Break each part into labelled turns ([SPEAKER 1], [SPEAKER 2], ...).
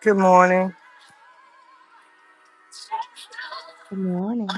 [SPEAKER 1] Good morning.
[SPEAKER 2] Good morning.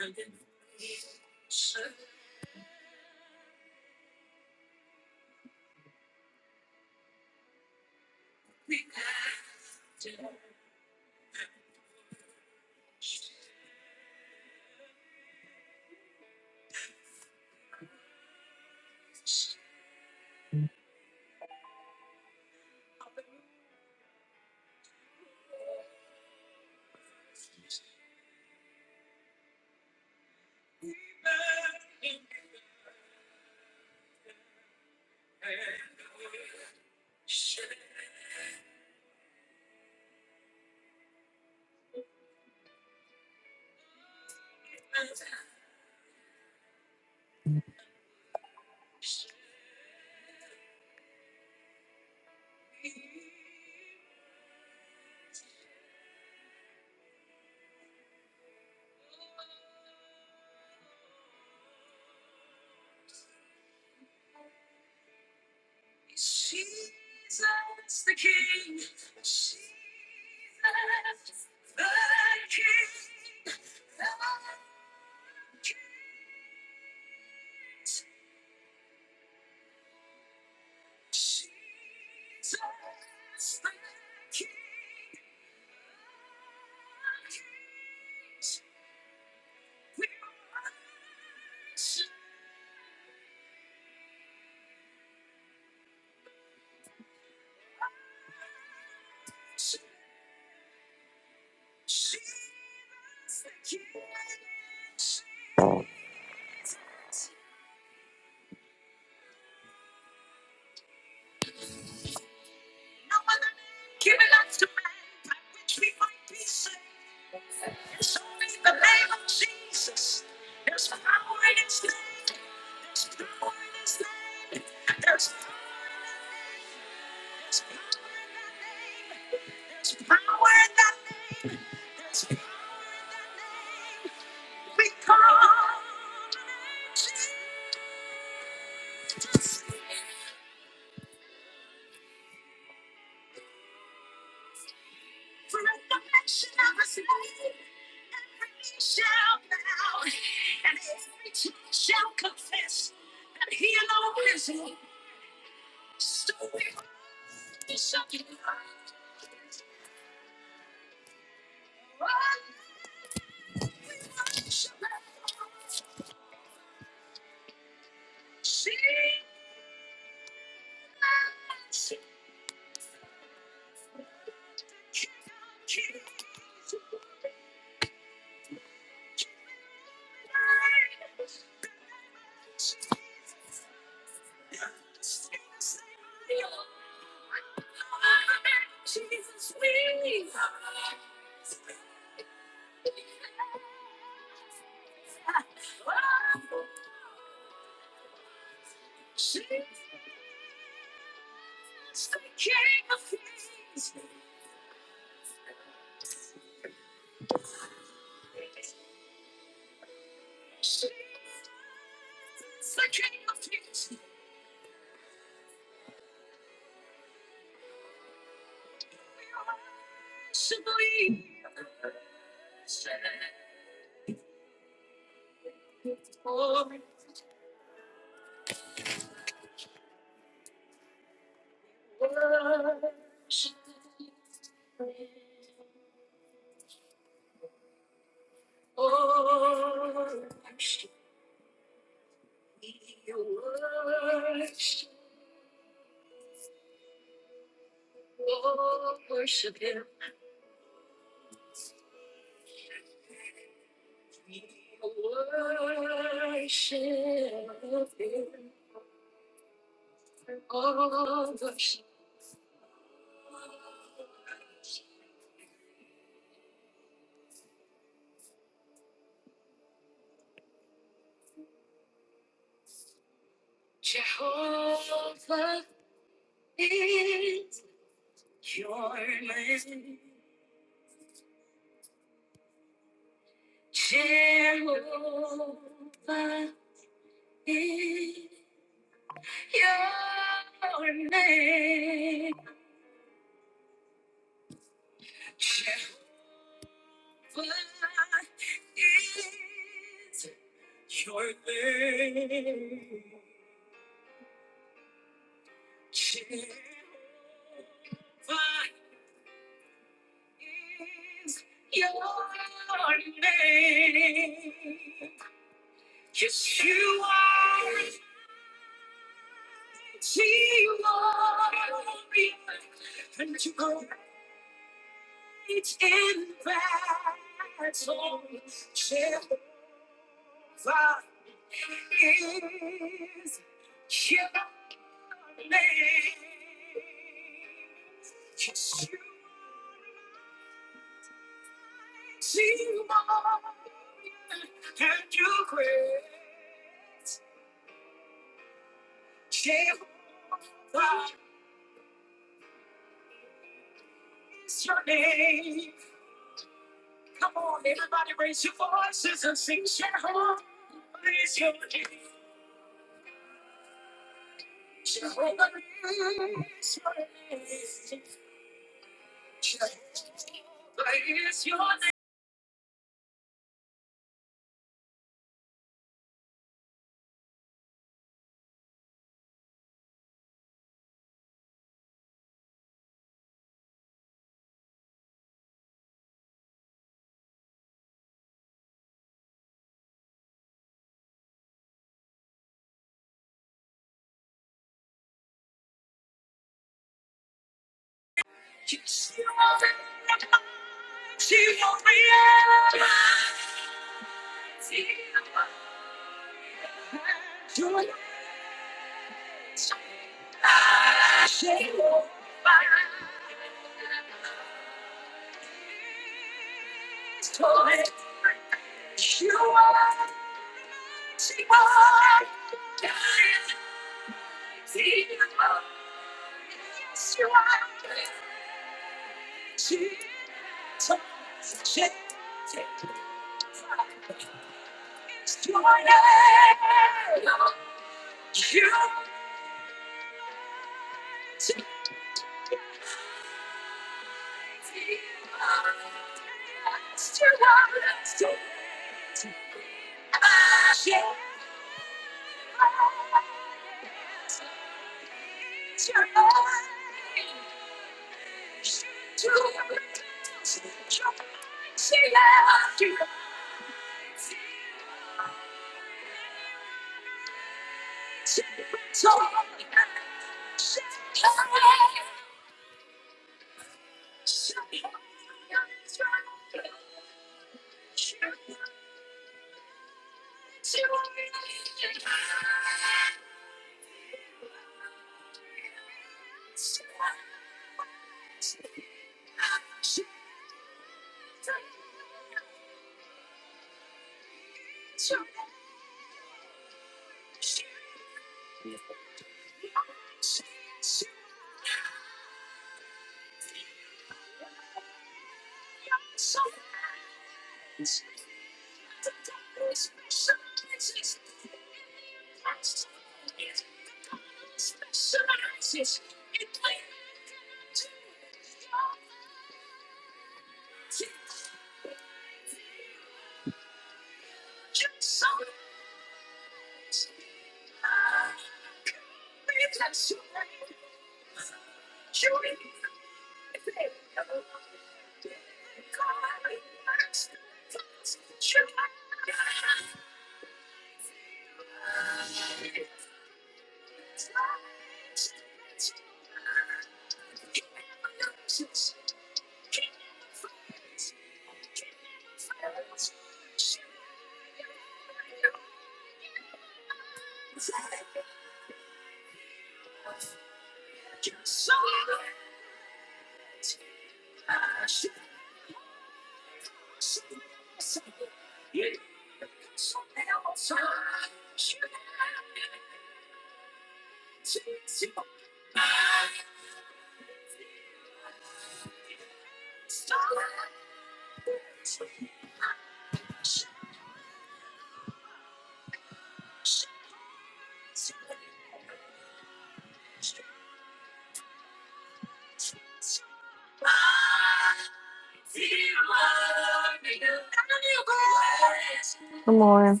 [SPEAKER 1] Good morning.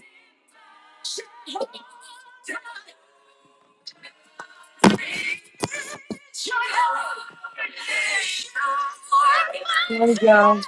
[SPEAKER 1] Good morning, y'all.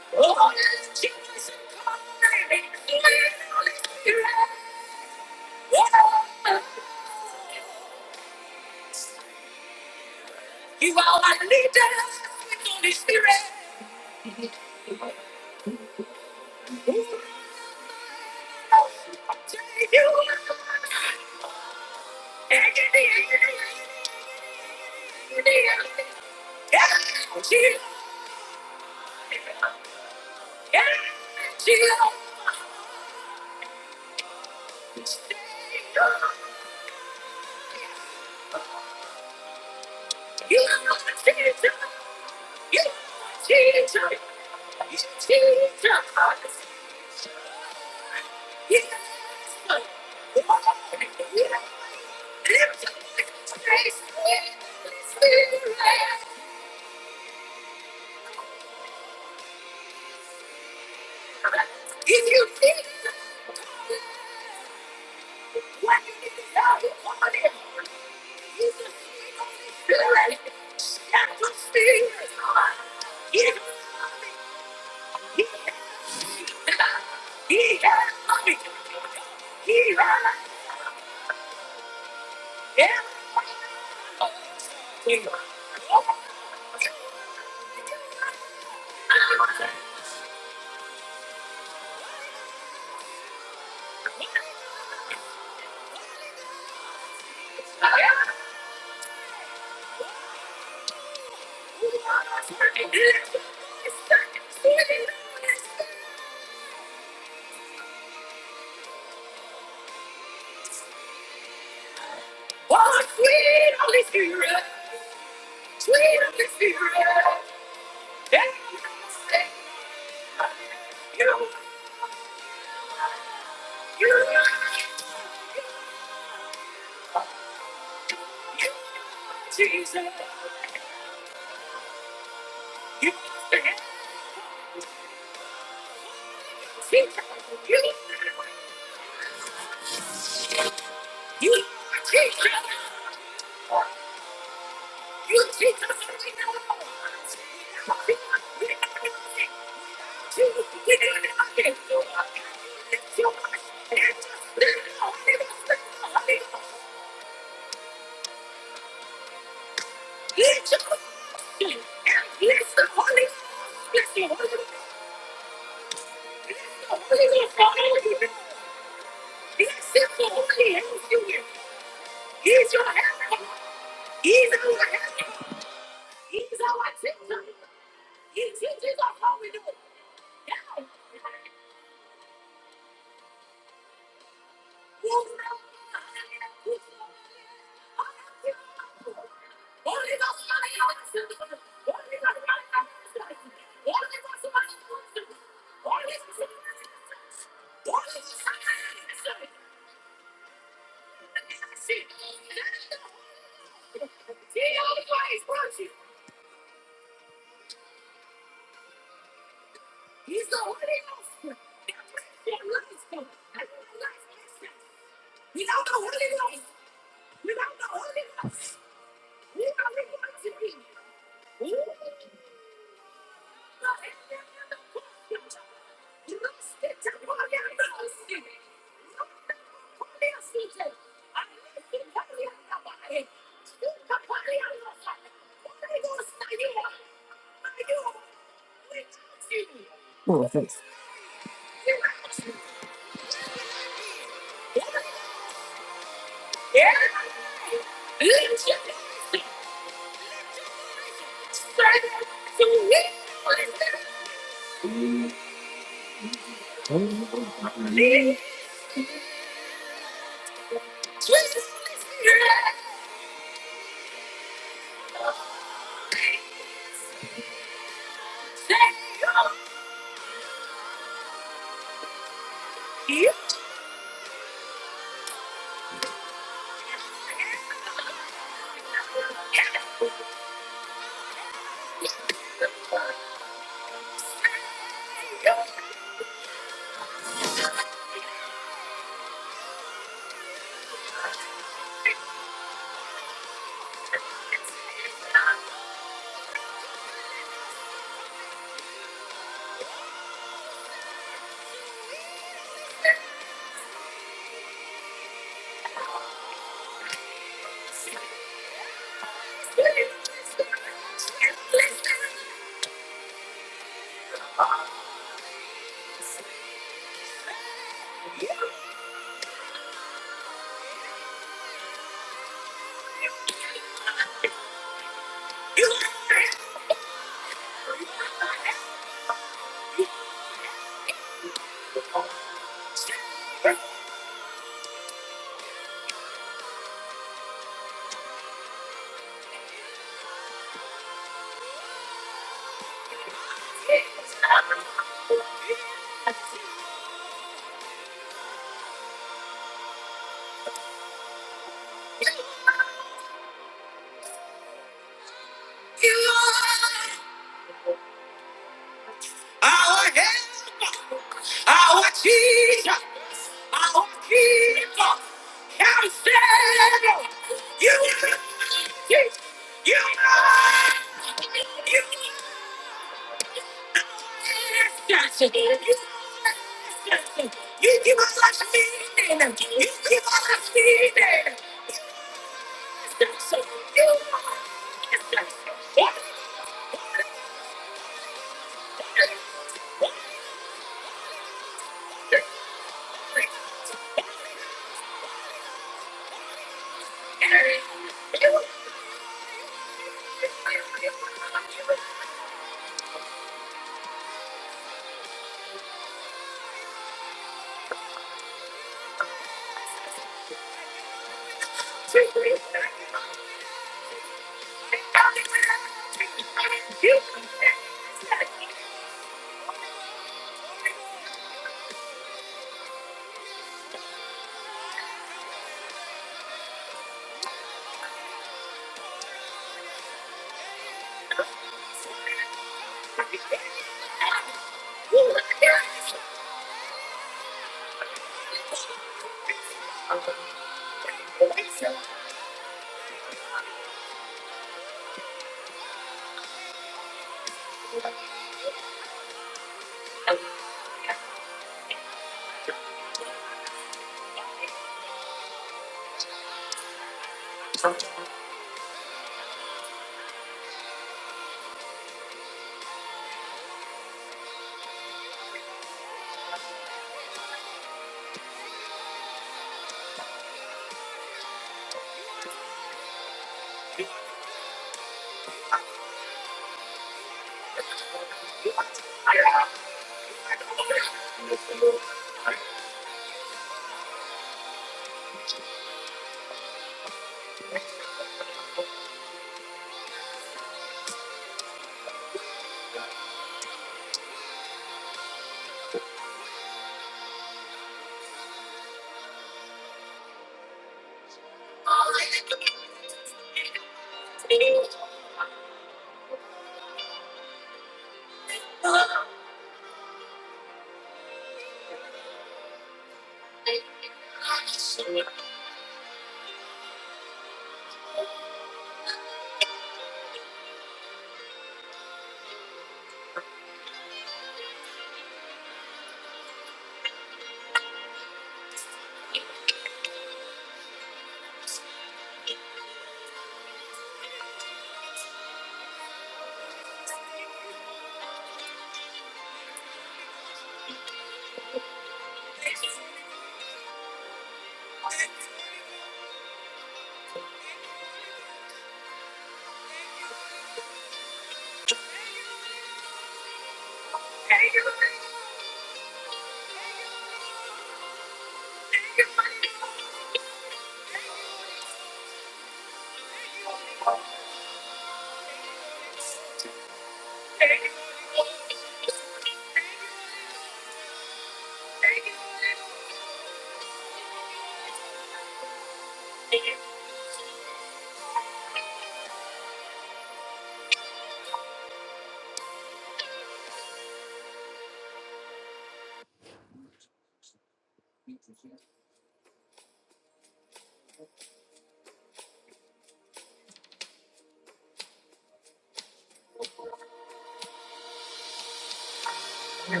[SPEAKER 1] Good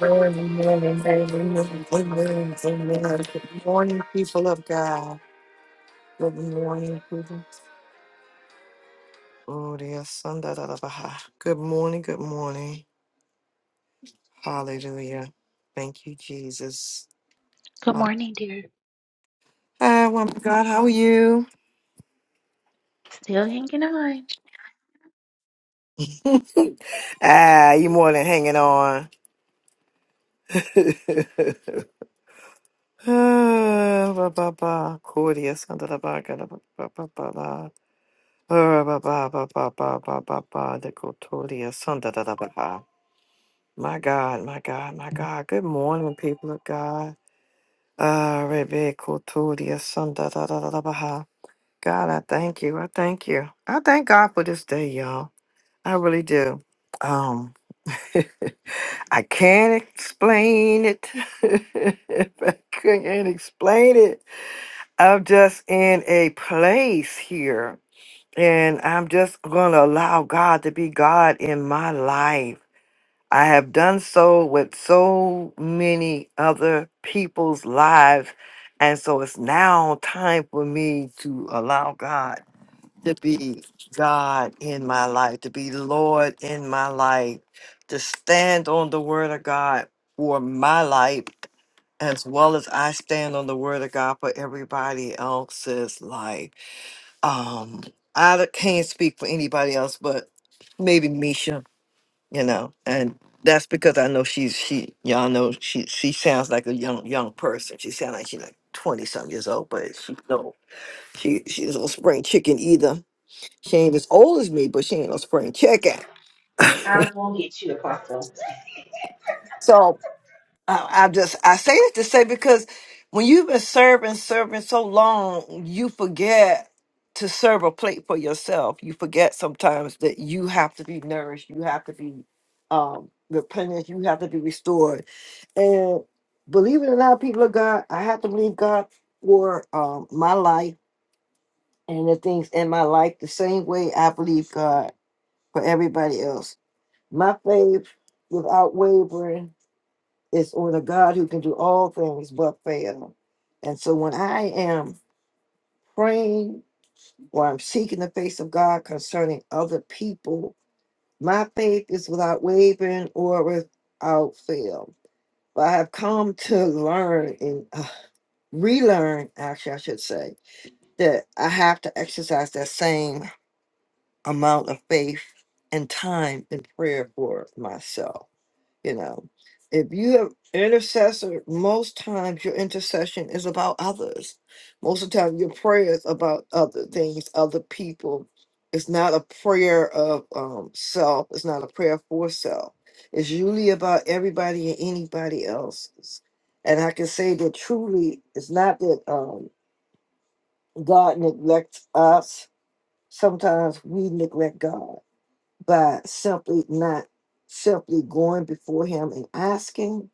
[SPEAKER 1] morning, good good morning, good morning. Good morning, people of God. Good morning, people. Oh, dear son, da, da, da, ba, ha. Good morning, good morning. Hallelujah. Thank you, Jesus.
[SPEAKER 3] Good
[SPEAKER 1] Oh,
[SPEAKER 3] morning, dear.
[SPEAKER 1] Hi, woman of God. How are you?
[SPEAKER 3] Still hanging on.
[SPEAKER 1] Ah, you more than hanging on. Ah, ba, ba, ba. Cordia, son, da, da, ba, ga, da, ba, ba, ba, ba, ba. Ah, ba ba ba ba ba ba ba ba The go son da da da ba ha My God, my God, my God. Good morning, people of God. Ah, rebe ko son da son-da-da-da-da-da-ba-ha. God, I thank you. I thank you. I thank God for this day, y'all. I really do. Um, I can't explain it. I can't explain it. I'm just in a place here And I'm just going to allow God to be God in my life. I have done so with so many other people's lives. And so it's now time for me to allow God to be God in my life, to be Lord in my life, to stand on the word of God for my life, as well as I stand on the word of God for everybody else's life. Um, I can't speak for anybody else, but maybe Misha, you know, and that's because I know she's she. Y'all know she she sounds like a young young person. She sounds like she's like twenty some years old, but she no, she she's no spring chicken either. She ain't as old as me, but she ain't no spring chicken.
[SPEAKER 3] I won't get you, Apostle.
[SPEAKER 1] So. I, I just I say this to say because when you've been serving serving so long, you forget to serve a plate for yourself. You forget sometimes that you have to be nourished, you have to be um, replenished, you have to be restored. And believe it or not, people of God, I have to believe God for um, my life and the things in my life the same way I believe God for everybody else. My faith without wavering it's or the God who can do all things but fail. And so when I am praying or I'm seeking the face of God concerning other people, my faith is without wavering or without fail. But I have come to learn and uh, relearn, actually, I should say, that I have to exercise that same amount of faith and time in prayer for myself. You know, if you have intercessor, most times your intercession is about others. Most of the time, your prayer is about other things, other people. It's not a prayer of um, self. It's not a prayer for self. It's usually about everybody and anybody else's. And I can say that truly, it's not that um, God neglects us. Sometimes we neglect God by simply not simply going before him and asking,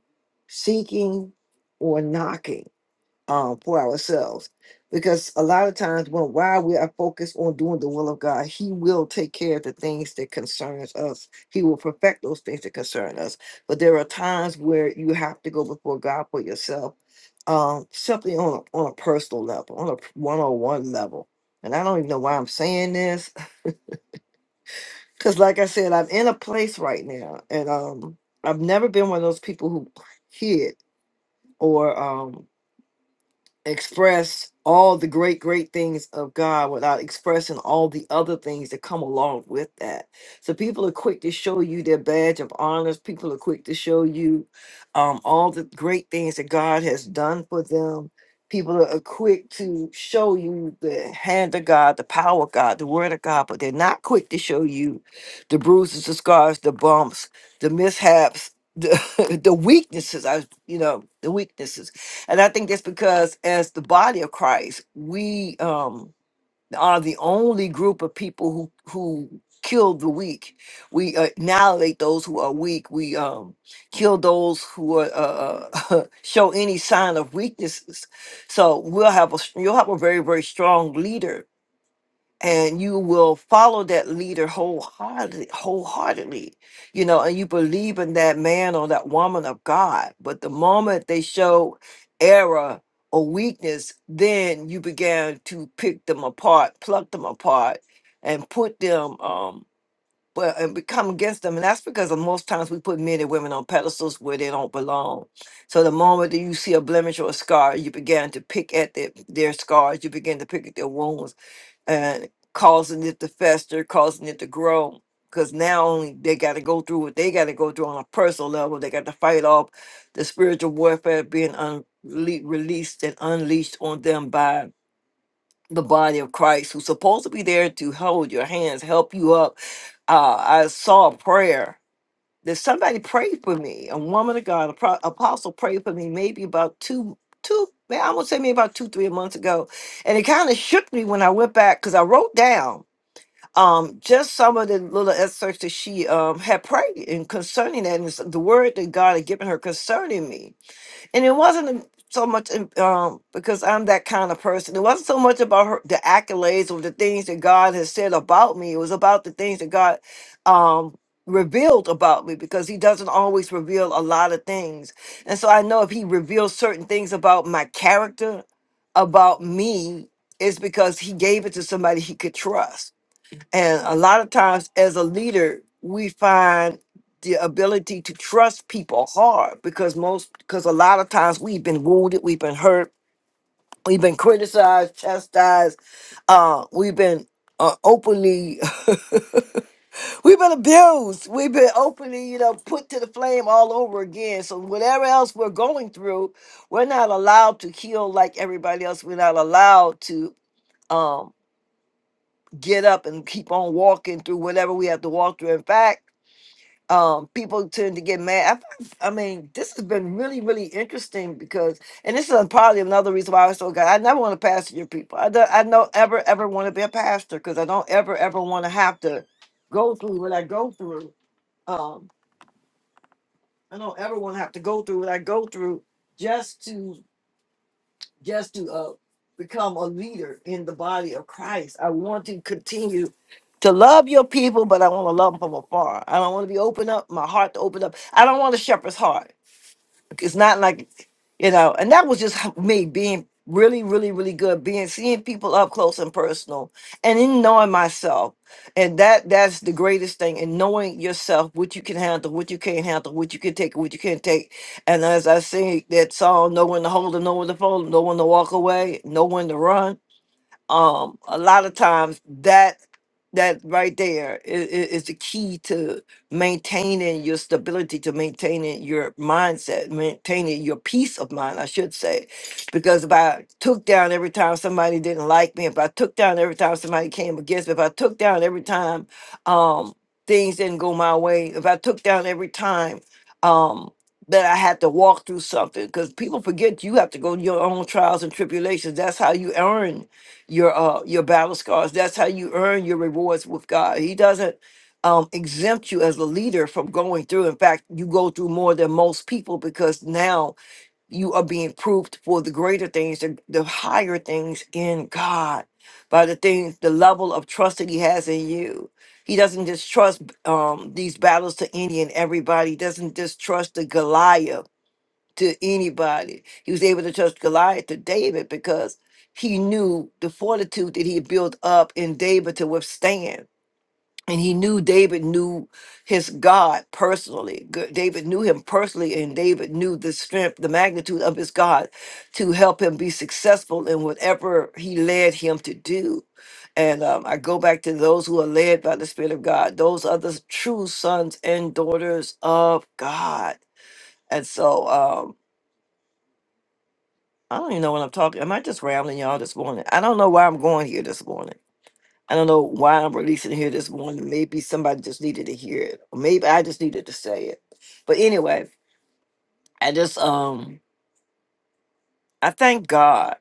[SPEAKER 1] seeking, or knocking um, for ourselves. Because a lot of times when while we are focused on doing the will of God, He will take care of the things that concerns us. He will perfect those things that concern us. But there are times where you have to go before God for yourself, um, simply on a, on a personal level, on a one on one level. And I don't even know why I'm saying this Cause like I said, I'm in a place right now, and um, I've never been one of those people who hid or um, express all the great, great things of God without expressing all the other things that come along with that. So people are quick to show you their badge of honors. People are quick to show you um, all the great things that God has done for them. People are uh, quick to show you the hand of God, the power of God, the word of God, but they're not quick to show you the bruises, the scars, the bumps, the mishaps, the, the weaknesses. I, you know, the weaknesses and I think that's because as the body of Christ, we um are the only group of people who who kill the weak. We uh, annihilate those who are weak. We um kill those who are uh, uh, show any sign of weaknesses. So we'll have a you'll have a very very strong leader and you will follow that leader wholeheartedly, wholeheartedly, you know, and you believe in that man or that woman of God. But the moment they show error or weakness, then you began to pick them apart, pluck them apart, and put them, um, well, and become against them. And that's because of most times we put men and women on pedestals where they don't belong. So the moment that you see a blemish or a scar, you began to pick at their, their scars, you begin to pick at their wounds and causing it to fester, causing it to grow. Because now only they got to go through what they got to go through on a personal level. They got to fight off the spiritual warfare being un- le- released and unleashed on them by the body of Christ, who's supposed to be there to hold your hands, help you up. Uh, I saw a prayer that somebody prayed for me. A woman of God, a pro- apostle prayed for me maybe about two, two, man, I would say maybe about two, three months ago. And it kind of shook me when I went back because I wrote down um, just some of the little excerpts that she um, had prayed and concerning that, and it's the word that God had given her concerning me. And it wasn't um, so much um, because I'm that kind of person. It wasn't so much about her, the accolades or the things that God has said about me. It was about the things that God um, revealed about me because He doesn't always reveal a lot of things. And so I know if He reveals certain things about my character, about me, it's because He gave it to somebody He could trust and a lot of times, as a leader, we find the ability to trust people hard because most, because a lot of times we've been wounded, we've been hurt, we've been criticized, chastised, uh, we've been uh, openly, we've been abused, we've been openly, you know, put to the flame all over again. So whatever else we're going through, we're not allowed to heal like everybody else. We're not allowed to. Um, get up and keep on walking through whatever we have to walk through. In fact, um, people tend to get mad. I, f- I mean, this has been really, really interesting because, and this is probably another reason why I was so glad. I never want to pastor your people. I don't, I don't ever, ever want to be a pastor because I don't ever, ever want to have to go through what I go through. Um, I don't ever want to have to go through what I go through just to just to uh, become a leader in the body of Christ. I want to continue to love your people, but I want to love them from afar. I don't want to be open up my heart to open up. I don't want a shepherd's heart. It's not like, you know, and that was just me being really, really, really good, being seeing people up close and personal and in knowing myself. And that that's the greatest thing in knowing yourself, what you can handle, what you can't handle, what you can take, what you can't take. And as I sing that song, no one to hold and no one to fold, no one to walk away, no one to run um a lot of times that that right there is, is the key to maintaining your stability to maintaining your mindset maintaining your peace of mind i should say because if i took down every time somebody didn't like me if i took down every time somebody came against me if i took down every time um things didn't go my way if i took down every time um that I had to walk through something because people forget you have to go to your own trials and tribulations. That's how you earn your uh your battle scars. That's how you earn your rewards with God. He doesn't um exempt you as a leader from going through. In fact, you go through more than most people because now you are being proved for the greater things, the, the higher things in God by the things, the level of trust that he has in you. He doesn't just trust um, these battles to any and everybody. He doesn't just trust the Goliath to anybody. He was able to trust Goliath to David because he knew the fortitude that he had built up in David to withstand. And he knew David knew his God personally. G- David knew him personally, and David knew the strength, the magnitude of his God to help him be successful in whatever he led him to do. And um, I go back to those who are led by the Spirit of God. Those are the true sons and daughters of God. And so, um, I don't even know what I'm talking. Am I just rambling y'all this morning? I don't know why I'm going here this morning. I don't know why I'm releasing here this morning. Maybe somebody just needed to hear it. Or maybe I just needed to say it. But anyway, I just um I thank God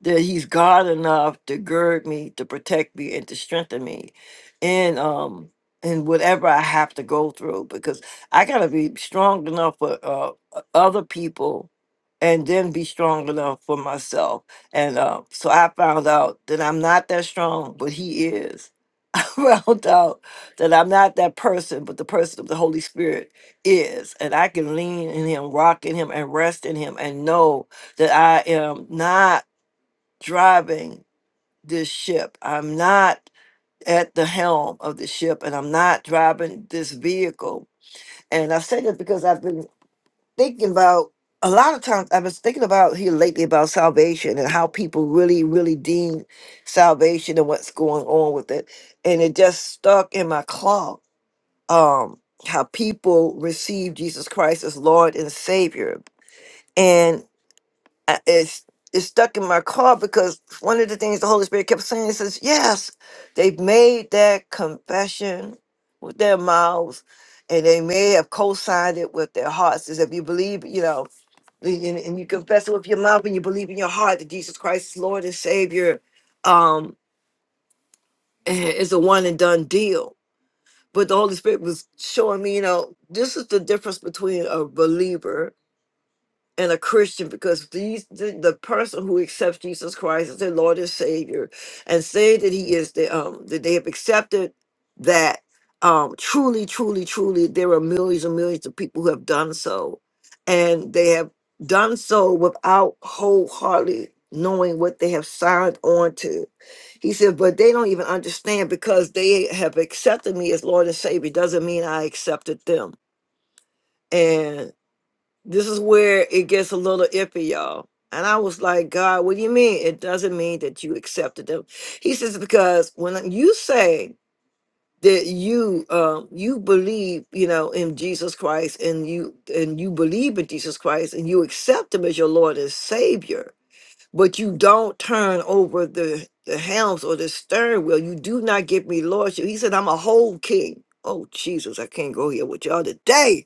[SPEAKER 1] that he's God enough to gird me, to protect me, and to strengthen me in um in whatever I have to go through because I gotta be strong enough for uh o- other people and then be strong enough for myself. And uh, so I found out that I'm not that strong, but he is. I found out that I'm not that person, but the person of the Holy Spirit is. And I can lean in him, rock in him, and rest in him and know that I am not driving this ship. I'm not at the helm of the ship and I'm not driving this vehicle. And I say this because I've been thinking about a lot of times I've been thinking about here lately about salvation and how people really, really deem salvation and what's going on with it. And it just stuck in my claw. Um how people receive Jesus Christ as Lord and Savior. I, it's it's stuck in my car because one of the things the Holy Spirit kept saying it says, yes, they've made that confession with their mouths, and they may have co-signed it with their hearts. As if you believe, you know, and, and you confess it with your mouth and you believe in your heart that Jesus Christ is Lord and Savior, um, it's a one and done deal. But the Holy Spirit was showing me, you know, this is the difference between a believer and a Christian because these the, the person who accepts Jesus Christ as their Lord and Savior and say that he is the um that they have accepted that um truly, truly, truly there are millions and millions of people who have done so. And they have done so without wholeheartedly knowing what they have signed on to. He said, but they don't even understand because they have accepted me as Lord and Savior doesn't mean I accepted them. This is where it gets a little iffy, y'all. And I was like, God, what do you mean? It doesn't mean that you accepted them. He says, because when you say that you um you believe, you know, in Jesus Christ and you and you believe in Jesus Christ and you accept him as your Lord and Savior, but you don't turn over the the helms or the stern wheel, you do not give me lordship. He said, I'm a whole king. Oh Jesus, I can't go here with y'all today.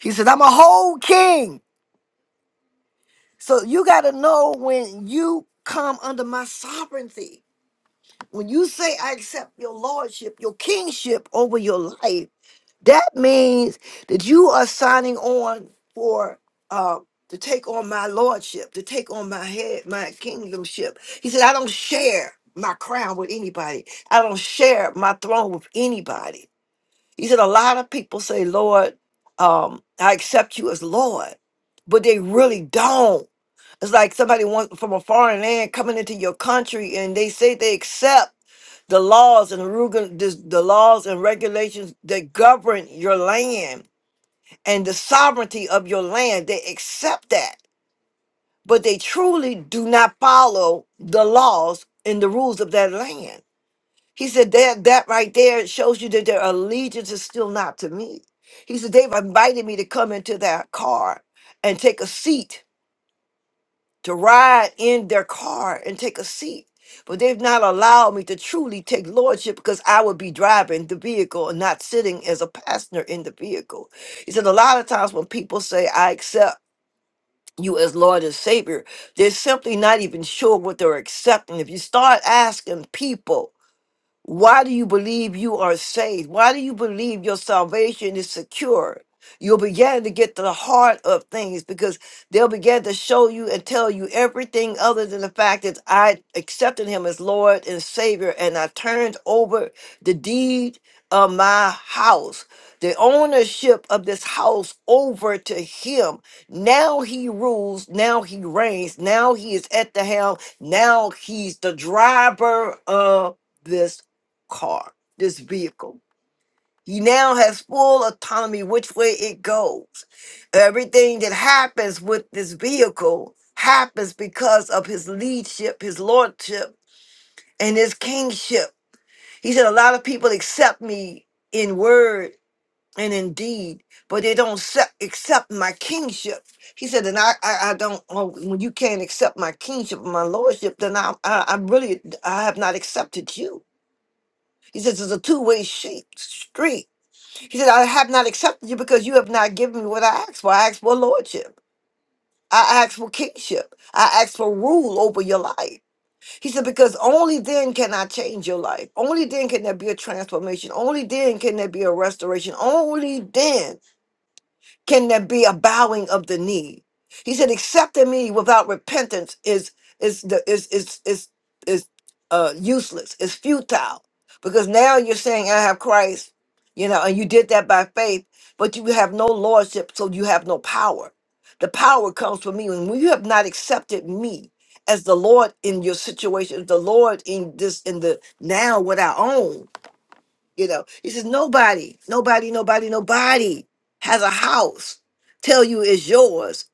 [SPEAKER 1] He said, I'm a whole king. So you got to know when you come under my sovereignty. When you say I accept your lordship, your kingship over your life, that means that you are signing on for uh to take on my lordship, to take on my head, my kingdomship. He said, I don't share my crown with anybody. I don't share my throne with anybody. He said, a lot of people say, Lord, um, I accept you as Lord, but they really don't it's like somebody wants from a foreign land coming into your country and they say they accept the laws and the this- the laws and regulations that govern your land and the sovereignty of your land. They accept that, but they truly do not follow the laws and the rules of that land. He said that that right there shows you that their allegiance is still not to me. He said they've invited me to come into their car and take a seat to ride in their car and take a seat. But they've not allowed me to truly take lordship because I would be driving the vehicle and not sitting as a passenger in the vehicle. He said, a lot of times when people say, I accept you as Lord and Savior, they're simply not even sure what they're accepting. If you start asking people, why do you believe you are saved? Why do you believe your salvation is secure? You'll begin to get to the heart of things because they'll begin to show you and tell you everything other than the fact that I accepted him as Lord and Savior and I turned over the deed of my house, the ownership of this house over to him. Now he rules, now he reigns, now he is at the helm, now he's the driver of this car, this vehicle. He now has full autonomy which way it goes. Everything that happens with this vehicle happens because of his leadership, his lordship, and his kingship. He said, A lot of people accept me in word and in deed, but they don't accept, accept my kingship. He said, And I, I, I don't, oh, when you can't accept my kingship and my lordship, then I, I, I really, I have not accepted you. He says, It's a two way street. He said, I have not accepted you because you have not given me what I asked for. I asked for lordship. I asked for kingship. I asked for rule over your life. He said, because only then can I change your life. Only then can there be a transformation. Only then can there be a restoration. Only then can there be a bowing of the knee? He said, accepting me without repentance is is the is is is is uh useless, it's futile. Because now you're saying I have Christ, you know, and you did that by faith, but you have no lordship, so you have no power. The power comes from me. When you have not accepted me as the Lord in your situation, the Lord in this in the now what I own, you know, he says, nobody, nobody, nobody, nobody has a house tell you it's yours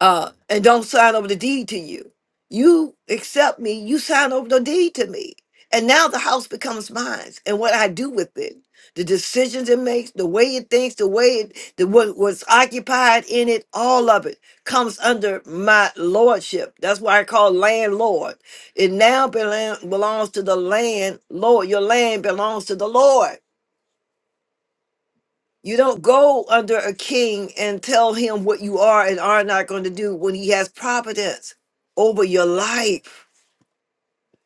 [SPEAKER 1] uh, and don't sign over the deed to you. You accept me, you sign over the deed to me. And now the house becomes mine and what I do with it, the decisions it makes, the way it thinks, the way it, the what was occupied in it, all of it comes under my lordship. That's why I call landlord. It now belan- belongs to the landlord. Your land belongs to the Lord. You don't go under a king and tell him what you are and are not going to do when he has providence over your life.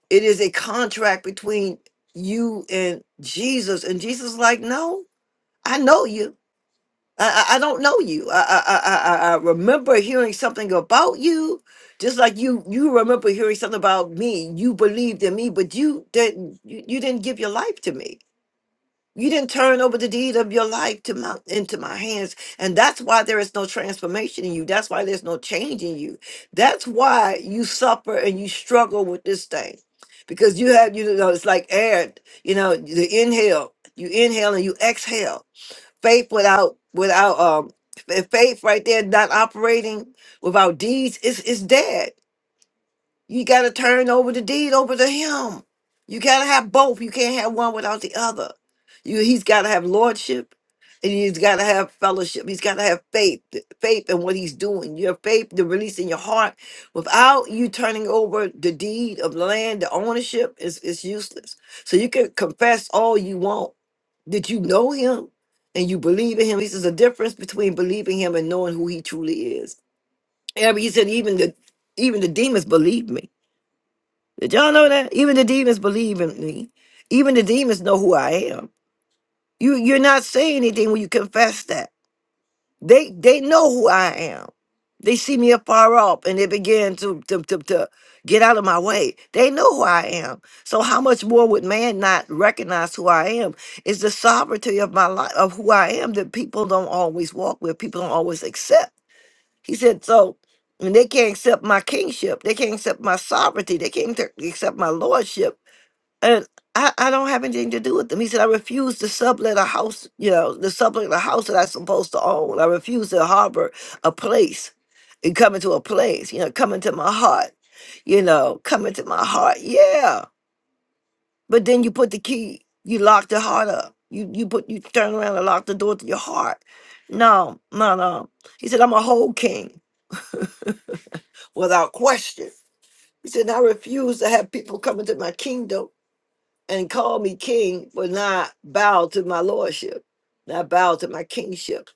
[SPEAKER 1] It is a contract between you and Jesus. And Jesus is like, no, I know you. I, I, I don't know you. I, I, I, I I remember hearing something about you, just like you you remember hearing something about me. You believed in me, but you didn't you, you didn't give your life to me. You didn't turn over the deed of your life to my into my hands. And that's why there is no transformation in you. That's why there's no change in you. That's why you suffer and you struggle with this thing. Because you have, you know, it's like air, you know, the inhale, you inhale and you exhale. Faith without without um fa- faith right there not operating without deeds is is dead. You got to turn over the deed over to him. You got to have both. You can't have one without the other. You, he's got to have lordship and he's got to have fellowship. He's got to have faith, th- faith in what he's doing. Your faith, the release in your heart. Without you turning over the deed of land, the ownership is it's useless. So you can confess all you want that you know him and you believe in him. He says the difference between believing him and knowing who he truly is. And he said, even the even the demons believe me. Did y'all know that? Even the demons believe in me. Even the demons know who I am. You you're not saying anything when you confess that. They they know who I am. They see me afar off and they begin to, to, to, to get out of my way. They know who I am. So how much more would man not recognize who I am? It's the sovereignty of my life of who I am that people don't always walk with, people don't always accept. He said, so when they can't accept my kingship, they can't accept my sovereignty, they can't accept my lordship and I, I don't have anything to do with them. He said, I refuse to sublet a house, you know, to sublet a house that I'm supposed to own. I refuse to harbor a place and come into a place, you know, come into my heart, you know, come into my heart. Yeah. But then you put the key, you lock the heart up. You you put you turn around and lock the door to your heart. No, no, no. He said, I'm a whole king without question. He said, I refuse to have people come into my kingdom and call me king but not bow to my lordship, not bow to my kingship.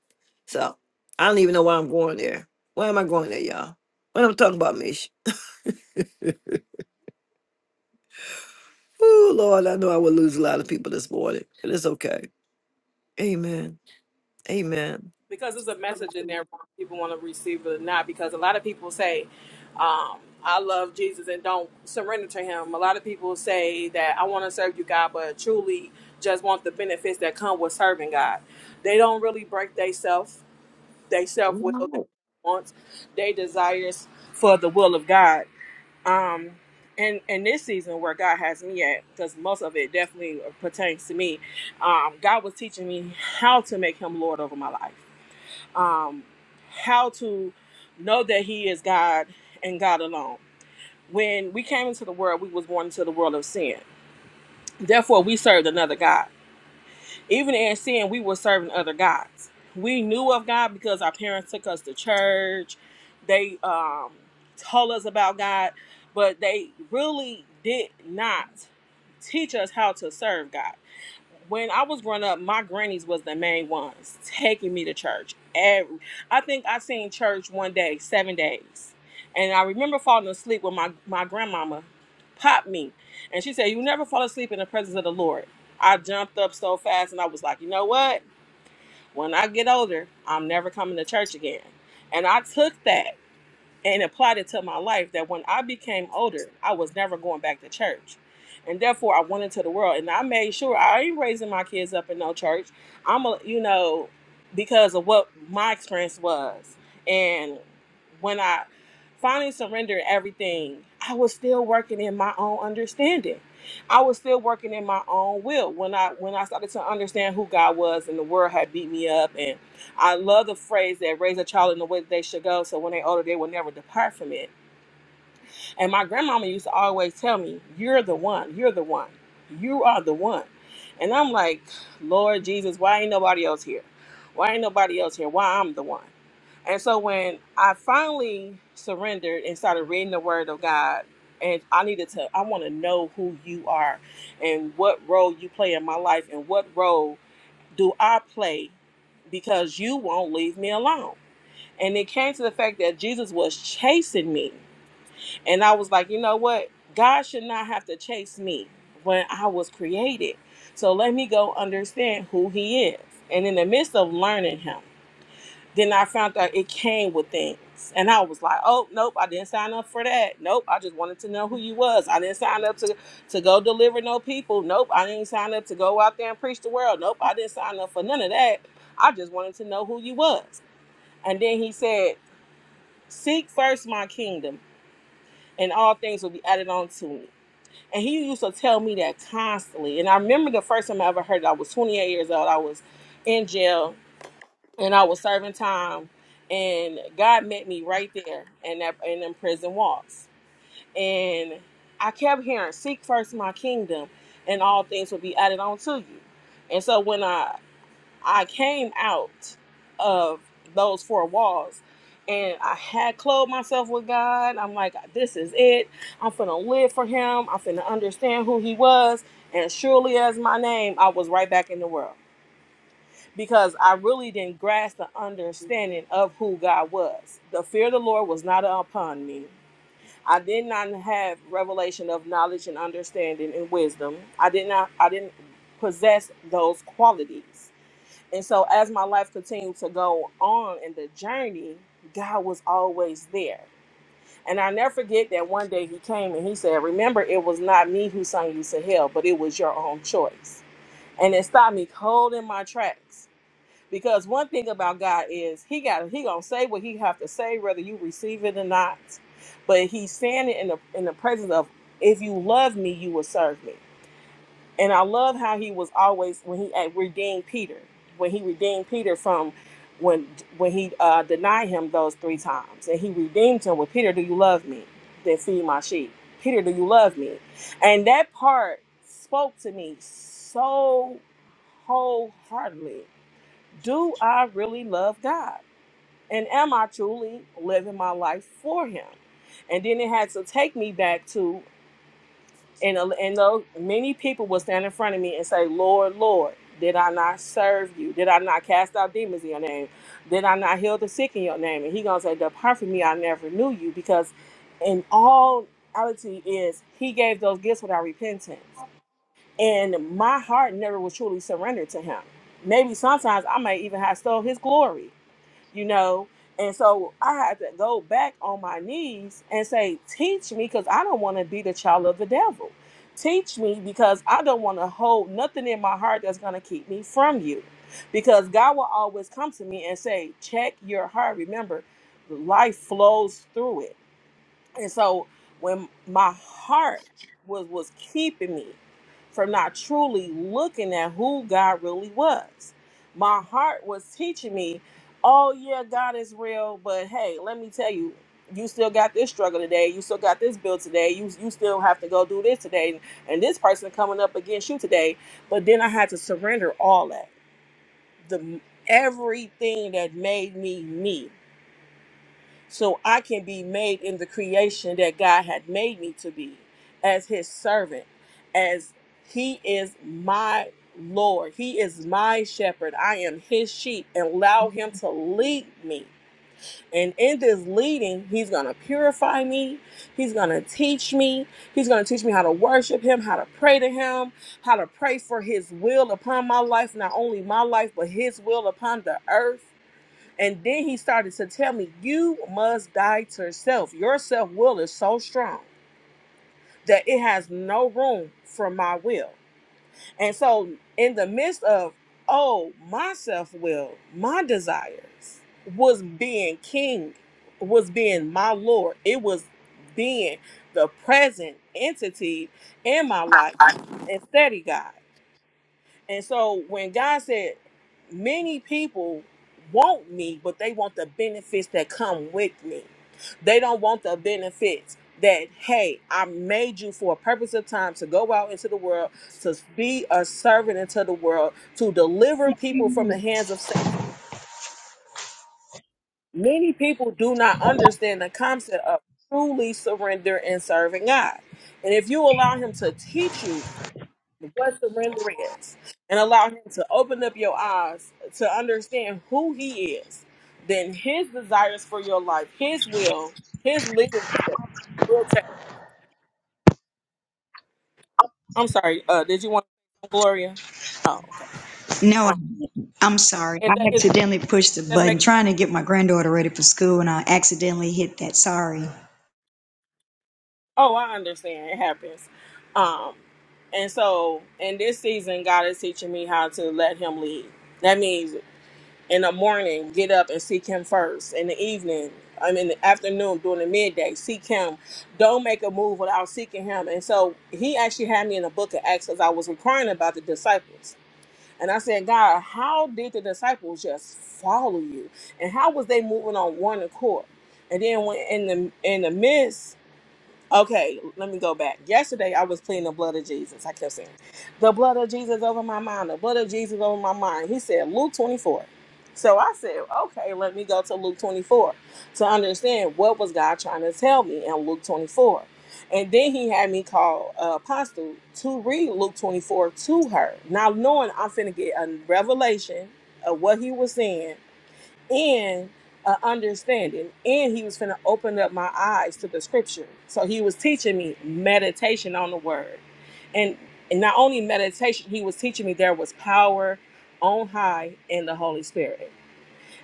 [SPEAKER 1] So I don't even know why I'm going there. Why am I going there, y'all? When I'm talking about Mish. Oh Lord, I know I will lose a lot of people this morning, but it's okay. Amen. Amen.
[SPEAKER 4] because there's a message in there people want to receive it or not because a lot of people say um, i love jesus and don't surrender to him a lot of people say that i want to serve you god but truly just want the benefits that come with serving god they don't really break they self they self will they wants they desires for the will of god um and in this season where god has me at because most of it definitely pertains to me um god was teaching me how to make him lord over my life um, how to know that He is God and God alone. When we came into the world, we was born into the world of sin. Therefore, we served another God. Even in sin, we were serving other gods. We knew of God because our parents took us to church. They um, told us about God, but they really did not teach us how to serve God when I was growing up, my grannies was the main ones taking me to church. Every, I think I seen church one day, seven days, and I remember falling asleep when my my grandmama popped me, and she said, "You never fall asleep in the presence of the Lord." I jumped up so fast, and I was like, "You know what? When I get older, I'm never coming to church again." And I took that and applied it to my life that when I became older, I was never going back to church. And therefore, I went into the world and I made sure I ain't raising my kids up in no church. I'm a, you know, because of what my experience was. And when I finally surrendered everything, I was still working in my own understanding. I was still working in my own will. When I when I started to understand who God was and the world had beat me up and. I love the phrase that raise a child in the way that they should go, so when they older, they will never depart from it. And my grandmama used to always tell me, You're the one, you're the one, you are the one. And I'm like, Lord Jesus, why ain't nobody else here? Why ain't nobody else here? Why I'm the one? And so when I finally surrendered and started reading the word of God, and I needed to, I want to know who you are and what role you play in my life and what role do I play because you won't leave me alone and it came to the fact that Jesus was chasing me. And I was like, you know what? God should not have to chase me when I was created. So let me go understand who he is. And in the midst of learning him, then I found out it came with things. And I was like, oh, nope, I didn't sign up for that. Nope, I just wanted to know who you was. I didn't sign up to, to go deliver no people. Nope, I didn't sign up to go out there and preach the world. Nope, I didn't sign up for none of that. I just wanted to know who you was. And then he said, Seek first my kingdom, and all things will be added on to me. And he used to tell me that constantly. And I remember the first time I ever heard it, I was 28 years old. I was in jail and I was serving time. And God met me right there in that in them prison walls. And I kept hearing, seek first my kingdom, and all things will be added on to you. And so when I I came out of those four walls and I had clothed myself with God. I'm like, this is it. I'm finna live for him. I'm finna understand who he was. And surely as my name, I was right back in the world because I really didn't grasp the understanding of who God was. The fear of the Lord was not upon me. I did not have revelation of knowledge and understanding and wisdom. I did not I didn't possess those qualities. And so as my life continued to go on in the journey, God was always there. And I never forget that one day he came and he said, Remember, it was not me who sent you to hell, but it was your own choice. And it stopped me cold in my tracks. Because one thing about God is he got he gonna say what he have to say, whether you receive it or not. But he's standing in the in the presence of if you love me, you will serve me. And I love how he was always when he uh, redeemed Peter, when he redeemed Peter from when when he uh, denied him those three times, and he redeemed him with Peter, do you love me? Then feed my sheep. Peter, do you love me? And that part spoke to me so wholeheartedly. Do I really love God? And am I truly living my life for Him? And then it had to take me back to and uh, and those many people will stand in front of me and say, "Lord, Lord, did I not serve you? Did I not cast out demons in your name? Did I not heal the sick in your name?" And he gonna say, "Depart from me, I never knew you." Because in all reality is he gave those gifts without repentance, and my heart never was truly surrendered to him. Maybe sometimes I might even have stole his glory you know. And so I had to go back on my knees and say, Teach me, because I don't want to be the child of the devil. Teach me, because I don't want to hold nothing in my heart that's going to keep me from you. Because God will always come to me and say, Check your heart. Remember, life flows through it and so when my heart was was keeping me from not truly looking at who God really was. My heart was teaching me, oh yeah, God is real, but hey, let me tell you, you still got this struggle today. You still got this bill today. You you still have to go do this today, and this person coming up against you today. But then I had to surrender all that, the everything that made me me so I can be made in the creation that God had made me to be as his servant, as he is my Lord. He is my shepherd. I am his sheep and allow him to lead me. And in this leading, he's going to purify me. He's going to teach me. He's going to teach me how to worship him, how to pray to him, how to pray for his will upon my life, not only my life, but his will upon the earth and then he started to tell me, You must die to yourself. Your self will is so strong that it has no room for my will. And so, in the midst of, oh, my self will, my desires was being king, was being my Lord. It was being the present entity in my life instead of God. And so when God said, many people want me, but they want the benefits that come with me. They don't want the benefits that, hey, I made you for a purpose of time to go out into the world, to be a servant into the world, to deliver people from the hands of Satan. Many people do not understand the concept of truly surrender and serving God. And if you allow Him to teach you what surrender is and allow him to open up your eyes to understand who he is then his desires for your life his will his leadership will take i'm sorry uh did you want to, gloria oh okay
[SPEAKER 5] No,
[SPEAKER 4] um
[SPEAKER 5] I'm I'm sorry.
[SPEAKER 4] if
[SPEAKER 5] I
[SPEAKER 4] that is
[SPEAKER 5] accidentally pushed the
[SPEAKER 4] that's
[SPEAKER 5] button
[SPEAKER 4] making
[SPEAKER 5] trying to get my granddaughter ready for school and I accidentally hit that. Sorry.
[SPEAKER 4] oh i understand it happens um and so in this season god is teaching me how to let him lead that means in the morning, get up and seek him first. In the evening, I mean, the afternoon, during the midday, seek him. Don't make a move without seeking him. And so he actually had me in the book of Acts as I was inquiring about the disciples. And I said, God, how did the disciples just follow you? And how was they moving on one accord? And then when in the in the midst Okay, let me go back. Yesterday, I was pleading the blood of Jesus. I kept saying, the blood of Jesus over my mind, the blood of Jesus over my mind. He said, Luke 24. So I said, okay, let me go to Luke 24 to understand what was God trying to tell me in Luke 24. And then he had me call uh, Apostle to read Luke 24 to her. Now, knowing I'm finna get a revelation of what he was saying and uh, understanding. And he was going to open up my eyes to the scripture. So he was teaching me meditation on the word. And, and not only meditation, he was teaching me there was power on high in the Holy Spirit.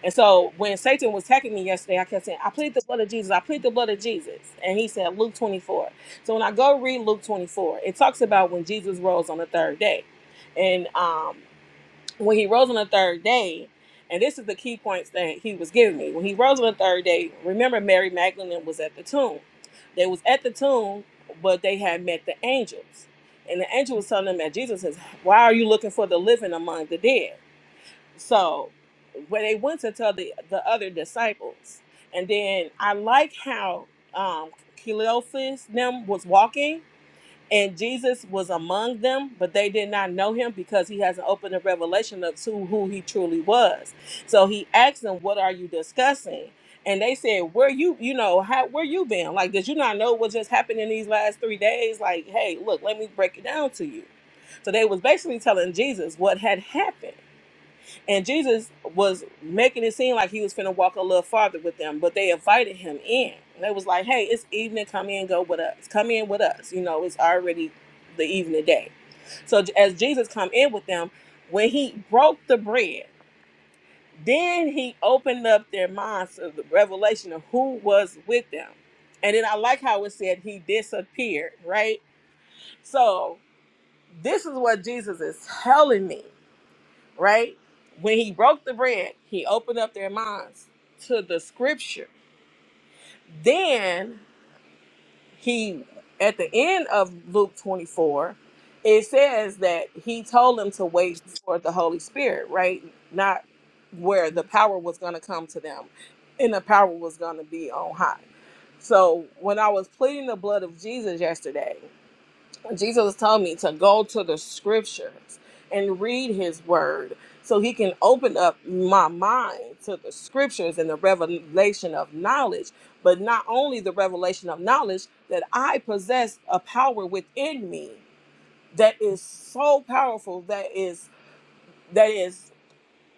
[SPEAKER 4] And so when Satan was attacking me yesterday, I kept saying, I plead the blood of Jesus. I plead the blood of Jesus. And he said, Luke 24. So when I go read Luke 24, it talks about when Jesus rose on the third day. And um, when he rose on the third day, and this is the key points that he was giving me. When he rose on the third day, remember Mary Magdalene was at the tomb. They was at the tomb, but they had met the angels. And the angel was telling them that Jesus says, Why are you looking for the living among the dead? So when they went to tell the, the other disciples, and then I like how um Cleophas them was walking and Jesus was among them, but they did not know him because he hasn't opened the revelation of to who he truly was. So he asked them, "What are you discussing?" And they said, "Where you, you know, how where you been? Like, did you not know what just happened in these last three days? Like, hey, look, let me break it down to you." So they was basically telling Jesus what had happened. And Jesus was making it seem like he was finna walk a little farther with them, but they invited him in. And they was like, hey, it's evening, come in, go with us. Come in with us. You know, it's already the evening day. So j- as Jesus come in with them, when he broke the bread, then he opened up their minds to the revelation of who was with them. And then I like how it said he disappeared, right? So this is what Jesus is telling me right? When he broke the bread, he opened up their minds to the scripture. Then he, at the end of Luke 24, it says that he told them to wait for the Holy Spirit, right? Not where the power was going to come to them and the power was going to be on high. So when I was pleading the blood of Jesus yesterday, Jesus told me to go to the scriptures and read his word so he can open up my mind to the scriptures and the revelation of knowledge. But not only the revelation of knowledge, that I possess a power within me that is so powerful that is that is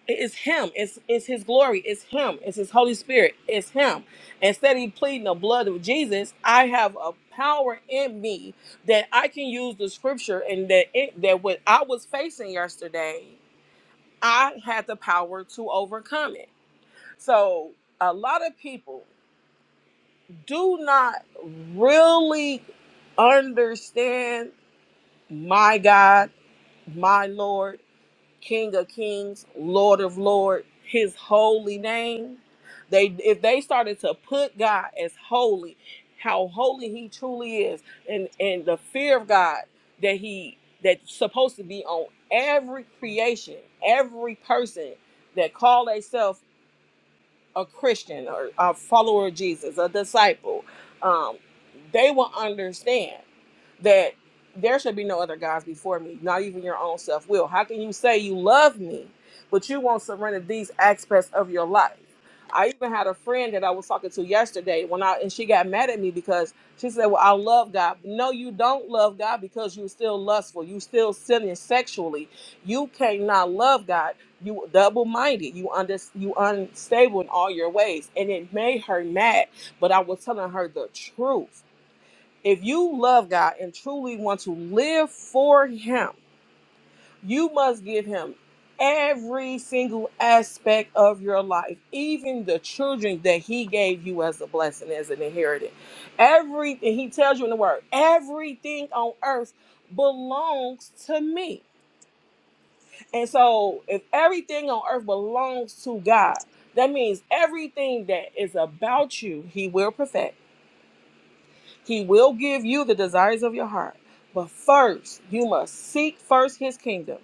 [SPEAKER 4] it's him. It's it's his glory. It's him. It's his Holy Spirit. It's him. Instead of pleading the blood of Jesus, I have a power in me that I can use the scripture and that it, that what I was facing yesterday, I had the power to overcome it. So a lot of people do not really understand my God, my Lord. King of Kings, Lord of Lord, His holy name. They if they started to put God as holy, how holy He truly is, and and the fear of God that He that's supposed to be on every creation, every person that call themselves a Christian or a follower of Jesus, a disciple, um, they will understand that there should be no other gods before me, not even your own self will. How can you say you love me, but you won't surrender these aspects of your life? I even had a friend that I was talking to yesterday when I and she got mad at me because she said, Well, I love God. No, you don't love God because you're still lustful, you still sinning sexually. You cannot love God. You double minded, you under you unstable in all your ways. And it made her mad, but I was telling her the truth. If you love God and truly want to live for Him, you must give Him every single aspect of your life, even the children that He gave you as a blessing, as an inheritance. Everything He tells you in the Word, everything on earth belongs to me. And so, if everything on earth belongs to God, that means everything that is about you, He will perfect He will give you the desires of your heart. But first, you must seek first his kingdom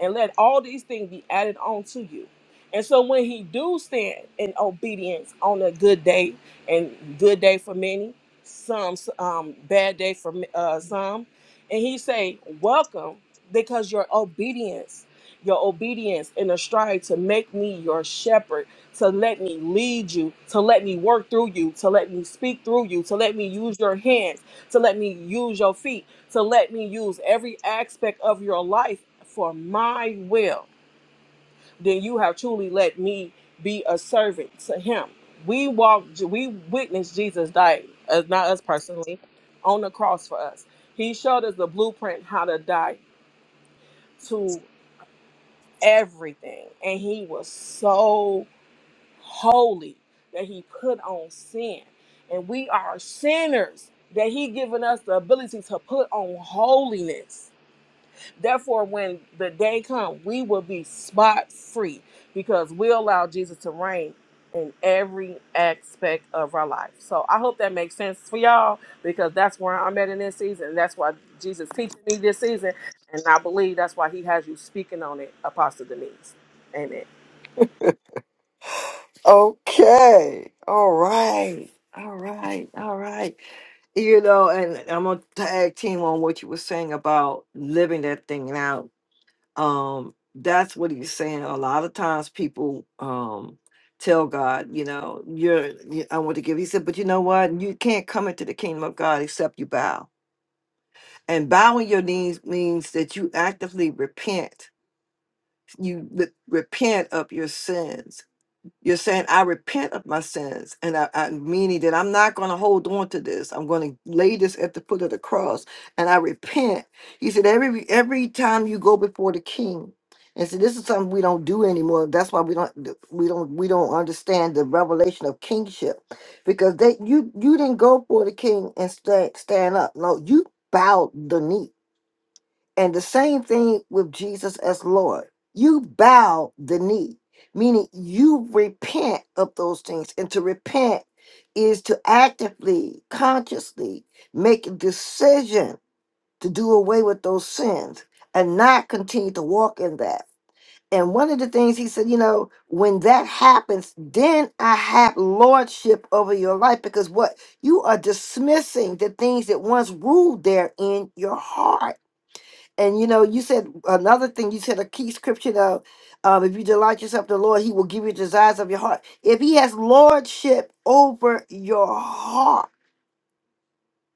[SPEAKER 4] and let all these things be added on to you. And so when he do stand in obedience on a good day, and good day for many, some um, bad day for uh, some, and he say, "Welcome, because your obedience, your obedience in a stride to make me your shepherd, to let me lead you, to let me work through you, to let me speak through you, to let me use your hands, to let me use your feet, to let me use every aspect of your life." for my will, then you have truly let me be a servant to him. We walked, we witnessed Jesus die, uh, not us personally, on the cross for us. He showed us the blueprint how to die to everything. And he was so holy that he put on sin. And we are sinners that he given us the ability to put on holiness Therefore, when the day comes, we will be spot free because we allow Jesus to reign in every aspect of our life. So I hope that makes sense for y'all because that's where I'm at in this season. That's why Jesus teaching me this season, and I believe that's why He has you speaking on it, Apostle Denise. Amen.
[SPEAKER 1] Okay. All right. All right. All right. You know, and I'm gonna tag team on what you were saying about living that thing out. um that's what he's saying a lot of times people um tell god you know you're you, i want to give he said but you know what you can't come into the kingdom of god except you bow and bowing your knees means that you actively repent you re- repent of your sins you're saying, I repent of my sins, and I, I meaning that I'm not going to hold on to this. I'm going to lay this at the foot of the cross, and I repent. He said, every every time you go before the King, and so this is something we don't do anymore. That's why we don't d- we don't we don't understand the revelation of kingship, because they you you didn't go for the King and stand stand up. No, you bowed the knee and the same thing with Jesus as Lord. You bow the knee, meaning you repent of those things. And to repent is to actively, consciously make a decision to do away with those sins and not continue to walk in that. And one of the things he said, you know, when that happens, then I have lordship over your life because what you are dismissing the things that once ruled there in your heart and you know, you said another thing. You said a key scripture though. Um, if you delight yourself in the Lord, He will give you desires of your heart. If He has lordship over your heart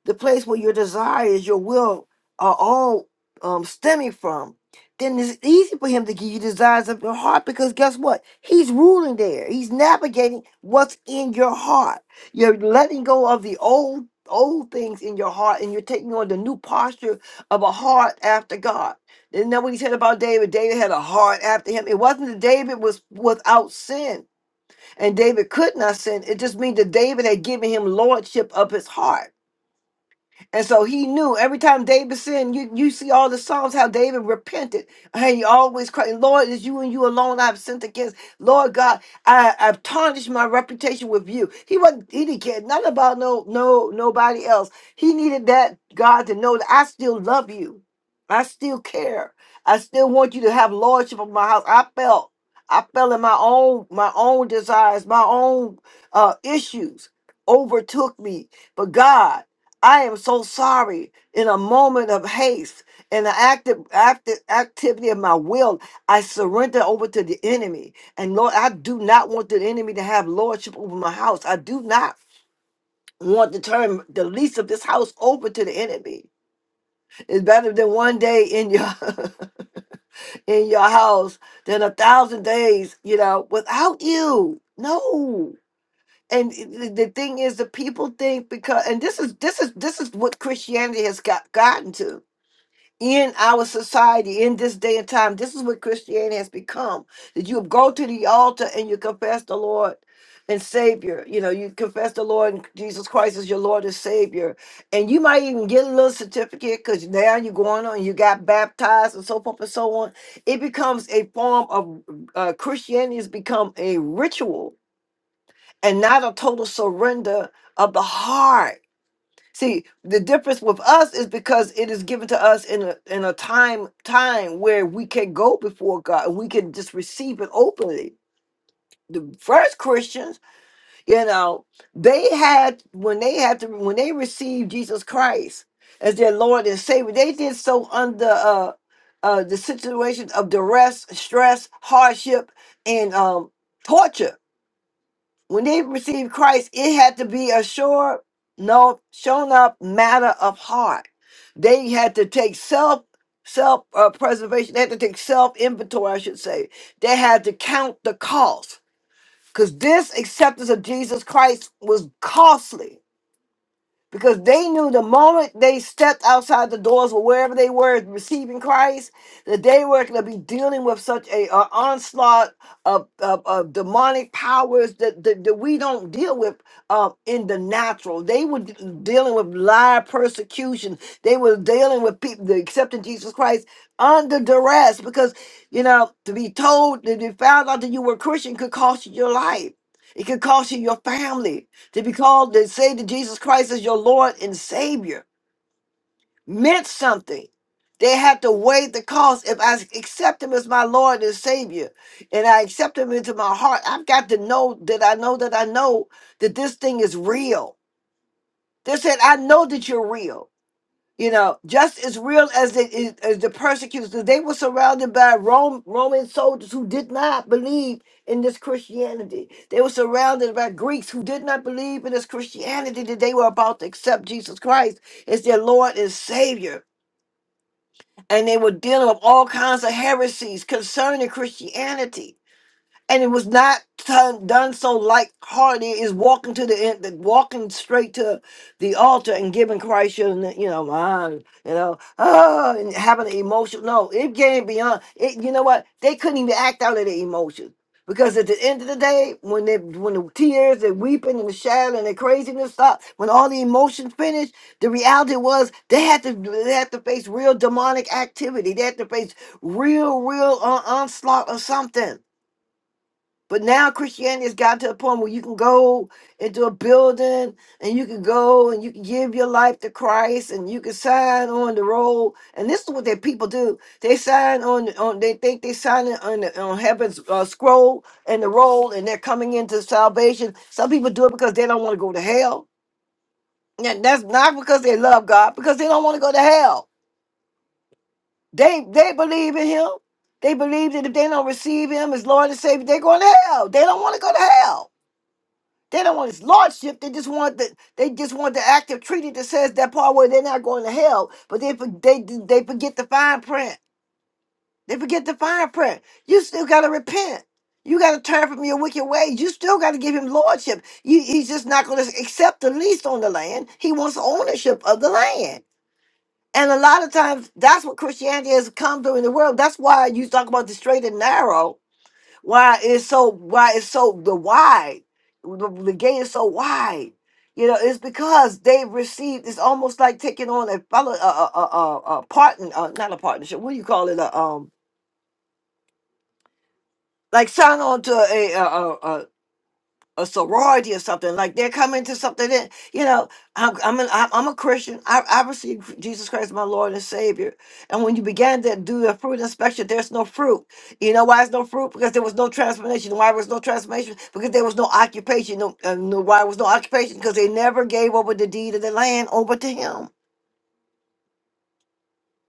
[SPEAKER 1] the place where your desires, your will are all um, stemming from, then it's easy for him to give you desires of your heart because guess what? He's ruling there. He's navigating what's in your heart. You're letting go of the old old things in your heart and you're taking on the new posture of a heart after God. Isn't that what he said about David? David had a heart after him. It wasn't that David was without sin and David could not sin. It just means that David had given him lordship of his heart and so he knew every time David sinned, you, you see all the Psalms how David repented. And he always cried, Lord, it's you and you alone I've sinned against. Lord God, I, I've tarnished my reputation with you. He wasn't he didn't care nothing about no no nobody else. He needed that God to know that I still love you. I still care. I still want you to have lordship of my house. I felt I fell in my own my own desires, my own uh issues overtook me. But God. I am so sorry. In a moment of haste, in the active, active activity of my will, I surrender over to the enemy. And Lord, I do not want the enemy to have lordship over my house. I do not want to turn the lease of this house over to the enemy. It's better than one day in your in your house than a thousand days, you know, without you. No. And it- the the thing is, the people think because, and this is this is this is what Christianity has got gotten to in our society in this day and time this is what christianity has become that you go to the altar and you confess the lord and savior you know you confess the lord and jesus christ as your lord and savior and you might even get a little certificate because now you're going on you got baptized and so forth and so on it becomes a form of uh, christianity has become a ritual and not a total surrender of the heart See, the difference with us is because it is given to us in a in a time time where we can go before God and we can just receive it openly. The first Christians, you know, they had when they had to when they received Jesus Christ as their Lord and Savior, they did so under uh uh the situation of duress, stress, hardship, and um torture when they received Christ, it had to be a sure, no, shown up matter of heart. They had to take self self uh, preservation. They had to take self inventory, I should say. They had to count the cost because this acceptance of Jesus Christ was costly because they knew the moment they stepped outside the doors or wherever they were receiving Christ, that they were going to be dealing with such a, a onslaught of, of, of demonic powers that, that, that we don't deal with uh, in the natural. They were d- dealing with live persecution. They were dealing with people that accepting Jesus Christ under duress because, you know, to be told that they found out that you were Christian could cost you your life. It could cost you your family to be called to say to Jesus Christ as your Lord and Savior meant something. They had to weigh the cost. If I accept Him as my Lord and Savior, and I accept Him into my heart, I've got to know that I know that I know that this thing is real. They said, "I know that you're real." you know, just as real as the, as the persecutors, 'cause they were surrounded by Rome, Roman soldiers who did not believe in this Christianity. They were surrounded by Greeks who did not believe in this Christianity that they were about to accept Jesus Christ as their Lord and Savior. And they were dealing with all kinds of heresies concerning Christianity and it was not done, done so light-hearted. Is walking to the end, the- walking straight to the altar and giving Christ your, n- you know, mind, you know, ah, and having an emotion. No, it came beyond. It, you know what? They couldn't even act out of their emotions because at the end of the day, when they, when the tears, they weeping and the shouting and the craziness stopped, when all the emotions finished, the reality was they had to, they had to face real demonic activity. They had to face real, real uh, onslaught of something but now Christianity has gotten to a point where you can go into a building and you can go and you can give your life to Christ and you can sign on the roll. And this is what their people do. They sign on on they think they sign it on the, on heaven's uh, scroll and the roll and they're coming into salvation. Some people do it because they don't want to go to hell. And that's not because they love God, because they don't want to go to hell. They they believe in him. They believe that if they don't receive him as Lord and Savior, they're going to hell. They don't want to go to hell. They don't want his lordship. They just want the they just want the active treaty that says that part where they're not going to hell, but they for- they they forget the fine print. They forget the fine print. You still gotta repent. You gotta turn from your wicked ways. You still gotta give him lordship. You, he's just not gonna accept the lease on the land. He wants ownership of the land. And a lot of times that's what Christianity has come through in the world. That's why you talk about the straight and narrow why it's so why it's so the wide the, the gate is so wide you know it's because they received it's almost like taking on a fellow a, a, a, a, a partner uh, not a partnership what do you call it a, um like sign on to a, a sorority or something like they're coming to something that you know i'm i'm an, I'm I'm a christian I, I received jesus christ my lord and savior and when you began to do the fruit inspection there's no fruit you know why there's no fruit because there was no transformation why was no transformation because there was no occupation no, uh, no why was no occupation because they never gave over the deed of the land over to him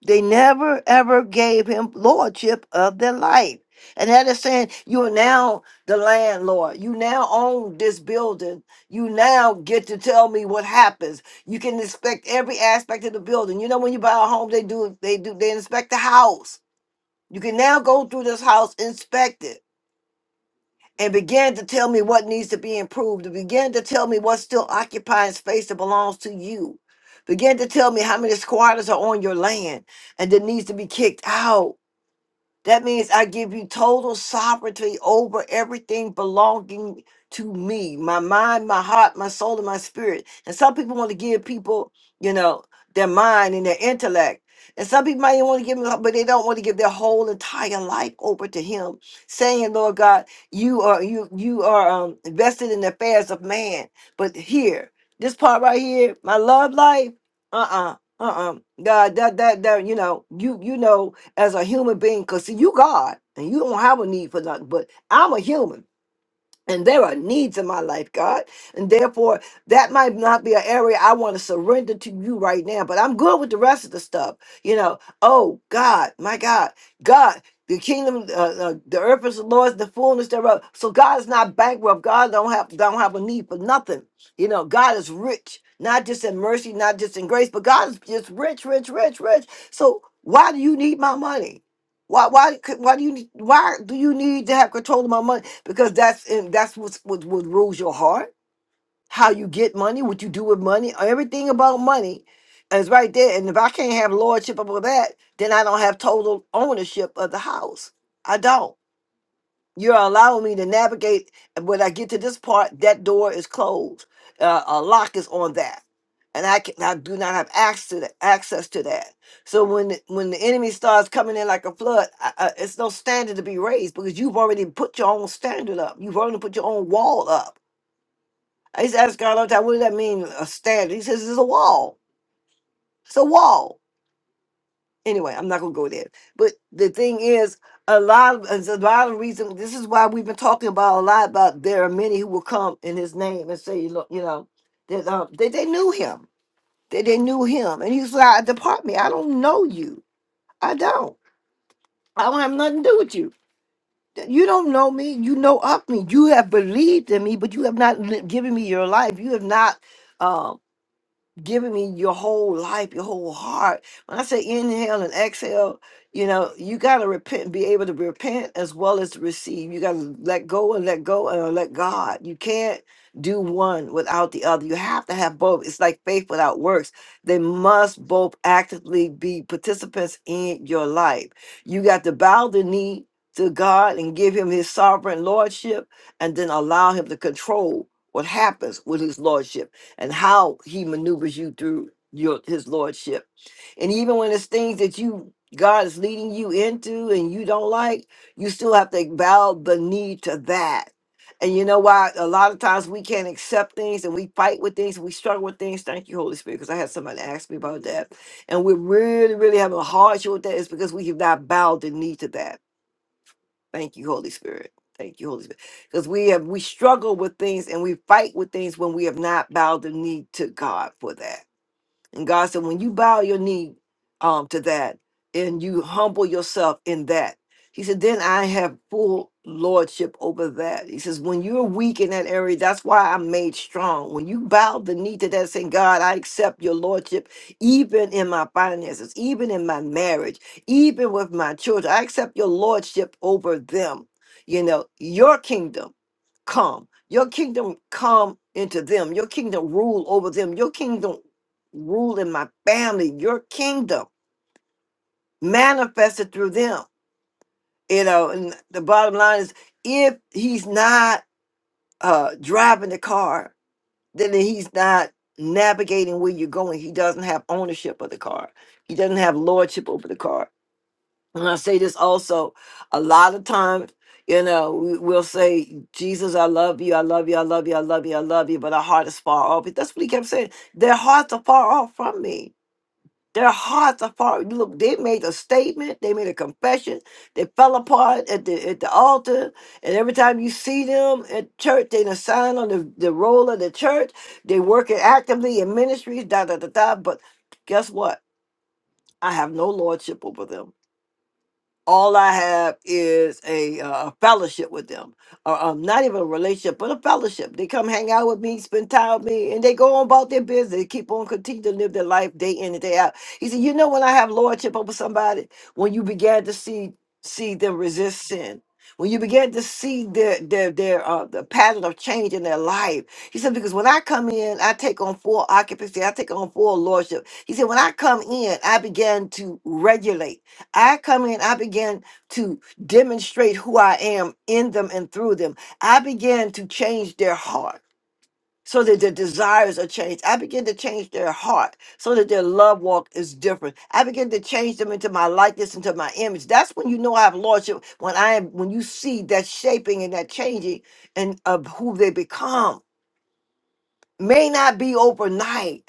[SPEAKER 1] they never ever gave him lordship of their life. And that is saying you are now the landlord. You now own this building. You now get to tell me what happens. You can inspect every aspect of the building. You know, when you buy a home, they do they do they inspect the house. You can now go through this house, inspect it and began to tell me what needs to be improved, and began to tell me what still occupies space that belongs to you, began to tell me how many squatters are on your land and that needs to be kicked out that means I give you total sovereignty over everything belonging to me my mind, my heart, my soul, and my spirit. And some people want to give people, you know, their mind and their intellect. And some people might even want to give them, but they don't want to give their whole entire life over to Him, saying, "Lord God, you are you you are um, invested in the affairs of man." But here, this part right here, my love life, uh, uh-uh, uh, uh, God, that that that you know, you you know as a human being. Cause see, you God, and you don't have a need for nothing. But I'm a human. And there are needs in my life, God. And therefore, that might not be an area I want to surrender to you right now, but I'm good with the rest of the stuff. You know, oh, God, my God, God. The kingdom, uh, uh, the earth is the Lord's, the fullness thereof. So God is not bankrupt. God don't have don't have a need for nothing. You know, God is rich, not just in mercy, not just in grace, but God is just rich, rich, rich, rich. So why do you need my money? Why, why, could- why do you need, why do you need to have control of my money? because that's in, that's what's, what what rules your heart, how you get money, what you do with money, everything about money is right there. And if I can't have lordship over that, then I don't have total ownership of the house. I don't. You're allowing me to navigate. And when I get to this part, that door is closed. Uh, a lock is on that, and I can I do not have access to that, access to that. So when the- when the enemy starts coming in like a flood, I, I, it's no standard to be raised because you've already put your own standard up. You've already put your own wall up. I used to ask God all the time, "What does that mean? A standard?" He says, "It's a wall. It's a wall." anyway, I'm not gonna go there. But the thing is, a lot of there's a lot of reason. This is why we've been talking about a lot about there are many who will come in his name and say, look, you know, that um, they they knew him, that they knew him, and he's like, depart me, I don't know you, I don't, I don't have nothing to do with you. You don't know me. You know of me. You have believed in me, but you have not li- given me your life. You have not. um, giving me your whole life, your whole heart. When I say inhale and exhale, you know, you got to repent, be able to repent as well as to receive. You got to let go and let go and let God. You can't do one without the other. You have to have both. It's like faith without works. They must both actively be participants in your life. You got to bow the knee to God and give him his sovereign lordship and then allow him to control what happens with his lordship and how he maneuvers you through your his lordship. And even when it's things that you God is leading you into and you don't like, you still have to bow the knee to that. And you know why? A lot of times we can't accept things and we fight with things and we struggle with things. Thank you, Holy Spirit, because I had somebody ask me about that. And we're really, really having a hardship with that is because we have not bowed the knee to that Thank you, Holy Spirit. Thank you, Holy Spirit. Because we have we struggle with things and we fight with things when we have not bowed the knee to God for that. And God said, when you bow your knee um, to that and you humble yourself in that, He said, then I have full lordship over that. He says, when you're weak in that area, that's why I'm made strong. When you bow the knee to that, saying, God, I accept your lordship, even in my finances, even in my marriage, even with my children, I accept your lordship over them. You know, your kingdom come. Your kingdom come into them. Your kingdom rule over them. Your kingdom rule in my family, your kingdom manifested through them. You know, and the bottom line is if he's not uh driving the car, then he's not navigating where you're going. He doesn't have ownership of the car. He doesn't have lordship over the car. And I say this also a lot of times, you know, we, we'll say, Jesus, I love you, I love you, I love you, I love you, I love you, but our heart is far off. That's what he kept saying. Their hearts are far off from me Their hearts are far. You Look, they made a statement. They made a confession. They fell apart at the at the altar. And every time you see them at church, they done sign on the, the role of the church. They working actively in ministries, da da da da. But guess what? I have no lordship over them all I have is a uh, fellowship with them, or um, not even a relationship, but a fellowship. They come hang out with me, spend time with me, and they go on about their business. They keep on continue to live their life day in and day out. He said, "You know, when I have lordship over somebody, when you began to see see them resist sin." When you began to see their their their uh, the pattern of change in their life, he said, because when I come in, I take on full occupancy, I take on full lordship. He said, when I come in, I began to regulate. I come in, I begin to demonstrate who I am in them and through them. I begin to change their heart so that their desires are changed. I begin to change their heart so that their love walk is different. I begin to change them into my likeness, into my image. That's when you know I have lordship. When I am, when you see that shaping and that changing and of who they become may not be overnight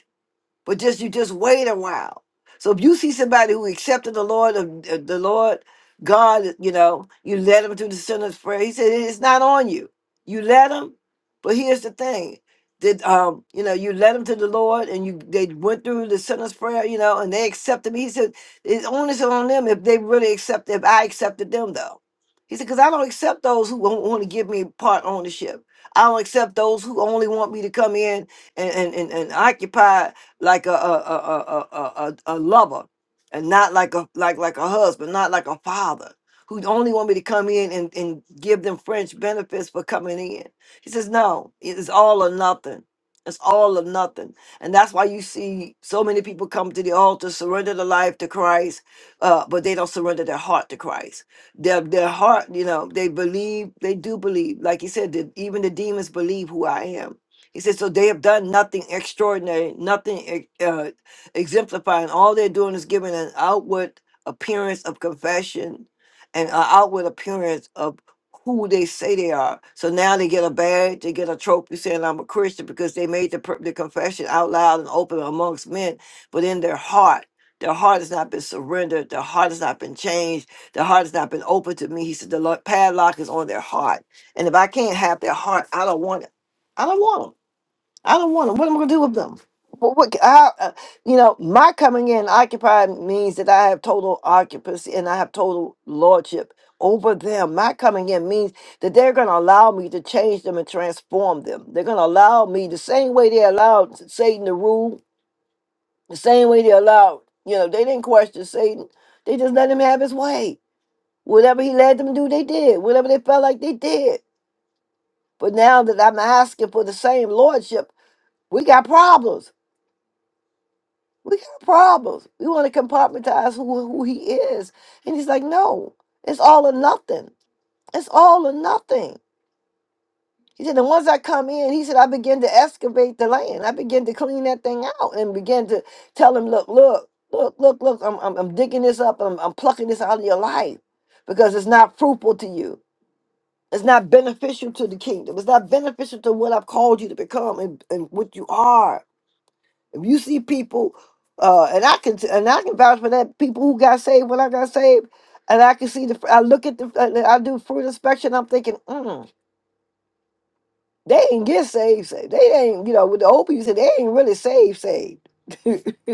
[SPEAKER 1] but just you just wait a while. So if you see somebody who accepted the Lord of of the Lord God, you know, you led them to the sinner's prayer. He said it's not on you. You led them, but here's the thing: that um, you know, you led them to the Lord, and you they went through the sinner's prayer, you know, and they accepted me. He said it's only so on them if they really accept. If I accepted them, though, he said because I don't accept those who won't want to give me part ownership. I don't accept those who only want me to come in and and and, and occupy like a a a a a, a, a lover, and not like a like like a husband, not like a father who only want me to come in and, and give them French benefits for coming in. He says, no, it's all or nothing. It's all or nothing. And that's why you see so many people come to the altar, surrender their life to Christ, uh, but they don't surrender their heart to Christ. Their, their heart, you know, they believe, they do believe. Like he said, that even the demons believe who I am he said, So they have done nothing extraordinary, nothing uh, exemplifying. All they're doing is giving an outward appearance of confession and an outward appearance of who they say they are. So now they get a badge, they get a trophy saying, I'm a Christian because they made the, pr- the confession out loud and open amongst men, but in their heart, their heart has not been surrendered. Their heart has not been changed. Their heart has not been open to me. He said, The lo- padlock is on their heart. And if I can't have their heart, I don't want it. I don't want 'em. I don't want them. What am I going to do with them? What, what I, uh, you know, my coming in occupied means that I have total occupancy and I have total lordship over them. My coming in means that they're going to allow me to change them and transform them. They're going to allow me the same way they allowed Satan to rule, the same way they allowed, you know, they didn't question Satan. They just let him have his way. Whatever he led them to do, they did. Whatever they felt like, they did. But now that I'm asking for the same lordship, we got problems we got problems. We want to compartmentalize who, who he is. And he's like, no, it's all or nothing. It's all or nothing. He said, "The once I come in, he said, I begin to excavate the land. I begin to clean that thing out and begin to tell him, look, look, look, look, look, I'm, I'm, I'm digging this up. I'm, I'm plucking this out of your life because it's not fruitful to you. It's not beneficial to the kingdom. It's not beneficial to what I've called you to become and, and what you are. If you see people, uh, and I can and I can vouch for that people who got saved when I got saved, and I can see the I look at the I I do fruit inspection. I'm thinking, mm, they ain't get saved. saved. They ain't you know with the old people you said they ain't really saved saved.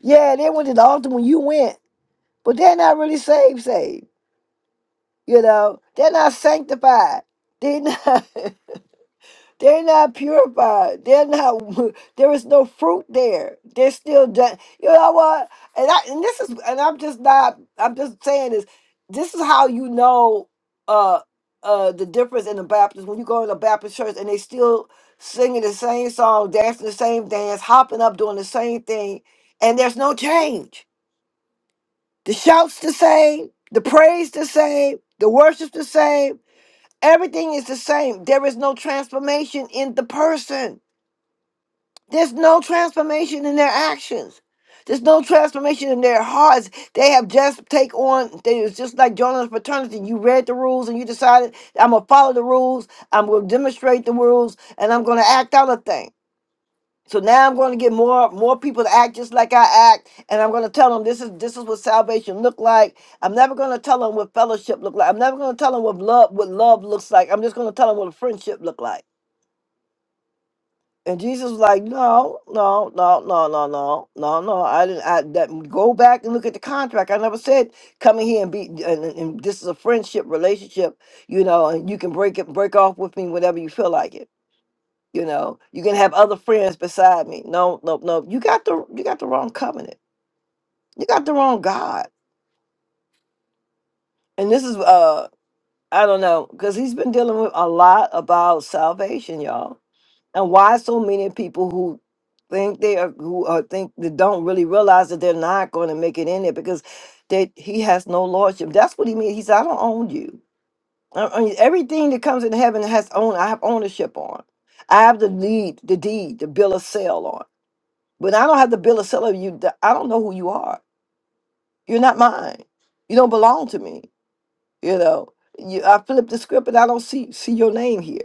[SPEAKER 1] yeah, they went to the altar when you went, but they're not really saved saved. You know, they're not sanctified. They not. They're not purified. They're not. There is no fruit there. They're still done. You know what? And I and this is and I'm just not. I'm just saying this. This is how you know uh uh the difference in the Baptist when you go in the Baptist church and they still singing the same song, dancing the same dance, hopping up, doing the same thing, and there's no change. The shouts the same, the praise the same, the worship the same. Everything is the same. There is no transformation in the person. There's no transformation in their actions. There's no transformation in their hearts. They have just take on. They, it's just like joining a fraternity. You read the rules and you decided I'm gonna follow the rules. I'm gonna demonstrate the rules, and I'm gonna act out a thing. So now I'm going to get more more people to act just like I act, and I'm going to tell them this is this is what salvation look like. I'm never going to tell them what fellowship look like. I'm never going to tell them what love what love looks like. I'm just going to tell them what friendship look like. And Jesus was like, no, no, no, no, no, no, no, no. I didn't. I that go back and look at the contract. I never said come in here and be. And, and and this is a friendship relationship, you know. And you can break it, break off with me whenever you feel like it. You know, you can have other friends beside me. No, no, no. You got the you got the wrong covenant. You got the wrong God. And this is uh, I don't know, because he's been dealing with a lot about salvation, y'all and why so many people who think they are who are think that don't really realize that they're not going to make it in there because that he has no lordship that's what he means he said i don't own you I, I mean, everything that comes in heaven has own i have ownership on i have the lead the deed the bill of sale on but i don't have the bill of sale of you th- i don't know who you are you're not mine you don't belong to me you know you, i flip the script and i don't see see your name here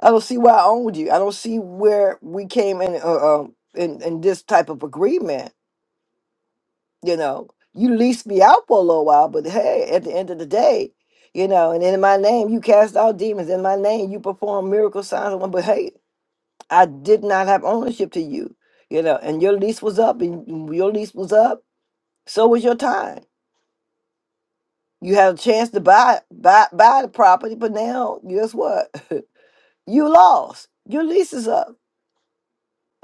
[SPEAKER 1] I don't see why I owned you. I don't see where we came in uh, um in, in this type of agreement. You know, you leased me out for a little while, but hey, at the end of the day, you know, and in my name you cast out demons. In my name you perform miracle signs. and wonder, But hey, I did not have ownership to you. You know, and your lease was up, and your lease was up. So was your time. You had a chance to buy buy buy the property, but now guess what? you lost. Your lease is up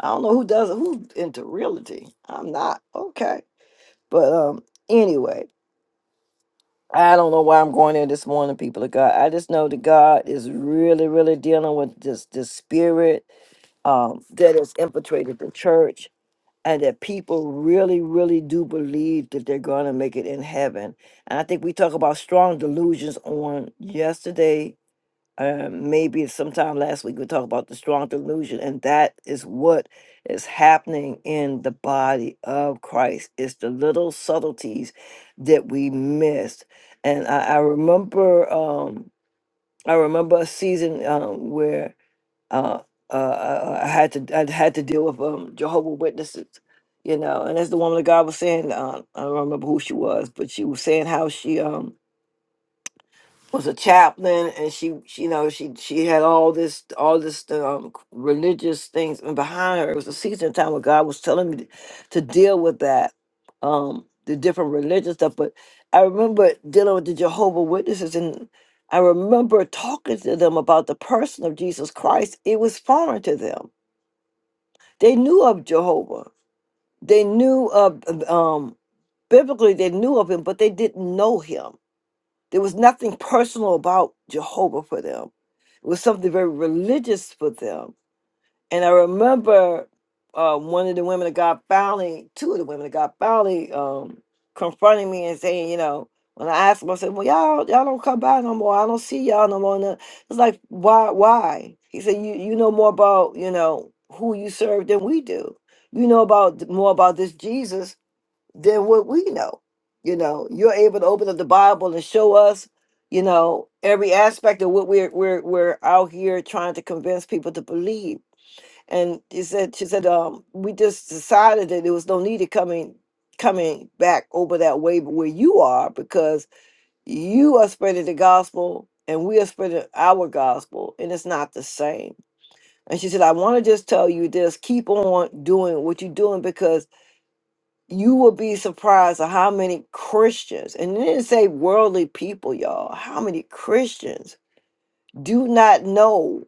[SPEAKER 1] I don't know who does who into realty. I'm not okay, but um, anyway, I don't know why I'm going in this morning, people of God. I just know that God is really, really dealing with this this spirit um that has infiltrated the church, and that people really, really do believe that they're going to make it in heaven. And I think we talked about strong delusions on yesterday um, maybe sometime last week we talked about the strong delusion, and that is what is happening in the body of Christ. It's the little subtleties that we missed, and I, I remember, um, I remember a season um, where uh, uh, I I had to, I had to deal with um, Jehovah Witnesses. You know, and as the woman of God was saying, uh, I don't remember who she was, but she was saying how she um was a chaplain and she, she you know she she had all this all this um, religious things and behind her it was a season time where god was telling me to, to deal with that um the different religious stuff but i remember dealing with the jehovah witnesses and i remember talking to them about the person of jesus christ it was foreign to them they knew of jehovah they knew of um biblically they knew of him but they didn't know him there was nothing personal about Jehovah for them. It was something very religious for them. And I remember uh, one of the women of God finally, two of the women of God finally um, confronting me and saying, you know, when I asked them, I said, "Well, y'all, y'all don't come by no more. I don't see y'all no more." And I was like, "Why? Why?" He said, "You, you know more about you know who you serve than we do. You know about more about this Jesus than what we know. You know, you're able to open up the Bible and show us, you know, every aspect of what we're we're we're out here trying to convince people to believe. And he said, she said, um, we just decided that there was no need of coming coming back over that way where you are because you are spreading the gospel and we are spreading our gospel and it's not the same. And she said, I want to just tell you this, keep on doing what you're doing because you will be surprised at how many Christians, and it didn't say worldly people, y'all, how many Christians do not know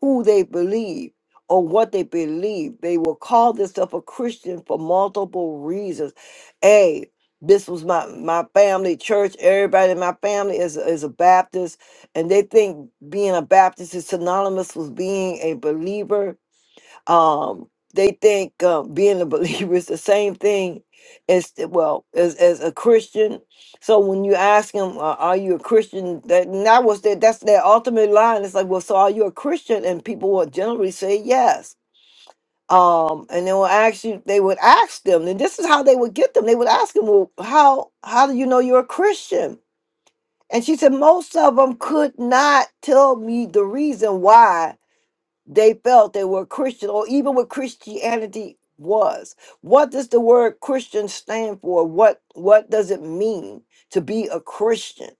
[SPEAKER 1] who they believe or what they believe. They will call themselves a Christian for multiple reasons. A, this was my, my family church. Everybody in my family is, is a Baptist, and they think being a Baptist is synonymous with being a believer um they think uh, being a believer is the same thing as well as as a christian so when you ask them uh, are you a christian that and that was their that's their ultimate line it's like well so are you a christian and people will generally say yes um and they will ask you they would ask them and this is how they would get them they would ask them well how how do you know you're a christian and she said most of them could not tell me the reason why they felt they were Christian or even what Christianity was. What does the word Christian stand for? What what does it mean to be a Christian?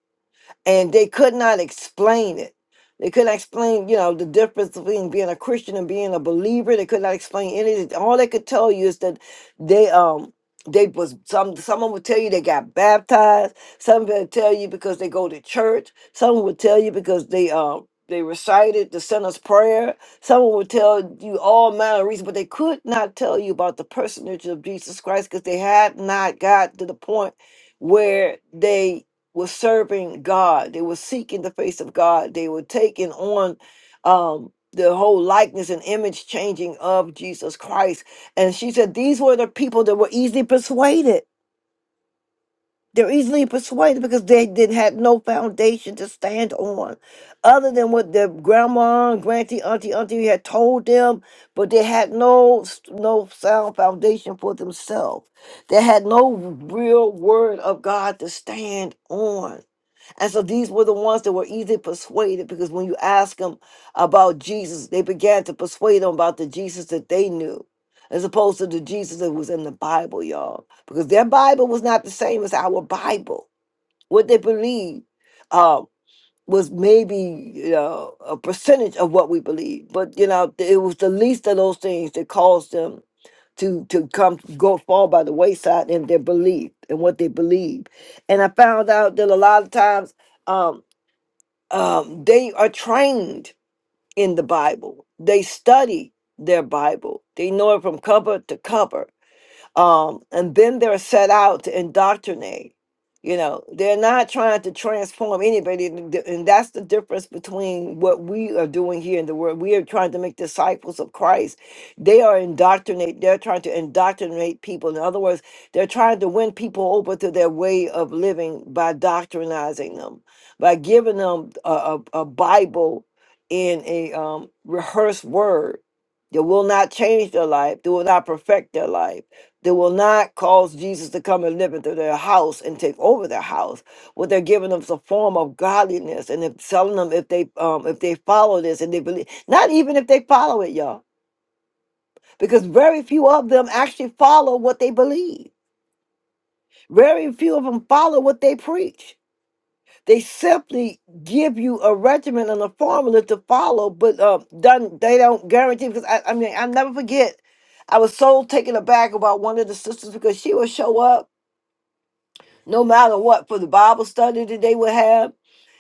[SPEAKER 1] and they could not explain it. They could not explain, you know, the difference between being a Christian and being a believer. They could not explain anything. All they could tell you is that they um they was some someone would tell you they got baptized. Some would tell you because they go to church. Some would tell you because they um they recited the sinner's prayer. Someone would tell you all manner of reasons, but they could not tell you about the personage of Jesus Christ because they had not got to the point where they were serving God. They were seeking the face of God. They were taking on um, the whole likeness and image changing of Jesus Christ. And she said these were the people that were easily persuaded. They're easily persuaded because they didn't had no foundation to stand on, other than what their grandma, granty, auntie, auntie had told them. But they had no no sound foundation for themselves. They had no real word of God to stand on and so these were the ones that were easily persuaded because when you ask them about Jesus, they began to persuade them about the Jesus that they knew as opposed to the Jesus that was in the Bible, y'all. Because their Bible was not the same as our Bible. What they believed uh, was maybe you know a percentage of what we believe, but you know, it was the least of those things that caused them to to come go fall by the wayside in their belief and what they believe. And I found out that a lot of times. Um, um, they are trained in the Bible. They study their Bible. They know it from cover to cover um, and then they're set out to indoctrinate. You know, they're not trying to transform anybody, and th- and that's the difference between what we are doing here in the world. We are trying to make disciples of Christ. They are indoctrinate. They're trying to indoctrinate people. In other words, they're trying to win people over to their way of living by doctrinizing them, by giving them a, a, a Bible in a um, rehearsed word that will not change their life, that will not perfect their life they will not cause Jesus to come and live into their house and take over their house. What they're giving them is a form of godliness, and if telling them if they um if they follow this and they believe, not even if they follow it, y'all, because very few of them actually follow what they believe. Very few of them follow what they preach. They simply give you a regimen and a formula to follow, but uh, done they don't guarantee. Because I, I mean, I never forget, I was so taken aback about one of the sisters because she would show up no matter what, for the Bible study that they would have.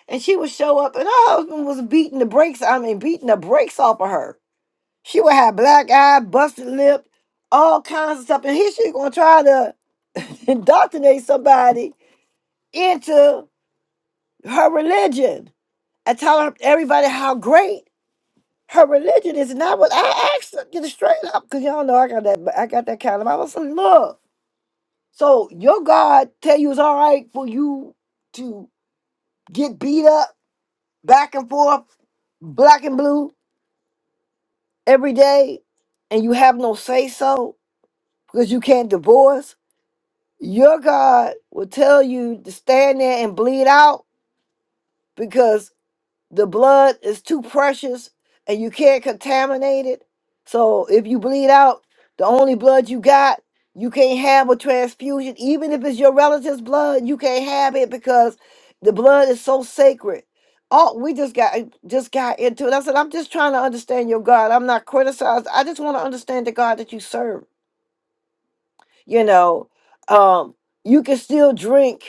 [SPEAKER 1] And she would show up, and her husband was beating the brakes. I mean, beating the brakes off of her. She would have black eye, busted lip, all kinds of stuff. And here she gonna try to indoctrinate somebody into her religion and tell her- everybody how great her religion is. And I would I asked her, get it straight up, cause y'all know I got that. I got that kind of. I was like, look, so your God tell you it's all right for you to get beat up back and forth, black and blue every day, and you have no say so because you can't divorce, your God will tell you to stand there and bleed out because. the blood is too precious and you can't contaminate it. So if you bleed out, the only blood you got, you can't have a transfusion. Even if it's your relative's blood, you can't have it because the blood is so sacred. Oh, we just got just got into it. I said, I'm just trying to understand your God. I'm not criticized. I just want to understand the God that you serve. You know, um, you can still drink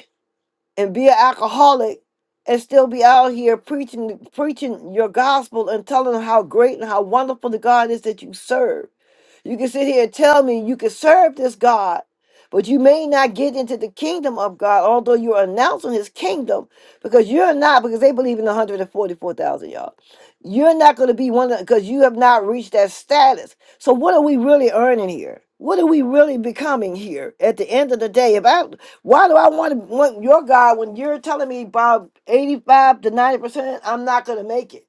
[SPEAKER 1] and be an alcoholic and still be out here preaching preaching your gospel and telling how great and how wonderful the God is that you serve. You can sit here and tell me you can serve this God, but you may not get into the kingdom of God, although you're announcing his kingdom, because you're not, because they believe in 144,000, y'all. You're not going to be one of because you have not reached that status. So what are we really earning here? What are we really becoming here at the end of the day? If I why do I want to want your God when you're telling me about 85 to 90% I'm not gonna make it?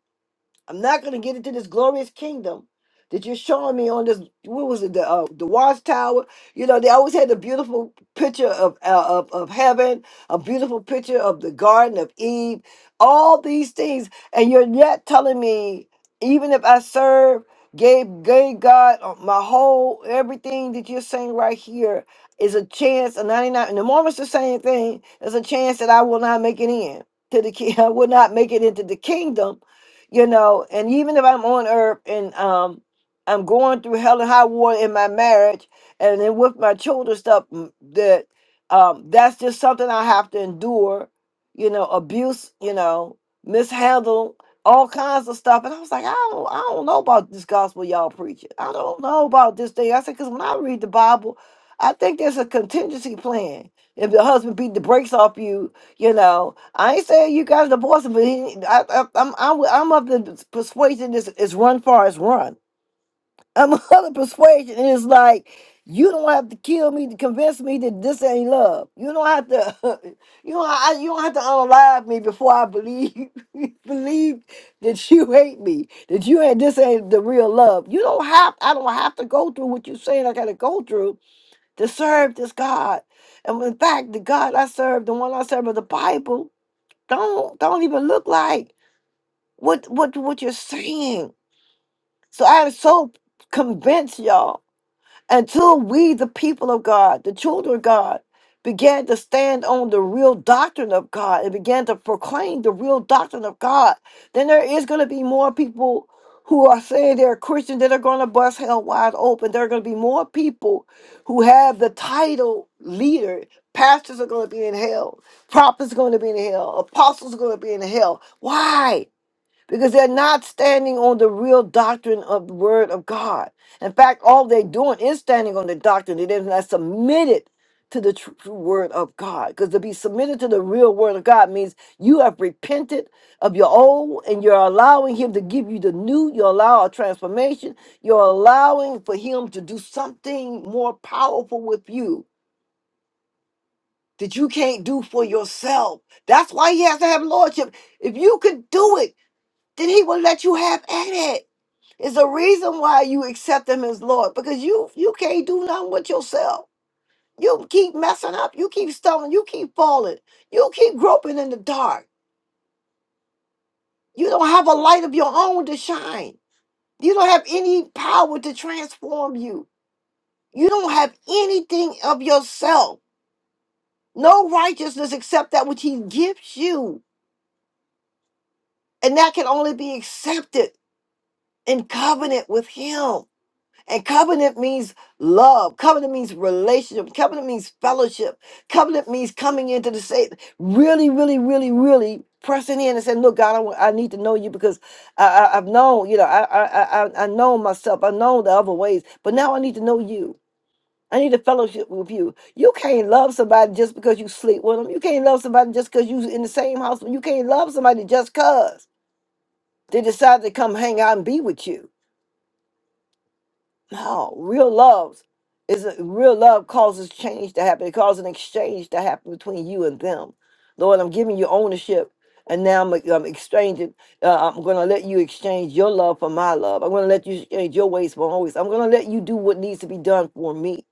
[SPEAKER 1] I'm not going to get into this glorious kingdom that you're showing me on this. What was it? The uh, the watchtower. You know, they always had the beautiful picture of uh, of of heaven, a beautiful picture of the Garden of Eve, all these things, and you're yet telling me, even if I serve, gave gave God uh, my whole everything that you're saying right here is a chance. A 99, and the Mormons the same thing. There's a chance that I will not make it in to the ki- I will not make it into the kingdom you know, and even if I'm on earth and um I'm going through hell and high water in my marriage and then with my children stuff mm, that um that's just something I have to endure, you know, abuse, you know, mishandle, all kinds of stuff. And I was like, I don't I don't know about this gospel y'all preaching. I don't know about this thing. I said, because when I read the Bible, I think there's a contingency plan. If the husband beat the brakes off you, you know, I ain't saying you guys divorce, him, but he, I, I, I'm I'm I'm of the persuasion is is run far as run. I'm of the persuasion is like you don't have to kill me to convince me that this ain't love. You don't have to you know, I, you don't have to unalive me before I believe believe that you hate me that you ain't this ain't the real love. You don't have I don't have to go through what you're saying I got to go through to serve this God. And in fact, the God I serve, the one I serve of the Bible don't don't even look like what what what you're saying. So I'm so convinced, y'all until we, the people of God, the children of God, began to stand on the real doctrine of God and began to proclaim the real doctrine of God, then there is going to be more people who are saying they're Christian that are going to bust hell wide open. There are going to be more people who have the title leader. Pastors are going to be in hell. Prophets are going to be in hell. Apostles are going to be in hell. Why? because they're not standing on the real doctrine of the word of God. In fact, all they're doing is standing on the doctrine. They're not submitted to the tr- true word of God. Because to be submitted to the real word of God means you have repented of your old and you're allowing him to give you the new. You allow a transformation. You're allowing for him to do something more powerful with you that you can't do for yourself. That's why he has to have lordship. If you could do it, then he will let you have at it. It's a reason why you accept him as Lord because you you can't do nothing with yourself. You keep messing up. You keep stumbling. You keep falling. You keep groping in the dark. You don't have a light of your own to shine. You don't have any power to transform you. You don't have anything of yourself. No righteousness except that which he gives you. And that can only be accepted in covenant with him. And covenant means love. Covenant means relationship. Covenant means fellowship. Covenant means coming into the say, really, really, really, really pressing in and saying, "Look, God, I, wa- I need to know you because I, I, I've known, you know, I, I, I, I I know myself. I know the other ways, but now I need to know you." I need a fellowship with you. You can't love somebody just because you sleep with them. You can't love somebody just because you in the same house. You can't love somebody just because they decide to come hang out and be with you. No, real love is a, real love causes change to happen. It causes an exchange to happen between you and them. Lord, I'm giving you ownership, and now I'm, I'm exchanging. Uh, I'm going to let you exchange your love for my love. I'm going to let you exchange your ways for my ways. I'm going to let you do what needs to be done for me.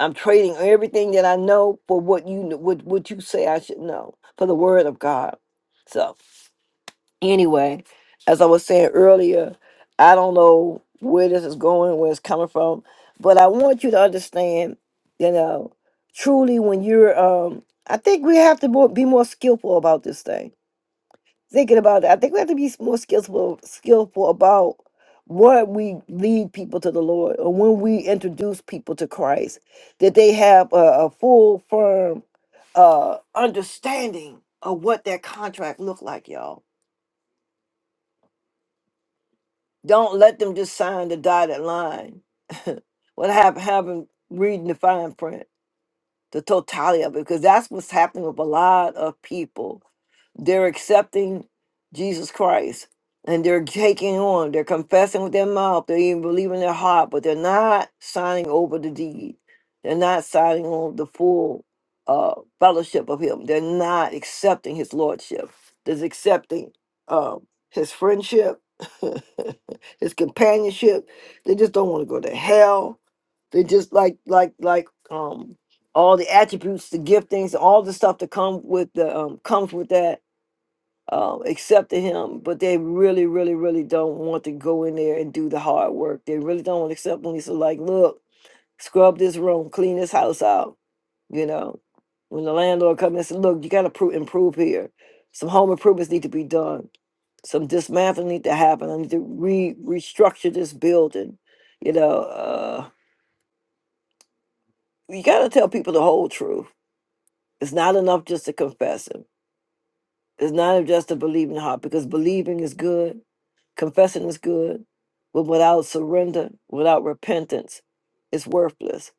[SPEAKER 1] I'm trading everything that I know for what you kn- what what you say I should know for the word of God. So anyway, as I was saying earlier, I don't know where this is going, where it's coming from, but I want you to understand, you know, truly when you're, um, I think we have to more, be more skillful about this thing. Thinking about it, I think we have to be more skillful, skillful about what we lead people to the Lord, or when we introduce people to Christ, that they have a, a full, firm uh, understanding of what that contract looked like, y'all Don't let them just sign the dotted line. what happened? Happened reading the fine print the totality of it, because that's what's happening with a lot of people. They're accepting Jesus Christ and they're taking on, they're confessing with their mouth, they even believe in their heart, but they're not signing over the deed. They're not signing on the full uh, fellowship of Him. They're not accepting His Lordship. They're accepting um, His friendship, His companionship. They just don't want to go to hell they're just like like like um all the attributes, the giftings, all the stuff that come with the um comes with that um accepting him, but they really, really, really don't want to go in there and do the hard work. They really don't want to accept when he's like, look, scrub this room, clean this house out, you know. When the landlord comes and says, look, you gotta pro- improve here. Some home improvements need to be done. Some dismantling need to happen. I need to re restructure this building, you know. Uh, you got to tell people the whole truth. It's not enough just to confess it. It's not enough just to believe in the heart because believing is good, confessing is good, but without surrender, without repentance, it's worthless.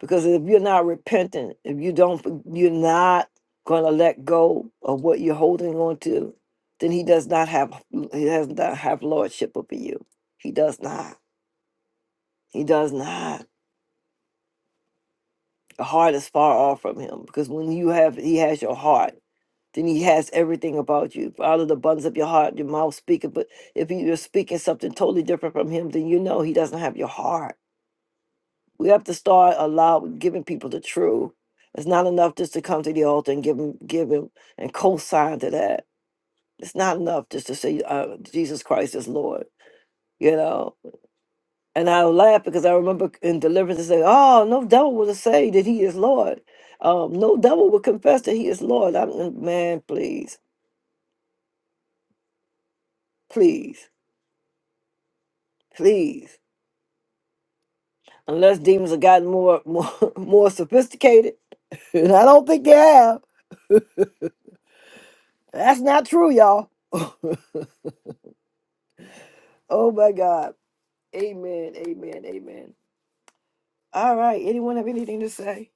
[SPEAKER 1] Because if you're not repentant, if you don't, you're not going to let go of what you're holding on to, then he does not have, he does not have lordship over you. He does not. He does not. The heart is far off from him because when you have, he has your heart then he has everything about you. For Out of the abundance of your heart, your mouth speaking. But if you're speaking something totally different from him, then you know he doesn't have your heart. We have to start allow giving people the truth. It's not enough just to come to the altar and give him, give him, and co-sign to that. It's not enough just to say uh, Jesus Christ is Lord. You know, and I laugh because I remember in deliverance they say, "Oh, no devil will say that he is Lord. Um, no devil will confess that he is Lord." I'm man, please, please, please. unless demons have gotten more more more sophisticated. And I don't think they have. That's not true, y'all. oh my God. Amen. Amen. Amen. All right. Anyone have anything to say?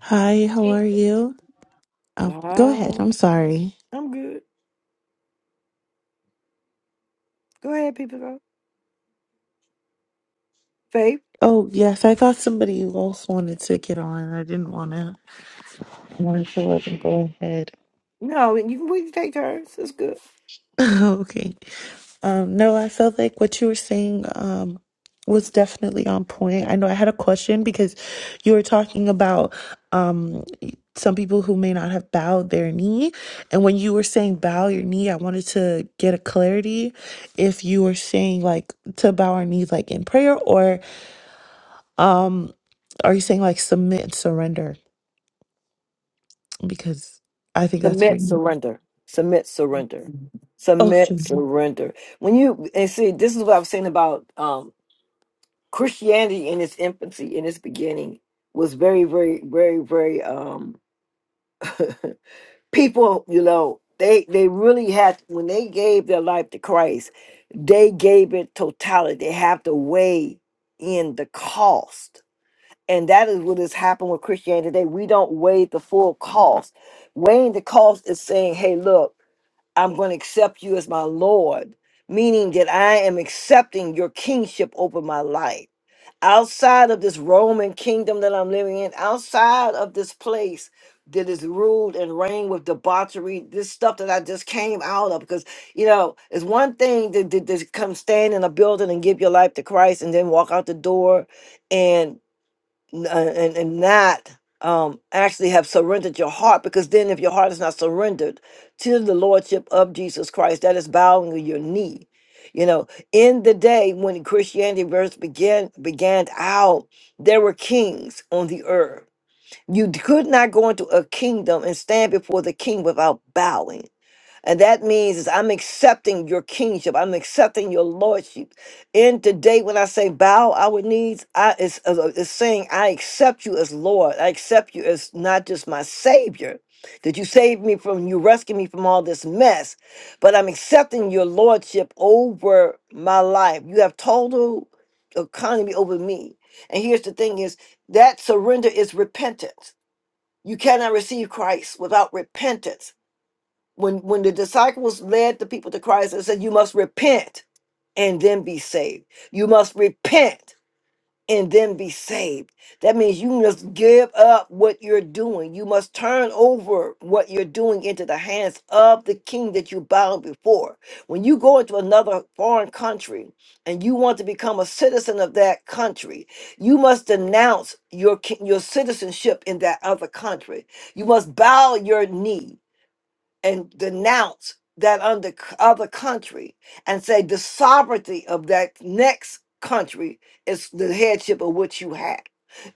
[SPEAKER 6] Hi, how are you? Oh, go ahead.
[SPEAKER 1] Uh,
[SPEAKER 6] I'm sorry.
[SPEAKER 1] I'm good. Go ahead, people. Go. Faith.
[SPEAKER 6] Oh, yes, I thought somebody else wanted to get on. I didn't want to. I wanted to let them go ahead.
[SPEAKER 1] No, you can we can take turns. It's good.
[SPEAKER 6] okay. Um, no, I felt like what you were saying um was definitely on point. I know I had a question because you were talking about um some people who may not have bowed their knee. And when you were saying bow your knee, I wanted to get a clarity if you were saying like to bow our knees like in prayer or um, Are you saying like submit and surrender? Because I think that's what.
[SPEAKER 1] Submit, surrender. Submit, surrender.
[SPEAKER 6] Okay.
[SPEAKER 1] Submit, surrender. When you and see, this is what I was saying about. um. Christianity in its infancy, in its beginning, was very, very, very, very um people, you know, they they really had when they gave their life to Christ, they gave it totality. They have to weigh in the cost. And that is what has happened with Christianity today. We don't weigh the full cost. Weighing the cost is saying, hey, look, I'm going to accept you as my Lord, meaning that I am accepting your kingship over my life outside of this Roman kingdom that I'm living in, outside of this place that is ruled and reigned with debauchery, this stuff that I just came out of. Because, you know, it's one thing to, to, to come stand in a building and give your life to Christ and then walk out the door. and n- uh, and and not um actually have surrendered your heart because then if your heart is not surrendered to the lordship of Jesus Christ that is bowing your knee you know in the day when Christianity first began began out there were kings on the earth you d- could not go into a kingdom and stand before the king without bowing and that means is I'm accepting your kingship. I'm accepting your lordship. And today, when I say bow our knees, I is is saying I accept you as Lord. I accept you as not just my Savior, that you saved me from, you rescued me from all this mess, but I'm accepting your lordship over my life. You have total economy over me. And here's the thing: is that surrender is repentance. You cannot receive Christ without repentance when when the disciples led the people to Christ and said, "You must repent and then be saved. You must repent and then be saved." That means you must give up what you're doing. You must turn over what you're doing into the hands of the King that you bowed before. When you go into another foreign country and you want to become a citizen of that country, you must denounce your ki- your citizenship in that other country. You must bow your knee and denounce that under other country and say the sovereignty of that next country is the headship of which you have.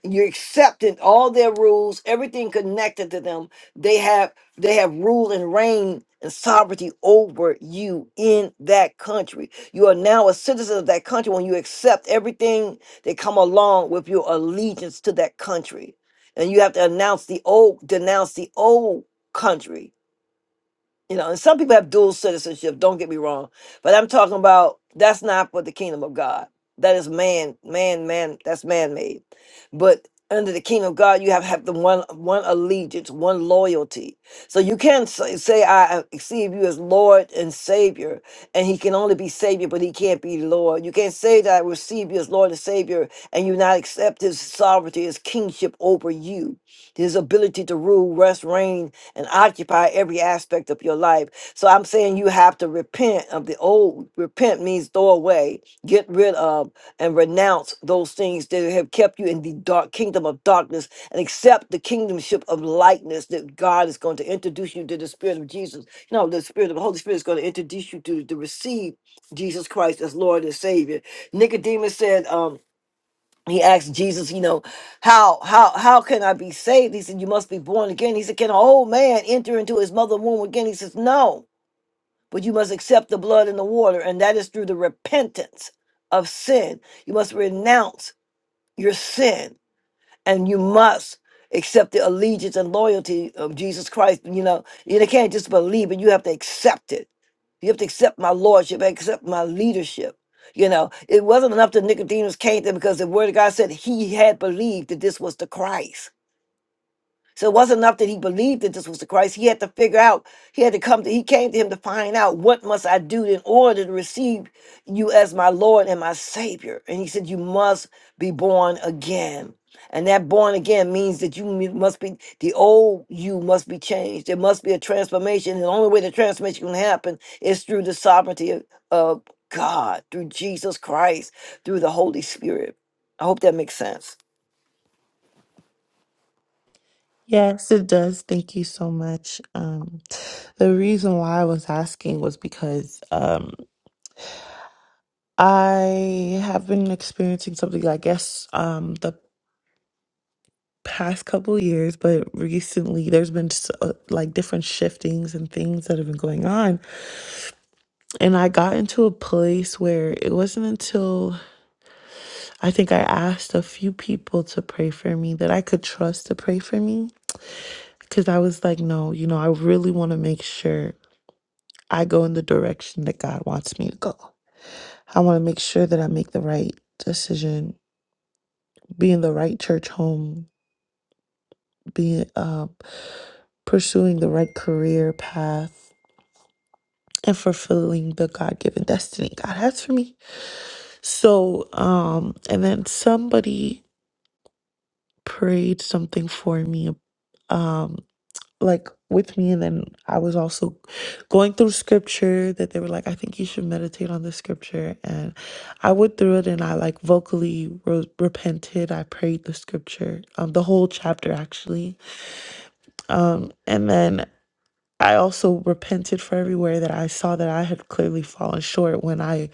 [SPEAKER 1] You're accepting all their rules, everything connected to them. They have they have rule and reign and sovereignty over you in that country. You are now a citizen of that country when you accept everything that come along with your allegiance to that country. And you have to announce the old, denounce the old country you know, and some people have dual citizenship, don't get me wrong, but I'm talking about that's not for the kingdom of God. That is man, man, man, that's man made. But under the kingdom of God, you have, have the one one allegiance, one loyalty. So you can say, say I receive you as Lord and Savior, and he can only be Savior, but he can't be Lord. You can't say that I receive you as Lord and Savior, and you not accept his sovereignty, his kingship over you his ability to rule, rest, reign, and occupy every aspect of your life. So I'm saying you have to repent of the old. Repent means throw away, get rid of, and renounce those things that have kept you in the dark kingdom of darkness and accept the kingdomship of lightness that God is going to introduce you to the Spirit of Jesus. You know, the Spirit of the Holy Spirit is going to introduce you to, to receive Jesus Christ as Lord and Savior. Nicodemus said, um, he asked Jesus, you know, how how how can I be saved? He said, You must be born again. He said, Can an old man enter into his mother womb again? He says, No, but you must accept the blood and the water, and that is through the repentance of sin. You must renounce your sin and you must accept the allegiance and loyalty of Jesus Christ. You know, you can't just believe it; you have to accept it. You have to accept my lordship, accept my leadership. You know, it wasn't enough that Nicodemus came there because the word of God said he had believed that this was the Christ. So it wasn't enough that he believed that this was the Christ. He had to figure out, he had to come to, he came to him to find out what must I do in order to receive you as my Lord and my Savior. And he said, You must be born again. And that born again means that you mu- must be, the old you must be changed. There must be a transformation. And the only way the transformation can happen is through the sovereignty of, of God, through Jesus Christ, through the Holy Spirit. I hope that makes sense.
[SPEAKER 6] Yes, it does. Thank you so much. Um, the reason why I was asking was because um, I have been experiencing something, I guess, um, the past couple years, but recently there's been s- uh, like different shiftings and things that have been going on. And I got into a place where it wasn't until I think I asked a few people to pray for me that I could trust to pray for me Because I was like, no, you know, I really want to make sure I go in the direction that God wants me to go. I want to make sure that I make the right decision, be in the right church home, be uh, pursuing the right career path, and fulfilling the God given destiny God has for me. So, um, and then somebody prayed something for me. Um, like with me and then I was also going through scripture that they were like I think you should meditate on this scripture and I went through it and I like vocally re- repented I prayed the scripture um the whole chapter actually um and then I also repented for everywhere that I saw that I had clearly fallen short when I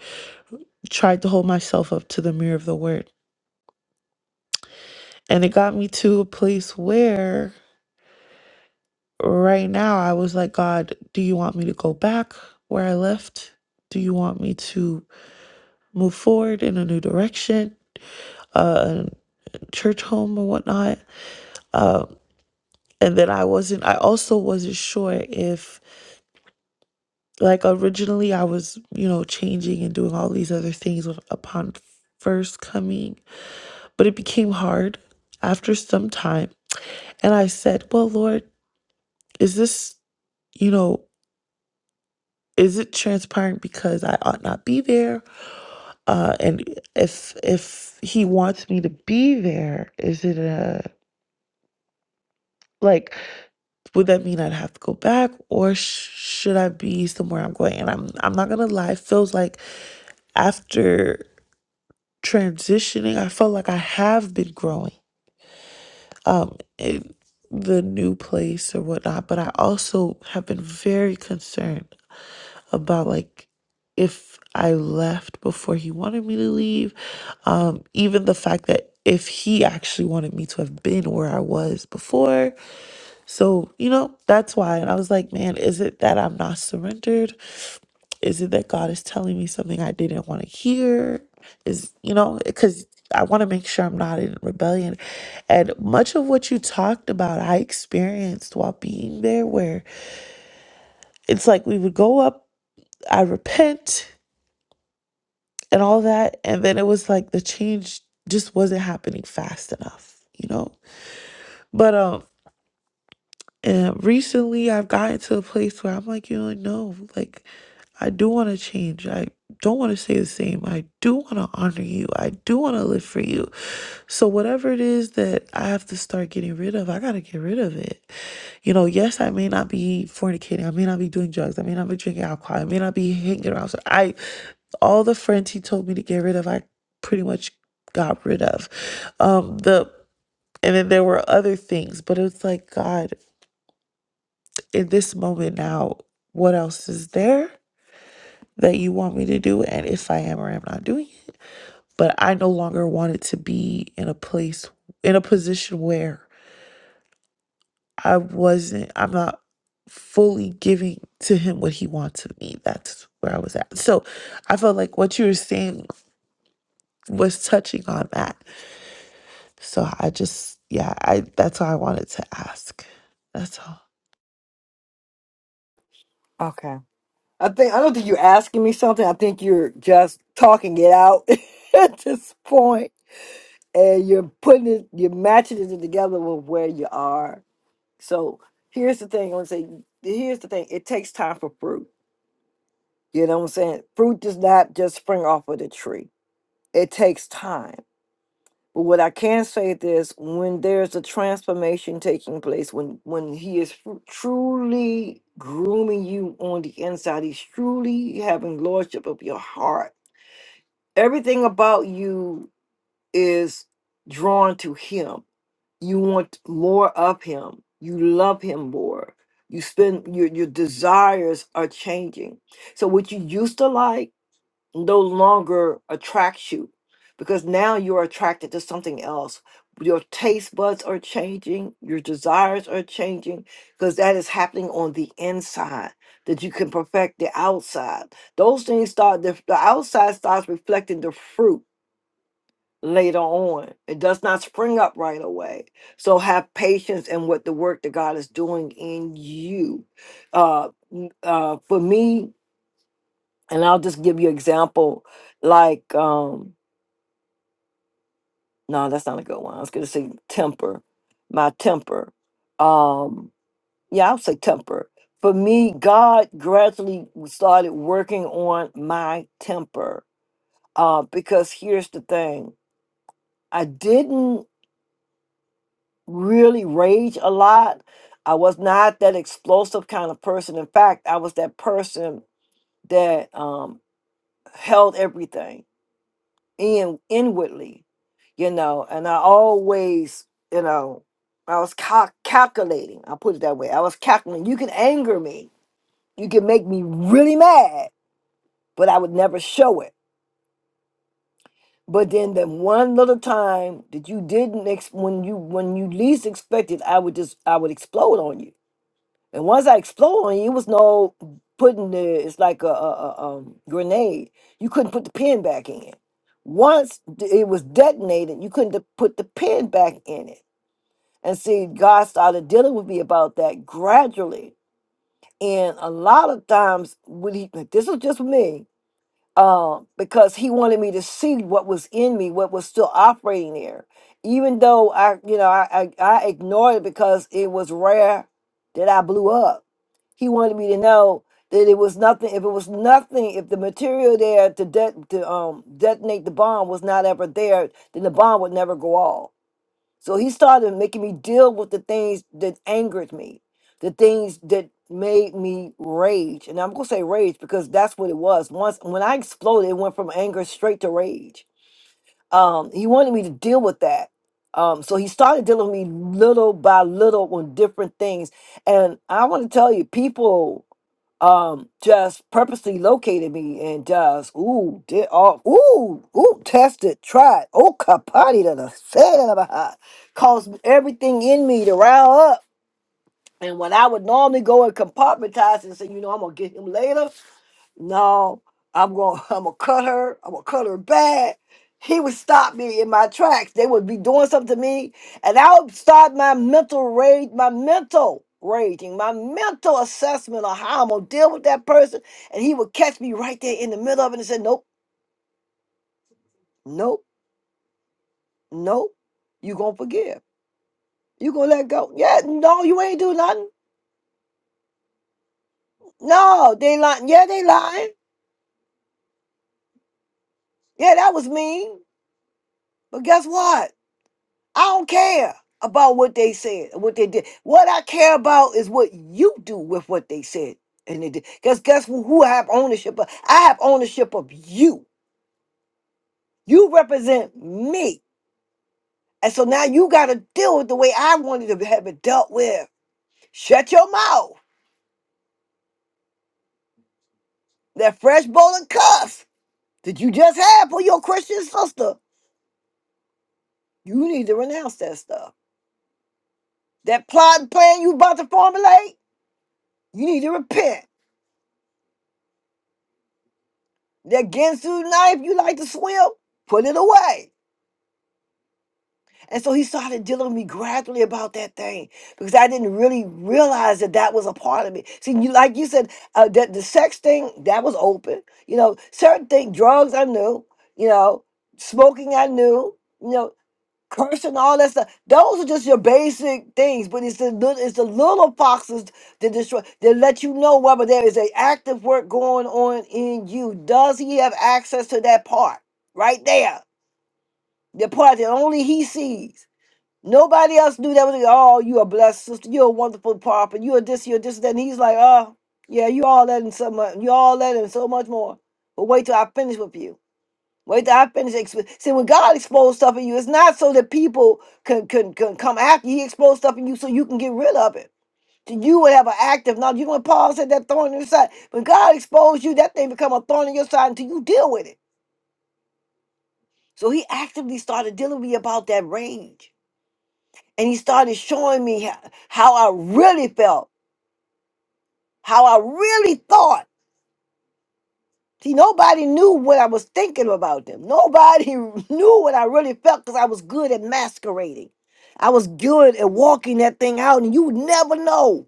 [SPEAKER 6] tried to hold myself up to the mirror of the word and it got me to a place where right now I was like, God, do you want me to go back where I left? Do you want me to move forward in a new direction, uh, church home or whatnot? Um, and then I wasn't, I also wasn't sure if, like, originally I was, you know, changing and doing all these other things with- upon first coming, but it became hard after some time. And I said, Well, Lord, is this, you know, Is it transparent because I ought not be there? Uh, and if if he wants me to be there, is it a like? Would that mean I'd have to go back, or sh- should I be somewhere I'm going? And I'm I'm not gonna lie. It feels like after transitioning, I felt like I have been growing. Um, in the new place or whatnot, but I also have been very concerned about like if I left before he wanted me to leave, um, even the fact that if he actually wanted me to have been where I was before. So, you know, that's why. And I was like, man, is it that I'm not surrendered? Is it that God is telling me something I didn't want to hear? Is, you know, because I want to make sure I'm not in rebellion. And much of what you talked about, I experienced while being there, where it's like we would go up, I repent. and all that. And then it was like the change just wasn't happening fast enough, you know? But um and recently I've gotten to a place where I'm like, you know, no, like I do want to change. I don't want to stay the same. I do want to honor you. I do want to live for you. So whatever it is that I have to start getting rid of, I got to get rid of it. You know, yes, I may not be fornicating, I may not be doing drugs, I may not be drinking alcohol, I may not be hanging around. So I all the friends he told me to get rid of, I pretty much got rid of. Um the and then there were other things, but it's like God, in this moment now, what else is there that you want me to do? And if I am or am not doing it. But I no longer wanted to be in a place in a position where I wasn't, I'm not fully giving to him what he wants of me. That's where I was at. So I felt like what you were saying was touching on that. So I just, yeah, I that's why I wanted to ask. That's all.
[SPEAKER 1] I think I don't think you're asking me something. I think you're just talking it out at this point, and you're putting it, you're matching it together with where you are. So here's the thing. I want to say, here's the thing. It takes time for fruit. You know what I'm saying? Fruit does not just spring off of the tree. It takes time. But what I can say is this: when there's a transformation taking place, when when he is fr- truly grooming you on the inside, he's truly having lordship of your heart Everything about you is drawn to Him. You want more of Him. You love Him more. You spend your your desires are changing. So what you used to like no longer attracts you because now you're attracted to something else. Your taste buds are changing, your desires are changing because that is happening on the inside that you can perfect the outside. Those things start, the, the outside starts reflecting the fruit later on. It does not spring up right away. So have patience in what the work that God is doing in you. Uh, n- uh, for me, and I'll just give you example like um no that's not a good one. I was gonna say temper, my temper. Um yeah, I'll say temper. For me, God gradually started working on my temper. Uh because here's the thing. I didn't really rage a lot. I was not that explosive kind of person. In fact, I was that person that um held everything. in inwardly, you know, and I always, you know, I was cal- calculating. I'll put it that way. I was calculating. You can anger me. You can make me really mad, but I would never show it. But then that one little time that you didn't ex- when you when you least expected, I would just I would explode on you And once I explode on you, it was no putting the. It's like a, a, a um, grenade. You couldn't put the pin back in. Once d- it was detonated, you couldn't de- put the pin back in it. And see, God started dealing with me about that gradually. And a lot of times, when he like, this was just me, um, because he wanted me to see what was in me, what was still operating there. Even though I, you know, I, I, I ignored it because it was rare that I blew up he wanted me to know that it was nothing. If it was nothing, if the material there to de- to um detonate the bomb was not ever there, then the bomb would never go off. So he started making me deal with the things that angered me, the things that made me rage. And I'm gonna say rage because that's what it was. Once when I exploded, it went from anger straight to rage. Um, he wanted me to deal with that. Um, so he started dealing with me little by little on different things. And I want to tell you, people um just purposely located me and just ooh did all ooh ooh tested tried oh kapati that I said it about caused everything in me to rile up and when I would normally go and compartmentize and say you know I'm gonna get him later no, I'm going. to I'm gonna cut her. I'm gonna cut her bad. He would stop me in my tracks. They would be doing something to me, and I would start my mental rage, my mental raging, my mental assessment of how I'm gonna deal with that person. And he would catch me right there in the middle of it and say, "Nope, nope, nope. You gonna forgive? You gonna let go? Yeah, no, you ain't do nothing. No, they lying. Yeah, they lying. Yeah, that was mean. But guess what? I don't care about what they said, what they did. What I care about is what you do with what they said and they did. Because guess who, who I have ownership of? I have ownership of you. You represent me. And so now you got to deal with the way I wanted to have it dealt with. Shut your mouth. That fresh bowl of cuss that you just had for your Christian sister, you need to renounce that stuff. That plot and plan you about to formulate, you need to repent That Gensu knife you like to swim, put it away. And so he started dealing with me gradually about that thing because I didn't really realize that that was a part of me. See, you, like you said, uh, that the sex thing that was open. You know, certain things, drugs I knew. You know, smoking I knew. You know cursing all that stuff. Those are just your basic things, but it's the little, it's the little foxes that destroy that let you know whether there is a active work going on in you. Does he have access to that part right there? The part that only he sees. Nobody else knew that was oh, you a blessed sister, you're a wonderful papa, you're this, you're this, that. And he's like, oh, yeah, you all that and so much, you all that and so much more. But wait till I finish with you. Wait till I finish. exp- See, when God exposed stuff in you, it's not so that people can, can, can come after you. He exposed stuff in you so you can get rid of it. So you would have an active knowledge. You know when Paul said that thorn in your side. When God exposed you, that thing become a thorn in your side until you deal with it. So he actively started dealing with me about that rage. And he started showing me how, how I really felt, how I really thought. See, nobody knew what I was thinking about them. Nobody knew what I really felt because I was good at masquerading. I was good at walking that thing out, and you would never know.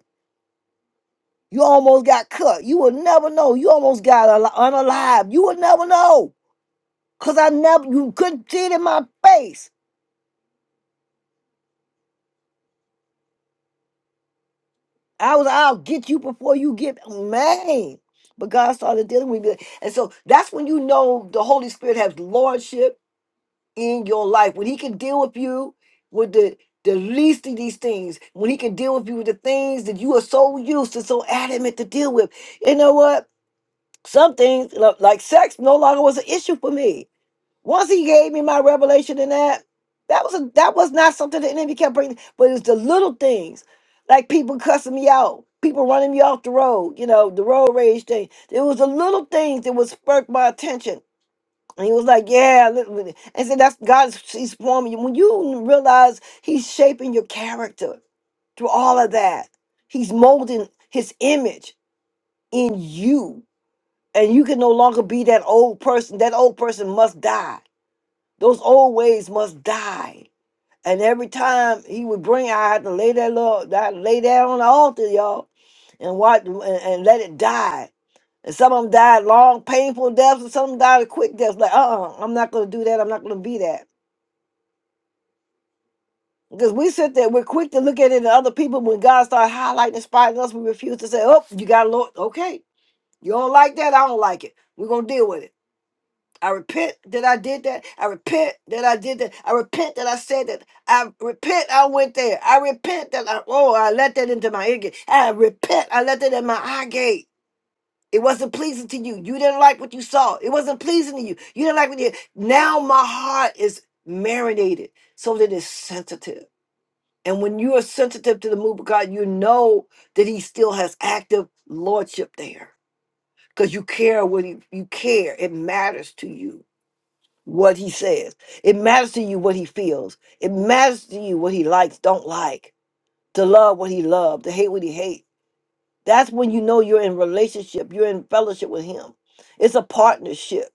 [SPEAKER 1] You almost got cut. You would never know. You almost got al- unalive. You would never know because I never, you couldn't see it in my face. I was, I'll get you before you get, man. But God started dealing with me. And so that's when you know the Holy Spirit has lordship in your life. When he can deal with you with the the least of these things, when he can deal with you with the things that you are so used to, so adamant to deal with. You know what? Some things lo- like sex no longer was an issue for me. Once he gave me my revelation in that, that was a, that was not something the enemy kept bringing. But it was the little things, like people cussing me out, people running me off the road. You know, the road rage thing. It was the little things that would spark my attention and he was like, "Yeah." li- And said, "That's God's. He's forming you. When you realize He's shaping your character through all of that, He's molding His image in you, and you can no longer be that old person. That old person must die. Those old ways must die. And every time He would bring, I had to lay that little, I had to lay that on the altar, y'all, and watch and, and let it die. And some of them died long, painful deaths, and some of them died a quick death. Like, uh-uh, I'm not gonna do that. I'm not gonna be that. Because we sit there, we're quick to look at it in other people. When God started highlighting and spotting us, we refuse to say, Oh, you got Lord, okay. You don't like that, I don't like it. We're gonna deal with it. I repent that I did that. I repent that I did that. I repent that I said that. I repent I went there. I repent that I oh I let that into my ear gate. I repent I let that in my eye gate. It wasn't pleasing to you. You didn't like what you saw. It wasn't pleasing to you. You didn't like what you. Now my heart is marinated so that it's sensitive. And when you are sensitive to the move of God, you know that He still has active lordship there because you care what he, you care. It matters to you what He says. It matters to you what He feels. It matters to you what He likes, don't like, to love what He loved, to hate what He hates. That's when you know you're in relationship, you're in fellowship with him. It's a partnership.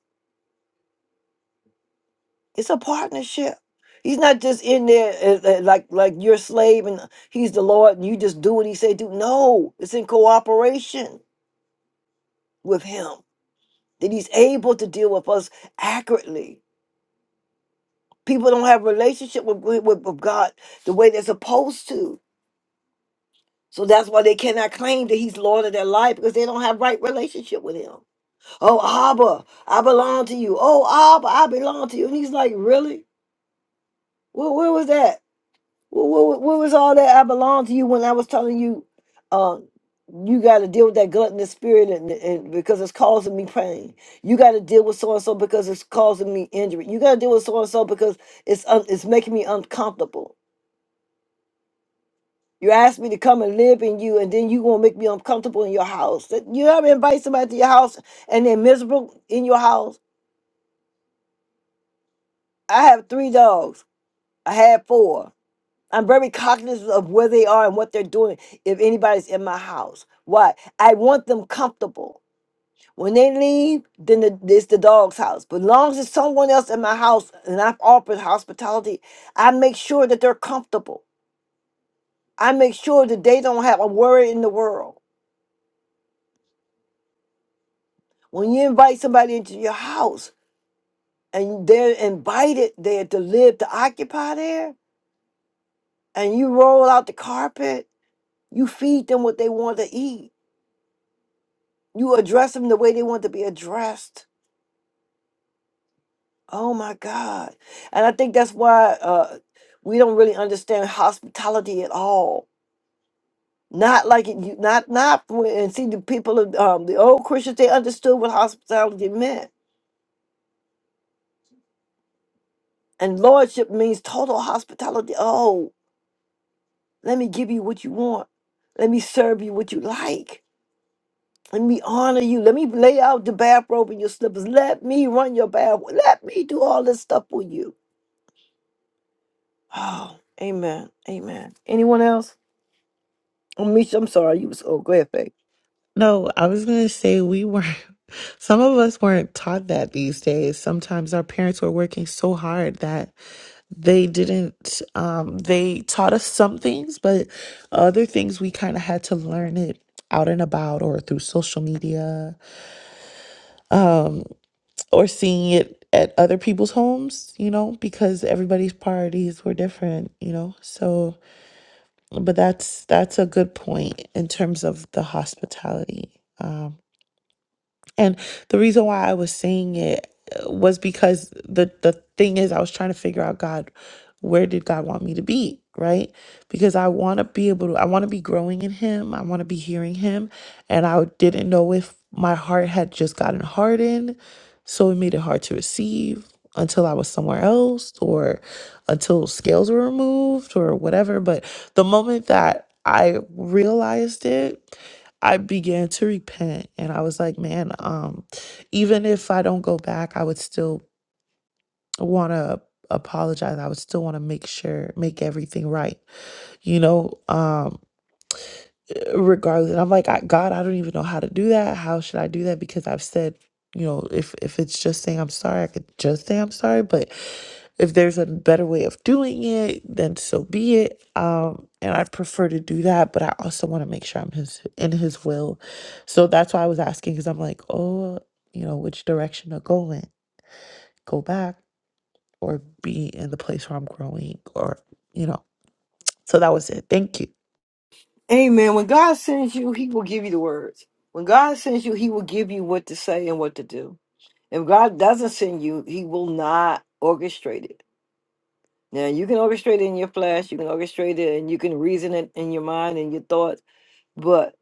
[SPEAKER 1] It's a partnership. He's not just in there uh, uh, like like your slave and he's the Lord and you just do what he say do. No, it's in cooperation with him that he's able to deal with us accurately. People don't have relationship with, with, with with God the way they're supposed to. So that's why they cannot claim that he's Lord of their life because they don't have right relationship with him. Oh, Abba, I belong to you. Oh, Abba, I belong to you. And he's like, Really? Where, where was that? Where, where, where was all that? I belong to you when I was telling you, um, you got to deal with that gluttonous spirit and, and because it's causing me pain. You got to deal with so and so because it's causing me injury. You got to deal with so and so because it's un- it's making me uncomfortable. You asked me to come and live in you, and then you gonna make me uncomfortable in your house. That- You ever invite somebody to your house and they're miserable in your house? I have three dogs. I had four. I'm very cognizant of where they are and what they're doing if anybody's in my house. Why? I want them comfortable. When they leave, then the, it's the dog's house. But as long as it's someone else in my house and I've offered hospitality, I make sure that they're comfortable. I make sure that they don't have a worry in the world. When you invite somebody into your house and they're invited there to live, to occupy there, and you roll out the carpet, you feed them what they want to eat you address them the way they want to be addressed. Oh my God. And I think that's why uh, we don't really understand hospitality at all. Not like it, you- not, not, when- and see the people of um, the old Christians, they understood what hospitality meant. And lordship means total hospitality. Oh, let me give you what you want. Let me serve you what you like. Let me honor you. Let me lay out the bathrobe in your slippers. Let me run your bath. Let me do all this stuff for you Oh, amen. Amen. Anyone else? Oh, Misha, I'm sorry. You was oh, go ahead, Faith.
[SPEAKER 6] No, I was going to say we weren't, some of us weren't taught that these days. Sometimes our parents were working so hard that they didn't, um, they taught us some things, but other things we kind of had to learn it out and about or through social media, um, or seeing it at other people's homes, you know, because everybody's priorities were different, you know. So, but that's that's a good point in terms of the hospitality. um, And the reason why I was saying it uh, was because the the thing is I was trying to figure out God, where did God want me to be, right? Because I want to be able to I want to be growing in him, I want to be hearing him, and I didn't know if my heart had just gotten hardened, so it made it hard to receive until I was somewhere else or until scales were removed or whatever, but the moment that I realized it I began to repent and I was like, man, um, even if I don't go back, I would still want to apologize. I would still want to make sure, make everything right, you know? Um, regardless. And I'm like, I, God, I don't even know how to do that. How should I do that? Because I've said, you know, if if it's just saying I'm sorry, I could just say I'm sorry. But if there's a better way of doing it, then so be it. Um, and I prefer to do that, but I also want to make sure I'm his in his will. So that's why I was asking, because I'm like, oh, you know, which direction to go in? Go back or be in the place where I'm growing, or you know. So that was it. Thank you.
[SPEAKER 1] Amen. When God sends you, He will give you the words. When God sends you, He will give you what to say and what to do. If God doesn't send you, He will not orchestrate it. Now, you can orchestrate it in your flesh, you can orchestrate it and you can reason it in your mind and your thoughts. but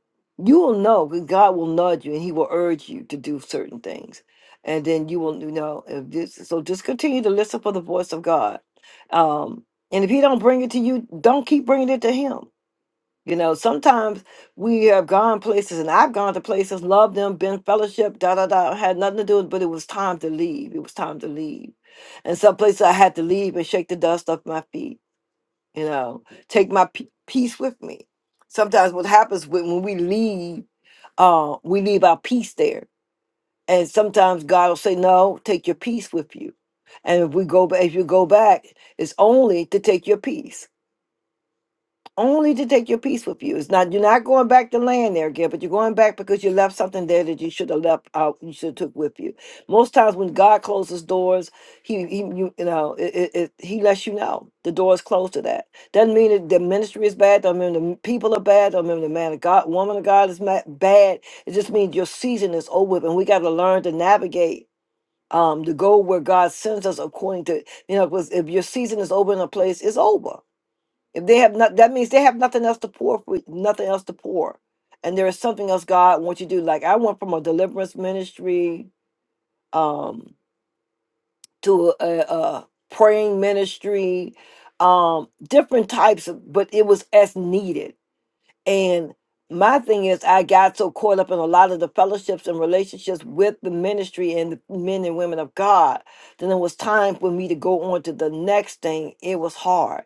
[SPEAKER 1] you will know because God will nudge you and He will urge you to do certain things, and then you will you know if this. So just continue to listen for the voice of God, um, and if He don't bring it to you, don't keep bringing it to Him. You know, sometimes we have gone places, and I've gone to places, loved them, been fellowship, da da da, had nothing to do with, it, but it was time to leave. It was time to leave, and some places I had to leave and shake the dust off my feet you know take my pe peace with me sometimes what happens when, when we leave uh we leave our peace there and sometimes god will say no take your peace with you and if we go back if you go back it's only to take your peace only to take your peace with you. It's not you're not going back to land there again, but you're going back because you left something there that you should have left out. You should have took with you. Most times when God closes doors, He, he you, you know it, it, it- He lets you know the door is closed to that. Doesn't mean that the ministry is bad. Doesn't mean the m- people are bad. Doesn't mean the man of God, woman of God is ma- bad. It just means your season is over, with, and we got to learn to navigate. Um, to go where God sends us according to, you know, 'cause if your season is over in a place, it's over if they have not, that means they have nothing else to pour for, nothing else to pour, and there is something else God wants you to do. Like I went from a deliverance ministry um, to a, a praying ministry, um, different types of, but it was as needed and my thing is, I got so caught up in a lot of the fellowships and relationships with the ministry and the men and women of God. Then it was time for me to go on to the next thing. It was hard.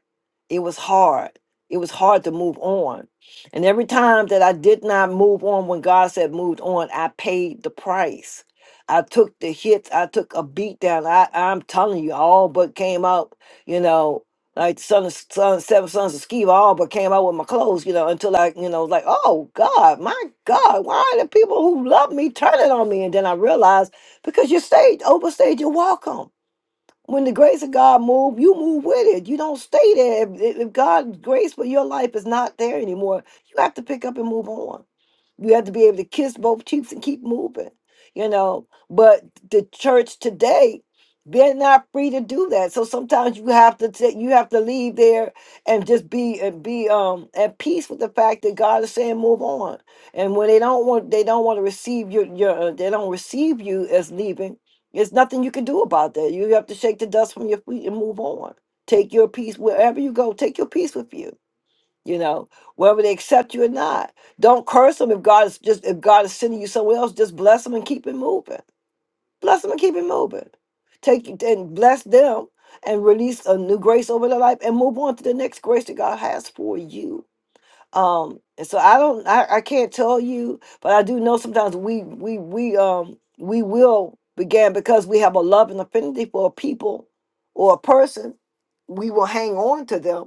[SPEAKER 1] It was hard. It was hard to move on. And every time that I did not move on when God said moved on, I paid the price. I took the hits. I took a beat down. I, I'm telling you, I all but came out, you know, like son of son, seven sons of Sceva all but came out with my clothes, you know, until I, you know, was like, oh God, my God, why are the people who love me turning on me? And then I realized because you stayed overstayed your welcome. When the grace of God move, you move with it. You don't stay there. If, if if God's grace for your life is not there anymore, you have to pick up and move on. We have to be able to kiss both cheeks and keep moving, you know. But the church today, they're not free to do that. So sometimes you have to take, you have to leave there and just be and be um at peace with the fact that God is saying move on. And when they don't want they don't want to receive your your uh, they don't receive you as leaving. There's nothing you can do about that. You have to shake the dust from your feet and move on. Take your peace wherever you go. Take your peace with you you know, whether they accept you or not. Don't curse them if God is just if God is sending you somewhere else, just bless them and keep it moving. Bless them and keep it moving. Take and bless them and release a new grace over their life and move on to the next grace that God has for you. Um, and so I don't I, I can't tell you, but I do know sometimes we we we um we will begin because we have a love and affinity for a people or a person, we will hang on to them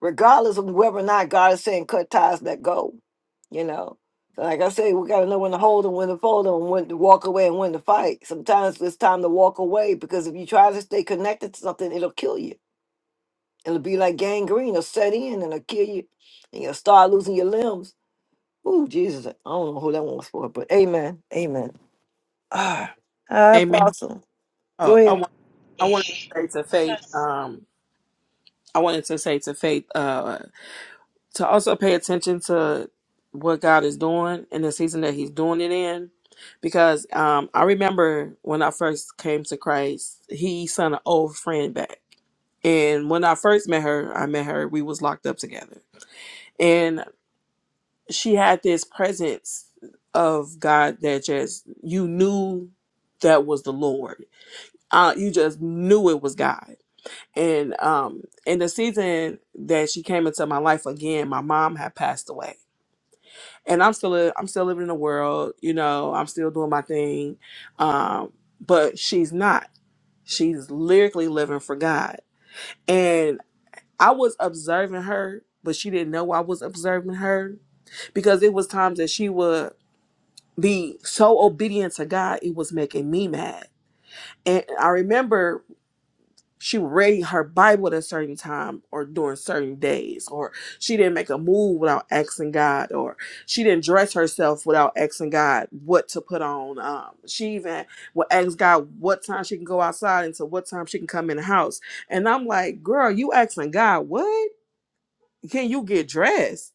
[SPEAKER 1] regardless of whether or not God is saying cut ties, let go. You know, So like I say, we got to know when to hold and when to fold and when to walk away and when to fight. Sometimes it's time to walk away because if you try to stay connected to something, it'll kill you. It'll be like gangrene, it'll set in and it'll kill you, and you'll start losing your limbs. Ooh, Jesus, I don't know who that one was for, but Amen, Amen. Ah, hi,
[SPEAKER 4] Amen.
[SPEAKER 1] Apostle, go
[SPEAKER 4] Oh, I
[SPEAKER 1] ahead.
[SPEAKER 4] want I wanted
[SPEAKER 3] Yes.
[SPEAKER 4] to say to Faith. Um, I wanted to say to Faith. Uh. to also pay attention to what God is doing in the season that He's doing it in. Because um, I remember when I first came to Christ, He sent an old friend back. And when I first met her, I met her, we was locked up together. And she had this presence of God that just you knew that was the Lord. Uh, you just knew it was God. And um in the season that she came into my life again, my mom had passed away and I'm still i am still living in the world, you know, I'm still doing my thing. Um, but she's not. She's lyrically living for God. And I was observing her, but she didn't know I was observing her because it was times that she would be so obedient to God, it was making me mad. And I remember she would read her Bible at a certain time or during certain days, or she didn't make a move without asking God, or she didn't dress herself without asking God what to put on. Um, she even would ask God what time she can go outside and to what time she can come in the house. And I'm like, girl, you asking God what? Can you get dressed?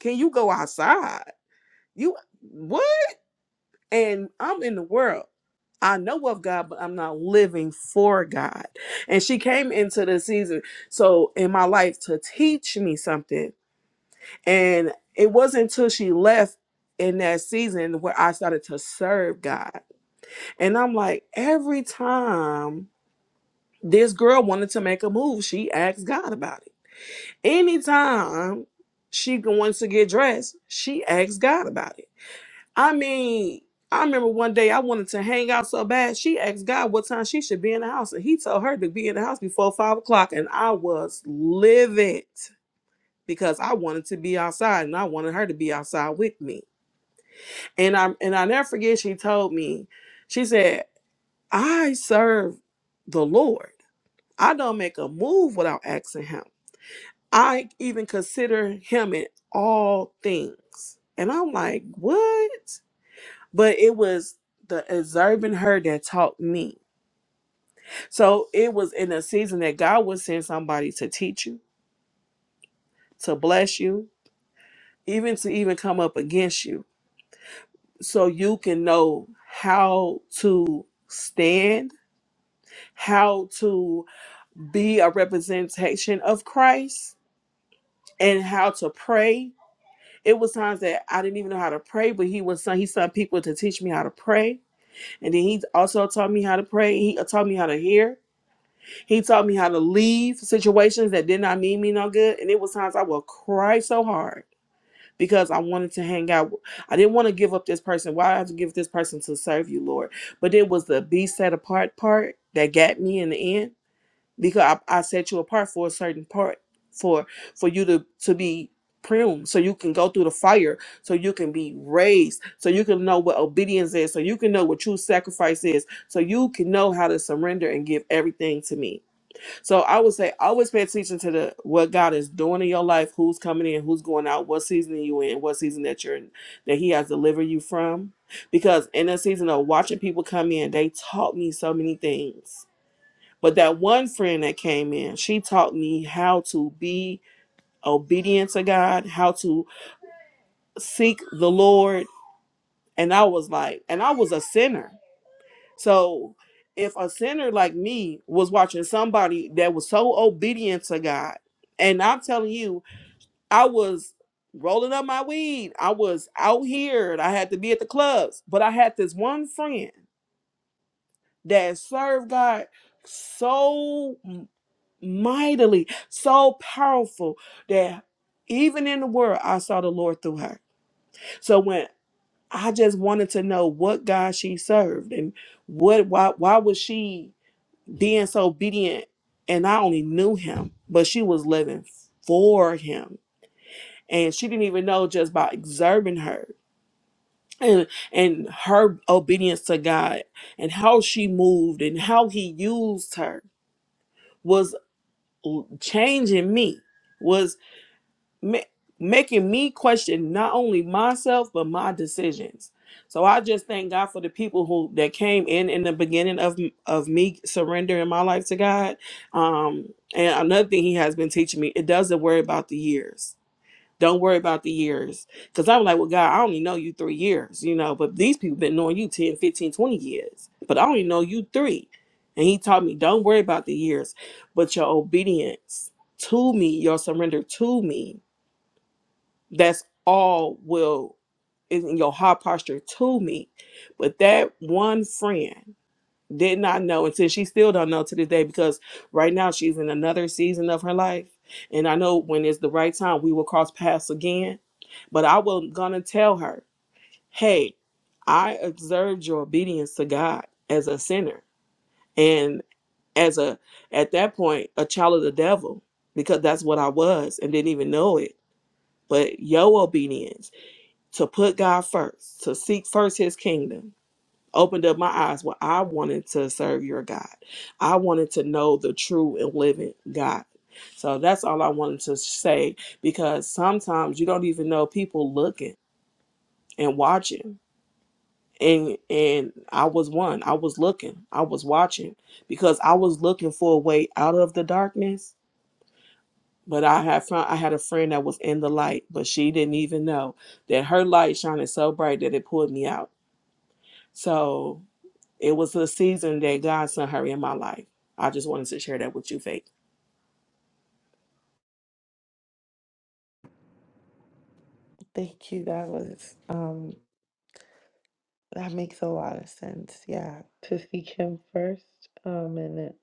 [SPEAKER 4] Can you go outside? You what? and I'm in the world. I know of God, but I'm not living for God. And she came into the season, so in my life, to teach me something. And it wasn't until she left in that season where I started to serve God. And I'm like, every time this girl wanted to make a move, she asked God about it. Anytime she wants to get dressed, she asks God about it I mean, I remember one day I wanted to hang out so bad. She asked God what time she should be in the house, and He told her to be in the house before five o'clock. And I was livid because I wanted to be outside, and I wanted her to be outside with me. And I and I never forget. She told me, she said, "I serve the Lord. I don't make a move without asking Him. I even consider Him in all things." And I'm like, what? but it was the observing her that taught me. So it was in a season that God would send somebody to teach you, to bless you, even to even come up against you, so you can know how to stand, how to be a representation of Christ, and how to pray. It was times that I didn't even know how to pray, but he was he sent people to teach me how to pray, and then he also taught me how to pray. He taught me how to hear. He taught me how to leave situations that did not mean me no good. And it was times I would cry so hard because I wanted to hang out. I didn't want to give up this person. Why I have to give this person to serve you, Lord? But it was the be set apart part that got me in the end because I, I set you apart for a certain part for for you to to be pruned so you can go through the fire so you can be raised so you can know what obedience is so you can know what true sacrifice is so you can know how to surrender and give everything to me so I would say always pay attention to the what God is doing in your life, who's coming in, who's going out, what season are you in, what season that you're in, that He has delivered you from. Because in the season of watching people come in, they taught me so many things. But that one friend that came in, she taught me how to be obedient to God, how to seek the Lord. And I was like, and I was a sinner. So if a sinner like me was watching somebody that was so obedient to God, and I'm telling you, I was rolling up my weed, I was out here, and I had to be at the clubs, but I had this one friend that served God so m- mightily, so powerful that even in the world, I saw the Lord through her. So when I just wanted to know what God she served and what why why was she disobedient and I only knew him, but she was living for him. And she didn't even know just by observing her and and her obedience to God and how she moved and how he used her was l- changing me. Was ma- making me question not only myself but my decisions. So I just thank God for the people who that came in in the beginning of of me surrendering my life to God. Um, and another thing He has been teaching me: it doesn't worry about the years. Don't worry about the years. Because I'm like, well, God, I only know you three years, you know, but these people been knowing you 10, 15, 20 years. But I only know you three. And he taught me, don't worry about the years, but your obedience to me, your surrender to me that's all will is in your heart posture to me but that one friend did not know until she still don't know to this day because right now she's in another season of her life and i know when it's the right time we will cross paths again but i was gonna tell her hey i observed your obedience to god as a sinner and as a at that point a child of the devil because that's what i was and didn't even know it but your obedience to put God first, to seek first his kingdom, opened up my eyes where I wanted to serve your God. I wanted to know the true and living God. So that's all I wanted to say because sometimes you don't even know people looking and watching. And and I was one. I was looking. I was watching because I was looking for a way out of the darkness. But I had found I had a friend that was in the light, but she didn't even know that her light shining so bright that it pulled me out. So it was a season that God sent her in my life. I just wanted to share that with you, Faith.
[SPEAKER 6] Thank you. That was. um That makes a lot of sense. Yeah, to seek him first, um, and then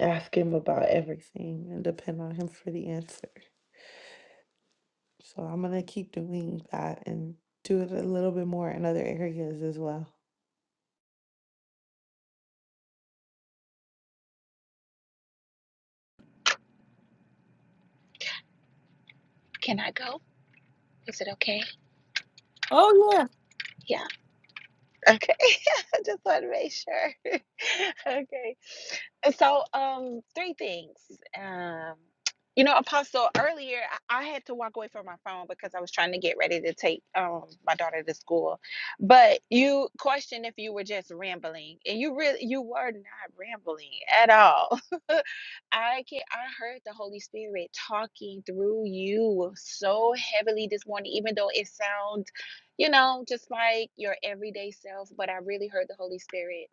[SPEAKER 6] ask him about everything and depend on him for the answer. So I'm gonna keep doing that and do it a little bit more in other areas as well.
[SPEAKER 3] Can I go? Is it okay?
[SPEAKER 1] Oh yeah.
[SPEAKER 3] Yeah. Okay. I just want to make sure. okay. So, um, three things. Um, you know, Apostle, earlier I I had to walk away from my phone because I was trying to get ready to take um my daughter to school. But you questioned if you were just rambling, and you really you were not rambling at all. I can I heard the Holy Spirit talking through you so heavily this morning, even though it sounds, you know, just like your everyday self, but I really heard the Holy Spirit.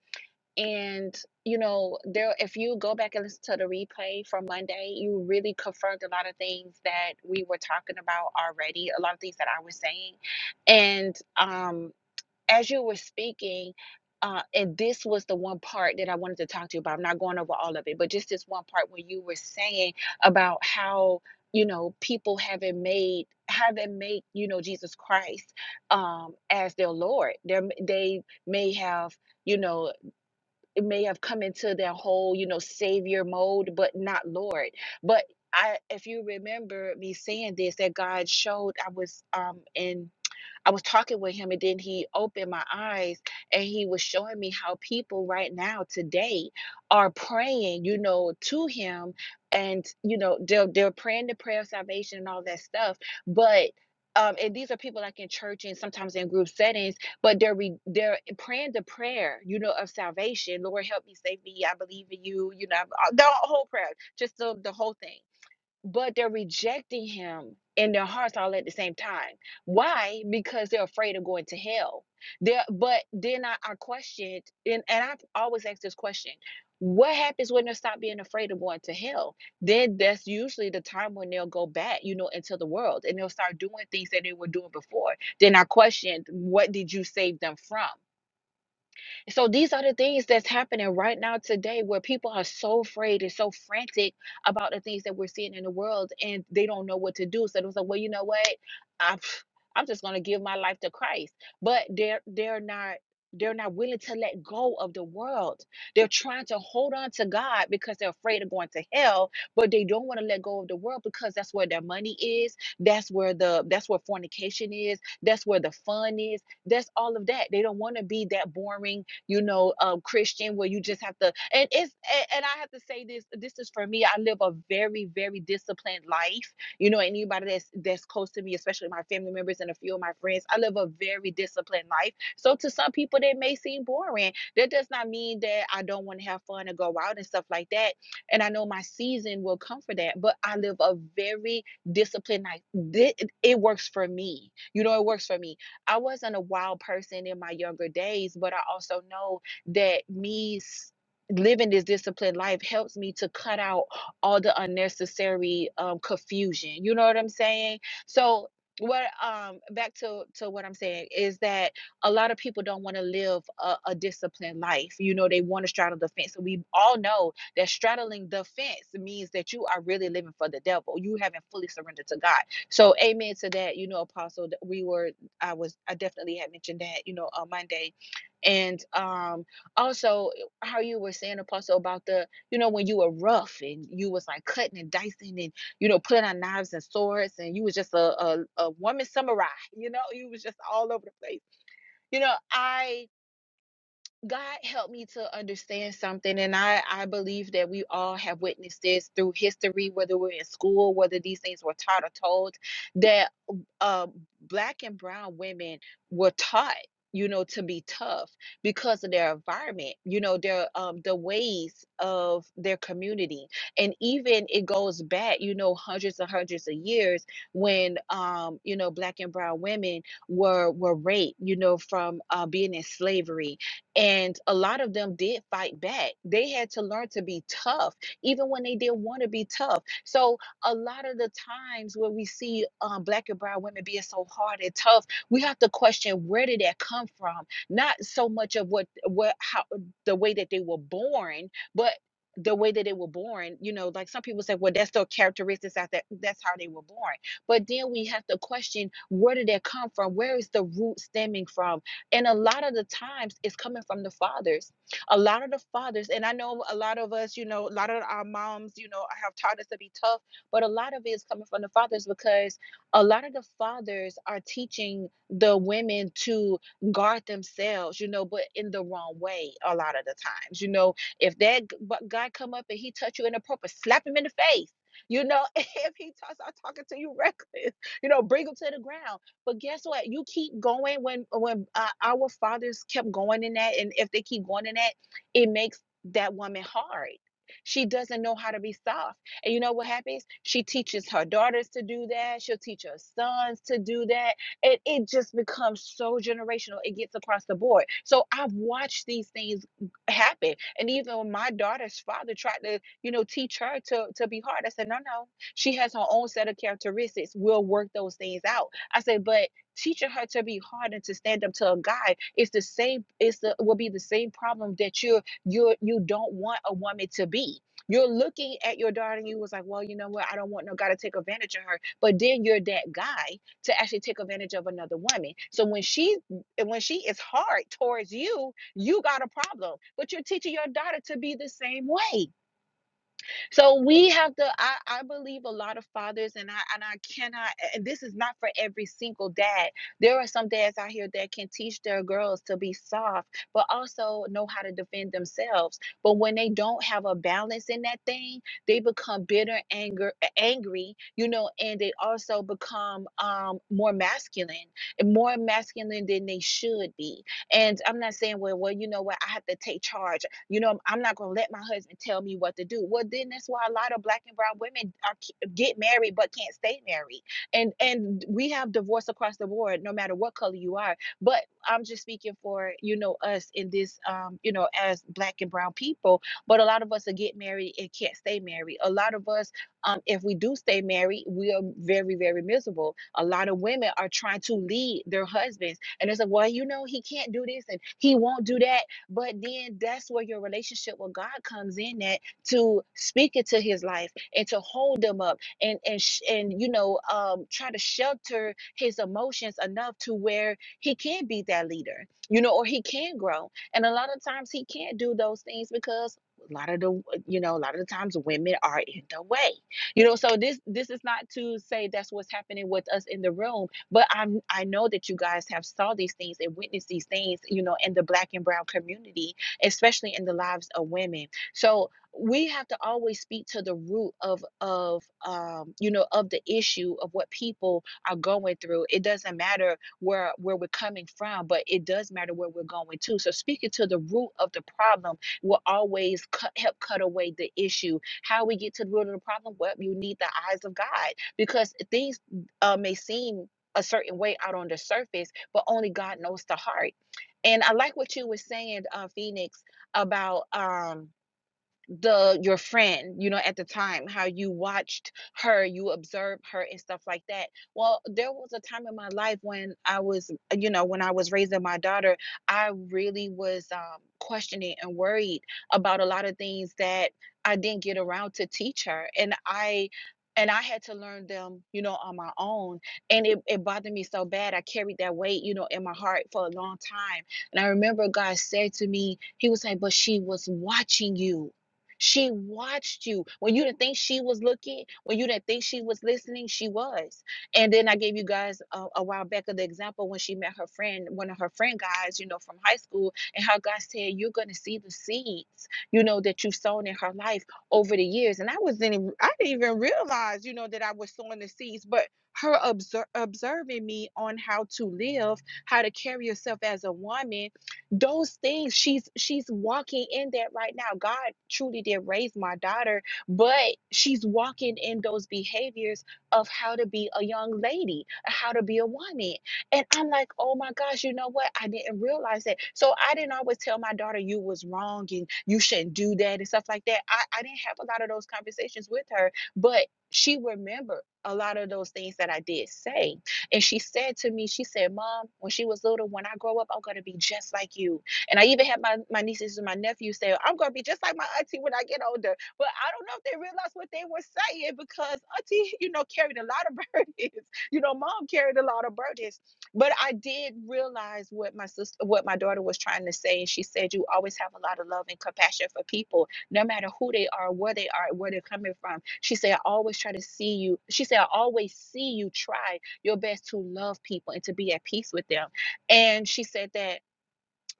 [SPEAKER 3] And you know, there if you go back and listen to the replay from Monday, you really confirmed a lot of things that we were talking about already, a lot of things that I was saying. And um as you were speaking, uh, and this was the one part that I wanted to talk to you about. I'm not going over all of it, but just this one part when you were saying about how you know people haven't made haven't made you know Jesus Christ um, as their Lord. They they may have you know it may have come into their whole you know Savior mode, but not Lord. But I, if you remember me saying this, that God showed I was um in I was talking with him and then he opened my eyes and he was showing me how people right now today are praying, you know, to him and you know, they're they're praying the prayer of salvation and all that stuff. But um, and these are people like in church and sometimes in group settings, but they're re- they're praying the prayer, you know, of salvation. Lord, help me, save me. I believe in you. You know, the whole prayer, just the, the whole thing but they're rejecting him in their hearts all at the same time. Why? Because they're afraid of going to hell. There, but then I, I questioned, and, and I've always asked this question. What happens when they stop being afraid of going to hell? Then that's usually the time when they'll go back, you know, into the world and they'll start doing things that they were doing before. Then I questioned, what did you save them from? So these are the things that's happening right now today where people are so afraid and so frantic about the things that we're seeing in the world and they don't know what to do. So it was like, well, you know what? I'm, I'm just gonna give my life to Christ. But they're they're not they're not willing to let go of the world. They're trying to hold on to God because they're afraid of going to hell, but they don't want to let go of the world because that's where their money is. That's where the that's where fornication is. That's where the fun is. That's all of that. They don't want to be that boring you know, um, Christian, where you just have to, and it's, and, and I have to say this, this is for me. I live a very, very disciplined life. You know, anybody that's that's close to me, especially my family members and a few of my friends, I live a very disciplined life. So to some people, that may seem boring. That does not mean that I don't want to have fun and go out and stuff like that. And I know my season will come for that, but I live a very disciplined life. Thi- It works for me. You know, it works for me I wasn't a wild person in my younger days, but I also know that me living this disciplined life helps me to cut out all the unnecessary um, confusion. You know what I'm saying? So what um back to to what i'm saying is that a lot of people don't want to live a, a disciplined life you know they want to straddle the fence and we all know that straddling the fence means that you are really living for the devil you haven't fully surrendered to god so amen to that you know apostle that we were I was I definitely had mentioned that you know on Monday, and um also eh, how you were saying Apostle about the you know when you were rough and you was like cutting and dicing and you know putting on knives and swords and you was just a a, a woman samurai you know you was just all over the place you know I God helped me to understand something, and I, I believe that we all have witnessed this through history, whether we're in school, whether these things were taught or told, that uh, black and brown women were taught, you know, to be tough because of their environment, you know, their um, the ways of their community, and even it goes back, you know, hundreds and hundreds of years when, um, you know, black and brown women were were raped, you know, from uh, being in slavery and a lot of them did fight back. They had to learn to be tough, even when they didn't want to be tough. So, a lot of the times where we see um, black and brown women being so hard and tough, we have to question where did that come from? Not so much of what, what, how, the way that they were born, but the way that they were born, you know, like some people say, well, that's their characteristics out that that's how they were born. But then we have to question where did that come from? Where is the root stemming from? And a lot of the times it's coming from the fathers. A lot of the fathers, and I know a lot of us, you know, a lot of our moms, you know, have taught us to be tough, but a lot of it is coming from the fathers because a lot of the fathers are teaching the women to guard themselves, you know, but in the wrong way a lot of the times. You know, if that guy come up and he touch you inappropriate, slap him in the face. You know, if he starts talking to you reckless, you know, bring him to the ground. But guess what? You keep going when when uh, our fathers kept going in that, and if they keep going in that, it makes that woman hard. She doesn't know how to be soft. And you know what happens? She teaches her daughters to do that. She'll teach her sons to do that. And it just becomes so generational. It gets across the board. So I've watched these things happen. And even when my daughter's father tried to, you know, teach her to to be hard, I said, no, no. She has her own set of characteristics. We'll work those things out I said, but teaching her to be hard and to stand up to a guy is the same It's the will be the same problem that you're you're you don't want a woman to be. You're looking at your daughter and you was like, well, you know what? I don't want no guy to take advantage of her. But then you're that guy to actually take advantage of another woman. So when she when she is hard towards you, you got a problem. But you're teaching your daughter to be the same way. So we have to. I, I believe a lot of fathers, and I and I cannot. And this is not for every single dad. There are some dads out here that can teach their girls to be soft, but also know how to defend themselves. But when they don't have a balance in that thing, they become bitter, anger, angry, you know, and they also become um, more masculine, more masculine than they should be. And I'm not saying, well, well, you know what? I have to take charge. You know, I'm not going to let my husband tell me what to do. Well, then that's why a lot of black and brown women are get married but can't stay married. And and we have divorce across the board no matter what color you are. But I'm just speaking for, you know, us in this um, you know, as black and brown people, but a lot of us are get married and can't stay married. A lot of us um, if we do stay married, we are very, very miserable. A lot of women are trying to lead their husbands, and it's like, well, you know, he can't do this and he won't do that, but then that's where your relationship with God comes in at to speak into his life and to hold him up and and sh- and you know um try to shelter his emotions enough to where he can be that leader, you know, or he can grow. And a lot of times he can't do those things because a lot of the you know a lot of the times women are in the way you know so this this is not to say that's what's happening with us in the room but I'm I know that you guys have saw these things and witnessed these things, you know, in the black and brown community, especially in the lives of women. So we have to always speak to the root of of um, you know of the issue of what people are going through. It doesn't matter where where we're coming from, but it does matter where we're going to. So speaking to the root of the problem will always cut, help cut away the issue. How we get to the root of the problem? Well, you need the eyes of God because things uh, may seem a certain way out on the surface, but only God knows the heart. And I like what you were saying, uh, Phoenix, about um, the your friend you know at the time how you watched her you observed her and stuff like that well there was a time in my life when i was you know when i was raising my daughter i really was um, questioning and worried about a lot of things that i didn't get around to teach her and i and i had to learn them you know on my own and it, it bothered me so bad i carried that weight you know in my heart for a long time and i remember god said to me he was like but she was watching you she watched you. When you didn't think she was looking, when you didn't think she was listening, she was. And then I gave you guys a, a while back of the example when she met her friend, one of her friend guys, you know, from high school, and how God said, You're gonna see the seeds, you know, that you've sown in her life over the years. And I wasn't even I didn't even realize, you know, that I was sowing the seeds, but her obser- observing me on how to live, how to carry yourself as a woman, those things she's she's walking in that right now god truly did raise my daughter but she's walking in those behaviors of how to be a young lady how to be a woman and i'm like oh my gosh you know what i didn't realize that so i didn't always tell my daughter you was wrong and you shouldn't do that and stuff like that i, I didn't have a lot of those conversations with her but she remembered a lot of those things that i did say and she said to me, she said, Mom, when she was little, when I grow up, I'm going to be just like you. And I even had my, my nieces and my nephews say, I'm going to be just like my auntie when I get older. But I don't know if they realized what they were saying because auntie, you know, carried a lot of burdens. You know, mom carried a lot of burdens. But I did realize what my sister, what my daughter was trying to say. And she said, You always have a lot of love and compassion for people, no matter who they are, where they are, where they're coming from. She said, I always try to see you. She said, I always see you try your best to love people and to be at peace with them. And she said that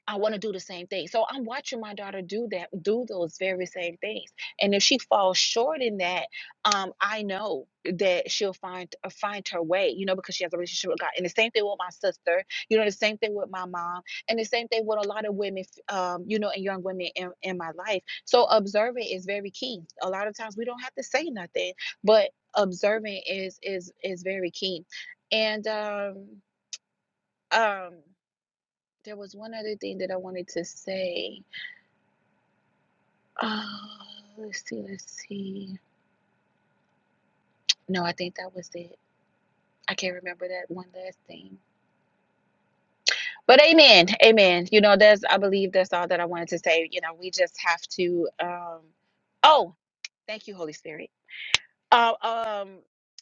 [SPEAKER 3] I want to do the same thing. So I'm watching my daughter do that, do those very same things. And if she falls short in that, um, I know that she'll find uh, find her way, you know, because she has a relationship with God. And the same thing with my sister, you know, the same thing with my mom, and the same thing with a lot of women, um, you know, and young women in, in my life. So observing is very key. A lot of times we don't have to say nothing, but observing is is is very key. And um um there was one other thing that I wanted to say. Uh, let's see, let's see. No, I think that was it. I can't remember that one last thing. But amen, amen. You know, that's I believe that's all that I wanted to say. You know, we just have to. um Oh, thank you, Holy Spirit. Uh, um,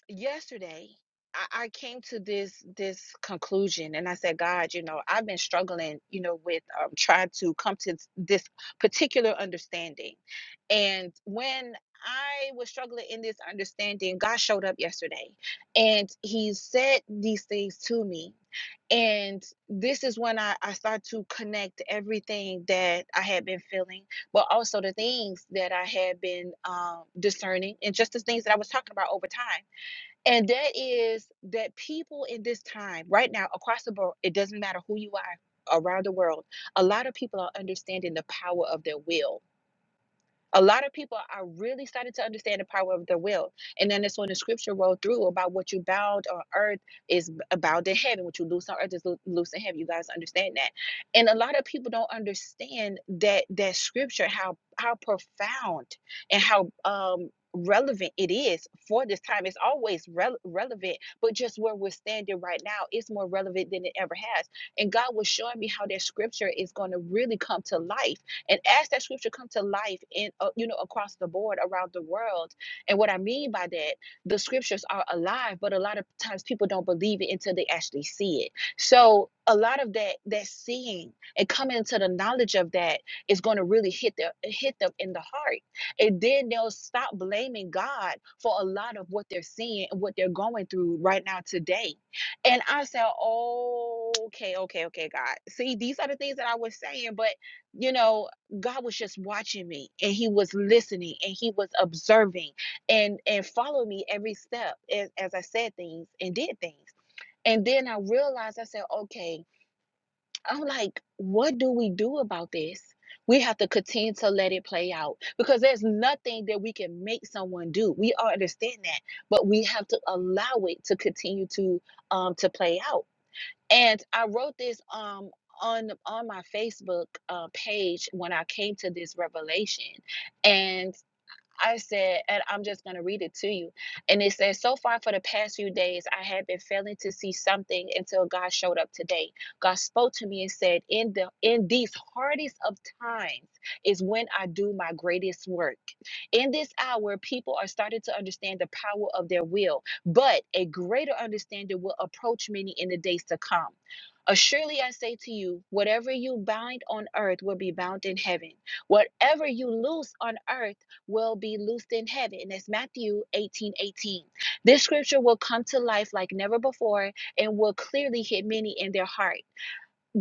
[SPEAKER 3] yesterday, I, I came to this this conclusion, and I said, God, you know, I've been struggling, you know, with um, trying to come to this particular understanding, and when I was struggling in this understanding, God showed up yesterday, and He said these things to me, and this is when I, I start to connect everything that I had been feeling but also the things that I had been um, discerning and just the things that I was talking about over time. And that is that people in this time, right now, across the board, it doesn't matter who you are around the world, a lot of people are understanding the power of their will a lot of people are really starting to understand the power of their will. And then that's when the scripture rolled through about what you bound on earth is bound in heaven. What you loose on earth is lo- loose in heaven. You guys understand that. And a lot of people don't understand that that scripture, how how profound and how um relevant it is for this time it's always rel- relevant but just where we're standing right now it's more relevant than it ever has and god was showing me how that scripture is going to really come to life and as that scripture come to life in uh, you know across the board around the world, and what I mean by that, the scriptures are alive, but a lot of times people don't believe it until they actually see it. So a lot of that that seeing and coming to the knowledge of that is going to really hit them hit them in the heart and then they'll stop blaming God for a lot of what they're seeing and what they're going through right now today. And I said, "Oh, okay, okay, okay, God. See, these are the things that I was saying, but you know, God was just watching me and he was listening and he was observing and and followed me every step as, as I said things and did things. And then I realized I said, okay, I'm like, what do we do about this? We have to continue to let it play out because there's nothing that we can make someone do. We all understand that, but we have to allow it to continue to um to play out. And I wrote this um on on my Facebook uh, page when I came to this revelation, and I said, and I'm just gonna read it to you. And it says, so far for the past few days, I had been failing to see something until God showed up today. God spoke to me and said, in the in these hardest of times is when I do my greatest work. In this hour, people are starting to understand the power of their will, but a greater understanding will approach many in the days to come. Assuredly, I say to you, whatever you bind on earth will be bound in heaven. Whatever you loose on earth will be loosed in heaven. And that's Matthew 18 18. This scripture will come to life like never before and will clearly hit many in their heart.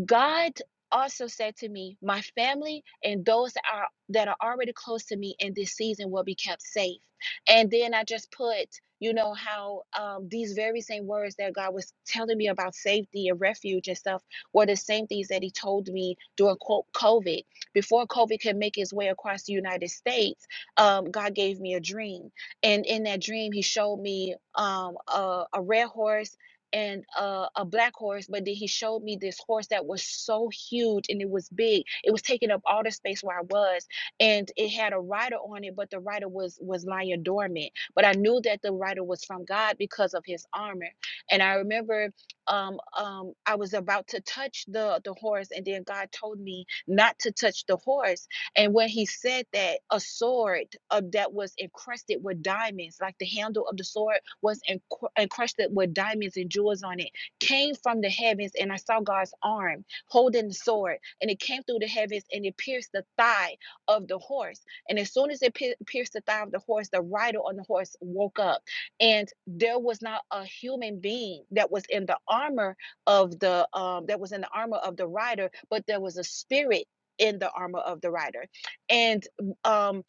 [SPEAKER 3] God also said to me, My family and those that are that are already close to me in this season will be kept safe. And then I just put, you know, how um, these very same words that God was telling me about safety and refuge and stuff were the same things that He told me during co- COVID. Before COVID could make its way across the United States, um, God gave me a dream. And in that dream, He showed me um, a, a red horse and uh, a black horse, but then he showed me this horse that was so huge and it was big. It was taking up all the space where I was, and it had a rider on it, but the rider was was lying dormant. But I knew that the rider was from God because of his armor. And I remember um, um, I was about to touch the the horse, and then God told me not to touch the horse and when he said that a sword uh, that was encrusted with diamonds, like the handle of the sword was encru- encrusted with diamonds and jewels on it, came from the heavens. And I saw God's arm holding the sword, and it came through the heavens and it pierced the thigh of the horse. And as soon as it pier- pierced the thigh of the horse, the rider on the horse woke up, and there was not a human being that was in the armor of the um, that was in the armor of the rider, but there was a spirit in the armor of the rider and um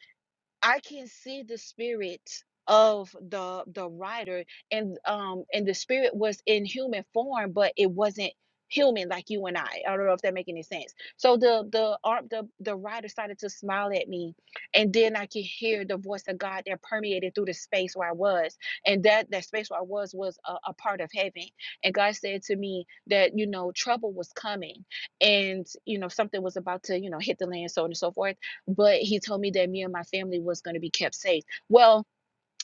[SPEAKER 3] i can see the spirit of the the rider and um and the spirit was in human form but it wasn't human like you and i i don't know if that make any sense so the the arm the the rider started to smile at me and then i could hear the voice of god that permeated through the space where i was and that that space where i was was a, a part of heaven and god said to me that you know trouble was coming and you know something was about to you know hit the land so on and so forth but he told me that me and my family was going to be kept safe. Well,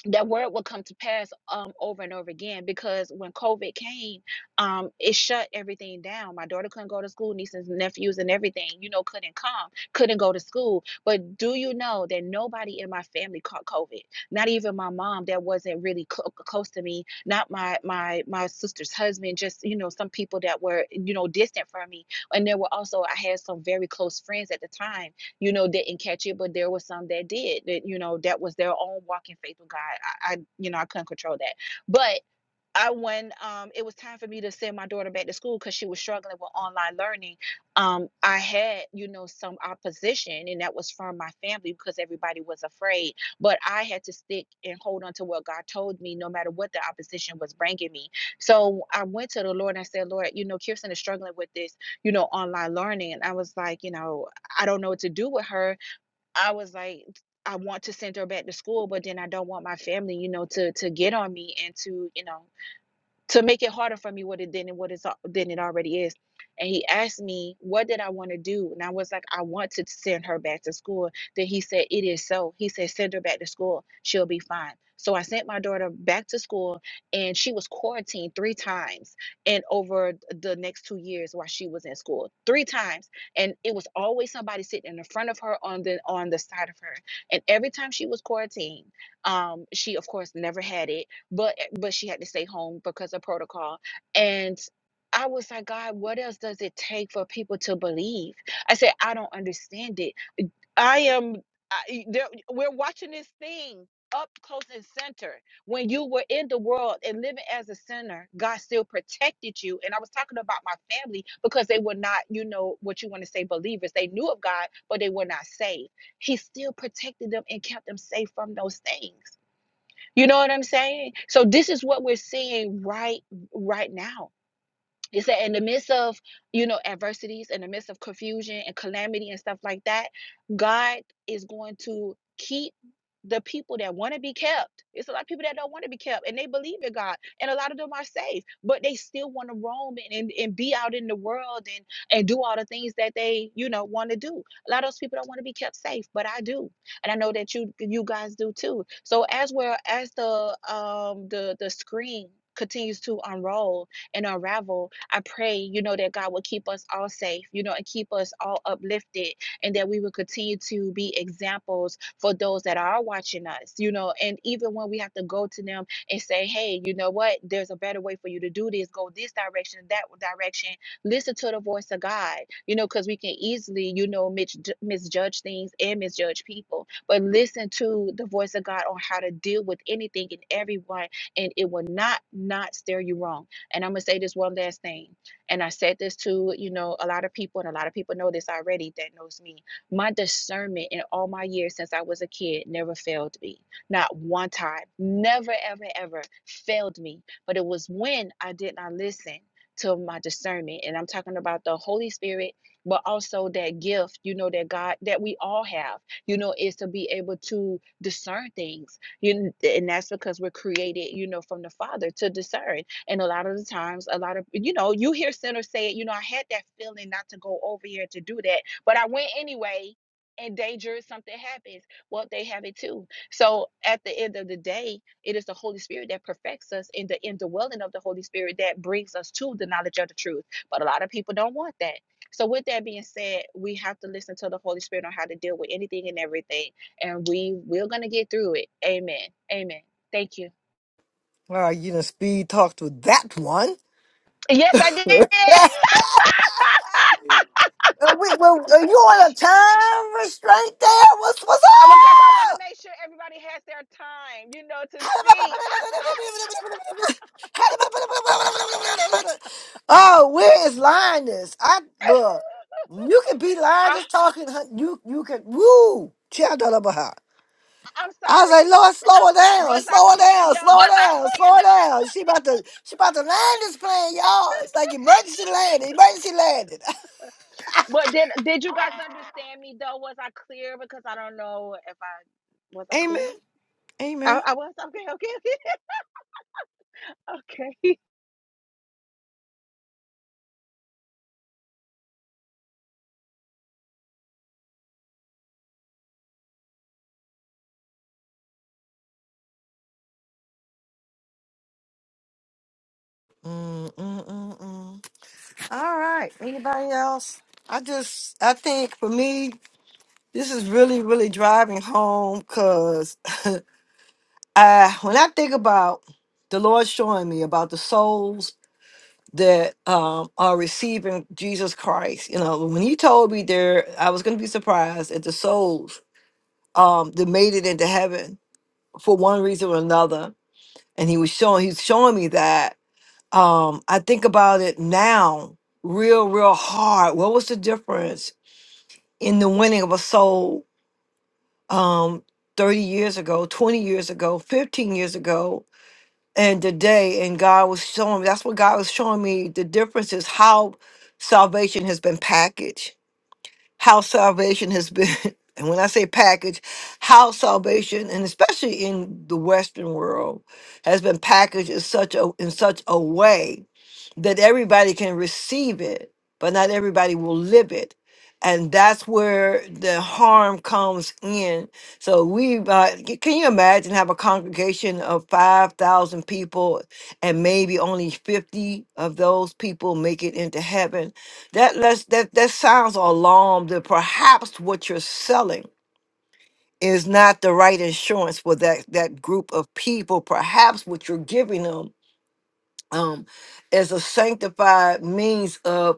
[SPEAKER 3] that word will come to pass um, over and over again because when COVID came, um, it shut everything down. My daughter couldn't go to school, nieces and nephews and everything, you know, couldn't come, couldn't go to school. But do you know that nobody in my family caught COVID? Not even my mom, that wasn't really cl- close to me. Not my my my sister's husband. Just you know, some people that were you know distant from me. And there were also I had some very close friends at the time you know, didn't catch it, but there was some that did. That you know, that was their own walk in faith with God. I, I you know, I couldn't control that, but I when um it was time for me to send my daughter back to school because she was struggling with online learning, um, I had, you know, some opposition and that was from my family because everybody was afraid. But I had to stick and hold on to what God told me no matter what the opposition was bringing me. So I went to the Lord and I said, Lord, you know, Kirsten is struggling with this, you know, online learning. And I was like, you know, I don't know what to do with her. I was like, I want to send her back to school, but then I don't want my family, you know, to to get on me and to, you know, to make it harder for me what it than it what it's al- than it already is. And he asked me, what did I want to do? And I was like, I want to send her back to school. Then he said, It is so. He said, send her back to school. She'll be fine. So I sent my daughter back to school and she was quarantined three times and over the next two years while she was in school. Three times. And it was always somebody sitting in front of her on the on the side of her. And every time she was quarantined, um, she of course never had it but eh, but she had to stay home because of protocol and i was like god what else does it take for people to believe i said i don't understand it i am I, there, we're watching this thing up close and center when you were in the world and living as a sinner god still protected you and i was talking about my family because they were not you know what you want to say believers they knew of god but they were not saved he still protected them and kept them safe from those things you know what I'm saying? So this is what we're seeing right right now. It said in the midst of, you know, adversities, in the midst of confusion and calamity and stuff like that, God is going to keep the people that want to be kept. It's a lot of people that don't want to be kept and they believe in God. And a lot of them are saved, but they still want to roam and, and, and be out in the world and, and do all the things that they, you know, want to do. A lot of those people don't want to be kept safe, but I do. And I know that you you guys do too. So as well as the um the the screen continues to unroll and unravel. I pray, you know, that God will keep us all safe, you know, and keep us all uplifted, and that we will continue to be examples for those that are watching us, you know, and even when we have to go to them and say, hey, you know what, there's a better way for you to do this, go this direction, that direction, listen to the voice of God, you know, because we can easily, you know, mis- misjudge things and misjudge people, but listen to the voice of God on how to deal with anything and everyone, and it will not, not steer you wrong and I'm gonna say this one last thing. And I said this to, you know, a lot of people, and a lot of people know this already that knows me. My discernment in all my years since I was a kid never failed me. Not one time. Never, ever, ever failed me. But it was when I did not listen to my discernment. And I'm talking about the Holy Spirit, but also that gift, you know, that God that we all have, you know, is to be able to discern things. You and that's because we're created, you know, from the Father to discern. And a lot of the times, a lot of, you know, you hear sinners say it, you know, I had that feeling not to go over here to do that, but I went anyway. And dangerous something happens. Well, they have it too. So at the end of the day, it is the Holy Spirit that perfects us in the indwelling of the Holy Spirit that brings us to the knowledge of the truth. But a lot of people don't want that. So with that being said, we have to listen to the Holy Spirit on how to deal with anything and everything. And we we're gonna get through it. Amen. Amen. Thank you.
[SPEAKER 1] All right, you done speed talked with that one.
[SPEAKER 3] Yes, I did.
[SPEAKER 1] Are, we, well, are you on a time restraint there? What's what's
[SPEAKER 3] because I want to
[SPEAKER 1] up?
[SPEAKER 3] make sure everybody has their time, you know, to speak.
[SPEAKER 1] Oh, where is Linus? I look. You can be
[SPEAKER 3] I, I,
[SPEAKER 1] Linus talking. hun- You you can woo. Child da da ba ha.
[SPEAKER 3] I'm
[SPEAKER 1] I was
[SPEAKER 3] sorry.
[SPEAKER 1] like, Lord, slow her down,
[SPEAKER 3] Was I
[SPEAKER 1] slow her
[SPEAKER 3] clear
[SPEAKER 1] down, slow
[SPEAKER 3] though?
[SPEAKER 1] her down, slow her down. She about to, she about to land this plane, y'all. It's like emergency landing, emergency landing.
[SPEAKER 3] But did did you guys understand me though? Was I clear? Because I don't know if I was I clear. I, I was okay, okay, okay, okay.
[SPEAKER 1] Mm, mm, mm, mm. All right. Anybody else? I just, I think for me, this is really, really driving home because I, when I think about the Lord showing me about the souls that um, are receiving Jesus Christ, you know, when He told me there, I was going to be surprised at the souls um, that made it into heaven for one reason or another. And He was showing, He's showing me that. Um, I think about it now real, real hard. What was the difference? in the winning of a soul um 30 years ago 20 years ago 15 years ago and today and god was showing that's what god was showing me the difference is how salvation has been packaged how salvation has been and when i say package how salvation and especially in the western world has been packaged in such a in such a way that everybody can receive it, but not everybody will live it. And that's where the harm comes in. So we, uh, c- can you imagine have a congregation of 5,000 people and maybe only 50 of those people make it into heaven? That lets, that, that sounds alarm that perhaps what you're selling is not the right insurance for that, that group of people. Perhaps what you're giving them um, as a sanctified means of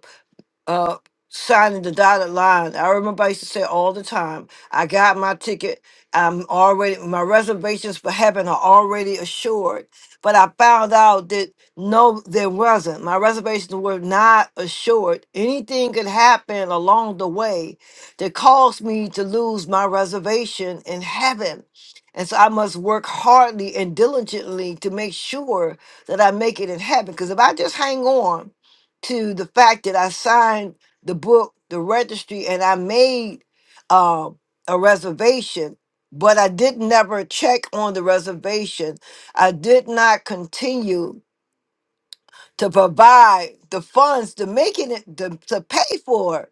[SPEAKER 1] uh signing the dotted line. I remember I used to say all the time, I got my ticket. I'm already my reservations for heaven are already assured. But I found out that no, there wasn't. My reservations were not assured. Anything could happen along the way that caused me to lose my reservation in heaven. And so I must work hardly and diligently to make sure that I make it in heaven. Because if I just hang on to the fact that I signed the book, the registry, and I made um, a reservation, but I did never check on the reservation. I did not continue to provide the funds to making it to, to pay for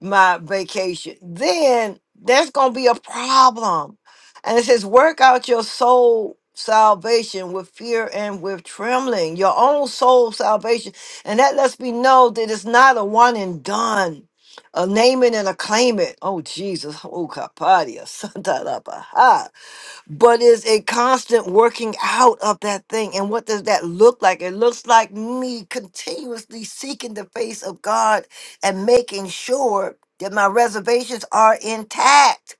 [SPEAKER 1] my vacation, then that's gonna be a problem. And it says, work out your soul salvation with fear and with trembling, your own soul salvation. And that lets me know that it's not a one and done. A name it and a claim it. Oh Jesus. Oh Kapadia. but it's a constant working out of that thing. And what does that look like? It looks like me continuously seeking the face of God and making sure that my reservations are intact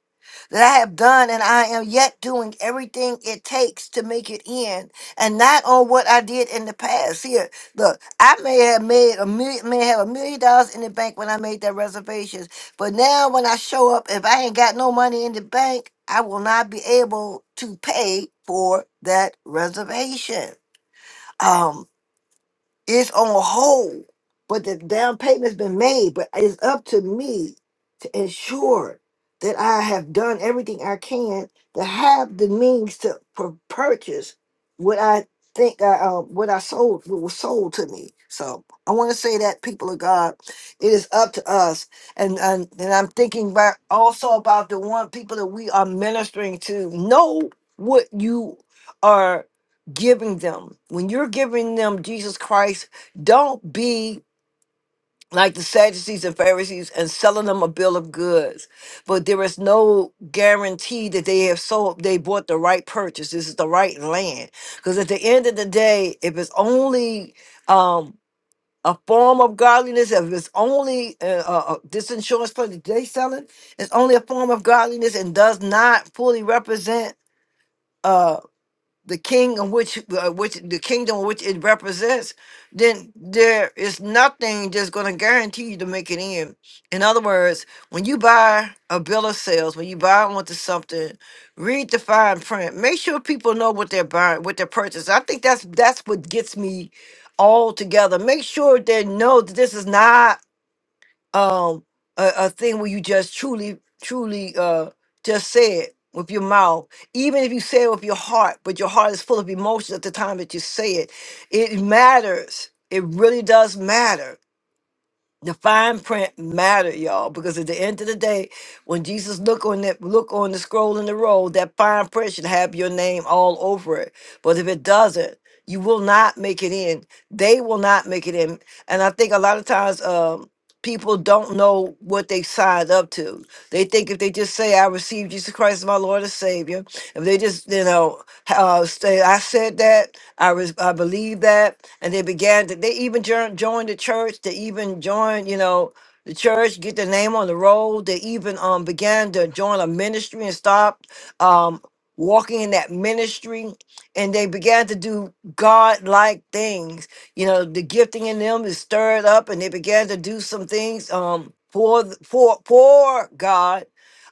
[SPEAKER 1] that I have done and I am yet doing everything it takes to make it in and not on what I did in the past. Here, look, I may have made a million may have a million dollars in the bank when I made that reservations, but now when I show up, if I ain't got no money in the bank, I will not be able to pay for that reservation. Um, it's on hold, but the down payment's been made. But it's up to me to ensure that I have done everything I can to have the means to pur- purchase what I think I uh, what I sold what was sold to me. So I want to say that people of God, it is up to us. And and, and I'm thinking about also about the one people that we are ministering to know what you are giving them. When you're giving them Jesus Christ, don't be like the Sadducees and Pharisees and selling them a bill of goods. But there is no guarantee that they have sold, they bought the right purchase. This is the right land. Because at the end of the day, if it's only um, a form of godliness, if it's only uh, uh, uh, this insurance plan that they selling, it's only a form of godliness and does not fully represent. uh, the king of which uh, which the kingdom which it represents, then there is nothing that's going to guarantee you to make it in. In other words, when you buy a bill of sales, when you buy onto something, read the fine print. Make sure people know what they're buying, what they're purchasing. I think that's that's what gets me all together. Make sure they know that this is not um a, a thing where you just truly truly uh just say it with your mouth even if you say it with your heart but your heart is full of emotions at the time that you say it it matters it really does matter the fine print matter y'all because at the end of the day when jesus look on that look on the scroll in the roll that fine print should have your name all over it but if it doesn't you will not make it in they will not make it in and i think a lot of times um, people don't know what they signed up to. They think if they just say, "I received Jesus Christ as my Lord and Savior," if they just, you know, uh, say, "I said that," I res- I believe that, and they began to, they even join joined the church. They even joined, you know. The church get their name on the roll. They even um began to join a ministry and stopped um walking in that ministry, and they began to do God like things you know, the gifting in them is stirred up and they began to do some things um for th- for for God,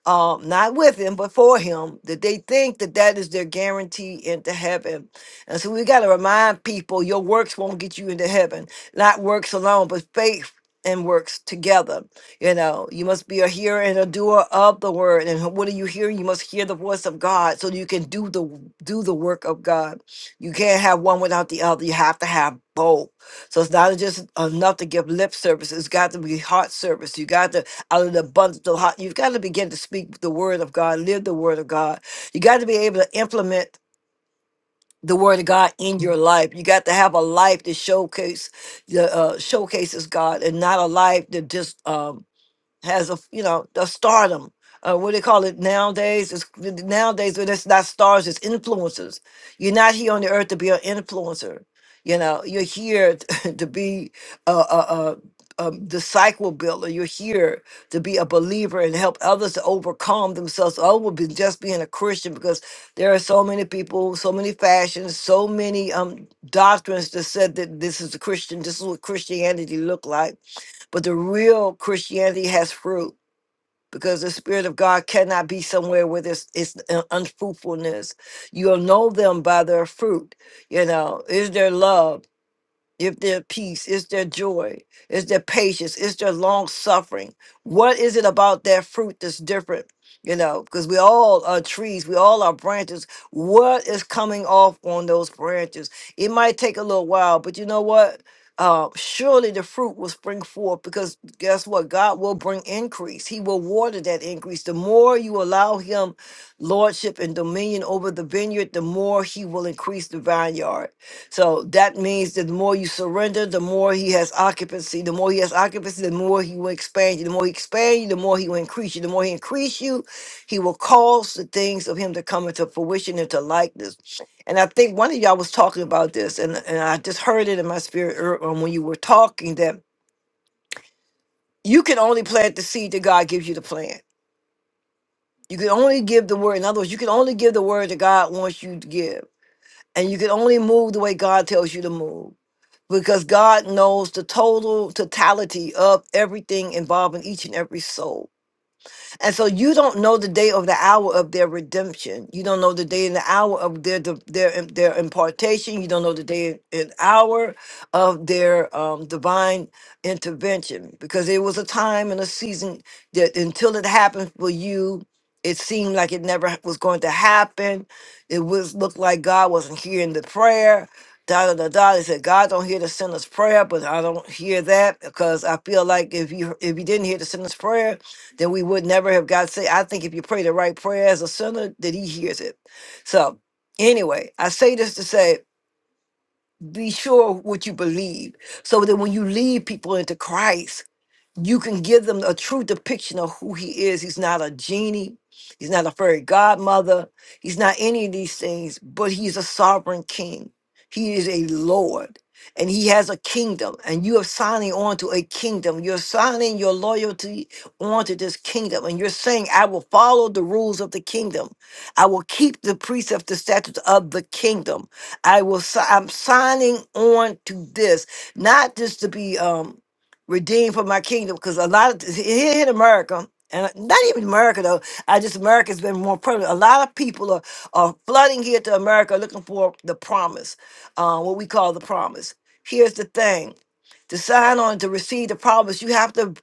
[SPEAKER 1] um, not with him, but for him, that they think that that is their guarantee into heaven. And so we got to remind people your works won't get you into heaven, not works alone, but faith and works together. You know, you must be a hearer and a doer of the word. And what are you hearing? You must hear the voice of God so you can do the do the work of God. You can't have one without the other. You have to have both. So it's not just enough to give lip service. It's got to be heart service. You got to, out of the abundance of heart, you've got to begin to speak the word of God, live the word of God. You got to be able to implement the word of God in your life. You got to have a life that showcase the uh, showcases God, and not a life that just um, has a you know a stardom. Uh, what do they call it nowadays? It's, nowadays, but it's not stars; it's influencers. You're not here on the earth to be an influencer. You know, you're here t- to be a, a, a, a disciple builder. You're here to be a believer and help others to overcome themselves. Over be just being a Christian, because there are so many people, so many fashions, so many um doctrines that said that this is a Christian. This is what Christianity looked like but the real Christianity has fruit because the Spirit of God cannot be somewhere where there's it's un- unfruitfulness. You'll know them by their fruit. You know, is there love? If their peace, is their joy, is their patience, is their long suffering. What is it about that fruit that's different? You know, because we all are trees, we all are branches. What is coming off on those branches? It might take a little while, but you know what? Uh, surely the fruit will spring forth because guess what? God will bring increase. He will water that increase. The more you allow Him lordship and dominion over the vineyard, the more He will increase the vineyard so that means that the more you surrender, the more he has occupancy. The more he has occupancy, the more he will expand you. The more he expand you, the more he will increase you. The more he increase you, he will cause the things of him to come into fruition into likeness. And I think one of y'all was talking about this, and, and I just heard it in my spirit ear- um, when you were talking that you can only plant the seed that God gives you to plant. You can only give the word. In other words, you can only give the word that God wants you to give. And you can only move the way God tells you to move because God knows the total totality of everything involving each and every soul. And so you don't know the day or the hour of their redemption. You don't know the day and the hour of their div- their im- their impartation. You don't know the day and hour of their um, divine intervention because it was a time and a season that until it happened for you, it seemed like it never was going to happen. It was looked like God wasn't hearing the prayer. Da da da da. They said God don't hear the sinner's prayer, but I don't hear that because I feel like if you if you didn't hear the sinner's prayer that we would never have got saved. I think if you pray the right prayer as a sinner, that he hears it. So anyway, I say this to say, be sure what you believe so that when you lead people into Christ, you can give them a true depiction of who he is. He's not a genie. He's not a fairy godmother. He's not any of these things, but he's a sovereign king. He is a Lord and he has a kingdom. And you are signing on to a kingdom. You're signing your loyalty onto this kingdom. And you're saying, I will follow the rules of the kingdom. I will keep the precepts, the statutes of the kingdom. I will, si- I'm signing on to this, not just to be, um, redeemed for my kingdom because a lot of here in America, and uh, not even America though, I just America's been more prevalent. A lot of people are, are flooding here to America looking for the promise, uh, what we call the promise. Here's the thing to sign on to receive the promise, you have to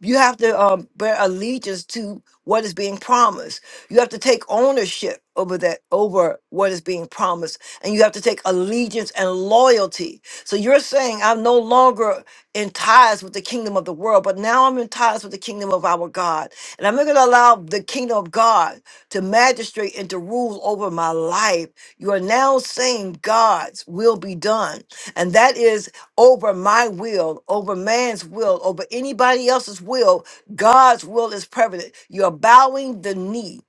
[SPEAKER 1] you have to um, bear allegiance to what is being promised. You have to take ownership over that over what is being promised, and you have to take allegiance and loyalty. So you're saying I'm no longer in ties with the kingdom of the world, but now I'm in ties with the kingdom of our God. And I'm not going to allow the kingdom of God to magistrate and to rule over my life. You are now saying God's will be done. And that is over my will, over man's will, over anybody else's will. God's will is prevalent. You're bowing the knee.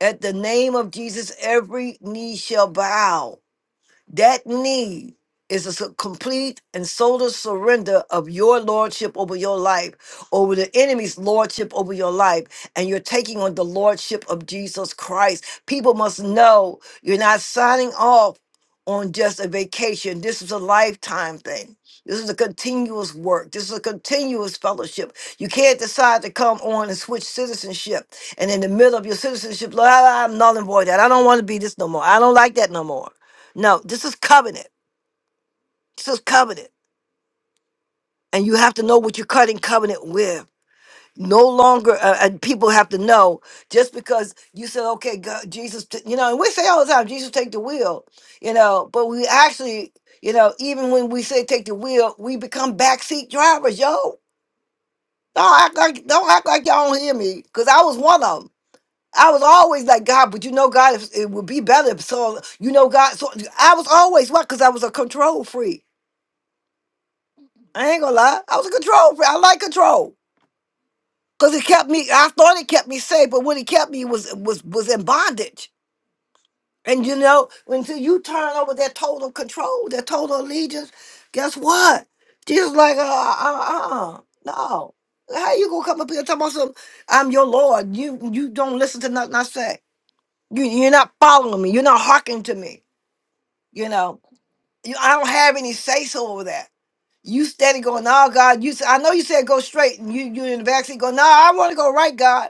[SPEAKER 1] At the name of Jesus, every knee shall bow that need is a su- complete and total surrender of your lordship over your life, over the enemy's lordship over your life, and you're taking on the lordship of Jesus Christ. People must know you're not signing off on just a vacation. This is a lifetime thing. This is a continuous work. This is a continuous fellowship. You can't decide to come on and switch citizenship. And in the middle of your citizenship, "Well, I'm null and void that. I don't want to be this no more. I don't like that no more. No, this is covenant. This is covenant. And you have to know what you're cutting covenant with. No longer, uh, and people have to know just because you said, okay, God, Jesus, t- you know, and we say all the time, Jesus, take the wheel, you know, but we actually, you know, even when we say take the wheel, we become backseat drivers, yo. Don't act like, don't act like y'all don't hear me, because I was one of them. I was always like, God, but you know, God, if, it would be better. if So, you know, God, so I was always what? Because I was a control freak. I ain't gonna lie. I was a control freak. I like control because it kept me. I thought it kept me safe, but what it kept me was was was in bondage. And you know, until you turn over that total control, that total allegiance, guess what? Jesus, like, uh, uh, uh, no. How you gonna come up here and talk about some? I'm your Lord. You you don't listen to nothing I say. You you're not following me. You're not hearkening to me. You know. You, I don't have any say so over that. You steady going, nah, God. You, s- I know you said go straight, and you you in the backseat go, nah, I want to go right, God.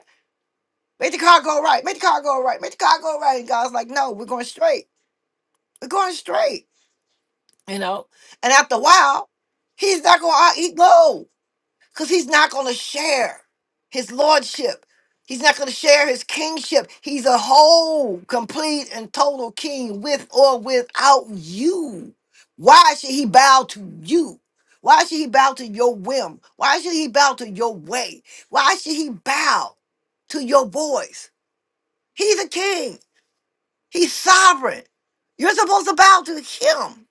[SPEAKER 1] Make the car go right. Make the car go right. Make the car go right. And God's like, no, we're going straight. We're going straight. You know. And after a while, he's not going to eat low because he's not going to share his lordship. He's not going to share his kingship. He's a whole, complete, and total king with or without you. Why should he bow to you? Why should he bow to your whim? Why should he bow to your way? Why should he bow to your voice? He's a king. He's sovereign. You're supposed to bow to him.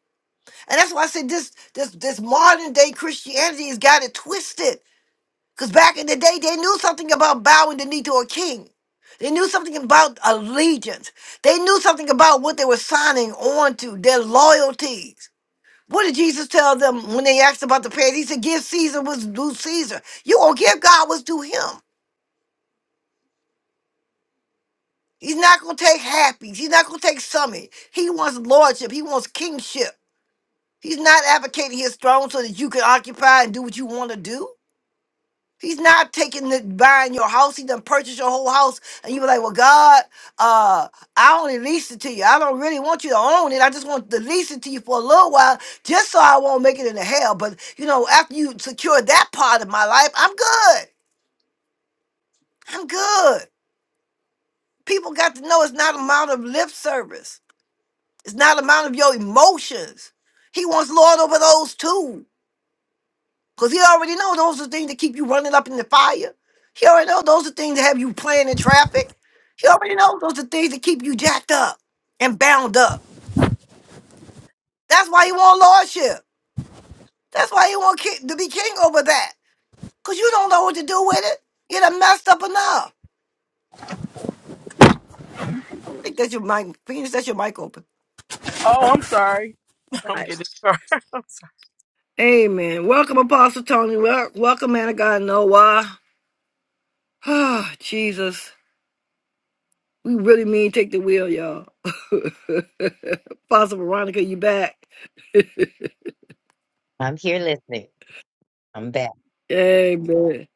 [SPEAKER 1] And that's why I said this this this modern day Christianity has got it twisted because back in the day, they knew something about bowing the knee to a king. They knew something about allegiance. They knew something about what they were signing on to, their loyalties. What did Jesus tell them when they asked about the pay? He said, Give Caesar what's due Caesar. you going to give God what's due him. He's not going to take halfies. He's not going to take summit. He wants lordship. He wants kingship. He's not advocating his throne so that you can occupy and do what you want to do. He's not taking the buying your house. He done purchased your whole house, and you were like, "Well, God, uh, I only leased it to you. I don't really want you to own it. I just want to lease it to you for a little while, just so I won't make it into hell." But you know, after you secure that part of my life, I'm good. I'm good. People got to know it's not amount of lip service. It's not amount of your emotions. He wants Lord over those too. Because he already know those are things that keep you running up in the fire. He already know those are things that have you playing in traffic. He already know those are things that keep you jacked up and bound up. That's why he want lordship. That's why he want ki- to be king over that. Because you don't know what to do with it. You done messed up enough. I think that's your mic. Phoenix, that's your mic open.
[SPEAKER 4] Oh, I'm sorry. I'm getting sorry.
[SPEAKER 1] Amen. Welcome, Apostle Tony. Wel- Welcome, man of God, Noah. Ah, Jesus. We really mean take the wheel, y'all. Apostle Veronica, you back.
[SPEAKER 7] I'm here listening. I'm back.
[SPEAKER 1] Amen.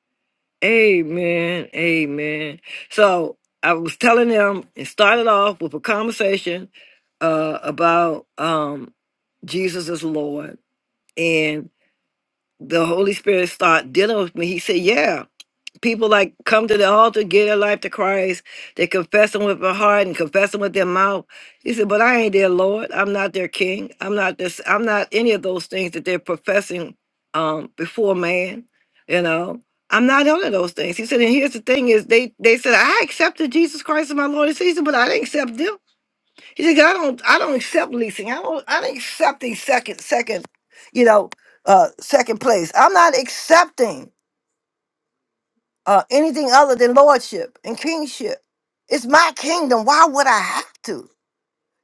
[SPEAKER 1] Amen. Amen. So I was telling them it started off with a conversation uh, about um, Jesus is Lord. And the Holy Spirit started dealing with me. He said, Yeah people like come to the altar, give their life to Christ. They confess him with their heart and confess him with their mouth. He said, "But I ain't their Lord. I'm not their King. I'm not this. I'm not any of those things that they're professing um, before man. You know, I'm not none of those things." He said, "And here's the thing: is they they said I accepted Jesus Christ as my Lord and Savior, but I didn't accept them. He said, "I don't I don't accept leasing. I don't I don't accept these second second, you know, uh, second place. I'm not accepting." uh, anything other than lordship and kingship. It's my kingdom. Why would I have to?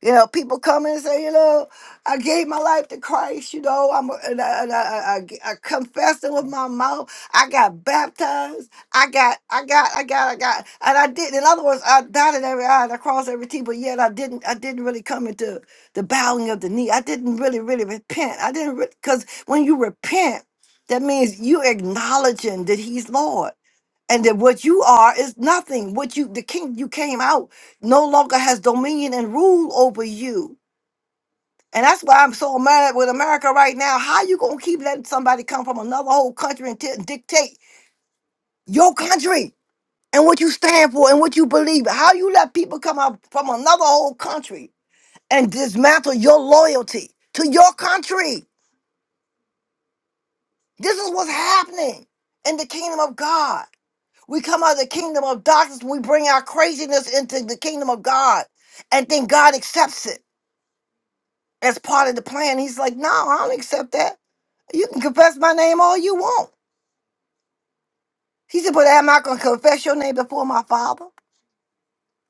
[SPEAKER 1] You know, people come in and say, you know, I gave my life to Christ. You know, I'm a- and I, and I, I, I I confessed it with my mouth. I got baptized. I got, I got, I got, I got, and I did. In other words, I dotted every I and I crossed every T, but yet I didn't. I didn't really come into the bowing of the knee. I didn't really, really repent. I didn't because when you repent, that means you acknowledging that He's Lord and that what you are is nothing. What you the king you came out no longer has dominion and rule over you. And that's why I'm so mad with America right now. How you gonna keep letting somebody come from another whole country and t- dictate your country and what you stand for and what you believe? How you let people come up from another whole country and dismantle your loyalty to your country? This is what's happening in the kingdom of God. We come out of the kingdom of darkness. We bring our craziness into the kingdom of God. And then God accepts it as part of the plan. He's like, no, I don't accept that. You can confess my name all you want. He said, but am I going to confess your name before my father?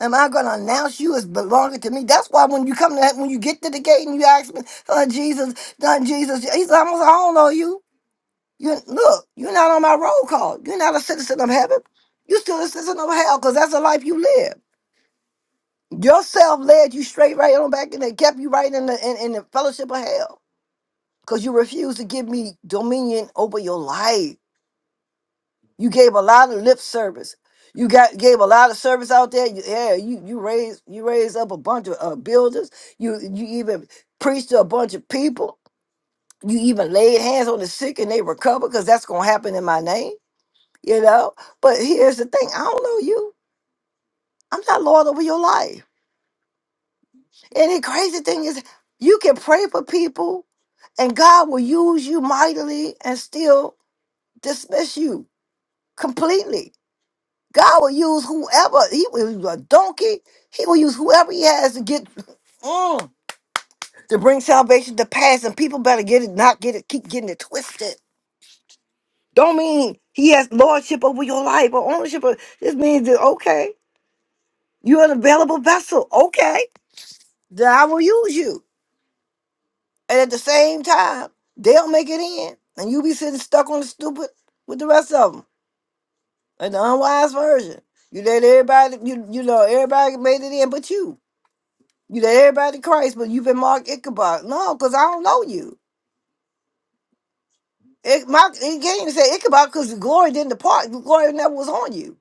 [SPEAKER 1] Am I going to announce you as belonging to me? That's why when you come to that, when you get to the gate and you ask me, son Jesus, son Jesus, he's almost, I don't know you. You Look, you're not on my roll call. You're not a citizen of heaven. You're still a citizen of hell because that's the life you live. Yourself led you straight right on back in there, kept you right in the in, in the fellowship of hell. Because you refused to give me dominion over your life. You gave a lot of lip service. You got gave a lot of service out there. You, yeah, you you raised you raised up a bunch of uh, builders. You you even preached to a bunch of people. You even laid hands on the sick and they recover because that's gonna happen in my name, you know. But here's the thing: I don't know you. I'm not Lord over your life. And the crazy thing is, you can pray for people And God will use you mightily and still dismiss you completely. God will use whoever, he will use a donkey, he will use whoever he has to get mm, to bring salvation to pass, and people better get it, not get it, keep getting it twisted. Don't mean he has lordship over your life or ownership. Of, this means that okay, you're an available vessel. Okay, then I will use you. And at the same time, they'll make it in, and you be sitting stuck on the stupid with the rest of them. That's the unwise version. You let everybody, you you know, everybody made it in, but you. You let everybody to Christ, but you've been marked Ichabod. No, because I don't know you. It, my, it can't even say Ichabod because glory didn't depart. Glory never was on you.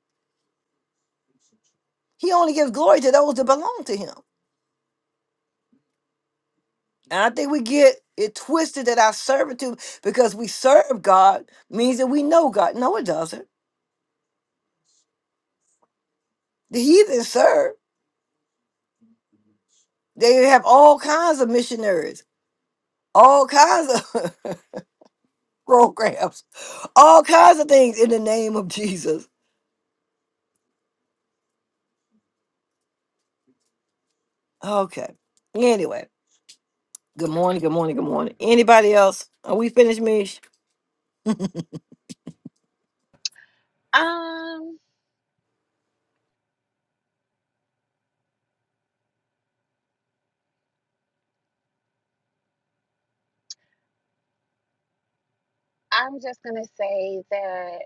[SPEAKER 1] He only gives glory to those that belong to him. And I think we get it twisted that our servitude, because we serve God, means that we know God. No, it doesn't. The heathen serve. They have all kinds of missionaries, all kinds of. programs, all kinds of things in the name of Jesus. Okay. Anyway, good morning, good morning, good morning. Anybody else? Are we finished, Mish?
[SPEAKER 3] Um, I'm just gonna say that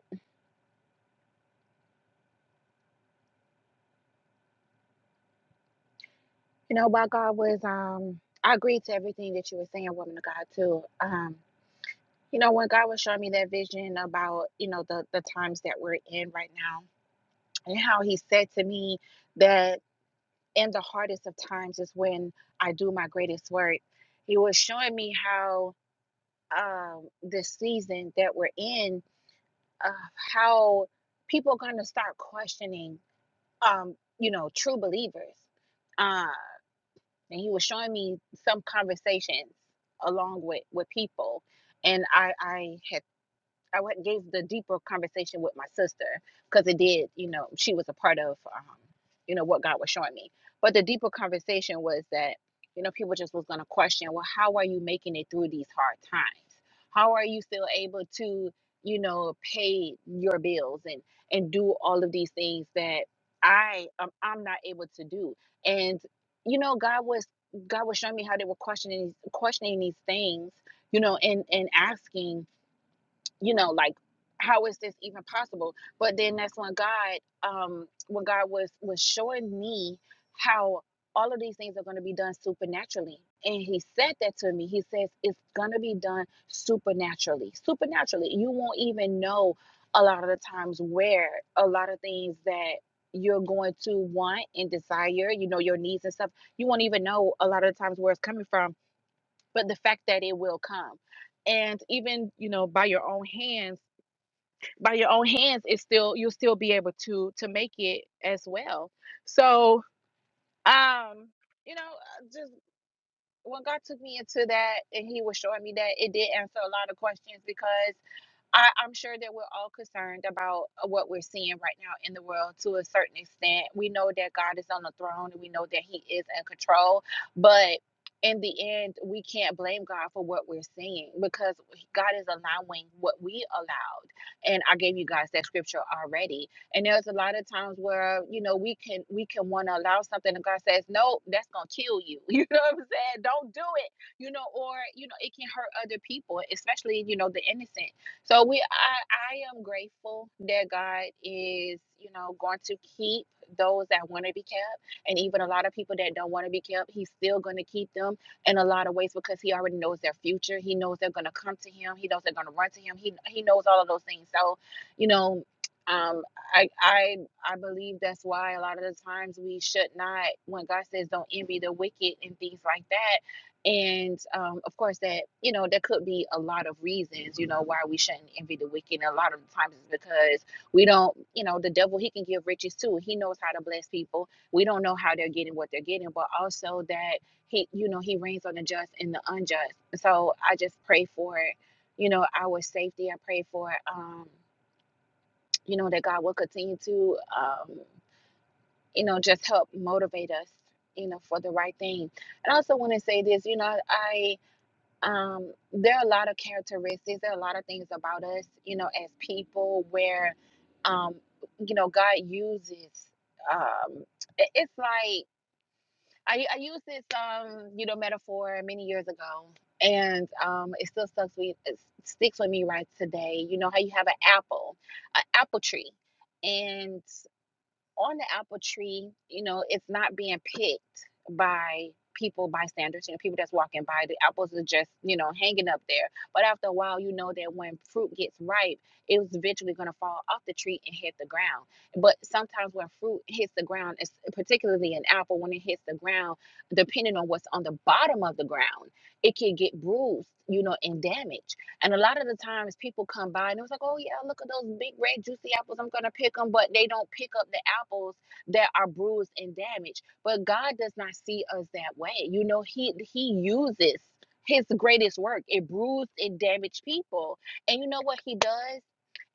[SPEAKER 3] you know, while God was um, I agreed to everything that you were saying, woman of God too. Um, You know, when God was showing me that vision about, you know, the the times that we're in right now and how he said to me that in the hardest of times is when I do my greatest work. He was showing me how um this season that we're in, uh, how people are gonna start questioning um, you know, true believers. Uh, and he was showing me some conversations along with with people and I I had I went- gave the deeper conversation with my sister because it did, you know, she was a part of, um, you know, what God was showing me. But the deeper conversation was that, you know, people just was going to question, well, how are you making it through these hard times? How are you still able to, you know, pay your bills and and do all of these things that I um, I'm not able to do? And you know, God was God was showing me how they were questioning questioning these things, you know, and and asking you know like how is this even possible but then that's when god um when god was was showing me how all of these things are going to be done supernaturally and he said that to me he says it's going to be done supernaturally supernaturally you won't even know a lot of the times where a lot of things that you're going to want and desire you know your needs and stuff you won't even know a lot of the times where it's coming from but the fact that it will come and even you know by your own hands by your own hands it's still you'll still be able to to make it as well so um you know uh, just when god took me into that and he was showing me that it did answer a lot of questions because. I, I'm sure that we're all concerned about uh, what we're seeing right now in the world to a certain extent. We know that God is on the throne and we know that He is in control, but in the end, we can't blame God for what we're seeing because God is allowing what we allowed. And I gave you guys that scripture already. And there's a lot of times where you know we can we can want to allow something, and God says, "No, that's gonna kill you." You know what I'm saying? Don't do it. You know, or you know, it can hurt other people, especially you know the innocent so we I, I am grateful that God is, you know, going to keep those that want to be kept and even a lot of people that don't want to be kept, he's still going to keep them in a lot of ways because he already knows their future. He knows they're going to come to him. He knows they're going to run to him. He he knows all of those things. So, you know, um I I I believe that's why a lot of the times we should not when God says don't envy the wicked and things like that and um, of course, that you know there could be a lot of reasons, you know, why we shouldn't envy the wicked. And a lot of the times it's because we don't, you know, the devil he can give riches too. He knows how to bless people. We don't know how they're getting what they're getting, but also that he, you know, he reigns on the just and the unjust. So I just pray for, you know, our safety. I pray for, um, you know, that God will continue to, um, you know, just help motivate us, you know, for the right thing. And I also want to say this, you know, I um, there are a lot of characteristics, there are a lot of things about us, you know, as people where, um, you know, God uses, um, it- it's like, I, I used this, um, you know, metaphor many years ago and, um, it still sticks with, it sticks with me right today. You know, how you have an apple, an apple tree. and on the apple tree, you know, it's not being picked by people, bystanders, you know, people that's walking by. The apples are just, you know, hanging up there. But after a while, you know that when fruit gets ripe, it's eventually going to fall off the tree and hit the ground. But sometimes when fruit hits the ground, it's particularly an apple, when it hits the ground, depending on what's on the bottom of the ground, it can get bruised, you know, and damaged. And a lot of the times people come by and it was like, oh, yeah, look at those big red juicy apples. I'm going to pick them. But they don't pick up the apples that are bruised and damaged. But God does not see us that way. You know, He He uses His greatest work. It bruised and damaged people. And you know what He does?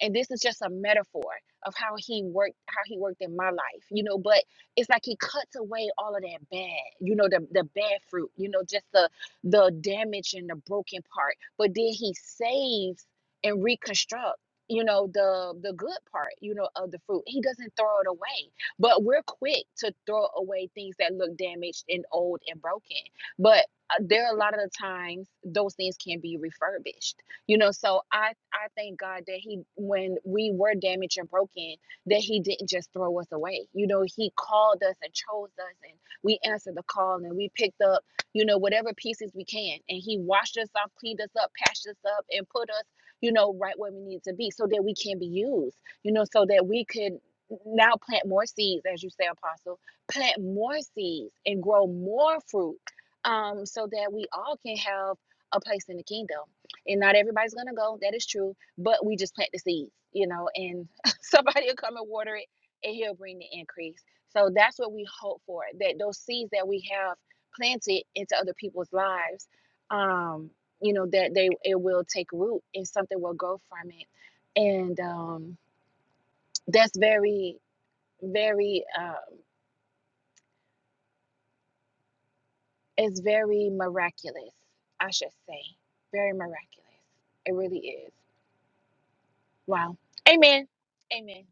[SPEAKER 3] And this is just a metaphor of how he worked, how he worked in my life, you know. But it's like he cuts away all of that bad, you know, the the bad fruit, you know, just the the damage and the broken part but then he saves and reconstructs. you know the the good part you know of the fruit he doesn't throw it away but we're quick to throw away things that look damaged and old and broken but uh, there are a lot of the times those things can be refurbished you know so i i thank god that he when we were damaged and broken that he didn't just throw us away you know he called us and chose us and we answered the call and we picked up you know, whatever pieces we can. And He washed us off, cleaned us up, patched us up, and put us, you know, right where we need to be so that we can be used, you know, so that we could now plant more seeds, as you say, Apostle, plant more seeds and grow more fruit um, so that we all can have a place in the kingdom. And not everybody's going to go, that is true, but we just plant the seeds, you know, and somebody will come and water it and he'll bring the increase. So that's what we hope for that those seeds that we have planted into other people's lives um you know that they it will take root and something will grow from it and um that's very very um it's very miraculous i should say very miraculous it really is wow amen amen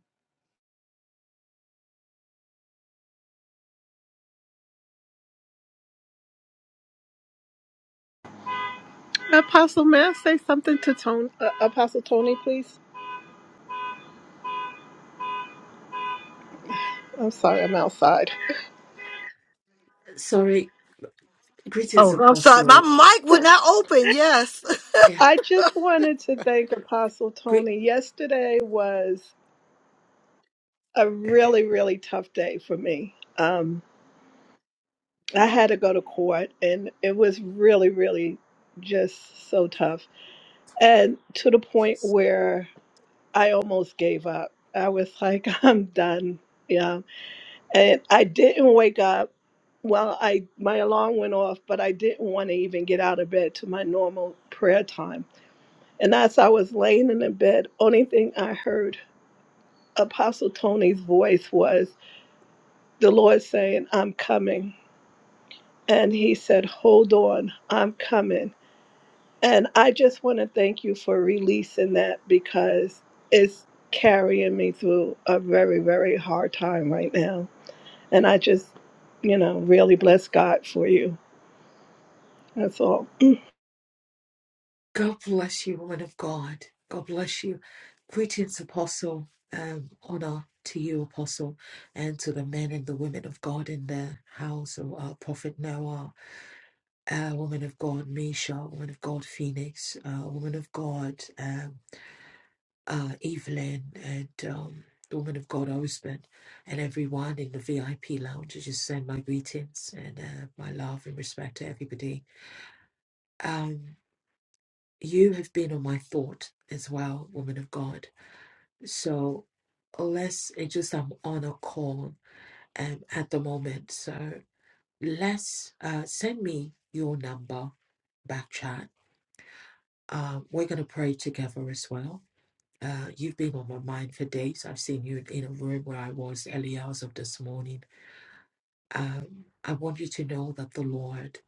[SPEAKER 8] Apostle, may I say something to Tony, uh, Apostle Tony, please? I'm sorry, I'm outside.
[SPEAKER 9] Sorry. Greetings,
[SPEAKER 1] Oh, I'm sorry. My
[SPEAKER 9] Apostle.
[SPEAKER 1] mic would not open. Yes.
[SPEAKER 9] Yeah.
[SPEAKER 8] I just wanted to thank Apostle
[SPEAKER 9] Great.
[SPEAKER 8] Tony. Yesterday was a really, really tough day for me. Um, I had to go to court, and it was really, really just so tough. And to the point where I almost gave up. I was like, I'm done. Yeah. and I didn't wake up. Well, I my alarm went off, but I didn't want to even get out of bed to my normal prayer time. And as I was laying in the bed, only thing I heard Apostle Tony's voice was the Lord saying, "I'm coming." And he said, "Hold on, I'm coming." And I just want to thank you for releasing that because it's carrying me through a very, very hard time right now. And I just, you know, really bless God for you. That's all.
[SPEAKER 9] God bless you, woman of God. God bless you. Greetings, Apostle. Um, honor to you, Apostle, and to the men and the women of God in the house. Of, uh, Prophet Noah, uh, woman of God, Misha, woman of God, Phoenix, uh, woman of God, um, uh, Evelyn, and um, the woman of God, husband, and everyone in the VIP lounge. I just send my greetings and uh, my love and respect to everybody. Um, You have been on my thought as well, woman of God. So let's it's just I'm on a call um at the moment. So let's uh send me your number back chat. Um we're gonna pray together as well. Uh you've been on my mind for days. I've seen you in a room where I was early hours of this morning. Um I want you to know that the Lord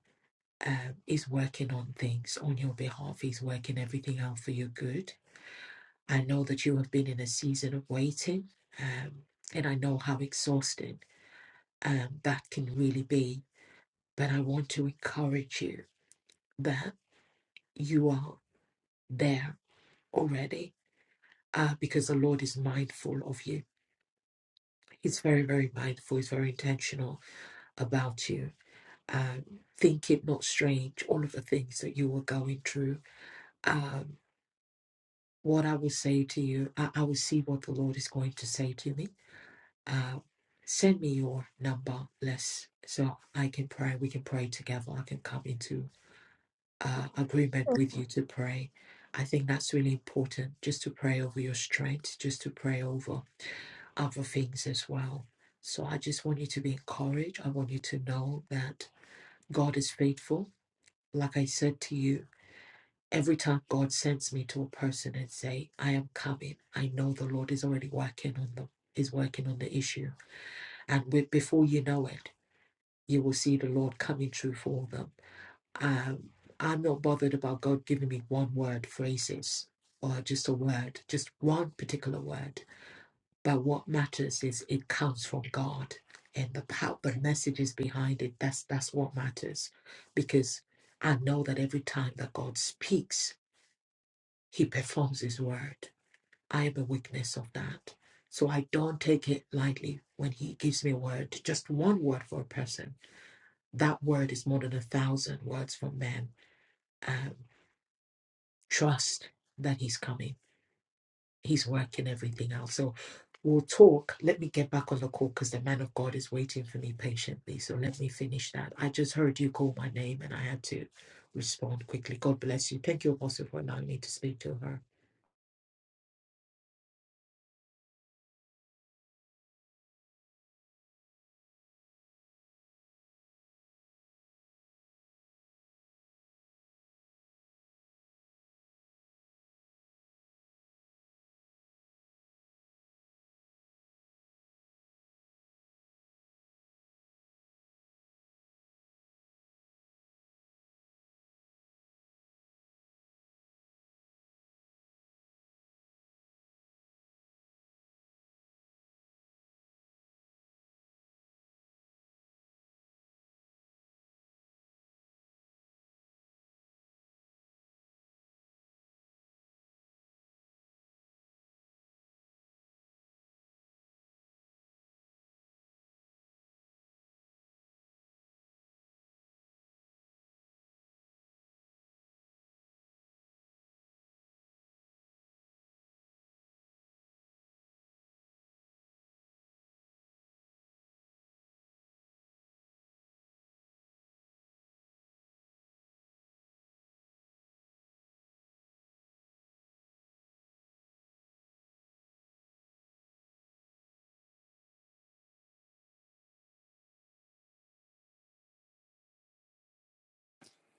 [SPEAKER 9] um, is working on things on your behalf. He's working everything out for your good I know that you have been in a season of waiting, um, and I know how exhausting um, that can really be. But I want to encourage you that you are there already uh, because the Lord is mindful of you. He's very, very mindful, He's very intentional about you. Um, think it not strange, all of the things that you were going through. Um, what I will say to you, I, I will see what the Lord is going to say to me uh, send me your number Let's so I can pray. We can pray together. I can come into uh, agreement with you to pray. I think that's really important just to pray over your strength, just to pray over other things as well. So I just want you to be encouraged. I want you to know that God is faithful. Like I said to you, every time God sends me to a person and say, I am coming, I know the Lord is already working on them, is working on the issue. And we, before you know it, you will see the Lord coming through for them. Um, I'm not bothered about God giving me one word phrases or just a word, just one particular word. But what matters is it comes from God and the power, the messages behind it. That's that's what matters, because I know that every time that God speaks, He performs His word. I am a witness of that. So I don't take it lightly when He gives me a word, just one word for a person that word is more than a thousand words from man. Um, trust that he's coming. He's working everything out. So we'll talk. Let me get back on the call because the man of God is waiting for me patiently. So let me finish that. I just heard you call my name and I had to respond quickly. God bless you. Thank you, Apostle, for allowing me to speak to her.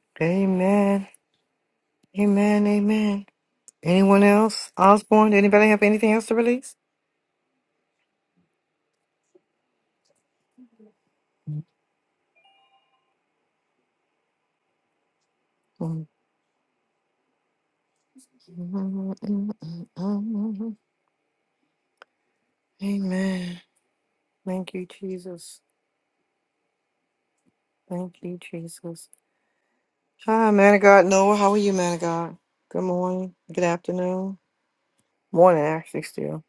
[SPEAKER 1] Amen. Amen. Amen. Anyone else? Osborne, anybody have anything else to release? Amen. Thank you, Jesus. Thank you, Jesus. Hi, man of God. Noah, how are you, man of God? Good morning. Good afternoon. Morning, actually, still.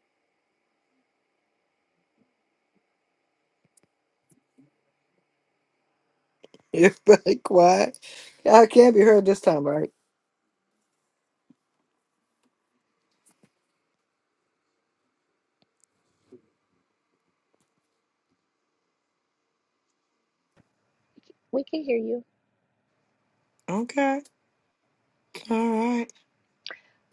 [SPEAKER 1] You're really quiet. Yeah, I can't be heard this time, right?
[SPEAKER 3] we can hear you
[SPEAKER 1] Okay. All right.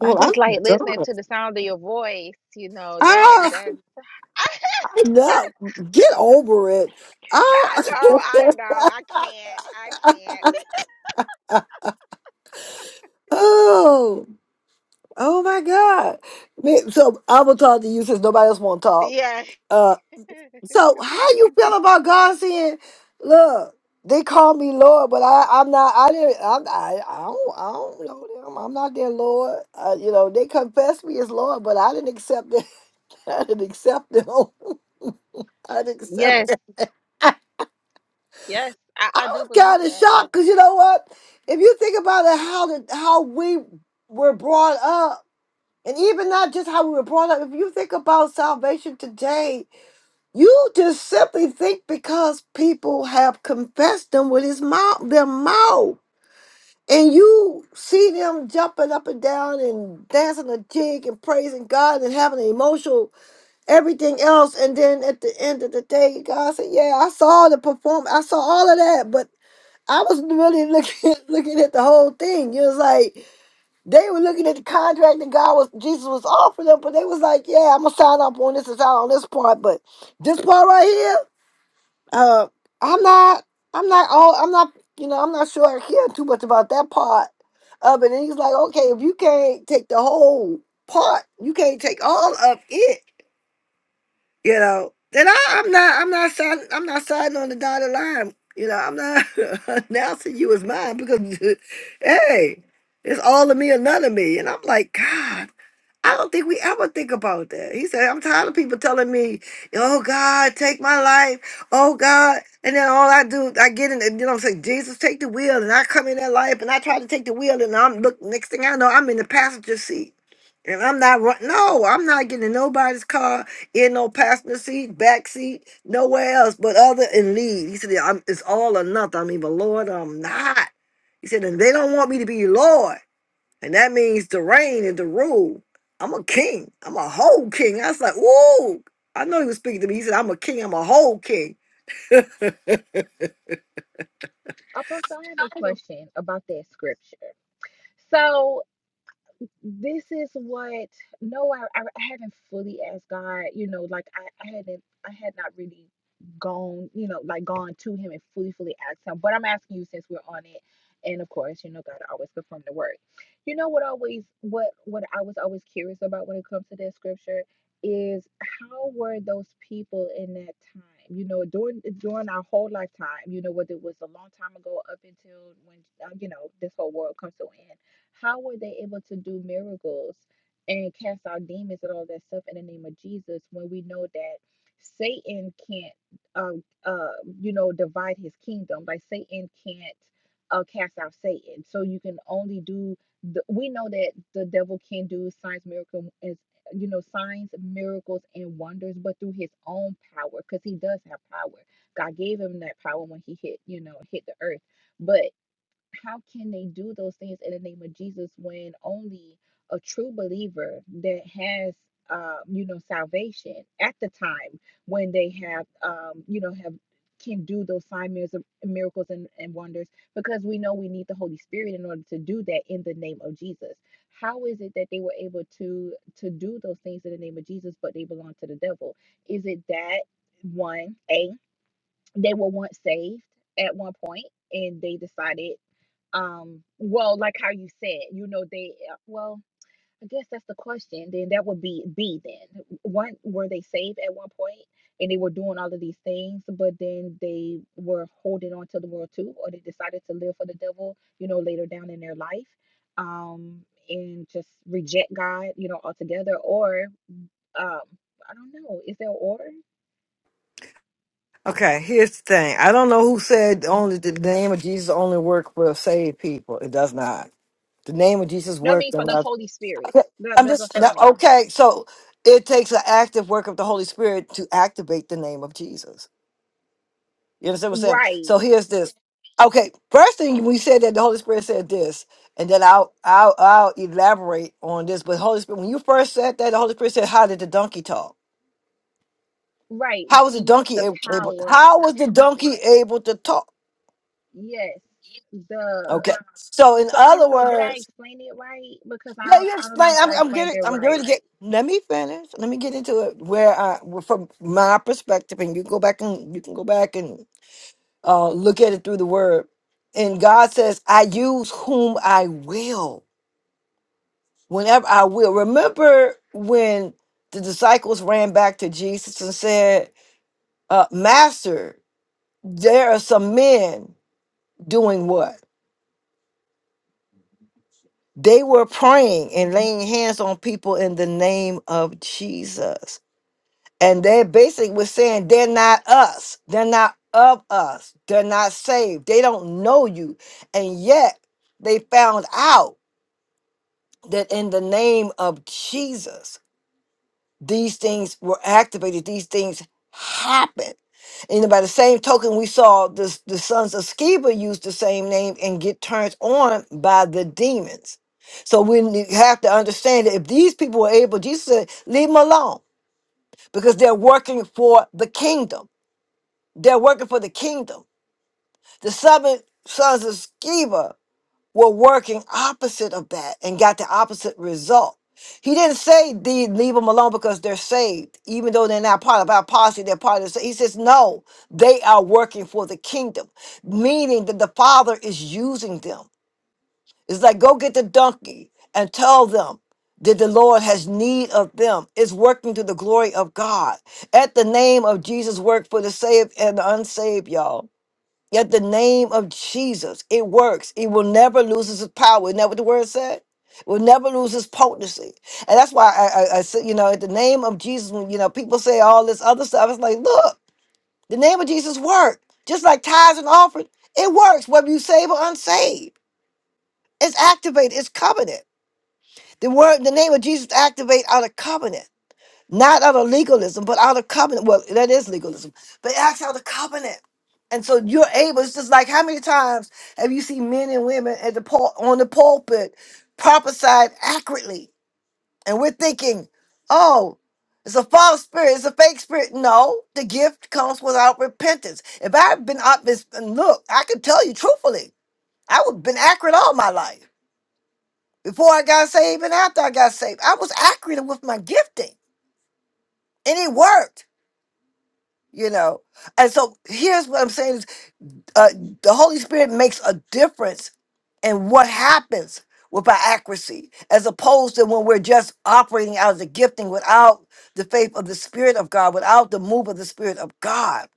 [SPEAKER 3] i just
[SPEAKER 1] I'm
[SPEAKER 3] like listening
[SPEAKER 1] done.
[SPEAKER 3] to the sound of your voice you know that
[SPEAKER 1] Ah,
[SPEAKER 3] that i
[SPEAKER 1] no, get over it. Oh,
[SPEAKER 3] know i know i can't i can't
[SPEAKER 1] oh, oh my God. Me- So I will talk to you since nobody else want to talk.
[SPEAKER 3] yes
[SPEAKER 1] Uh, So how you feel about God saying, "Look, they call me Lord, but I, I'm not. I didn't. I'm, I, I don't. I don't know them. I'm not their Lord. Uh, you know, they confess me as Lord, but I didn't accept it. I didn't accept them. I didn't
[SPEAKER 3] yes
[SPEAKER 1] accept.
[SPEAKER 3] Yes, I,
[SPEAKER 1] I
[SPEAKER 3] I do
[SPEAKER 1] was
[SPEAKER 3] believe
[SPEAKER 1] kind of
[SPEAKER 3] that.
[SPEAKER 1] shocked because you know what? If you think about it, how the, how we were brought up, and even not just how we were brought up. If you think about salvation today, You just simply think because people have confessed them with his mouth, their mouth, and you see them jumping up and down and dancing a jig and praising God and having an emotional everything else, and then at the end of the day, God said, "Yeah, I saw the perform, I saw all of that, but I was really looking looking at the whole thing. It was like they were looking at the contract that God was Jesus was offering them, but they was like, "Yeah, I'm gonna sign up on this and sign on this part, but this part right here." Uh, I'm not. I'm not all. I'm not. You know, I'm not sure I care too much about that part of it. And he's like, okay, if you can't take the whole part, you can't take all of it. You know, then I, I'm not. I'm not signing. I'm not signing on the dotted line. You know, I'm not announcing you as mine because, hey, it's all of me or none of me. And I'm like, God. I don't think we ever think about that. He said, I'm tired of people telling me, oh God, take my life. Oh God. And then all I do, I get in, and, you know, I'm saying, Jesus, take the wheel. And I come in that life and I try to take the wheel. And I'm, look, next thing I know, I'm in the passenger seat. And I'm not run. No, I'm not getting in nobody's car, in no passenger seat, back seat, nowhere else but other and lead. He said, "Yeah, I'm, it's all or nothing. I'm either Lord or I'm not. He said, and they don't want me to be Lord. And that means to reign and to rule. I'm a king. I'm a whole king. I was like, whoa. I know he was speaking to me. He said, I'm a king. I'm a whole king.
[SPEAKER 3] Apostle, I have a question about that scripture. So this is what no I, I haven't fully asked God you know like I, I hadn't I had not really gone you know like gone to him and fully fully asked him but I'm asking you since we're on it and of course you know God always performed the word you know what always what what I was always curious about when it comes to that scripture is how were those people in that time you know during during our whole lifetime you know whether it was a long time ago up until when uh, you know this whole world comes to an end how were they able to do miracles and cast out demons and all that stuff in the name of Jesus when we know that Satan can't, um, uh, you know, divide his kingdom? Like Satan can't uh, cast out Satan. So you can only do. The, we know that the devil can do signs, miracles, as you know, signs, miracles, and wonders, but through his own power, because he does have power. God gave him that power when he hit, you know, hit the earth. but how can they do those things in the name of Jesus when only a true believer that has um, you know salvation at the time when they have um, you know have can do those sign, miracles miracles and, and wonders because we know we need the holy spirit in order to do that in the name of jesus how is it that they were able to to do those things in the name of jesus but they belong to the devil is it that one a they were once saved at one point and they decided um well like how you said you know they uh, well i guess that's the question then that would be b then one were they saved at one point and they were doing all of these things but then they were holding on to the world too or they decided to live for the devil you know later down in their life um and just reject god you know altogether or um i don't know is there an order
[SPEAKER 1] Okay, here's the thing. I don't know who said only the name of Jesus only work for saved people. It does not. The name of Jesus
[SPEAKER 3] no i mean
[SPEAKER 1] worked
[SPEAKER 3] for
[SPEAKER 1] on
[SPEAKER 3] the
[SPEAKER 1] us.
[SPEAKER 3] holy spirit
[SPEAKER 1] Okay,
[SPEAKER 3] that,
[SPEAKER 1] I'm
[SPEAKER 3] that,
[SPEAKER 1] just
[SPEAKER 3] that's what
[SPEAKER 1] no,
[SPEAKER 3] i mean
[SPEAKER 1] okay. So it takes an active work of the Holy Spirit to activate the name of Jesus. You understand what I'm saying?
[SPEAKER 3] right
[SPEAKER 1] So here's this. Okay, first thing we said that the Holy Spirit said this, and then I'll I'll I'll elaborate on this. But Holy Spirit, when you first said that, the Holy Spirit said, "How did the donkey talk?
[SPEAKER 3] Right.
[SPEAKER 1] How was the
[SPEAKER 3] He used
[SPEAKER 1] donkey
[SPEAKER 3] the
[SPEAKER 1] ab- able?
[SPEAKER 3] power
[SPEAKER 1] How was the donkey able to talk?"
[SPEAKER 3] Yes, the
[SPEAKER 1] Okay, so in
[SPEAKER 3] so I
[SPEAKER 1] other
[SPEAKER 3] don't know. Did I
[SPEAKER 1] words,
[SPEAKER 3] explain it right? Because I
[SPEAKER 1] yeah,
[SPEAKER 3] don't,
[SPEAKER 1] you
[SPEAKER 3] I don't know
[SPEAKER 1] explain.
[SPEAKER 3] if
[SPEAKER 1] I'm
[SPEAKER 3] I
[SPEAKER 1] I'm
[SPEAKER 3] explained
[SPEAKER 1] getting
[SPEAKER 3] it
[SPEAKER 1] I'm going
[SPEAKER 3] right.
[SPEAKER 1] to get. Let me finish. Let me get into it where I well, from my perspective, and you go back and you can go back and. uh, look at it through the word. And God says, I use whom I will, whenever I will. Remember when the disciples ran back to Jesus and said, uh, Master, there are some men doing what? They were praying and laying hands on people in the name of Jesus. And they basically were saying, They're not us. They're not of us. They're not saved. They don't know you. And yet they found out that in the name of Jesus, these things were activated, these things happened. And by the same token, we saw this, the sons of Sceva use the same name and get turned on by the demons. So we ne- have to understand that if these people were able, Jesus said, leave them alone because they're working for the kingdom. They're working for the kingdom. The seven sons of Sceva were working opposite of that and got the opposite result. He didn't say the leave them alone because they're saved, even though they're not part of our policy, they're part of the sa-" he says, no, they are working for the kingdom, meaning that the father is using them. It's like go get the donkey and tell them that the Lord has need of them. It's working to the glory of God. At the name of Jesus, work for the saved and the unsaved, y'all. Yet the name of Jesus, it works. It will never lose its power. Isn't that what the word said? It will never lose its potency. And that's why I, I, I said, you know, at the name of Jesus, when, you know, people say all this other stuff. It's like, look, the name of Jesus worked Just like tithes and offering, it works, whether you save or unsaved. It's activated, it's covenant. The word, the name of Jesus activate out of covenant not out of legalism, but out of covenant. Well, that is legalism, but it acts out of covenant. And so you're able. It's just like how many times have you seen men and women at the pul- on the pulpit prophesied accurately, and we're thinking, oh. It's a false spirit. It's a fake spirit. No, the gift comes without repentance. If I've been up this, and look, I can tell you truthfully, I would have been accurate all my life. Before I got saved and after I got saved, I was accurate with my gifting, and it worked. you know and so here's what i'm saying is uh, the holy spirit makes a difference in what happens with our accuracy as opposed to when we're just operating out of the gifting without the faith of the spirit of god without the move of the spirit of god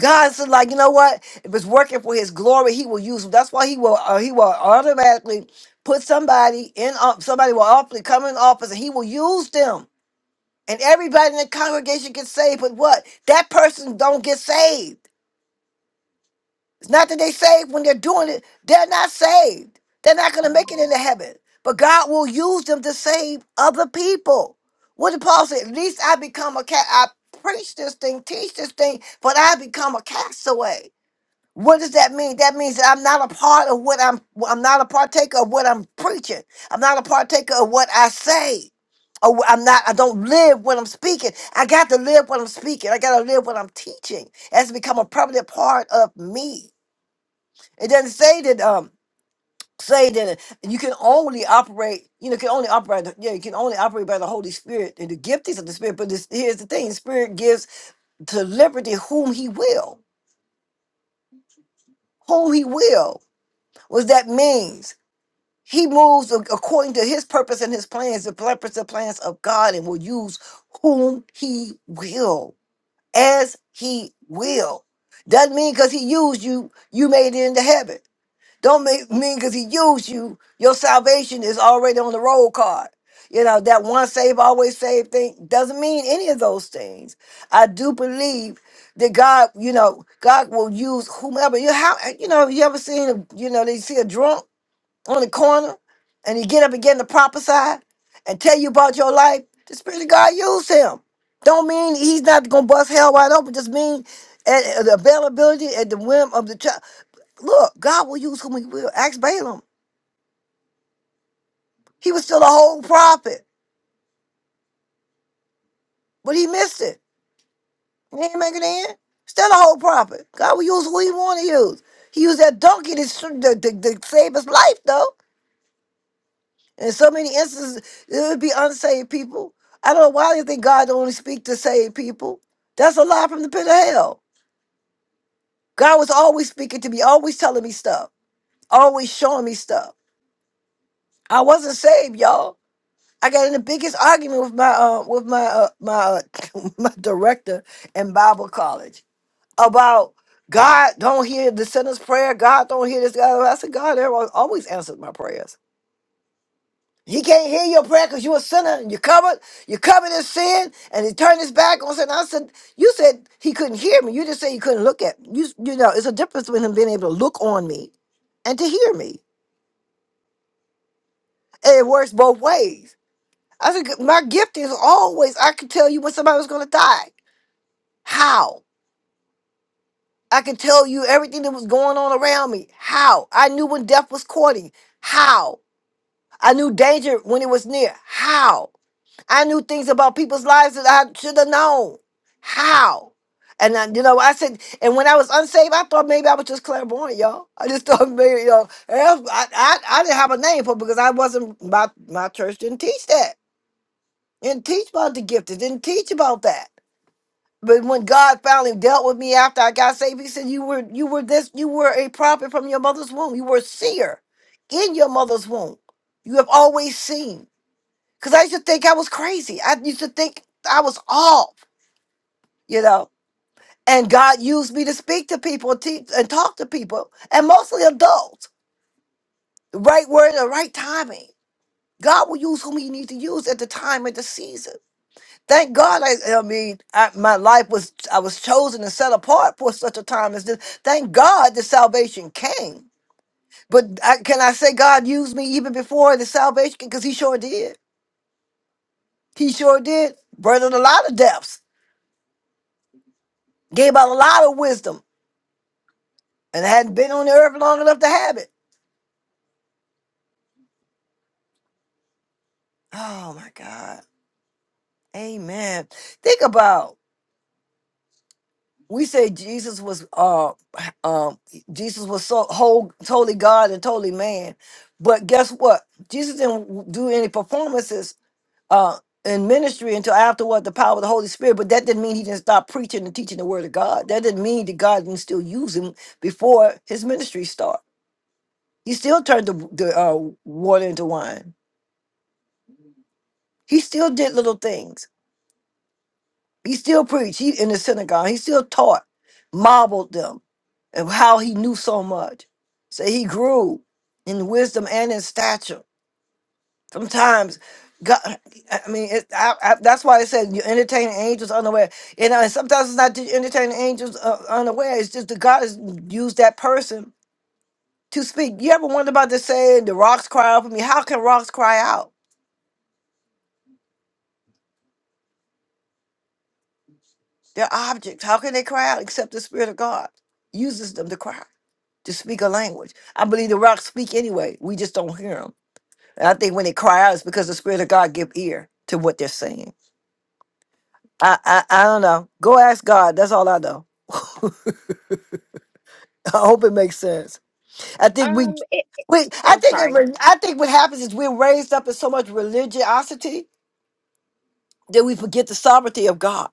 [SPEAKER 1] god said like you know what if it's working for his glory he will use them. that's why he will uh, he will automatically put somebody in uh, somebody will often come in office and he will use them and everybody in the congregation gets saved, but what? That person don't get saved. It's not that they saved when they're doing it. They're not saved. They're not going to make it into heaven. But God will use them to save other people. What did Paul say? At least I become a cat. I preach this thing, teach this thing, but I become a castaway. What does that mean? That means that I'm not a part of what I'm I'm not a partaker of what I'm preaching. I'm not a partaker of what I say. Or wh- I'm not I don't live what I'm speaking. I got to live what I'm speaking. I got to live what I'm teaching. It has to become a permanent part of me. It doesn't say that um say that you can only operate, you know, can only operate yeah, you can only operate by the Holy Spirit and the giftings of the Spirit, but this, here's the thing, the Spirit gives to liberty whom he will. Whom he will. What does that mean? He moves ac- according to his purpose and his plans, the purpose and plans of God, and will use whom he will, as he will. Doesn't mean because he used you, you made it into heaven. Don't make, mean because he used you, your salvation is already on the roll card. You know, that one save, always save thing doesn't mean any of those things. I do believe that God, you know, God will use whomever. You, how, you know, you ever seen, a, you know, they see a drunk? on the corner and he get up again to prophesy and tell you about your life, the Spirit of God used him. Don't mean he's not gonna bust hell wide open. Just mean at, at the availability at the whim of the child. Look, God will use whom He will. Ask Balaam. He was still a whole prophet, but he missed it. He ain't making it in. Still a whole prophet. God will use who He want to use. He used that donkey to, s- to, to, to save his life, though. In so many instances, it would be unsaved people. I don't know why they think God only speak to saved people. That's a lie from the pit of hell. God was always speaking to me, always telling me stuff, always showing me stuff. I wasn't saved, y'all. I got in the biggest argument with my uh, with my uh, my uh, my director in Bible college about God don't hear the sinner's prayer. God don't hear this. God. I said God always answered my prayers. He can't hear your prayer because you're a sinner and you covered, you covered in sin, and he turned his back on sin. I said, You said he couldn't hear me. You just said you couldn't look at me. You, you know, it's a difference between him being able to look on me and to hear me. And it works both ways. I said, My gift is always I could tell you when somebody was going to die. How? I could tell you everything that was going on around me. How? I knew when death was courting. How? I knew danger when it was near. How? I knew things about people's lives that I should have known. How? And I, you know, I said, and when I was unsaved, I thought maybe I was just clairvoyant, y'all. I just thought maybe, you know, I, I, I didn't have a name for it because I wasn't, my, my church didn't teach that. Didn't teach about the gift. It didn't teach about that. But when God finally dealt with me after I got saved, he said, you were, you were this, you were a prophet from your mother's womb. You were a seer in your mother's womb. You have always seen. Because I used to think I was crazy. I used to think I was off, you know. And God used me to speak to people and, teach, and talk to people, and mostly adults. The right word, the right timing. God will use whom He needs to use at the time and the season. Thank God. I, I mean, I, my life was I was chosen and set apart for such a time as this. Thank God the salvation came. But I, can I say God used me even before the salvation? Because He sure did. He sure did. Burned a lot of depths Gave out a lot of wisdom and hadn't been on the earth long enough to have it. Oh my God. Amen. Think about we say Jesus was uh um Jesus was so whole totally God and totally man. But guess what? Jesus didn't do any performances uh in ministry until after what the power of the Holy Spirit, but that didn't mean he didn't stop preaching and teaching the word of God. That didn't mean that God didn't still use him before his ministry start. He still turned the, the uh, water into wine. He still did little things. He still preached. He in the synagogue. He still taught, marveled them, and how he knew so much. So he grew in wisdom and in stature. Sometimes, God, I mean, it, I, I, that's why it said you entertain angels unaware. You know, and uh, sometimes it's not that you entertain angels uh, unaware. It's just that God has used that person to speak. You ever wonder about the saying, "The rocks cry out for me"? How can rocks cry out? They're objects. How can they cry out except the Spirit of God uses them to cry? to speak a language. I believe the rocks speak anyway. We just don't hear them. And I think when they cry out, it's because the Spirit of God give ear to what they're saying. I, I, I don't know. Go ask God. That's all I know. I hope it makes sense. I think we,
[SPEAKER 3] Um, it, it-
[SPEAKER 1] we I
[SPEAKER 3] I'm
[SPEAKER 1] think it,
[SPEAKER 3] sorry.
[SPEAKER 1] re- I think what happens is we're raised up in so much religiosity that we forget the sovereignty of God.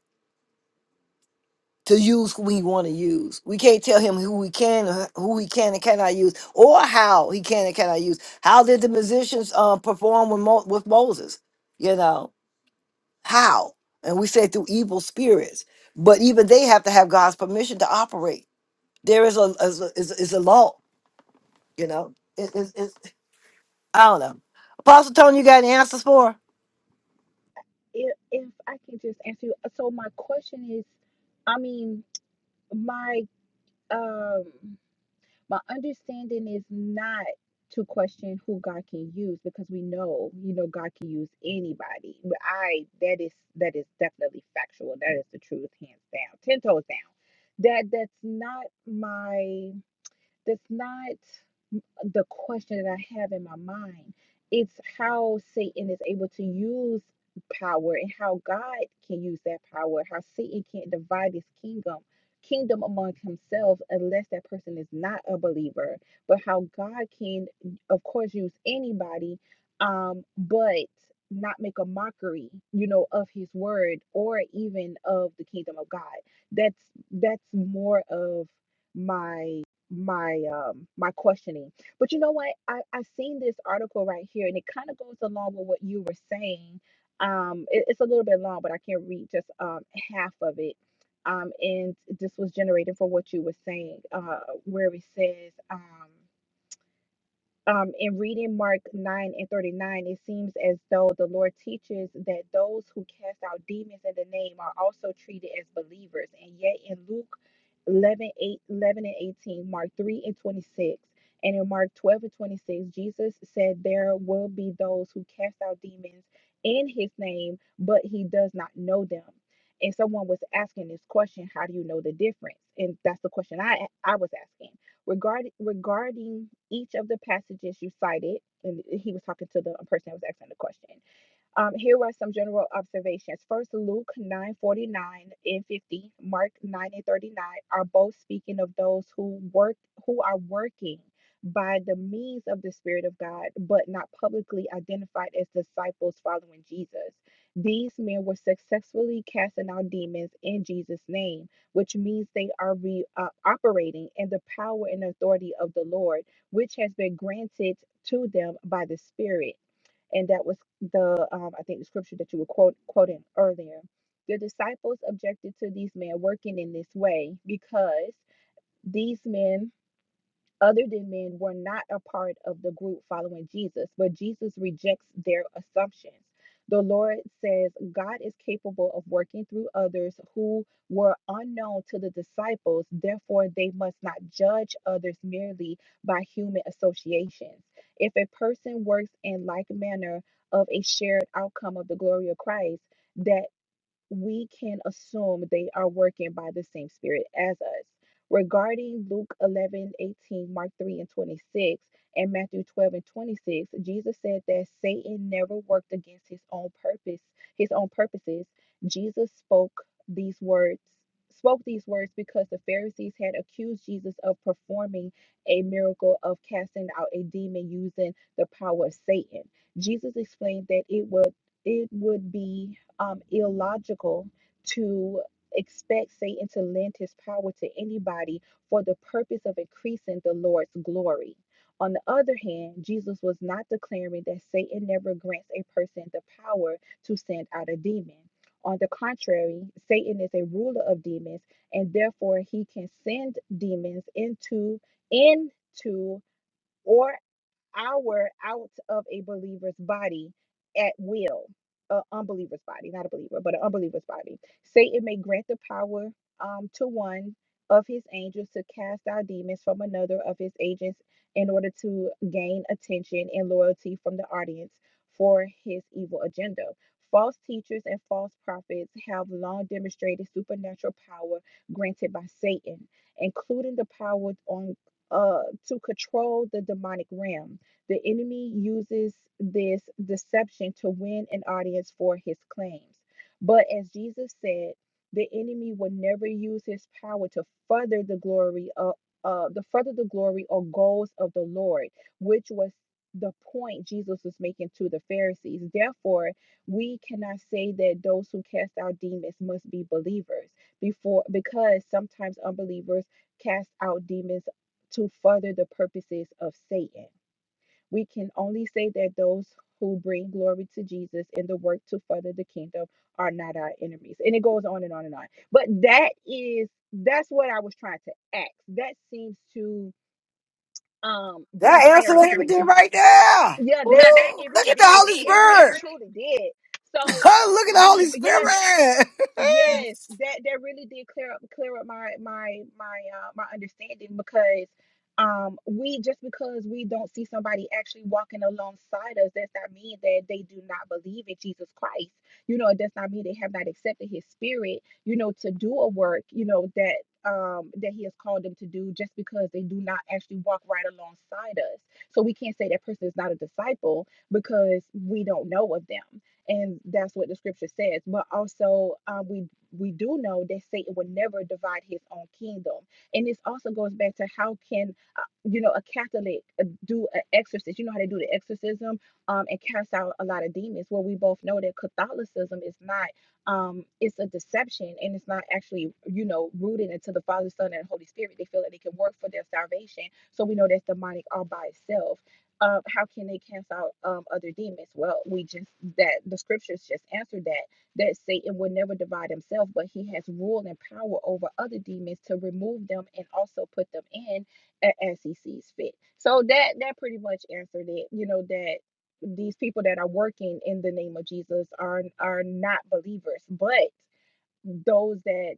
[SPEAKER 1] to use who we want to use. We can't tell him who we can, or who he can and cannot use, or how he can and cannot use. How did the musicians um, perform with, Mo- with Moses? You know how? And we say through evil spirits, but even they have to have God's permission to operate. There is a is a, is a is a law. You know, it, it, it's I don't know. Apostle Tony, you got any answers for? her?
[SPEAKER 3] If if I can just answer you. So my question is, I mean, my um my understanding is not to question who God can use because we know, you know, God can use anybody. But I that is that is definitely factual. That is the truth, hands down, ten toes down. That that's not my That's not the question that I have in my mind. It's how Satan is able to use power and how God can use that power, how Satan can't divide his kingdom kingdom among himself unless that person is not a believer, but how God can of course use anybody um but not make a mockery, you know, of his word or even of the kingdom of God. That's that's more of my my um my questioning. But you know what? I I seen this article right here, and it kind of goes along with what you were saying. Um, it- it's a little bit long, but I can read just um half of it. Um, and this was generated for what you were saying, uh, where it says, um um, in reading Mark 9 and 39, it seems as though the Lord teaches that those who cast out demons in the name are also treated as believers. And yet in Luke 11, eight, 11 and 18, Mark 3 and 26, and in Mark 12 and 26, Jesus said there will be those who cast out demons in his name, but he does not know them. And someone was asking this question, how do you know the difference? And that's the question I I was asking Regarding regarding each of the passages you cited, and he was talking to the person that was asking the question. Um, here were some general observations. First, Luke 9:49 and 50, Mark 9 and 39 are both speaking of those who work who are working by the means of the Spirit of God, but not publicly identified as disciples following Jesus. These men were successfully casting out demons in Jesus' name, which means they are re, uh, operating in the power and authority of the Lord, which has been granted to them by the Spirit and that was the um, I think the scripture that you were quote, quoting earlier. The disciples objected to these men working in this way because these men other than men were not a part of the group following Jesus, but Jesus rejects their assumptions. The Lord says God is capable of working through others who were unknown to the disciples, therefore, they must not judge others merely by human associations. If a person works in like manner of a shared outcome of the glory of Christ, that we can assume they are working by the same spirit as us. Regarding Luke 11 18, Mark 3 and 26, and Matthew 12 and 26, Jesus said that Satan never worked against his own purpose, his own purposes. Jesus spoke these words, spoke these words because the Pharisees had accused Jesus of performing a miracle of casting out a demon using the power of Satan. Jesus explained that it would it would be um, illogical to expect Satan to lend his power to anybody for the purpose of increasing the Lord's glory. On the other hand, Jesus was not declaring that Satan never grants a person the power to send out a demon. On the contrary, Satan is a ruler of demons, and therefore he can send demons into into or hour out of a believer's body at will. An unbeliever's body, not a believer, but an unbeliever's body. Satan may grant the power um, to one of his angels to cast out demons from another of his agents in order to gain attention and loyalty from the audience for his evil agenda. False teachers and false prophets have long demonstrated supernatural power granted by Satan, including the power on uh, to control the demonic realm the enemy uses this deception to win an audience for his claims. But as Jesus said, the enemy will never use his power to further the glory of uh, the further the glory or goals of the Lord, which was the point Jesus was making to the Pharisees. Therefore, we cannot say that those who cast out demons must be believers before because sometimes unbelievers cast out demons to further the purposes of Satan. We can only say that those who bring glory to Jesus in the work to further the kingdom are not our enemies. And it goes on and on and on. But that is that's what I was trying to ask. That seems to um bring
[SPEAKER 1] That answered
[SPEAKER 3] clarity to
[SPEAKER 1] everything right there.
[SPEAKER 3] yeah,
[SPEAKER 1] Woo!
[SPEAKER 3] that that it
[SPEAKER 1] Look
[SPEAKER 3] really
[SPEAKER 1] at the
[SPEAKER 3] did.
[SPEAKER 1] Holy
[SPEAKER 3] It really
[SPEAKER 1] Spirit.
[SPEAKER 3] truly did. So
[SPEAKER 1] Look at the
[SPEAKER 3] we
[SPEAKER 1] Holy
[SPEAKER 3] yes
[SPEAKER 1] Spirit.
[SPEAKER 3] Yes, that that really did clear up clear up my my my uh my understanding because um we just because we don't see somebody actually walking alongside us does not mean that they do not believe in Jesus Christ. You know, it does not mean they have not accepted his spirit, you know, to do a work, you know, that um that he has called them to do just because they do not actually walk right alongside us. So we can't say that person is not a disciple because we don't know of them and that's what the scripture says but also uh, we we do know that satan will never divide his own kingdom and this also goes back to how can uh, you know a catholic uh, do an exorcism? you know how they do the exorcism um, and cast out a lot of demons well we both know that catholicism is not um, it's a deception and it's not actually you know rooted into the father son and holy spirit they feel that they can work for their salvation so we know that's demonic all by itself um, how can they cast out um, other demons? Well, we just that the scriptures just answered that that Satan will never divide himself, but he has rule and power over other demons to remove them and also put them in a- as he sees fit. So that that pretty much answered it. You know that these people that are working in the name of Jesus are are not believers, but those that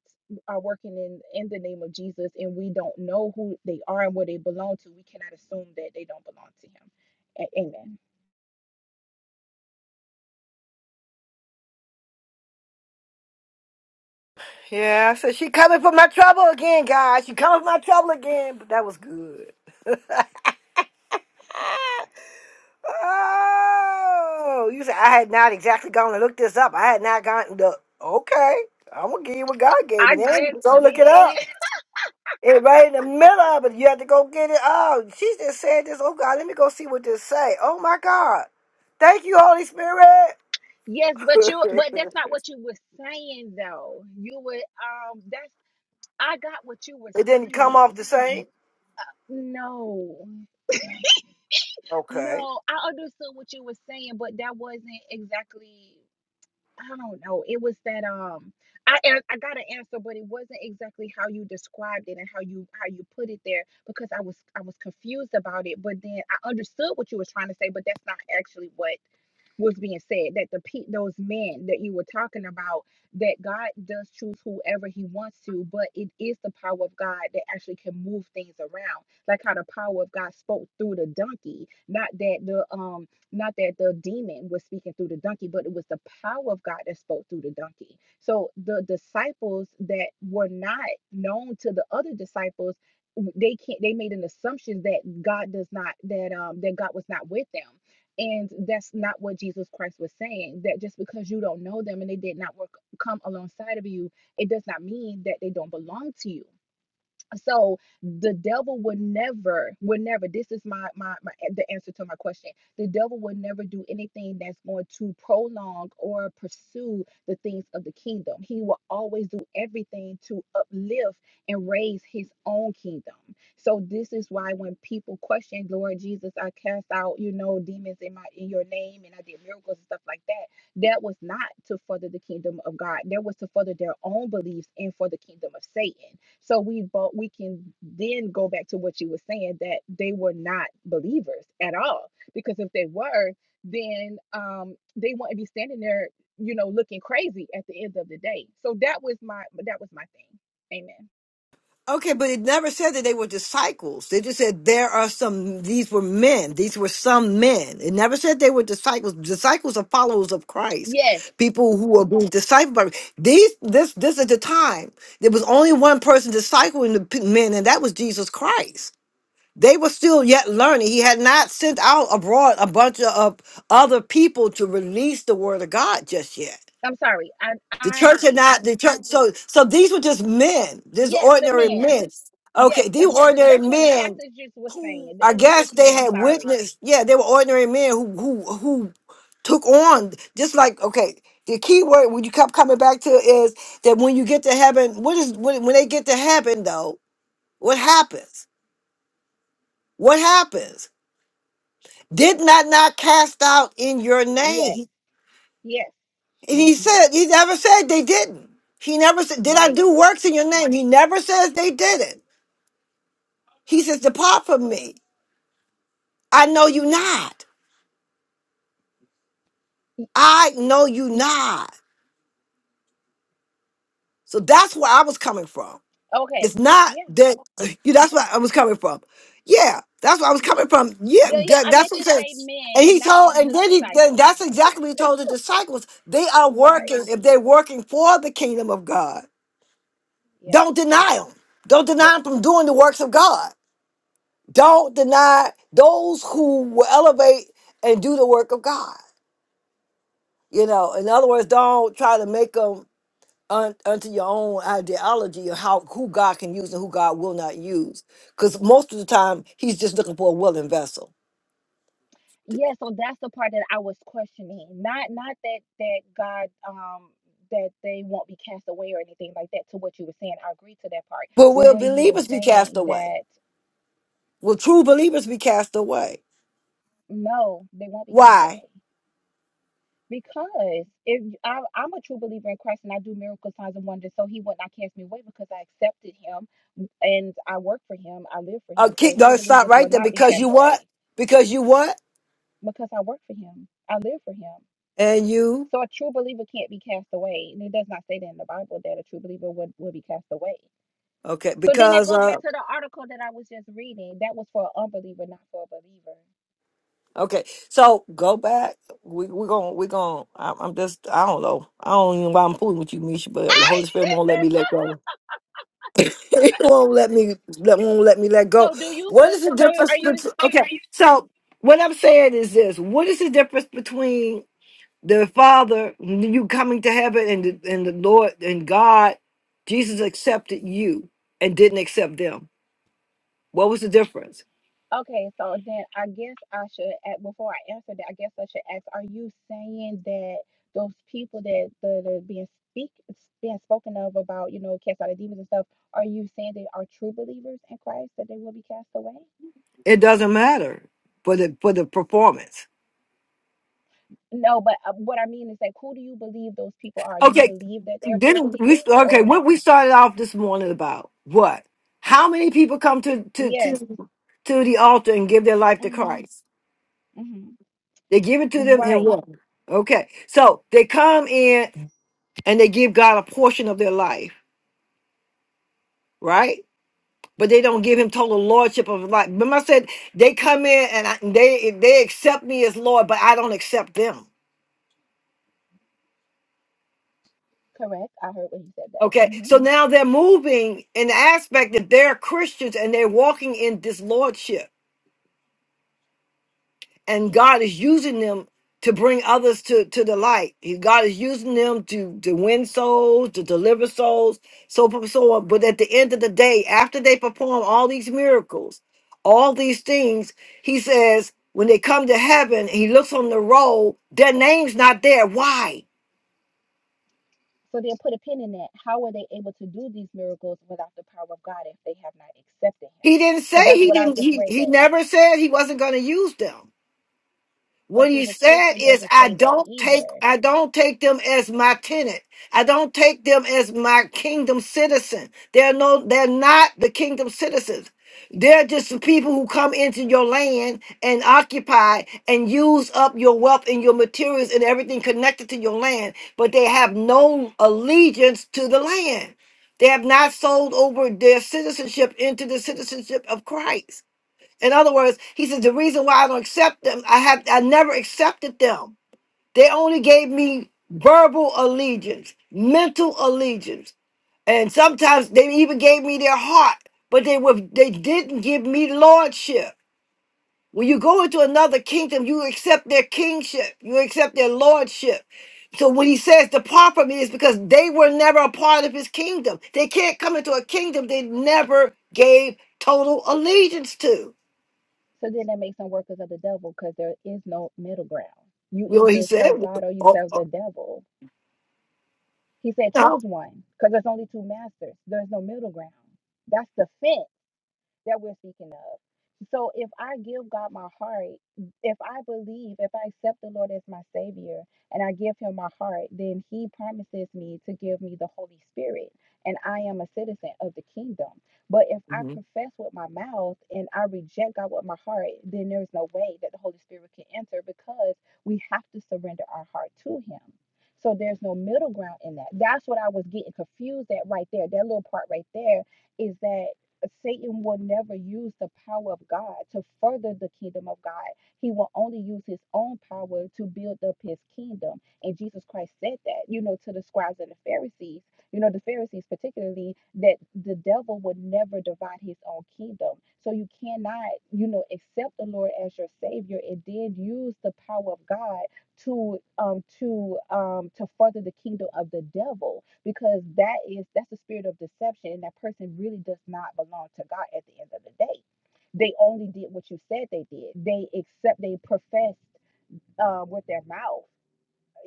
[SPEAKER 3] are working in in the name of Jesus and we don't know who they are and where they belong to, we cannot assume that they don't belong to him. A- amen.
[SPEAKER 1] Yeah, I said she coming for my trouble again, guys. She coming for my trouble again. But that was good. Oh, you said I had not exactly gone and looked this up. I had not gotten the okay. I'm gonna give you what God gave me.
[SPEAKER 3] I
[SPEAKER 1] Then
[SPEAKER 3] just
[SPEAKER 1] go look it up.
[SPEAKER 3] did.
[SPEAKER 1] It right in the middle of it. You have to go get it. Oh, she just said this. Oh God, let me go see what this say. Oh my God, thank you, Holy Spirit.
[SPEAKER 3] Yes, but you but
[SPEAKER 1] it
[SPEAKER 3] that's not what you were saying though. You were um that's I got what you were
[SPEAKER 1] didn't come off
[SPEAKER 3] saying.
[SPEAKER 1] the same.
[SPEAKER 3] No.
[SPEAKER 1] Okay.
[SPEAKER 3] No, I understood what you were saying, but that wasn't exactly I don't know. It was that um I I I got an answer, but it wasn't exactly how you described it and how you how you put it there because I was I was confused about it, but then I understood what you were trying to say, but that's not actually what was being said that the pe- those men that you were talking about that God does choose whoever he wants to but it is the power of God that actually can move things around like how the power of God spoke through the donkey not that the um not that the demon was speaking through the donkey, but it was the power of God that spoke through the donkey. So the disciples that were not known to the other disciples, they can't they made an assumption that God does not that um that God was not with them. And that's not what Jesus Christ was saying. That just because you don't know them and they did not work come alongside of you, it does not mean that they don't belong to you so the devil would never would never this is my, my my the answer to my question the devil would never do anything that's going to prolong or pursue the things of the kingdom he will always do everything to uplift and raise his own kingdom so this is why when people question lord jesus i cast out you know demons in my in your name and i did miracles and stuff like that that was not to further the kingdom of god that was to further their own beliefs and for the kingdom of satan so we both we can then go back to what you were saying that they were not believers at all. Because if they were, then um they wouldn't be standing there, you know, looking crazy at the end of the day. So that was my that was my thing. Amen.
[SPEAKER 1] Okay, but it never said that they were disciples. They just said there are some, these were men. These were some men. It never said they were disciples. Disciples are followers of Christ.
[SPEAKER 3] Yes.
[SPEAKER 1] People who are being discipled by these, this, this at the time, there was only one person discipling the p- men, and that was Jesus Christ. They were still yet learning. He had not sent out abroad a bunch of other people to release the word of God just yet.
[SPEAKER 3] I'm sorry. I
[SPEAKER 1] The
[SPEAKER 3] I
[SPEAKER 1] church are not the church. So so these were just men, just
[SPEAKER 3] yes, the
[SPEAKER 1] ordinary
[SPEAKER 3] men.
[SPEAKER 1] men.
[SPEAKER 3] Yes,
[SPEAKER 1] Okay, these
[SPEAKER 3] that's
[SPEAKER 1] were
[SPEAKER 3] what the
[SPEAKER 1] ordinary
[SPEAKER 3] that's what the
[SPEAKER 1] men
[SPEAKER 3] passages just was
[SPEAKER 1] who
[SPEAKER 3] saying.
[SPEAKER 1] I
[SPEAKER 3] It was
[SPEAKER 1] guess
[SPEAKER 3] just
[SPEAKER 1] they
[SPEAKER 3] men. I'm
[SPEAKER 1] had
[SPEAKER 3] sorry.
[SPEAKER 1] witnessed. Yeah, they were ordinary men who who who took on just like okay. The key word when you kept coming back to is that when you get to heaven, what is when, when they get to heaven though? What happens? What happens? Did not not cast out in your
[SPEAKER 3] Yes.
[SPEAKER 1] name?
[SPEAKER 3] Yes.
[SPEAKER 1] And he
[SPEAKER 3] Yes.
[SPEAKER 1] said, he never said they didn't. He never said, Did I
[SPEAKER 3] Right.
[SPEAKER 1] do works in your name? He never says they didn't. He says, Depart from me. I know you not. I know you not. So that's where I was coming from.
[SPEAKER 3] Okay.
[SPEAKER 1] It's not
[SPEAKER 3] Yeah.
[SPEAKER 1] that you that's where I was coming from.
[SPEAKER 3] Yeah.
[SPEAKER 1] Yeah, that's where I was coming from. Yeah,
[SPEAKER 3] Yeah, yeah.
[SPEAKER 1] that-
[SPEAKER 3] I
[SPEAKER 1] that's
[SPEAKER 3] meant
[SPEAKER 1] what he
[SPEAKER 3] to say
[SPEAKER 1] says. And
[SPEAKER 3] men and
[SPEAKER 1] he
[SPEAKER 3] not
[SPEAKER 1] told,
[SPEAKER 3] the
[SPEAKER 1] and then he then
[SPEAKER 3] disciples.
[SPEAKER 1] that's exactly what he told the disciples. They are working,
[SPEAKER 3] Right.
[SPEAKER 1] if they're working for the kingdom of God,
[SPEAKER 3] Yeah.
[SPEAKER 1] don't deny them. Don't deny
[SPEAKER 3] Right.
[SPEAKER 1] them from doing the works of God don't deny those who will elevate and do the work of God. You know, in other words, don't try to make them un- unto your own ideology of how who God can use and who God will not use. Because most of the time, He's just looking for a willing vessel.
[SPEAKER 3] Yeah, so that's the part that I was questioning. Not not that that God um that they won't be cast away or anything like that to what you were saying. I agree to that part.
[SPEAKER 1] But
[SPEAKER 3] Well
[SPEAKER 1] will
[SPEAKER 3] where you were
[SPEAKER 1] believers be cast
[SPEAKER 3] saying
[SPEAKER 1] away?
[SPEAKER 3] that
[SPEAKER 1] Will true believers be cast away?
[SPEAKER 3] no, they won't be cast
[SPEAKER 1] Why?
[SPEAKER 3] away. Because if i I, I'm a true believer in Christ and I do miracle signs and wonders, so he would not cast me away because I accepted him and I work for him, I live for
[SPEAKER 1] Uh,
[SPEAKER 3] him. So
[SPEAKER 1] keep,
[SPEAKER 3] true
[SPEAKER 1] don't stop
[SPEAKER 3] believers
[SPEAKER 1] right
[SPEAKER 3] will
[SPEAKER 1] there
[SPEAKER 3] not be
[SPEAKER 1] because
[SPEAKER 3] cast
[SPEAKER 1] you what?
[SPEAKER 3] away
[SPEAKER 1] Because you what?
[SPEAKER 3] because I work for him. I live for him.
[SPEAKER 1] And you
[SPEAKER 3] So a true believer can't be cast away. And it does not say that in the Bible that a true believer would, would be cast away.
[SPEAKER 1] okay?
[SPEAKER 3] So then that
[SPEAKER 1] Because
[SPEAKER 3] goes
[SPEAKER 1] uh,
[SPEAKER 3] back to the article that I was just reading. That was for an unbeliever, not for a believer.
[SPEAKER 1] Okay, so go back. We we gon' we gon' I'm, I'm just I don't know. I don't even know why I'm fooling with you, Misha, but the Holy Spirit won't let me let go. He won't let me let won't let me let go.
[SPEAKER 3] So do you
[SPEAKER 1] What is
[SPEAKER 3] be-
[SPEAKER 1] the
[SPEAKER 3] so
[SPEAKER 1] difference
[SPEAKER 3] are you
[SPEAKER 1] between?
[SPEAKER 3] saying
[SPEAKER 1] Okay, so what I'm saying is this: What is the difference between the Father, you coming to heaven, and the, and the Lord and God, Jesus accepted you and didn't accept them? What was the difference?
[SPEAKER 3] Okay, so then I guess I should, a- before I answer that, I guess I should ask, are you saying that those people that that are being speak being spoken of about, you know, cast out of demons and stuff, are you saying they are true believers in Christ that they will be cast away?
[SPEAKER 1] It doesn't matter for the for the performance.
[SPEAKER 3] No, but uh, what I mean is like, who do you believe those people are? Do you
[SPEAKER 1] Okay,
[SPEAKER 3] believe that they're true
[SPEAKER 1] then we
[SPEAKER 3] believers or
[SPEAKER 1] okay.
[SPEAKER 3] no?
[SPEAKER 1] What we started off this morning about what? How many people come to to
[SPEAKER 3] Yes.
[SPEAKER 1] to to the altar and give their life to
[SPEAKER 3] Mm-hmm.
[SPEAKER 1] Christ?
[SPEAKER 3] Mm-hmm.
[SPEAKER 1] They give it to them in
[SPEAKER 3] Right.
[SPEAKER 1] what? Okay, so they come in and they give God a portion of their life, right? But they don't give Him total lordship of life. Remember, I said they come in and I, they they accept me as Lord, but I don't accept them.
[SPEAKER 3] Correct. I heard when you said that.
[SPEAKER 1] Okay,
[SPEAKER 3] Mm-hmm.
[SPEAKER 1] so now they're moving in the aspect that they're Christians and they're walking in this lordship and God is using them to bring others to to the light. He- God is using them to to win souls, to deliver souls, so forth and so on. But at the end of the day, after they perform all these miracles, all these things, He says, when they come to heaven, and He looks on the roll. Their name's not there. Why?
[SPEAKER 3] So they'll put a pin in that. How were they able to do these miracles without the power of God if they have not accepted Him?
[SPEAKER 1] He didn't
[SPEAKER 3] Because
[SPEAKER 1] say
[SPEAKER 3] that's
[SPEAKER 1] he
[SPEAKER 3] what I
[SPEAKER 1] didn't.
[SPEAKER 3] just
[SPEAKER 1] He
[SPEAKER 3] read
[SPEAKER 1] he
[SPEAKER 3] that.
[SPEAKER 1] never said he wasn't going to use them.
[SPEAKER 3] But
[SPEAKER 1] What
[SPEAKER 3] see,
[SPEAKER 1] he
[SPEAKER 3] the
[SPEAKER 1] said
[SPEAKER 3] scripture
[SPEAKER 1] is,
[SPEAKER 3] doesn't
[SPEAKER 1] I
[SPEAKER 3] say that
[SPEAKER 1] don't
[SPEAKER 3] either.
[SPEAKER 1] take, I don't take them as my tenant. I don't take them as my kingdom citizen. They're no, they're not the kingdom citizens. They're just the people who come into your land and occupy and use up your wealth and your materials and everything connected to your land, but they have no allegiance to the land. They have not sold over their citizenship into the citizenship of Christ. In other words, he says the reason why I don't accept them, I have I never accepted them. They only gave me verbal allegiance, mental allegiance, and sometimes they even gave me their heart, but they were they didn't give me lordship. When you go into another kingdom, you accept their kingship, you accept their lordship. So when he says depart from me, it's because they were never a part of his kingdom. They can't come into a kingdom they never gave total allegiance to.
[SPEAKER 3] So then that makes them workers of the devil because there is no middle ground. You
[SPEAKER 1] You know, what he
[SPEAKER 3] either
[SPEAKER 1] said,
[SPEAKER 3] serve God or you
[SPEAKER 1] oh,
[SPEAKER 3] serve the
[SPEAKER 1] oh,
[SPEAKER 3] devil. He said,
[SPEAKER 1] no.
[SPEAKER 3] choose one because there's only two masters. There's no middle ground. That's the fence. that we're seeking of. So if I give God my heart, if I believe, if I accept the Lord as my Savior and I give Him my heart, then He promises me to give me the Holy Spirit. And I am a citizen of the kingdom. But if I profess with my mouth and I reject God with my heart, then there's no way that the Holy Spirit can enter because we have to surrender our heart to Him. So there's no middle ground in that. That's what I was getting confused at right there. That little part right there is that Satan will never use the power of God to further the kingdom of God. He will only use his own power to build up his kingdom. And Jesus Christ said that, you know, to the scribes and the Pharisees, you know, the Pharisees particularly, that the devil would never divide his own kingdom. So you cannot, you know, accept the Lord as your savior and then use the power of God to um to um to further the kingdom of the devil because that is that's the spirit of deception and that person really does not belong to God at the end of the day. They only did what you said they did. They accept they professed uh, with their mouth,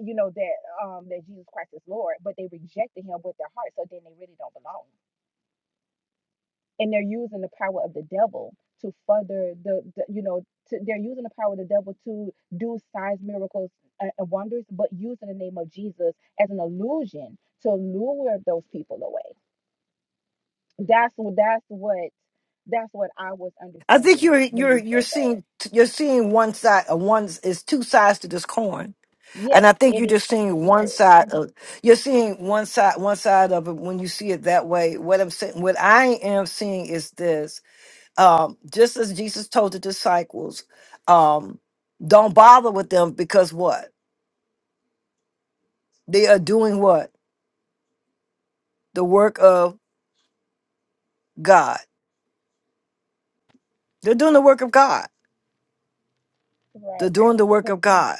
[SPEAKER 3] you know that um that Jesus Christ is Lord, but they rejected him with their heart. So then they really don't belong and they're using the power of the devil to further the, the you know to, they're using the power of the devil to do signs miracles and and wonders but using the name of jesus as an illusion to lure those people away that's what that's what that's what i was
[SPEAKER 1] I think
[SPEAKER 3] understanding
[SPEAKER 1] you're
[SPEAKER 3] when
[SPEAKER 1] you're
[SPEAKER 3] you
[SPEAKER 1] you're
[SPEAKER 3] said that
[SPEAKER 1] seeing you're seeing one side. Uh, one is two sides to this coin.
[SPEAKER 3] yes
[SPEAKER 1] And I think
[SPEAKER 3] it
[SPEAKER 1] you're just seeing one
[SPEAKER 3] is
[SPEAKER 1] side of you're seeing one side one side of it when you see it that way. What I'm saying, what I am seeing is this: um, just as Jesus told the disciples, um, don't bother with them because what they are doing, what the work of God. They're doing the work of God. They're
[SPEAKER 3] right
[SPEAKER 1] doing the work
[SPEAKER 3] but
[SPEAKER 1] of God.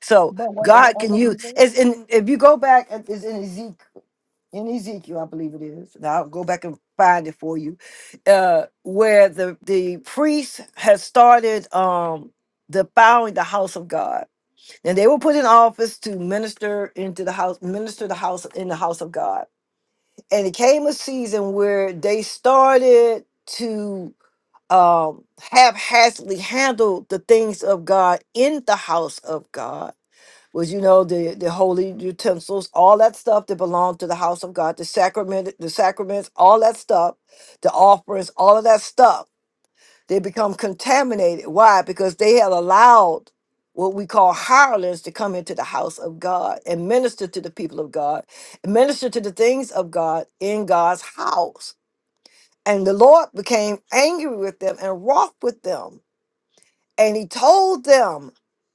[SPEAKER 1] So
[SPEAKER 3] but were they
[SPEAKER 1] God can use.
[SPEAKER 3] unbelievers
[SPEAKER 1] It's in, if you go back, it's in Ezekiel. in Ezekiel, I believe it is. Now I'll go back and find it for you, uh, where the the priest has started um defiling the house of God, and they were put in office to minister into the house, minister the house in the house of God. And it came a season where they started to um haphazardly handle the things of God in the house of God was you know the the holy utensils all that stuff that belonged to the house of god the sacrament the sacraments all that stuff the offerings all of that stuff they become contaminated why because they had allowed what we call hirelings to come into the house of god and minister to the people of god minister to the things of god in god's house and the lord became angry with them and wroth with them and he told them,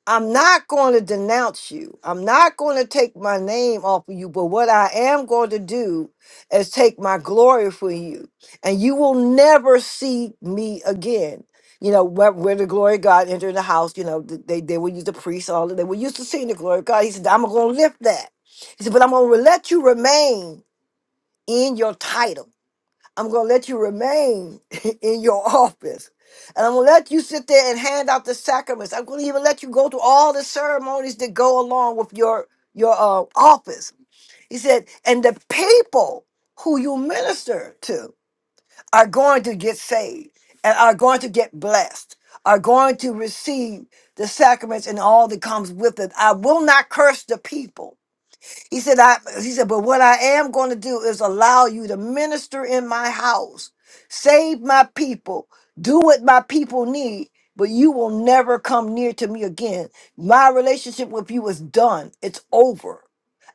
[SPEAKER 1] I'm not going to denounce you. I'm not going to take my name off of you, but what I am going to do is take my glory for you. And you will never see me again. You know, where, where the glory of God entered the house, you know, th- they, they would use the priests, all that. They were used to seeing the glory of God. He said, I'm going to lift that. He said, but I'm going to let you remain in your title. I'm going to let you remain in your office. And I'm going to let you sit there and hand out the sacraments. I'm going to even let you go through all the ceremonies that go along with your your uh, office. He said, and the people who you minister to are going to get saved and are going to get blessed, are going to receive the sacraments and all that comes with it. I will not curse the people. He said, I he said, but what I am going to do is allow you to minister in my house, save my people, do what my people need, but you will never come near to me again. My relationship with you is done. It's over.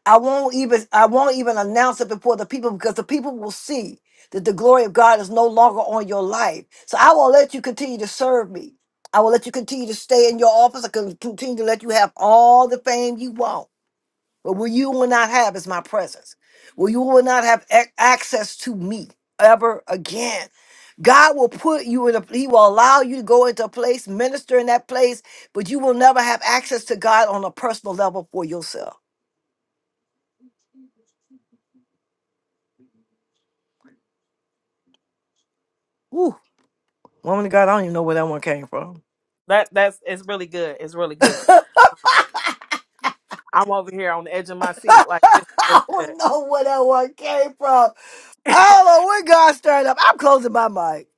[SPEAKER 1] I won't even I won't even announce it before the people because the people will see that the glory of God is no longer on your life. So I will let you continue to serve me. I will let you continue to stay in your office. I can continue to let you have all the fame you want. But what you will not have is my presence. Well, you will not have ac- access to me ever again. God will put you in a, he will allow you to go into a place, minister in that place, but you will never have access to God on a personal level for yourself. Woo. Woman of God, I don't even know where that one came from.
[SPEAKER 4] That that's it's really good. It's really good. I'm over here on the edge of my seat. Like this is really
[SPEAKER 1] I don't
[SPEAKER 4] good.
[SPEAKER 1] know where that one came from. I don't know where God started up. I'm closing my mic.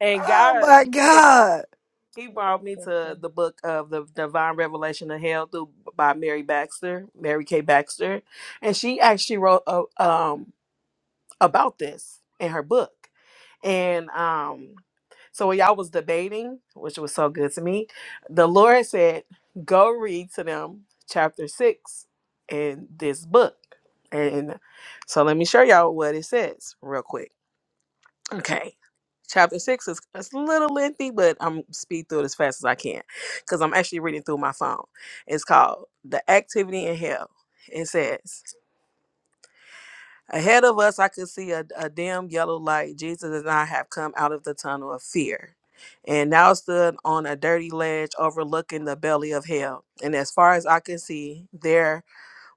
[SPEAKER 4] And
[SPEAKER 1] Oh
[SPEAKER 4] God
[SPEAKER 1] my
[SPEAKER 4] he said
[SPEAKER 1] God.
[SPEAKER 4] he
[SPEAKER 3] read the
[SPEAKER 4] brought me to
[SPEAKER 3] scripture
[SPEAKER 4] the book of the Divine Revelation of Hell through by Mary Baxter, Mary K. Baxter. And she actually wrote a, um about this in her book. And um, so when y'all was debating, which was so good to me, the Lord said, Go read to them chapter six in this book. And so let me show y'all what it says real quick. Okay. Chapter six is it's a little lengthy, but I'm speed through it as fast as I can because I'm actually reading through my phone. It's called The Activity in Hell. It says, Ahead of us, I could see a, a dim yellow light. Jesus and I have come out of the tunnel of fear and now stood on a dirty ledge overlooking the belly of hell. And as far as I could see, there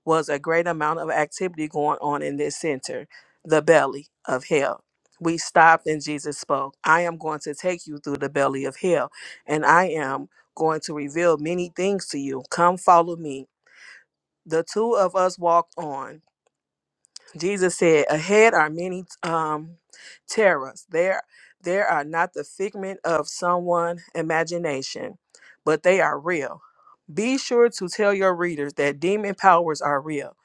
[SPEAKER 4] was a great amount of activity going on in this center, the belly of hell. We stopped and Jesus spoke. I am going to take you through the belly of hell, and I am going to reveal many things to you. Come follow me. The two of us walked on. Jesus said, "Ahead are many um, terrors. There, there are not the figment of someone' imagination, but they are real. Be sure to tell your readers that demon powers are real.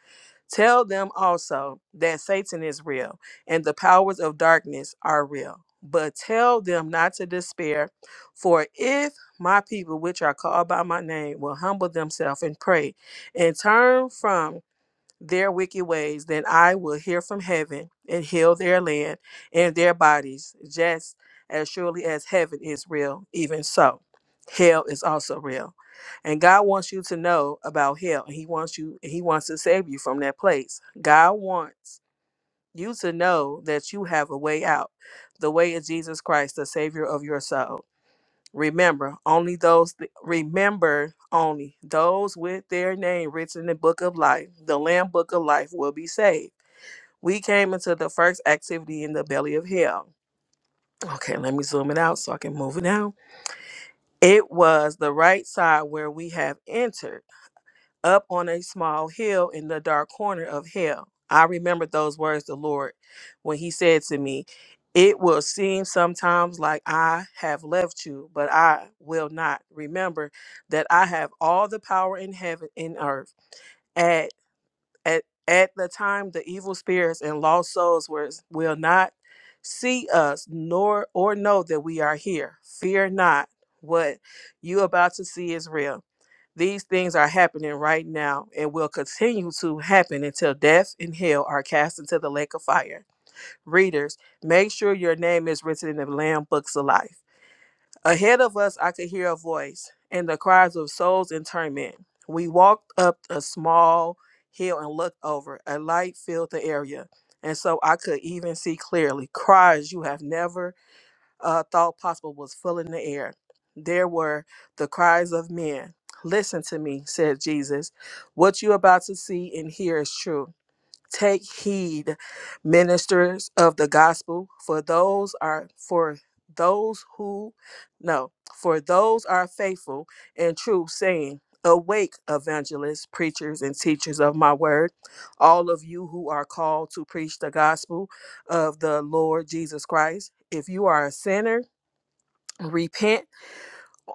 [SPEAKER 4] Tell them also that Satan is real and the powers of darkness are real. But tell them not to despair, for if my people, which are called by my name, will humble themselves and pray, and turn from." their wicked ways, then I will hear from heaven and heal their land and their bodies, just as surely as heaven is real, even so. Hell is also real. And God wants you to know about hell. And He wants you, He wants to save you from that place. God wants you to know that you have a way out. The way is Jesus Christ, the Savior of your soul. Remember only those th- remember only those with their name written in the book of life, the Lamb book of life will be saved. We came into the first activity in the belly of hell. Okay, let me zoom it out so I can move it down. It was the right side where we have entered up on a small hill in the dark corner of hell. I remembered those words, the Lord, when He said to me, It will seem sometimes like I have left you, but I will not. Remember that I have all the power in heaven and earth. At, at, at the time, the evil spirits and lost souls were, will not see us nor or know that we are here. Fear not. What you about to see is real. These things are happening right now and will continue to happen until death and hell are cast into the lake of fire. Readers, make sure your name is written in the Lamb books of life. Ahead of us, I could hear a voice and the cries of souls in torment. We walked up a small hill and looked over. A light filled the area, and so I could even see clearly. Cries you have never uh, thought possible was full in the air. There were the cries of men. Listen to me, said Jesus. What you are about to see and hear is true. Take heed, ministers of the gospel, for those are for those who no, for those are faithful and true, saying, Awake, evangelists, preachers, and teachers of my word, all of you who are called to preach the gospel of the Lord Jesus Christ. If you are a sinner, repent,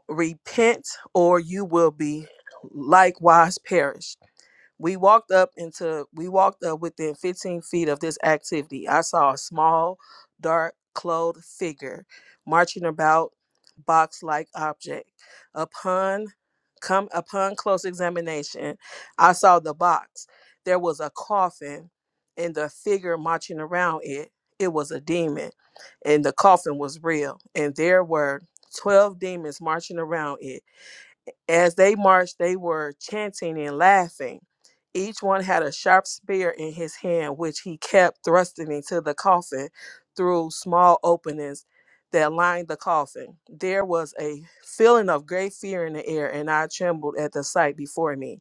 [SPEAKER 4] repent, or you will be likewise perish. We walked up into we walked up within 15 feet of this activity. I saw a small, dark, clothed figure marching about box-like object. Upon come upon close examination, I saw the box. There was a coffin and the figure marching around it. It was a demon, and the coffin was real, and there were 12 demons marching around it as they marched, they were chanting and laughing. Each one had a sharp spear in his hand, which he kept thrusting into the coffin through small openings that lined the coffin. There was a feeling of great fear in the air, and I trembled at the sight before me.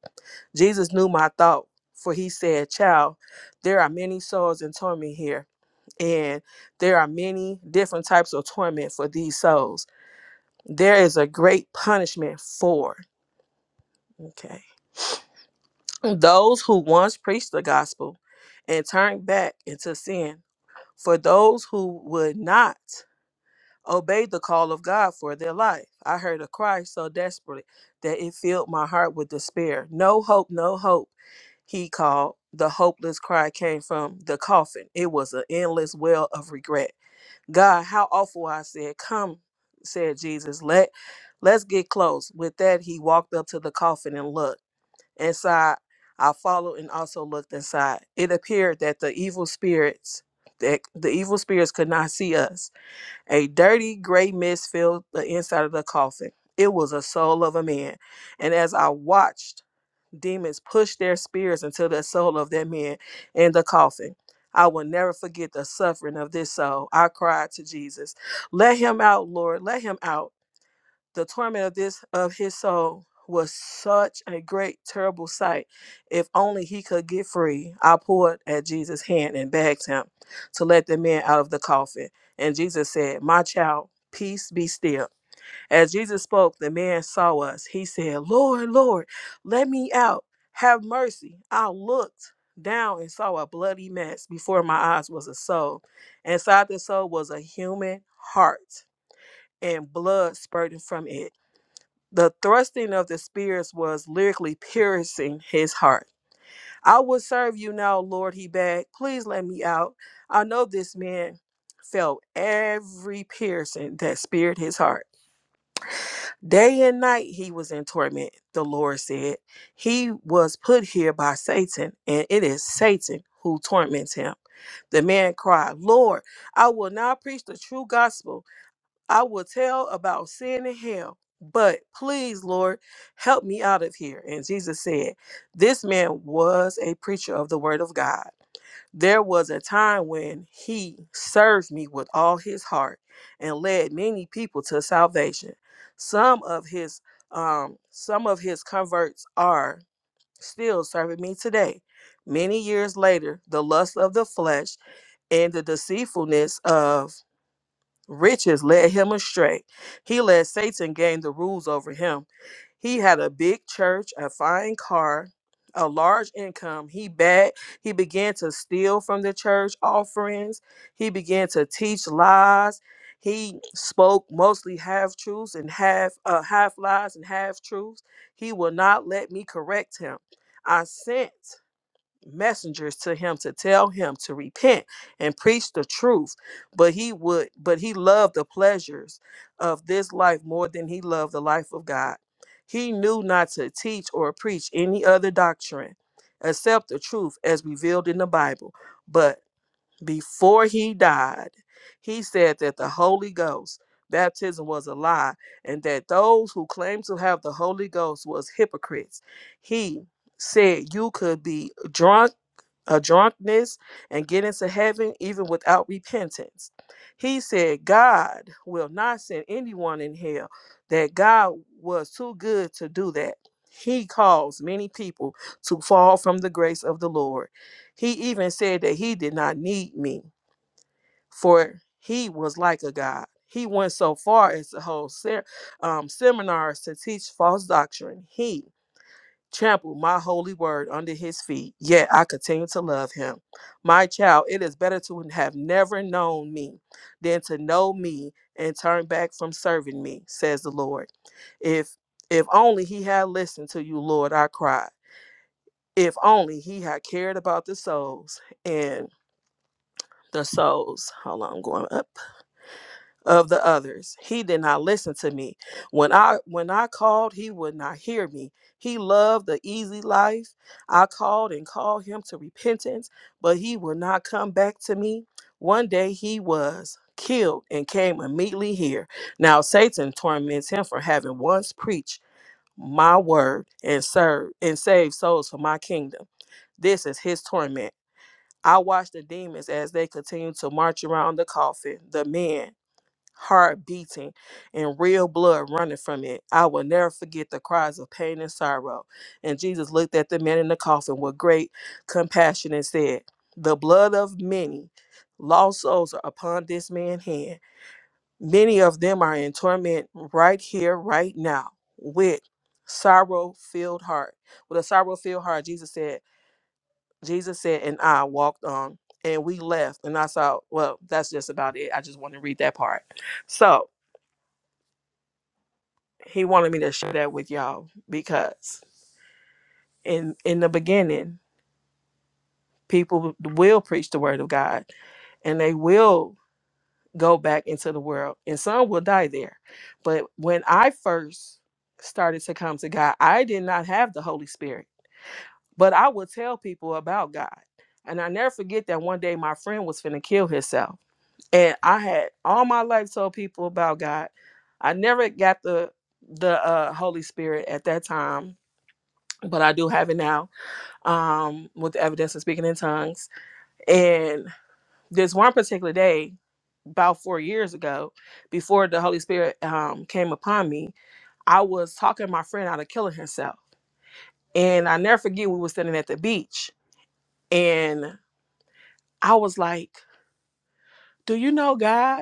[SPEAKER 4] Jesus knew my thought, for he said, Child, there are many souls in torment here, and there are many different types of torment for these souls. There is a great punishment for. Okay those who once preached the gospel and turned back into sin, for those who would not obey the call of God for their life. I heard a cry so desperate that it filled my heart with despair. No hope, no hope, he called. The hopeless cry came from the coffin. It was an endless well of regret. God, how awful I said, come, said Jesus, let let's get close. With that he walked up to the coffin and looked. Inside, I followed and also looked inside. It appeared that the evil spirits that the evil spirits could not see us. A dirty gray mist filled the inside of the coffin. It was a soul of a man. And as I watched, demons pushed their spears into the soul of that man in the coffin. I will never forget the suffering of this soul. I cried to Jesus, Let him out, Lord, let him out the torment of this of his soul was such a great terrible sight if only he could get free i pulled at jesus hand and begged him to let the man out of the coffin and jesus said my child peace be still as jesus spoke the man saw us he said lord lord let me out have mercy i looked down and saw a bloody mess before my eyes was a soul inside the soul was a human heart and blood spurting from it the thrusting of the spears was lyrically piercing his heart. I will serve you now, Lord, he begged. Please let me out. I know this man felt every piercing that speared his heart. Day and night he was in torment, the Lord said. He was put here by Satan, and it is Satan who torments him. The man cried, Lord, I will now preach the true gospel. I will tell about sin and hell, but please, Lord, help me out of here. And Jesus said, This man was a preacher of the word of God. There was a time when he served me with all his heart and led many people to salvation. Some of his um some of his converts are still serving me today. Many years later, the lust of the flesh and the deceitfulness of Riches led him astray. He let Satan gain the rules over him. He had a big church, a fine car, a large income. He bad. He began to steal from the church offerings. He began to teach lies. He spoke mostly half truths and half uh, half lies and half truths. He will not let me correct him. I sent messengers to him to tell him to repent and preach the truth but he would but he loved the pleasures of this life more than he loved the life of god he knew not to teach or preach any other doctrine except the truth as revealed in the bible but before he died he said that the holy ghost baptism was a lie and that those who claimed to have the holy ghost was hypocrites he said you could be drunk a drunkenness and get into heaven even without repentance. He said, God will not send anyone in hell, that God was too good to do that. He caused many people to fall from the grace of the Lord. He even said that he did not need me, for he was like a God. He went so far as to hold ser- um, seminars to teach false doctrine. He trample my holy word under his feet, yet I continue to love him. My child, it is better to have never known me than to know me and turn back from serving me, says the Lord. If if only he had listened to you, Lord, I cried. If only he had cared about the souls and the souls. Hold on, I'm going up of the others. He did not listen to me. When I when I called, he would not hear me. He loved the easy life. I called and called him to repentance, but he would not come back to me. One day he was killed and came immediately here. Now Satan torments him for having once preached my word and served and saved souls for my kingdom. This is his torment. I watch the demons as they continue to march around the coffin, the men heart beating and real blood running from it. I will never forget the cries of pain and sorrow. And Jesus looked at the man in the coffin with great compassion and said, The blood of many lost souls are upon this man's hand. Many of them are in torment right here, right now, with sorrow filled heart. With a sorrow filled heart, Jesus said, Jesus said, and I walked on. And we left, and I saw, well, that's just about it. I just want to read that part. So, he wanted me to share that with y'all because in in the beginning people will preach the word of god and they will go back into the world and some will die there but when i first started to come to god i did not have the holy spirit but i would tell people about god and i never forget that one day my friend was finna kill herself and i had all my life told people about god i never got the the uh, holy spirit at that time but i do have it now um, with the evidence of speaking in tongues. And this one particular day, about four years ago, before the Holy Spirit um, came upon me, I was talking my friend out of killing herself. And I never forget we were standing at the beach and I was like, Do you know God?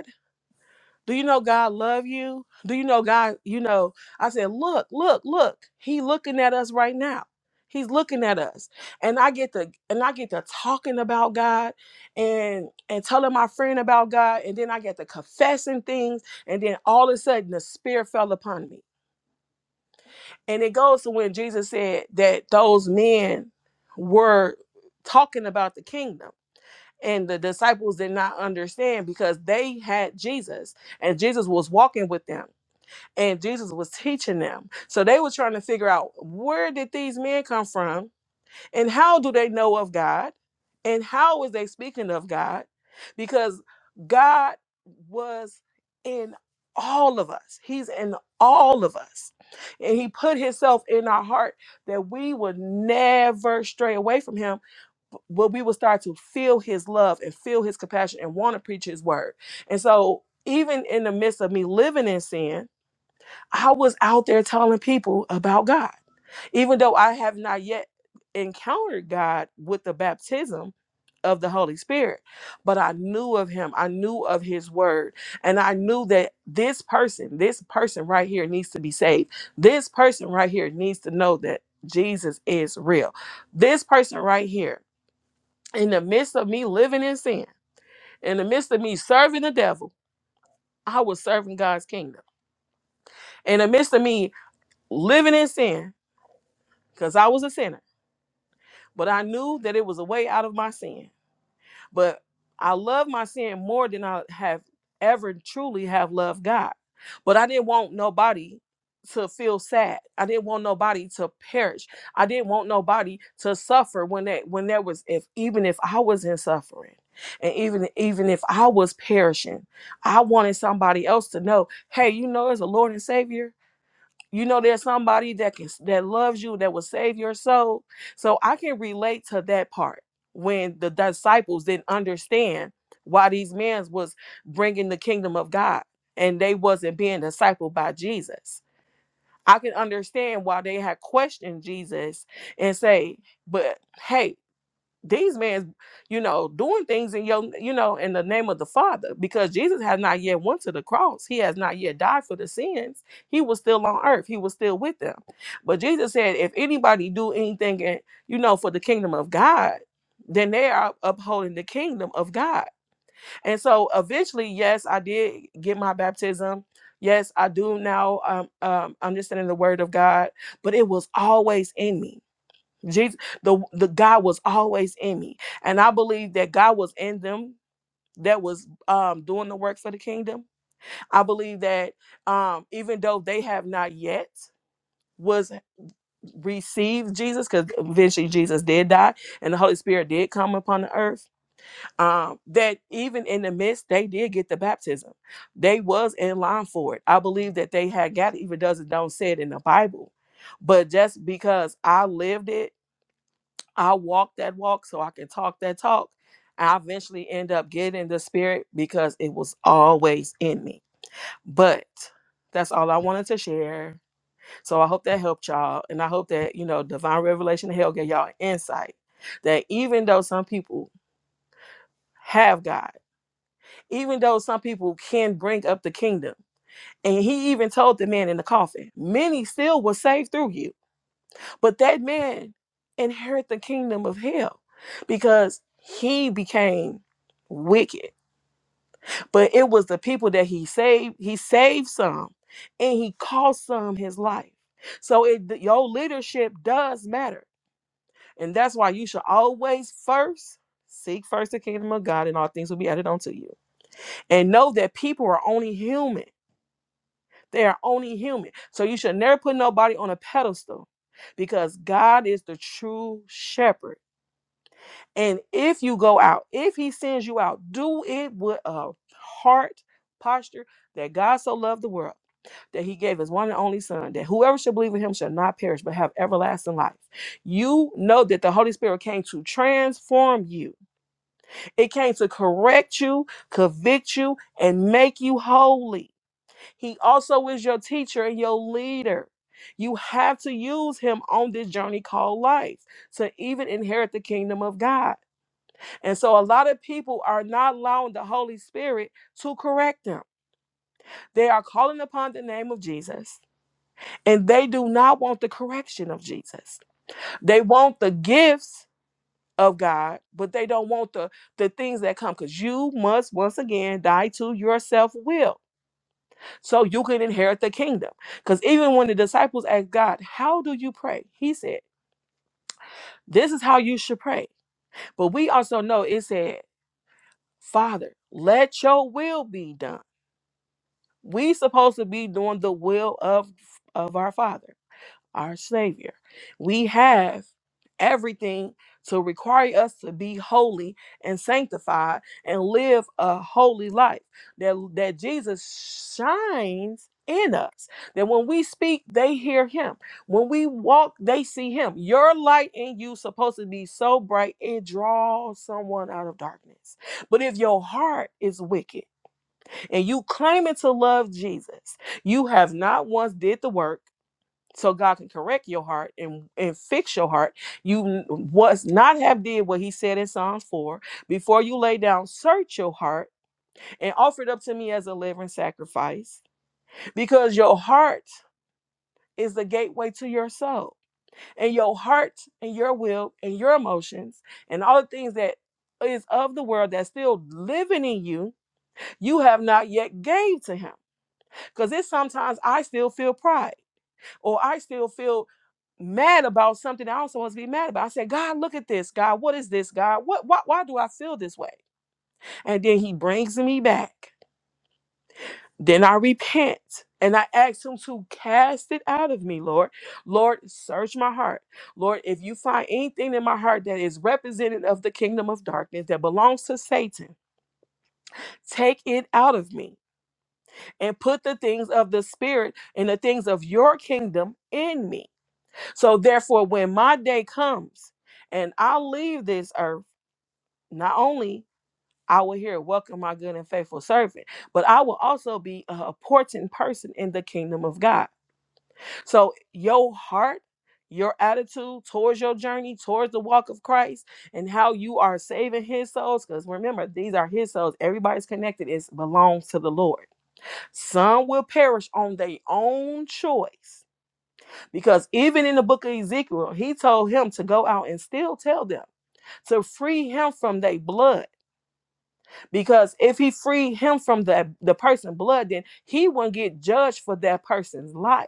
[SPEAKER 4] Do you know God love you? Do you know God, you know, I said, look, look, look. He looking at us right now. He's looking at us. And I get to and I get to talking about God and and telling my friend about God. And then I get to confessing things. And then all of a sudden the spirit fell upon me. And it goes to when Jesus said that those men were talking about the kingdom. And the disciples did not understand because they had Jesus and Jesus was walking with them and Jesus was teaching them. So they were trying to figure out where did these men come from and how do they know of God and how is they speaking of God? Because God was in all of us. He's in all of us. And he put himself in our heart that we would never stray away from him but we will start to feel his love and feel his compassion and want to preach his word. And so even in the midst of me living in sin, I was out there telling people about God. Even though I have not yet encountered God with the baptism of the Holy Spirit, but I knew of him. I knew of his word. And I knew that this person, this person right here needs to be saved. This person right here needs to know that Jesus is real. This person right here, in the midst of me living in sin, in the midst of me serving the devil, I was serving God's kingdom. In the midst of me living in sin, because I was a sinner. But I knew that it was a way out of my sin. But I loved my sin more than I have ever truly have loved God. But I didn't want nobody to feel sad. I didn't want nobody to perish. I didn't want nobody to suffer when that when there was if even if I was in suffering and even even if I was perishing, I wanted somebody else to know, hey, you know, as a Lord and Savior, you know, there's somebody that can that loves you that will save your soul. So I can relate to that part when the disciples didn't understand why these men was bringing the kingdom of God and they wasn't being discipled by Jesus. I can understand why they had questioned Jesus and say, "But hey, these men, you know, doing things in your, you know, in the name of the Father, because Jesus has not yet went to the cross. He has not yet died for the sins. He was still on earth. He was still with them. But Jesus said, if anybody do anything, in, you know, for the kingdom of God, then they are upholding the kingdom of God. And so eventually, yes, I did get my baptism. Yes, I do now. Um, um, understanding the word of God, but it was always in me Jesus, the the God was always in me, and I believe that God was in them that was um doing the works of the kingdom. I believe that um even though they have not yet was received Jesus, because eventually Jesus did die, and the Holy Spirit did come upon the earth. Um, that even in the midst, they did get the baptism. They was in line for it. I believe that they had got it, even does it don't say it in the Bible. But just because I lived it I walk that walk so I can talk that talk. I eventually end up getting the spirit because it was always in me. But that's all I wanted to share. So I hope that helped y'all. And I hope that, you know, divine revelation of hell gave y'all insight that even though some people have God, even though some people can bring up the kingdom, and he even told the man in the coffin, many still will save through you But that man inherit the kingdom of hell because he became wicked. But it was the people that he saved. He saved some and he cost some his life. So it your leadership does matter. And that's why you should always first seek first the kingdom of God and all things will be added unto you. And know that people are only human. They are only human. So you should never put nobody on a pedestal because God is the true shepherd And if you go out, if he sends you out, do it with a heart posture that God so loved the world that he gave his one and only son, that whoever should believe in him shall not perish but have everlasting life. You know that the Holy Spirit came to transform you, it came to correct you, convict you, and make you holy. He also is your teacher and your leader. You have to use him on this journey called life to even inherit the kingdom of God. And so a lot of people are not allowing the Holy Spirit to correct them. They are calling upon the name of Jesus and they do not want the correction of Jesus. They want the gifts of God, but they don't want the the things that come cuz you must once again die to your self-will so you can inherit the kingdom. Cuz even when the disciples asked God, "How do you pray?" He said, "This is how you should pray." But we also know it said, "Father, let your will be done." We supposed to be doing the will of of our Father, our Savior. We have everything to require us to be holy and sanctified and live a holy life. That that Jesus shines in us. That when we speak, they hear him. When we walk, they see him. Your light in you supposed to be so bright it draws someone out of darkness. But if your heart is wicked, and you claiming to love Jesus, you have not once did the work so God can correct your heart and, and fix your heart. You n- was not have did what he said in Psalms 4. Before you lay down, search your heart and offer it up to me as a living sacrifice. Because your heart is the gateway to your soul. And your heart and your will and your emotions and all the things that is of the world that's still living in you, you have not yet gave to him. Because it's sometimes I still feel pride or I still feel mad about something I don't supposed to be mad about. I said, God, look at this. God, what is this? God, what, why, why do I feel this way? And then he brings me back. Then I repent and I ask him to cast it out of me, Lord. Lord, search my heart. Lord, if you find anything in my heart that is representative of the kingdom of darkness that belongs to Satan, take it out of me and put the things of the spirit and the things of your kingdom in me So therefore, when my day comes and I leave this earth, not only I will hear welcome my good and faithful servant, but I will also be a important person in the kingdom of God. So your heart, your attitude towards your journey, towards the walk of Christ, and how you are saving his souls, because remember, these are his souls. Everybody's connected, it belongs to the Lord. Some will perish on their own choice because even in the book of Ezekiel, he told him to go out and still tell them to free him from their blood. Because if he freed him from the, the person's blood, then he wouldn't get judged for that person's life.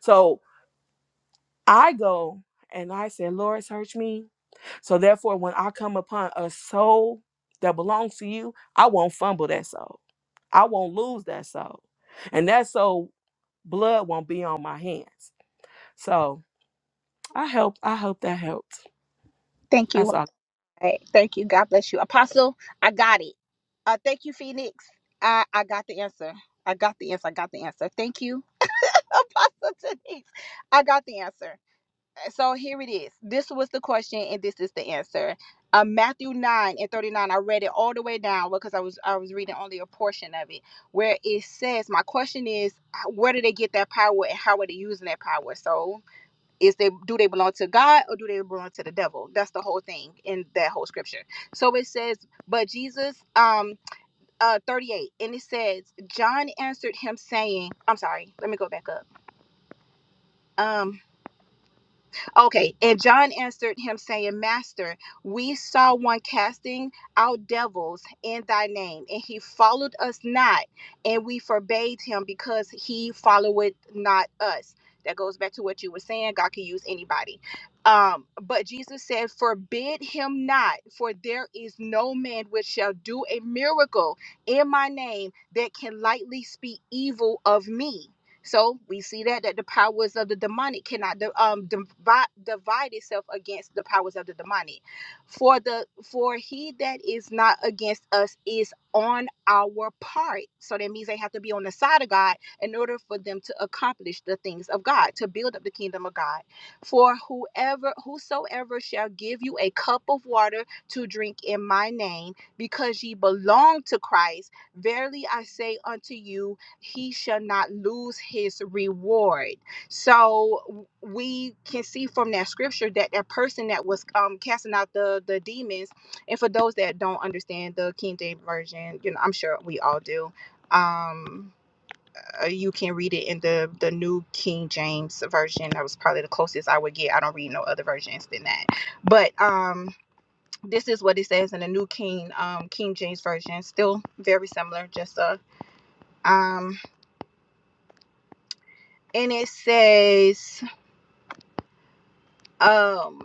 [SPEAKER 4] So I go and I say, Lord, search me. So therefore, when I come upon a soul that belongs to you, I won't fumble that soul. I won't lose that soul. And that soul blood won't be on my hands. So I hope I hope that helped.
[SPEAKER 3] Thank you.
[SPEAKER 4] That's all.
[SPEAKER 3] All right. Thank you. God bless you. Apostle, I got it. Uh, thank you, Phoenix. I, I got the answer. I got the answer. I got the answer. Thank you, Apostle Denise. I got the answer. So here it is. This was the question, and this is the answer. Uh, Matthew 9 and 39. I read it all the way down because I was I was reading only a portion of it where it says, My question is, where did they get that power and how are they using that power? So is they do they belong to God or do they belong to the devil? That's the whole thing in that whole scripture. So it says, but Jesus, um, uh, thirty eight, and it says, John answered him saying, I'm sorry, let me go back up. Um, Okay, and John answered him, saying, Master, we saw one casting out devils in thy name, and he followed us not, and we forbade him because he followeth not us. That goes back to what you were saying. God can use anybody. Um, but Jesus said, Forbid him not, for there is no man which shall do a miracle in my name that can lightly speak evil of me. So we see that that the powers of the demonic cannot di- um, divide, divide itself against the powers of the demonic. For the for he that is not against us is on our part. So that means they have to be on the side of God in order for them to accomplish the things of God, to build up the kingdom of God. For whoever whosoever shall give you a cup of water to drink in my name, because ye belong to Christ, verily I say unto you, he shall not lose his reward. So we can see from that scripture that that person that was um, casting out the the demons, and for those that don't understand the King James version, you know, I'm sure we all do. Um, uh, you can read it in the the New King James version. That was probably the closest I would get. I don't read no other versions than that. But um, this is what it says in the New King um, King James version. Still very similar, just a um and it says um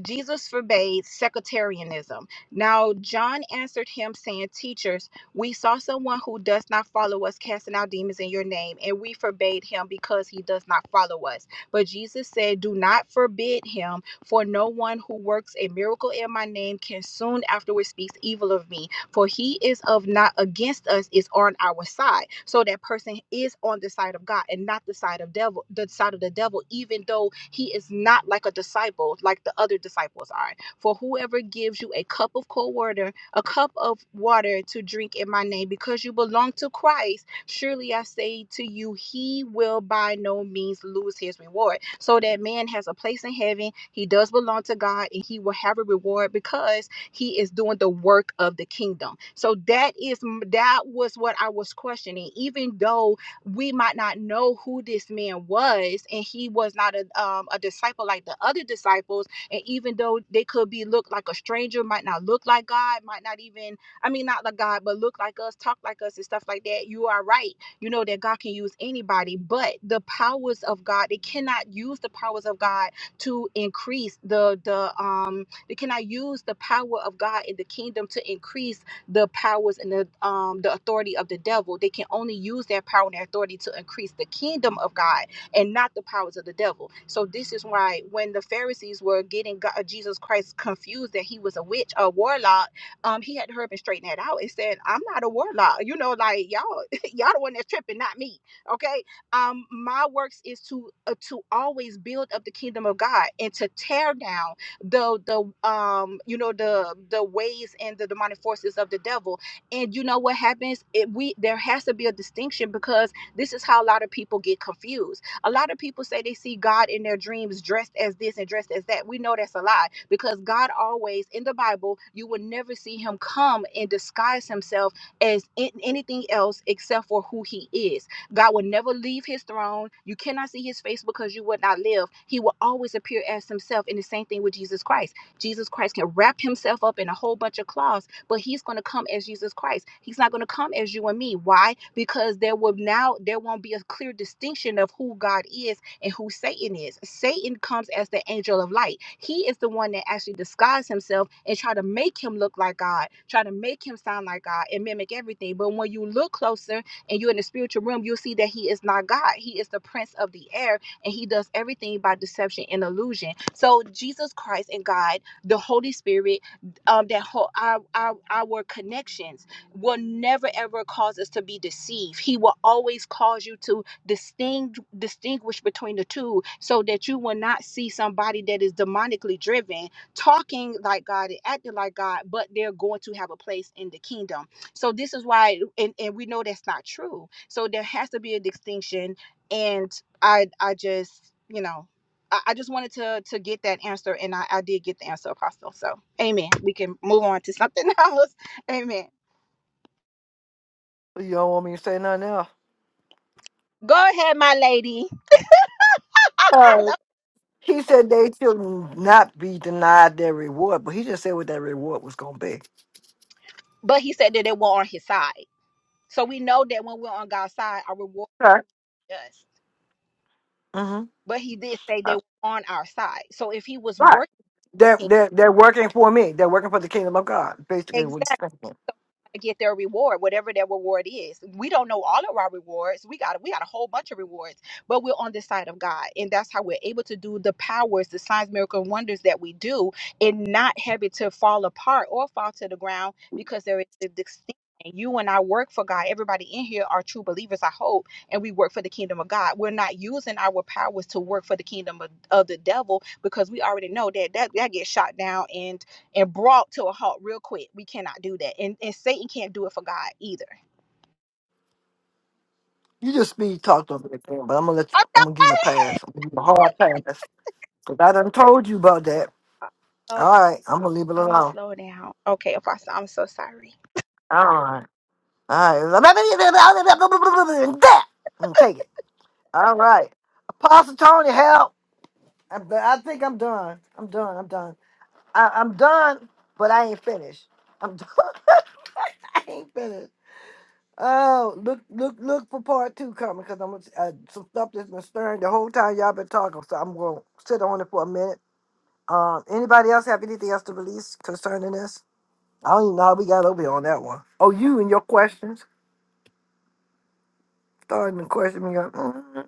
[SPEAKER 3] Jesus forbade sectarianism. Now, John answered him, saying, Teachers, we saw someone who does not follow us casting out demons in your name, and we forbade him because he does not follow us. But Jesus said, Do not forbid him, for no one who works a miracle in my name can soon afterward speak evil of me. For he is of not against us, is on our side. So that person is on the side of God and not the side of devil, the side of the devil, even though he is not like a disciple, like the other disciples are. For whoever gives you a cup of cold water, a cup of water to drink in my name, because you belong to Christ, surely I say to you, he will by no means lose his reward. So that man has a place in heaven, he does belong to God, and he will have a reward because he is doing the work of the kingdom. So that is that was what I was questioning. Even though we might not know who this man was, and he was not a um, a disciple like the other disciples, and even though they could be looked like a stranger, might not look like God, might not even I mean not like God, but look like us, talk like us, and stuff like that. You are right you know that God can use anybody, but the powers of God, they cannot use the powers of God to increase the the um can I use the power of God in the kingdom to increase the powers and the um the authority of the devil? They can only use their power and their authority to increase the kingdom of God and not the powers of the devil. So this is why when the Pharisees were getting God, Jesus Christ confused that he was a witch, a warlock, um, he had to hurry up and straighten that out and said, "I'm not a warlock." You know, like y'all, y'all the one that's tripping, not me. Okay, um, my works is to uh, to always build up the kingdom of God and to tear down the the um you know the the ways and the demonic forces of the devil and you know what happens it we there has to be a distinction because this is how a lot of people get confused a lot of people say they see god in their dreams dressed as this and dressed as that we know that's a lie because god always in the bible you will never see him come and disguise himself as in- anything else except for who he is God will never leave his throne. You cannot see his face because you would not live. He will always appear as himself. And the same thing with Jesus Christ. Jesus Christ can wrap himself up in a whole bunch of cloths, but he's going to come as Jesus Christ. He's not going to come as you and me. Why? Because there will now there won't be a clear distinction of who God is and who Satan is. Satan comes as the angel of light. He is the one that actually disguises himself and try to make him look like God, try to make him sound like God and mimic everything. But when you look closer, and you're in the spiritual realm, you'll see that he is not God. He is the prince of the air and he does everything by deception and illusion. So Jesus Christ and God, the Holy Spirit, um, that whole our, our our connections will never ever cause us to be deceived. He will always cause you to distinct distinguish between the two, so that you will not see somebody that is demonically driven, talking like God and acting like God, but they're going to have a place in the kingdom so this is why, and, and we know that's not true. So there has to be a distinction. And I I just, you know, I, I just wanted to to get that answer and I, I did get the answer, Apostle. So amen. We can move on to something else. Amen.
[SPEAKER 1] You don't want me to say nothing else.
[SPEAKER 3] Go ahead, my lady. I love
[SPEAKER 1] He said they should not be denied their reward, but he just said what that reward was going to be.
[SPEAKER 3] but he said that they were on his side. So we know that when we're on God's side, our reward
[SPEAKER 1] Right.
[SPEAKER 3] is just.
[SPEAKER 1] hmm
[SPEAKER 3] But he did say
[SPEAKER 1] Uh,
[SPEAKER 3] they were on our side. So if he was
[SPEAKER 1] Right.
[SPEAKER 3] working with
[SPEAKER 1] They're,
[SPEAKER 3] the king,
[SPEAKER 1] they're, they're working for me. They're working for the kingdom of God. Basically, what he's
[SPEAKER 3] exactly.
[SPEAKER 1] thinking.
[SPEAKER 3] to get their reward, whatever their reward is. We don't know all of our rewards. We got we got a whole bunch of rewards, but we're on the side of God, and that's how we're able to do the powers, the signs, miracles, and wonders that we do, and not have it to fall apart or fall to the ground because there is a distinction. You and I work for God. Everybody in here are true believers, I hope, and we work for the kingdom of God. We're not using our powers to work for the kingdom of, of the devil because we already know that that, that gets shot down and and brought to a halt real quick. We cannot do that. And and Satan can't do it for God either.
[SPEAKER 1] You just speed talked over the it, but I'm gonna let you.
[SPEAKER 3] I'm
[SPEAKER 1] I'm
[SPEAKER 3] not
[SPEAKER 1] gonna give you a pass. I'm gonna give you a hard pass because I done told you about that.
[SPEAKER 3] Oh,
[SPEAKER 1] All right, I'm gonna leave it alone.
[SPEAKER 3] I'ma
[SPEAKER 1] All
[SPEAKER 3] slow down. Okay, Apostle, I'm so sorry.
[SPEAKER 1] right, all right. That and take it. All right, Apostle Tony, help. I, I think I'm done. I'm done. I'm done. I, I'm done, but I ain't finished. I'm done. I ain't finished. Oh, look, look, look for part two coming because I'm uh, some stuff that's been stirring the whole time y'all been talking. So I'm gonna sit on it for a minute. Um, anybody else have anything else to release concerning this? I don't even know how we got over here on that one. Oh, you and your questions starting to question me. Up. mm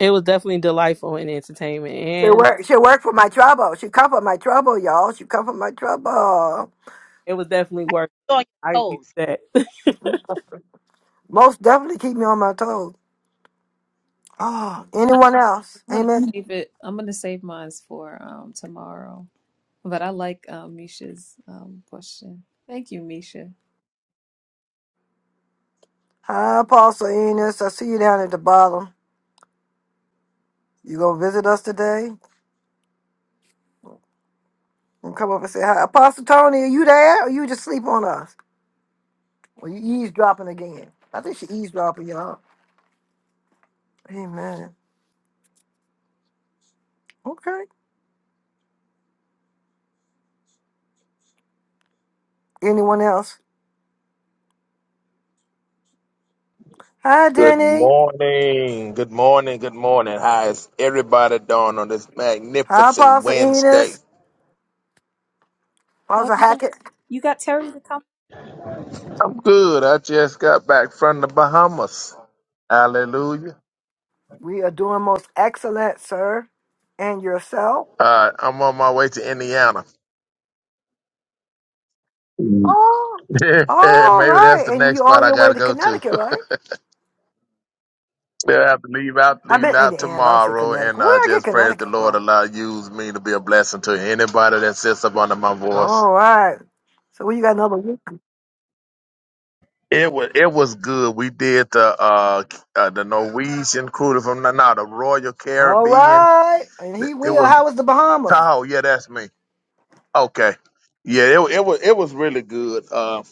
[SPEAKER 4] It was definitely delightful and entertainment,
[SPEAKER 1] She
[SPEAKER 4] and
[SPEAKER 1] work. She work for my trouble. She come for my trouble, y'all. She come for my trouble.
[SPEAKER 4] it was definitely worth. it.
[SPEAKER 3] On your
[SPEAKER 4] I get
[SPEAKER 3] toes.
[SPEAKER 4] that.
[SPEAKER 1] Most definitely keep me on my toes. Oh,
[SPEAKER 10] I,
[SPEAKER 1] anyone else?
[SPEAKER 10] I'm gonna
[SPEAKER 1] Amen.
[SPEAKER 10] save it. I'm gonna save mine for um tomorrow. But I like um, Misha's um question. Thank you, Misha.
[SPEAKER 1] Hi, Apostle Enos. I see you down at the bottom. You gonna visit us today? And come up and say hi. Apostle Tony, are you there? Or you just sleep on us? Or you eavesdropping again? I think she eavesdropping, y'all. Amen. Okay. Anyone else? Hi,
[SPEAKER 11] Good
[SPEAKER 1] Denny.
[SPEAKER 11] morning. Good morning. Good morning. How is everybody doing on this
[SPEAKER 1] Hi,
[SPEAKER 11] magnificent
[SPEAKER 1] Apostle
[SPEAKER 11] Wednesday?
[SPEAKER 1] Enos.
[SPEAKER 10] Oh,
[SPEAKER 1] Apostle
[SPEAKER 10] you got,
[SPEAKER 1] Hackett.
[SPEAKER 10] you got Terry to come.
[SPEAKER 11] I'm good. I just got back from the Bahamas. Hallelujah.
[SPEAKER 1] We are doing most excellent, sir. And yourself?
[SPEAKER 11] Uh, I'm on my way to Indiana.
[SPEAKER 1] Oh, all
[SPEAKER 11] Maybe that's
[SPEAKER 1] right.
[SPEAKER 11] the
[SPEAKER 1] And
[SPEAKER 11] next
[SPEAKER 1] you
[SPEAKER 11] spot
[SPEAKER 1] on
[SPEAKER 11] I
[SPEAKER 1] your
[SPEAKER 11] got
[SPEAKER 1] way
[SPEAKER 11] to
[SPEAKER 1] to
[SPEAKER 11] go to.
[SPEAKER 1] Connecticut, right?
[SPEAKER 11] They'll have to leave out,
[SPEAKER 1] I've been
[SPEAKER 11] leave out
[SPEAKER 1] Indiana. I would say
[SPEAKER 11] tomorrow,
[SPEAKER 1] Connecticut.
[SPEAKER 11] and uh,
[SPEAKER 1] Where did I get
[SPEAKER 11] just pray that the
[SPEAKER 1] Connecticut from?
[SPEAKER 11] Lord allow use me to be a blessing to anybody that sits up under my voice.
[SPEAKER 1] All right. So we got another week.
[SPEAKER 11] It was it was good. We did the uh, uh the Norwegian cruise from no, no, the Royal
[SPEAKER 1] All
[SPEAKER 11] Caribbean.
[SPEAKER 1] right. And he
[SPEAKER 11] It
[SPEAKER 1] will.
[SPEAKER 11] was
[SPEAKER 1] How was the Bahamas?
[SPEAKER 11] Tahoe. Yeah, that's me. Okay. Yeah, it wa- it was it was really good. Uh,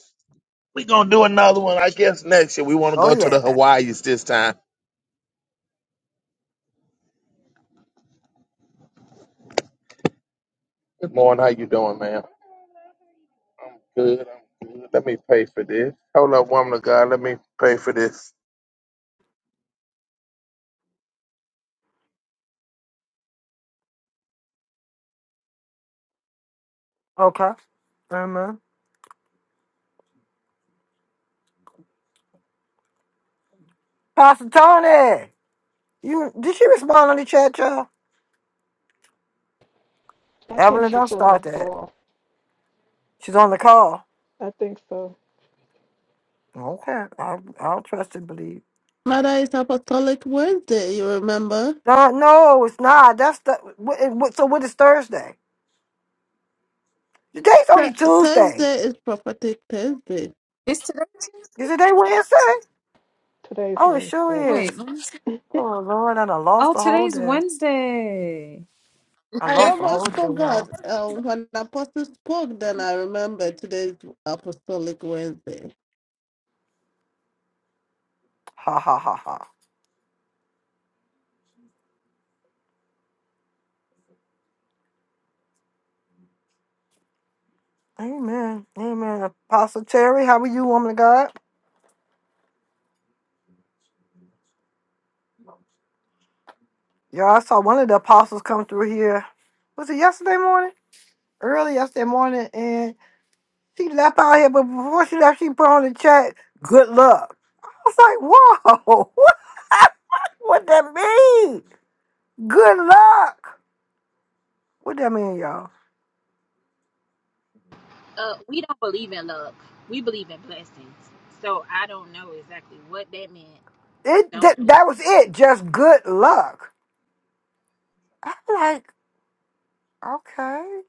[SPEAKER 11] we gonna do another one, I guess next year. We want to
[SPEAKER 1] Oh
[SPEAKER 11] go to the
[SPEAKER 1] yeah.
[SPEAKER 11] Hawaii's this time. Good morning. How you doing, man? I'm good. I'm good. Let me pay for this. Hold up, woman of God. Let me pay for this.
[SPEAKER 1] Okay. Amen. Pastor Tony, you did she respond on the chat, y'all?
[SPEAKER 8] I think
[SPEAKER 1] Evelyn,
[SPEAKER 8] she's
[SPEAKER 1] don't
[SPEAKER 8] on a
[SPEAKER 1] start that.
[SPEAKER 8] call.
[SPEAKER 1] She's on the call.
[SPEAKER 8] I think so.
[SPEAKER 1] Okay. I I'll trust and believe.
[SPEAKER 12] Mother is Apostolic Wednesday, you remember?
[SPEAKER 1] No, no, it's not. That's the what, it- what, so what is Thursday? Today's
[SPEAKER 12] Pre-
[SPEAKER 1] only Tuesday.
[SPEAKER 12] Thursday is Prophetic Thursday.
[SPEAKER 10] Is today? Tuesday?
[SPEAKER 1] Is it day Wednesday?
[SPEAKER 8] Today's
[SPEAKER 1] Oh, it
[SPEAKER 8] Wednesday.
[SPEAKER 1] sure
[SPEAKER 10] Wait.
[SPEAKER 1] is.
[SPEAKER 10] let me-
[SPEAKER 1] Oh Lord, and I lost
[SPEAKER 10] Oh,
[SPEAKER 1] the whole
[SPEAKER 10] today's
[SPEAKER 1] day.
[SPEAKER 10] Wednesday.
[SPEAKER 1] I
[SPEAKER 12] I
[SPEAKER 1] lost the whole
[SPEAKER 12] almost
[SPEAKER 1] day,
[SPEAKER 12] forgot.
[SPEAKER 1] y'all.
[SPEAKER 12] Uh, when the Apostle spoke, then I remember today's Apostolic Wednesday.
[SPEAKER 1] Ha ha ha ha. Amen. Amen. Apostle Terry, how are you, woman of God? Y'all, I saw one of the apostles come through here. Was it yesterday morning? Early yesterday morning, and she left out here, but before she left, she put on the chat, good luck. I was like, whoa, what, what that mean? Good luck. What that mean, y'all?
[SPEAKER 3] We
[SPEAKER 1] It that, that was it, just good luck. I'm like, okay,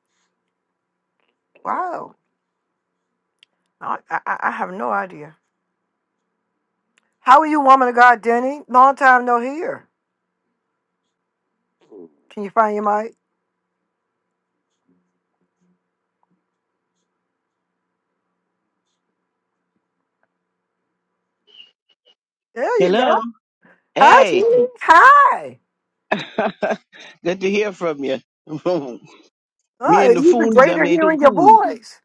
[SPEAKER 1] wow. I, I, I have no idea. How are you, woman of God, Denny? Long time no hear. Can you find your mic? There you
[SPEAKER 13] Hello.
[SPEAKER 1] go. Hi,
[SPEAKER 13] Hey.
[SPEAKER 1] Denny. Hi.
[SPEAKER 13] Good to hear from you. Me
[SPEAKER 1] Oh,
[SPEAKER 13] and
[SPEAKER 1] it's
[SPEAKER 13] the
[SPEAKER 1] even
[SPEAKER 13] phones them
[SPEAKER 1] greater
[SPEAKER 13] ain't too
[SPEAKER 1] hearing your
[SPEAKER 13] cool.
[SPEAKER 1] voice.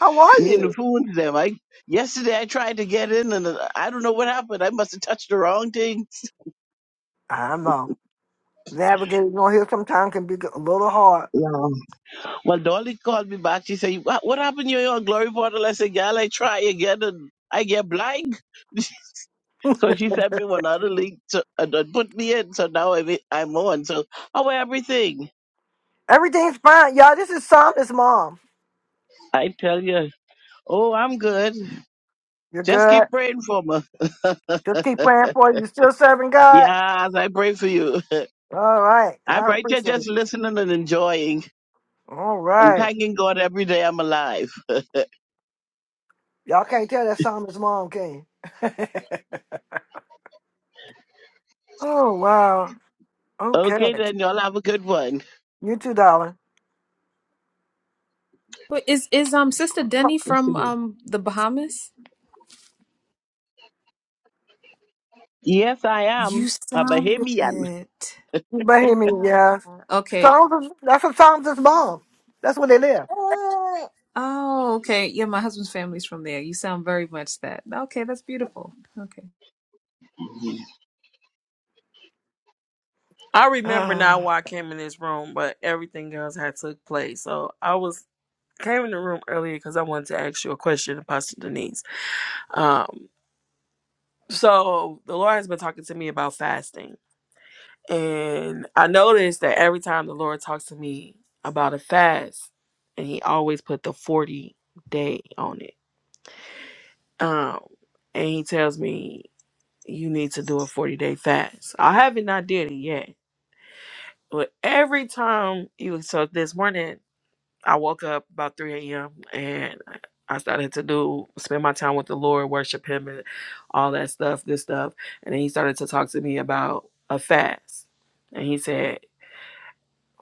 [SPEAKER 1] How are
[SPEAKER 13] Me and the
[SPEAKER 1] you?
[SPEAKER 13] phones them. I yesterday I tried to get in and uh, I don't know what happened. I must have touched the wrong thing.
[SPEAKER 1] I know. Navigating on here sometimes can be a little hard.
[SPEAKER 13] Yeah. Well, Dolly called me back. She said, "What, what happened? You're on Glory Portal." I said, "Girl, I try again and I get blind." so she sent me another link to and, and put me in. So now I'm in- I'm on. So how are everything?
[SPEAKER 1] Everything's fine. Y'all, this is Psalmist Mom.
[SPEAKER 13] I tell you. Oh, I'm good.
[SPEAKER 1] You're
[SPEAKER 13] Just
[SPEAKER 1] good.
[SPEAKER 13] keep praying for me.
[SPEAKER 1] Just keep praying for you. You still serving God?
[SPEAKER 13] Yes, I pray for you.
[SPEAKER 1] All right.
[SPEAKER 13] I'm
[SPEAKER 1] I
[SPEAKER 13] right here
[SPEAKER 1] appreciate it.
[SPEAKER 13] just listening and enjoying
[SPEAKER 1] All
[SPEAKER 13] and
[SPEAKER 1] right.
[SPEAKER 13] thanking God every day I'm alive.
[SPEAKER 1] Y'all can't tell that Psalmist Mom, can you? Oh, wow. Okay.
[SPEAKER 13] Okay, then y'all have a good one.
[SPEAKER 1] You too, darling.
[SPEAKER 10] Wait, is is um Sister Denny from um the Bahamas?
[SPEAKER 13] Yes, I am.
[SPEAKER 10] You
[SPEAKER 13] A
[SPEAKER 10] sounded
[SPEAKER 13] Bahamian.
[SPEAKER 10] it.
[SPEAKER 1] Bohemian,
[SPEAKER 10] Ah,
[SPEAKER 1] yeah.
[SPEAKER 10] Okay.
[SPEAKER 1] Songs of, that's what songs is mom. That's where they live.
[SPEAKER 10] Oh, okay. Yeah, my husband's family's from there. You sound very much that. Okay, that's beautiful. Okay.
[SPEAKER 4] I remember now
[SPEAKER 1] Oh,
[SPEAKER 4] why I came in this room, but everything else had took place. So I was came in the room earlier because I wanted to ask you a question, Pastor Denise. Um, so the Lord has been talking to me about fasting, And I noticed that every time the Lord talks to me about a fast, and he always put the 40 day on it. Um, and he tells me you need to do a 40 day fast. I haven't not did it yet. But every time you so this morning I woke up about 3 a.m. and I started to do spend my time with the Lord, worship him and all that stuff, good stuff. And then he started to talk to me about a fast. And he said,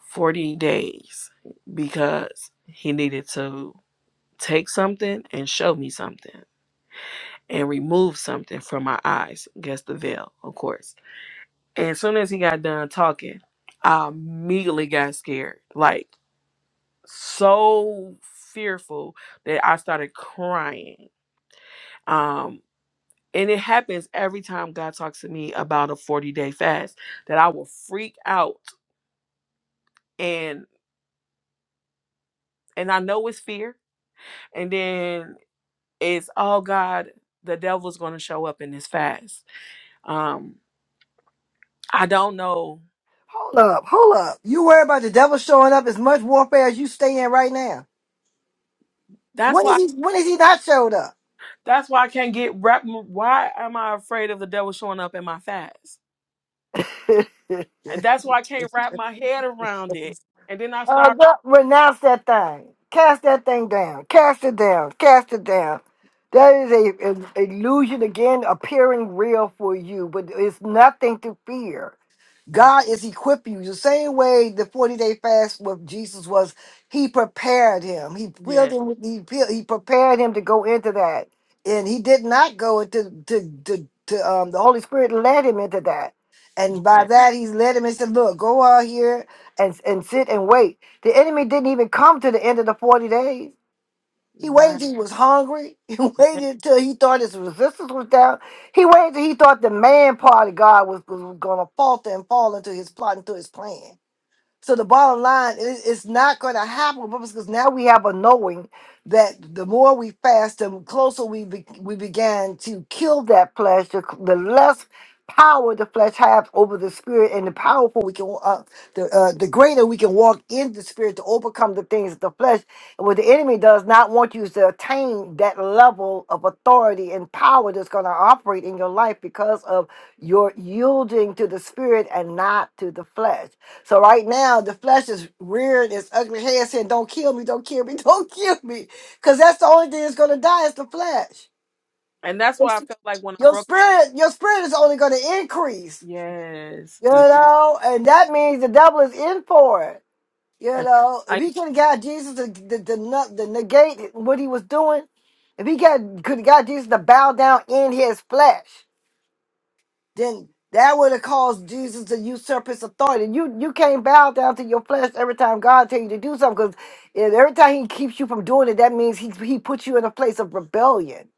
[SPEAKER 4] 40 days because he needed to take something and show me something and remove something from my eyes. Guess the veil, of course. And as soon as he got done talking, I immediately got scared. Like so fearful that I started crying. Um and it happens every time God talks to me about a 40 day fast that I will freak out and and I know it's fear. And then is oh god the devil's going to show up in this fast um i don't know
[SPEAKER 1] Hold up, hold up. You worry about the devil showing up as much warfare as you stay in right now.
[SPEAKER 4] that's
[SPEAKER 1] When is
[SPEAKER 4] why
[SPEAKER 1] he when is he not showed up?
[SPEAKER 4] that's why i can't get wrap why am i afraid of the devil showing up in my fast and that's why i can't wrap my head around it and then i
[SPEAKER 1] Uh
[SPEAKER 4] start
[SPEAKER 1] God, renounce that thing. Cast that thing down. Cast it down. Cast it down. That is a an illusion again appearing real for you, but it's nothing to fear.
[SPEAKER 4] okay
[SPEAKER 1] God is equipping you. The same way the 40 day fast with Jesus was, he prepared him. He
[SPEAKER 4] yeah,
[SPEAKER 1] filled him with, he, filled, he prepared him to go into that. And he did not go into to, to, to, um, the Holy Spirit led him into that. And by
[SPEAKER 4] yeah
[SPEAKER 1] that, he's led him and said, Look, go out here and, and sit and wait. The enemy didn't even come to the end of the 40 days. He
[SPEAKER 4] right
[SPEAKER 1] waited till he was hungry. He
[SPEAKER 4] yeah.
[SPEAKER 1] waited till he thought his resistance was down. He waited till he thought the man part of God was, was going to falter and fall into his plot, into his plan. So the bottom line is it's not going to happen because now we have a knowing that the more we fast, the closer we be, we began to kill that flesh, the, the less power the flesh have over the spirit, and the powerful we can uh, the uh, the greater we can walk in the spirit to overcome the things of the flesh. And what the enemy does not want you is to attain that level of authority and power that's going to operate in your life because of your yielding to the spirit and not to the flesh. So right now, the flesh is rearing its ugly head saying, "Don't kill me! Don't kill me! Don't kill me!" Because that's the only thing that's going to die is the flesh.
[SPEAKER 4] and that's why i
[SPEAKER 1] It's-
[SPEAKER 4] felt like when i
[SPEAKER 1] Your
[SPEAKER 4] broke
[SPEAKER 1] spirit, your spirit is only going to increase,
[SPEAKER 4] yes
[SPEAKER 1] you
[SPEAKER 4] yeah
[SPEAKER 1] know, and that means the devil is in for it. You know, if
[SPEAKER 4] I,
[SPEAKER 1] he could have got Jesus to, to, to, nu- to negate what he was doing, if he got could have got Jesus to bow down in his flesh, then that would have caused Jesus to usurp his authority. You you can't bow down to your flesh every time God tells you to do something because every time he keeps you from doing it, that means he he puts you in a place of rebellion,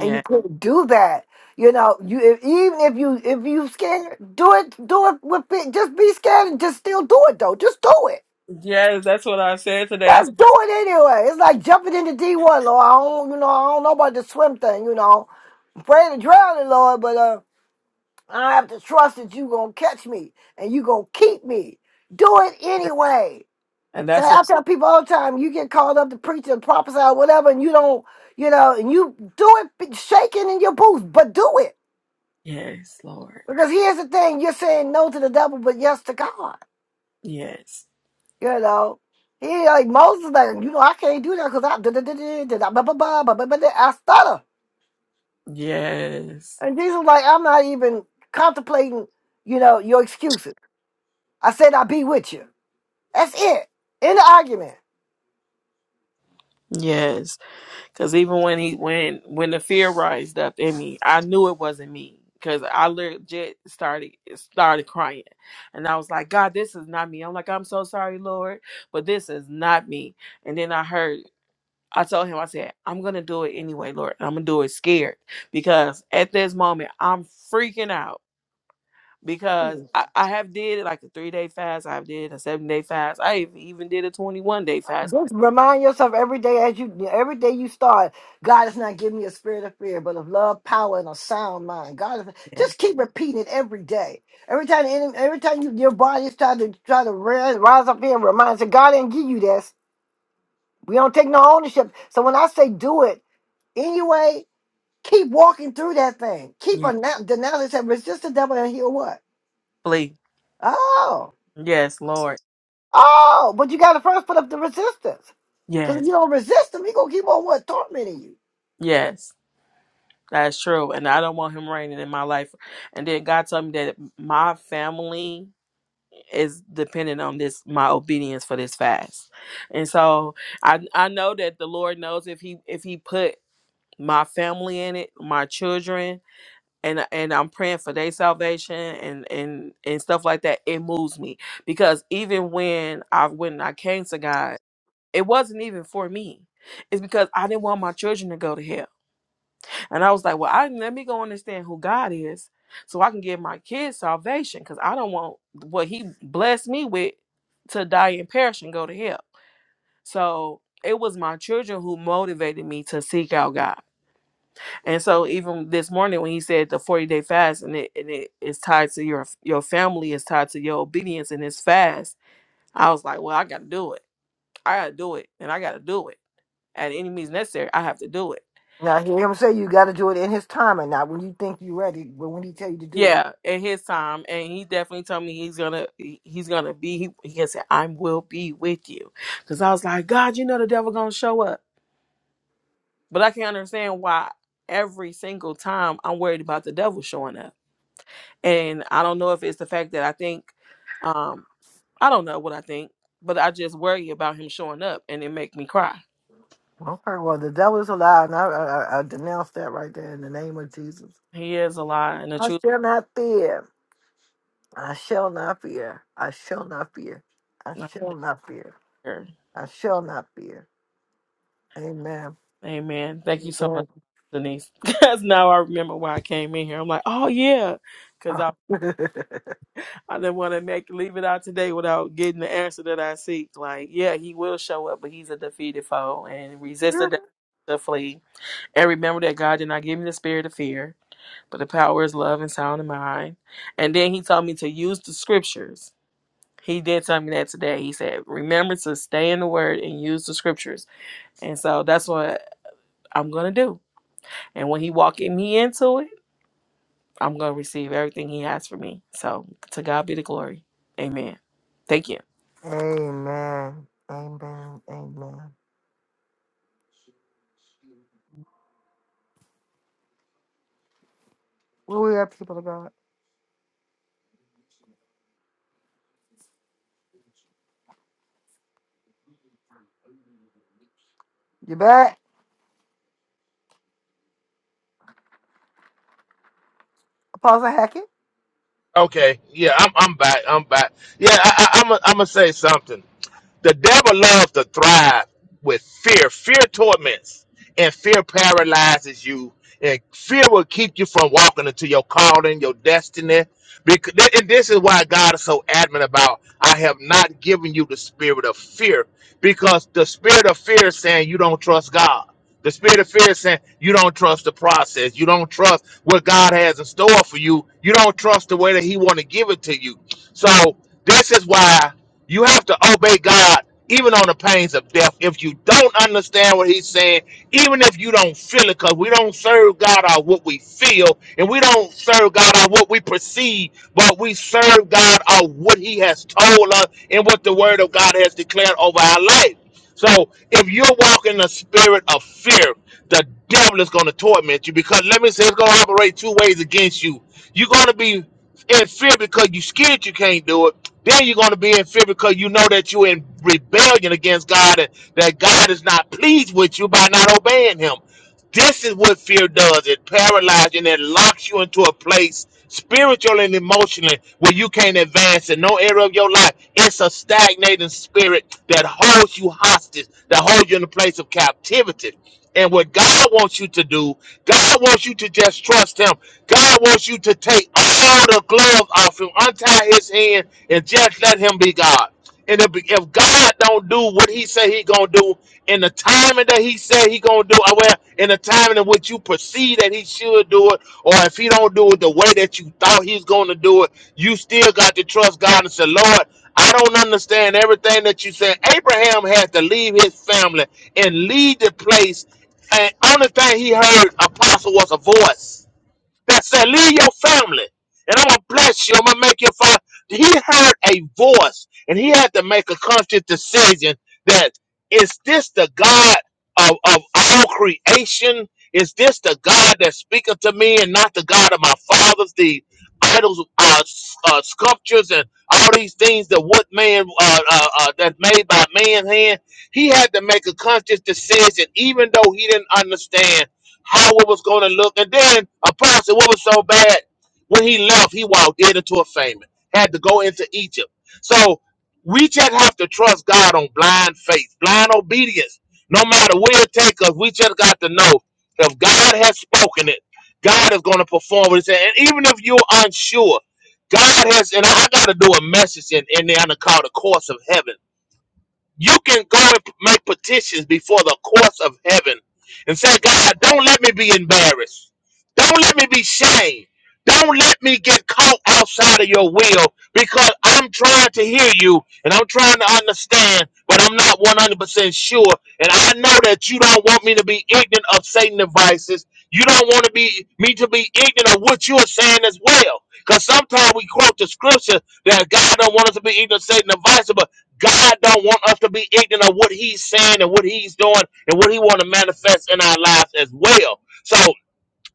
[SPEAKER 1] and you couldn't do that. You know, you if, even if you if you scared, do it, do it with it. Just be scared and just still do it though. Just do it.
[SPEAKER 4] yes that's what i said today that's,
[SPEAKER 1] Just do it anyway. It's like jumping into D one, Lord. I don't, you know, I don't know about the swim thing. You know, I'm afraid of drowning, Lord, but uh, I have to trust that you gonna catch me and you gonna keep me. Do it anyway.
[SPEAKER 4] and
[SPEAKER 1] So
[SPEAKER 4] that's what
[SPEAKER 1] I tell people all the time, you get called up to preach and prophesy or whatever, and you don't, you know, and you do it shaking in your boots, but do it.
[SPEAKER 4] yes lord
[SPEAKER 1] Because here's the thing, you're saying no to the devil, but yes to God.
[SPEAKER 4] yes
[SPEAKER 1] You know, he like Moses, like you know, I can't do that because I da da da da da da ba ba ba ba ba ba. da- I stutter,
[SPEAKER 4] yes
[SPEAKER 1] and Jesus was like, I'm not even contemplating, you know, your excuses. I said I'll be with you. That's it. In the argument,
[SPEAKER 4] yes Cause even when he when when the fear rised up in me, I knew it wasn't me. Cause I legit started started crying, and I was like, God, this is not me. I'm like, I'm so sorry, Lord, but this is not me. And then I heard, I told him, I said, I'm gonna do it anyway, Lord. and I'm gonna do it scared because at this moment I'm freaking out because I, I have did like a three day fast, I've did a seven day fast, I even even did a 21 day fast.
[SPEAKER 1] just remind yourself every day as you every day you start. God has not given me a spirit of fear, but of love, power, and a sound mind. God, is,
[SPEAKER 4] Yes,
[SPEAKER 1] just keep repeating it every day. Every time, the enemy- every time you, your body is trying to try to rise, rise up here, reminds you, God didn't give you this. We don't take no ownership. So when I say do it anyway, keep walking through that thing. Keep
[SPEAKER 4] yes,
[SPEAKER 1] a denouncing said resist the devil and he'll what?
[SPEAKER 4] please,
[SPEAKER 1] Oh,
[SPEAKER 4] yes, Lord,
[SPEAKER 1] oh, but you gotta first put up the resistance. Because
[SPEAKER 4] yes.
[SPEAKER 1] if you don't resist him, he gonna keep on what tormenting you.
[SPEAKER 4] Yes, that's true. And I don't want him reigning in my life. And then God told me that my family is dependent on this my obedience for this fast. And so I I know that the Lord knows if he if he put my family in it, my children and and I'm praying for their salvation and and and stuff like that. It moves me because even when I when I came to God, it wasn't even for me. It's because I didn't want my children to go to hell. And I was like, well, I let me go understand who God is so I can give my kids salvation because I don't want what he blessed me with to die and perish and go to hell. So it was my children who motivated me to seek out God. And so even this morning when he said the 40 day fast and it and it is tied to your your family, is tied to your obedience and this fast, I was like, Well, I gotta do it. I gotta do it and I gotta do it. At any means necessary, I have to do it.
[SPEAKER 1] Now you hear him say you gotta do it in his time and not when you think you're ready, but when he tell you to do it.
[SPEAKER 4] Yeah, at his time, and he definitely told me he's gonna he- he's gonna be. He, he said, "I will be with you," because I was like, "God, you know the devil gonna show up," but I can understand why every single time I'm worried about the devil showing up, and I don't know if it's the fact that I think, um, I don't know what I think, but I just worry about him showing up, and it make me cry.
[SPEAKER 1] Okay, well the devil is alive, and I, I, I I denounce that right there in the name of Jesus.
[SPEAKER 4] He is a lie, and the
[SPEAKER 1] I
[SPEAKER 4] truth.
[SPEAKER 1] shall not fear. I shall not fear. I shall not fear. I
[SPEAKER 4] is not
[SPEAKER 1] shall not fear.
[SPEAKER 4] there.
[SPEAKER 1] I shall not fear. Amen.
[SPEAKER 4] Amen. Thank you so much,
[SPEAKER 1] Amen.
[SPEAKER 4] Denise, because now I remember why I came in here. I'm like, oh yeah because I I didn't want to make leave it out today without getting the answer that I seek. Like, yeah, he will show up, but he's a defeated foe and resist the devil to flee. And remember that God did not give me the spirit of fear, but the power is love and sound of mind. And then he told me to use the scriptures. He did tell me that today. He said, remember to stay in the word and use the scriptures. And so that's what I'm going to do. And when he walked me into it, I'm going to receive everything he has for me. So to God be the glory. Amen. Thank you.
[SPEAKER 1] Amen. Amen. Amen. Where we at, people of God? You back? Apostle Hackett?
[SPEAKER 11] Okay. Yeah, I'm I'm back. I'm back. Yeah, I, I, I'm i I'm gonna say something. The devil loves to thrive with fear. Fear torments and fear paralyzes you. And fear will keep you from walking into your calling, your destiny. Because and this is why God is so adamant about I have not given you the spirit of fear. Because the spirit of fear is saying you don't trust God. The spirit of fear is saying you don't trust the process. You don't trust what God has in store for you. You don't trust the way that He want to give it to you. So this is why. You have to obey God even on the pains of death. If you don't understand what he's saying, even if you don't feel it, because we don't serve God out what we feel, and we don't serve God out what we perceive, but we serve God out what he has told us and what the word of God has declared over our life. So if you're walking in the spirit of fear, the devil is going to torment you because let me say it's going to operate two ways against you. You're going to be in fear because you're scared you can't do it then you're going to be in fear because you know that you're in rebellion against God and that God is not pleased with you by not obeying Him. This is what fear does it paralyzes you and it locks you into a place spiritually and emotionally where you can't advance in no area of your life. It's a stagnating spirit that holds you hostage, that holds you in a place of captivity. And what God wants you to do, God wants you to just trust Him. God wants you to take all the gloves off Him, untie His hand, and just let him be God. And if, if God don't do what he say he gonna do in the timing that he said he gonna do, or well, in the timing in which you perceive that he should do it, or if he don't do it the way that you thought he's gonna do it, you still got to trust God and say, Lord, I don't understand everything that you said. Abraham had to leave his family and leave the place, and only thing he heard, apostle, was a voice that said, leave your family and I'm going to bless you. I'm going to make you find. He heard a voice and he had to make a conscious decision that is this the God of, of all creation? Is this the God that speaketh to me and not the God of my fathers, the idols, uh, s- uh, sculptures, and all these things that what man uh, uh, uh, that's made by man's hand? He had to make a conscious decision, even though he didn't understand how it was going to look. And then Apostle, what was so bad when he left, he walked in into a famine, had to go into Egypt. So we just have to trust God on blind faith, blind obedience. No matter where it takes us, we just got to know if God has spoken it, God is going to perform what He said. And even if you're unsure, God has, and I got to do a message in, in there on the call, the course of heaven. You can go and make petitions before the courts of heaven and say, God, don't let me be embarrassed. Don't let me be shamed. Don't let me get caught outside of your will because I'm trying to hear you and I'm trying to understand, but I'm not 100% sure. And I know that you don't want me to be ignorant of Satan devices. You don't want to be me to be ignorant of what you're saying as well. Because sometimes we quote the scripture that God don't want us to be ignorant of Satan devices, but God don't want us to be ignorant of what He's saying and what He's doing and what He want to manifest in our lives as well. So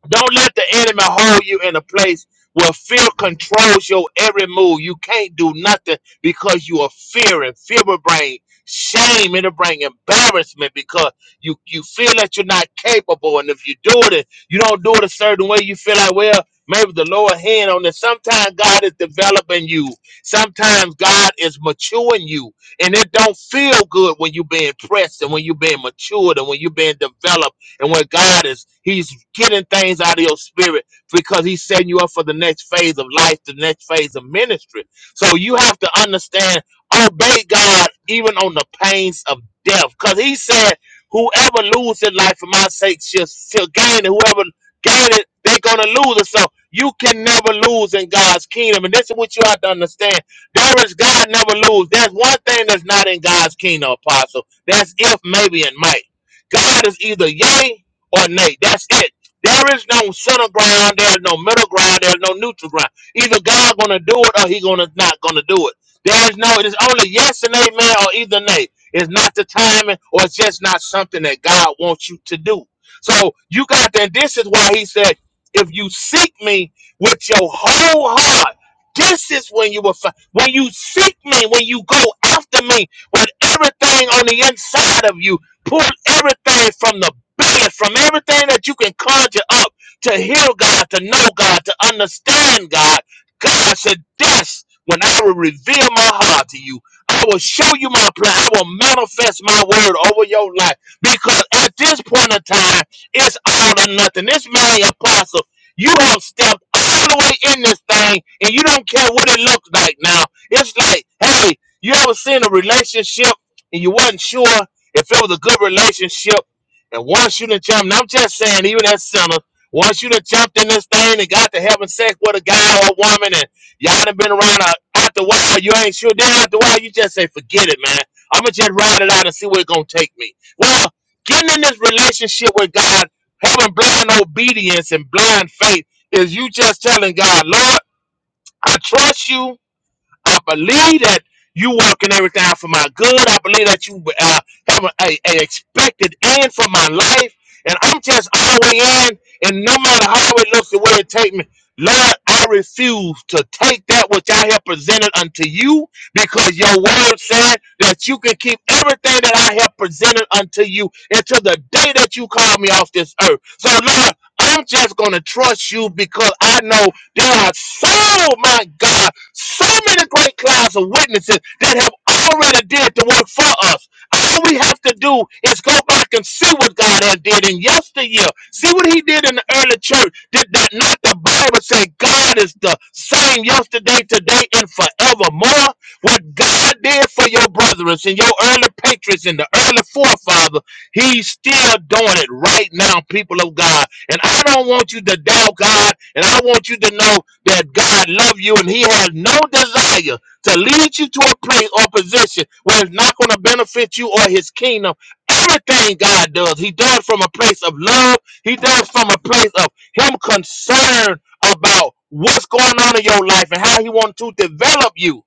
[SPEAKER 11] don't let the enemy hold you in a place where fear controls your every move. You can't do nothing because you are fearing. Fear will bring shame. It'll bring embarrassment because you, you feel that you're not capable. And if you do it, you don't do it a certain way. You feel like, well, maybe the Lord hand on this. Sometimes God is developing you. Sometimes God is maturing you. And it don't feel good when you're being pressed and when you're being matured and when you're being developed and when God is, He's getting things out of your spirit because He's setting you up for the next phase of life, the next phase of ministry. So you have to understand, obey God even on the pains of death. Because He said, Whoever loses his life for my sake shall, shall gain it. Whoever gain it, they're going to lose it. So you can never lose in God's kingdom. And this is what you have to understand. There is God never lose. There's one thing that's not in God's kingdom, apostle. That's if, maybe, and might. God is either yay or nay. That's it. There is no center ground. There is no middle ground. There is no neutral ground. Either God gonna do it or He gonna not gonna do it. There is no. It is only yes and amen or either nay. It's not the timing or it's just not something that God wants you to do. So you got that. This is why He said, if you seek Me with your whole heart. This is when you will find when you seek me, when you go after me with everything on the inside of you. Pull everything from the base, from everything that you can conjure up to hear God, to know God, to understand God. God said, That's when I will reveal my heart to you. I will show you my plan. I will manifest my word over your life. Because at this point in time, it's all or nothing. This man, apostle, you have stepped all the way in this thing and you don't care what it looks like now. It's like, hey, you ever seen a relationship and you wasn't sure? If it was a good relationship, and once you done jumped, and I'm just saying, even as sinners, once you done jumped in this thing and got to having sex with a guy or a woman, and y'all done been around uh, after a while, you ain't sure. Then after a while, you just say, forget it, man. I'm going to just ride it out and see where it's going to take me. Well, getting in this relationship with God, having blind obedience and blind faith, is you just telling God, Lord, I trust you. I believe that you working everything out for my good. I believe that you uh, have a, a, a expected end for my life. And I'm just all the way in. And no matter how it looks, the way it take me, Lord, I refuse to take that which I have presented unto you because your word said that you can keep everything that I have presented unto you until the day that you call me off this earth. So, Lord, I'm just going to trust you because I know there are so, my God, so many great clouds of witnesses that have already did the work for us. All we have to do is go back and see what God had did in yesteryear. See what he did in the early church. Did that not the Bible say God is the same yesterday, today, and forevermore? What God did for your brothers and your early patriots and the early forefathers, he's still doing it right now, people of God. And I don't want you to doubt God, and I want you to know that that God loves you and He has no desire to lead you to a place or position where it's not going to benefit you or His kingdom. Everything God does, He does from a place of love. He does from a place of Him concerned about what's going on in your life and how He wants to develop you.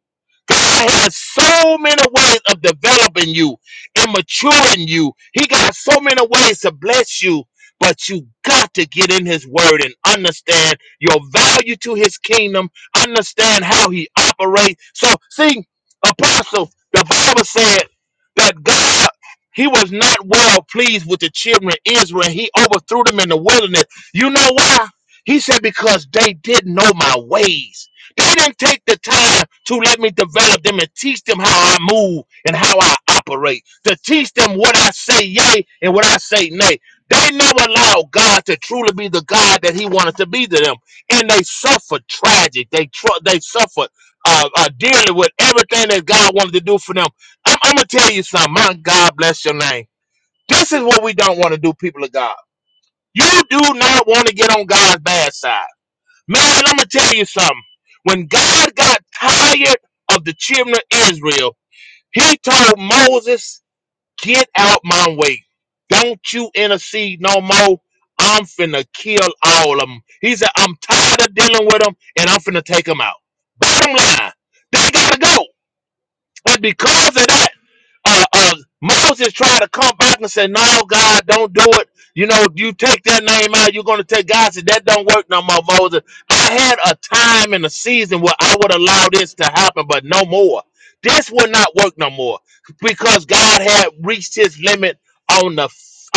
[SPEAKER 11] God has so many ways of developing you and maturing you. He got so many ways to bless you, but you got to get in His Word and understand your value to His kingdom, understand how He operates. So, see, Apostle, the Bible said that. He was not well pleased with the children of Israel. He overthrew them in the wilderness. You know why? He said, Because they didn't know my ways. They didn't take the time to let me develop them and teach them how I move and how I operate, to teach them what I say yay and what I say nay. They never allowed God to truly be the God that He wanted to be to them. And they suffered tragic. They, tr- they suffered uh, uh, dealing with everything that God wanted to do for them I'm, I'm gonna tell you something. My God bless your name. This is what we don't want to do, people of God. You do not want to get on God's bad side. Man, I'm gonna tell you something. When God got tired of the children of Israel, he told Moses, Get out my way. Don't you intercede no more. I'm finna kill all of them. He said, I'm tired of dealing with them and I'm finna take them out. Bottom line, they gotta go. And because of that, uh, uh, Moses tried to come back and say, "No, God, don't do it. You know, you take that name out, you're going to take God." Said that don't work no more, Moses. I had a time and a season where I would allow this to happen, but no more. This will not work no more because God had reached His limit on the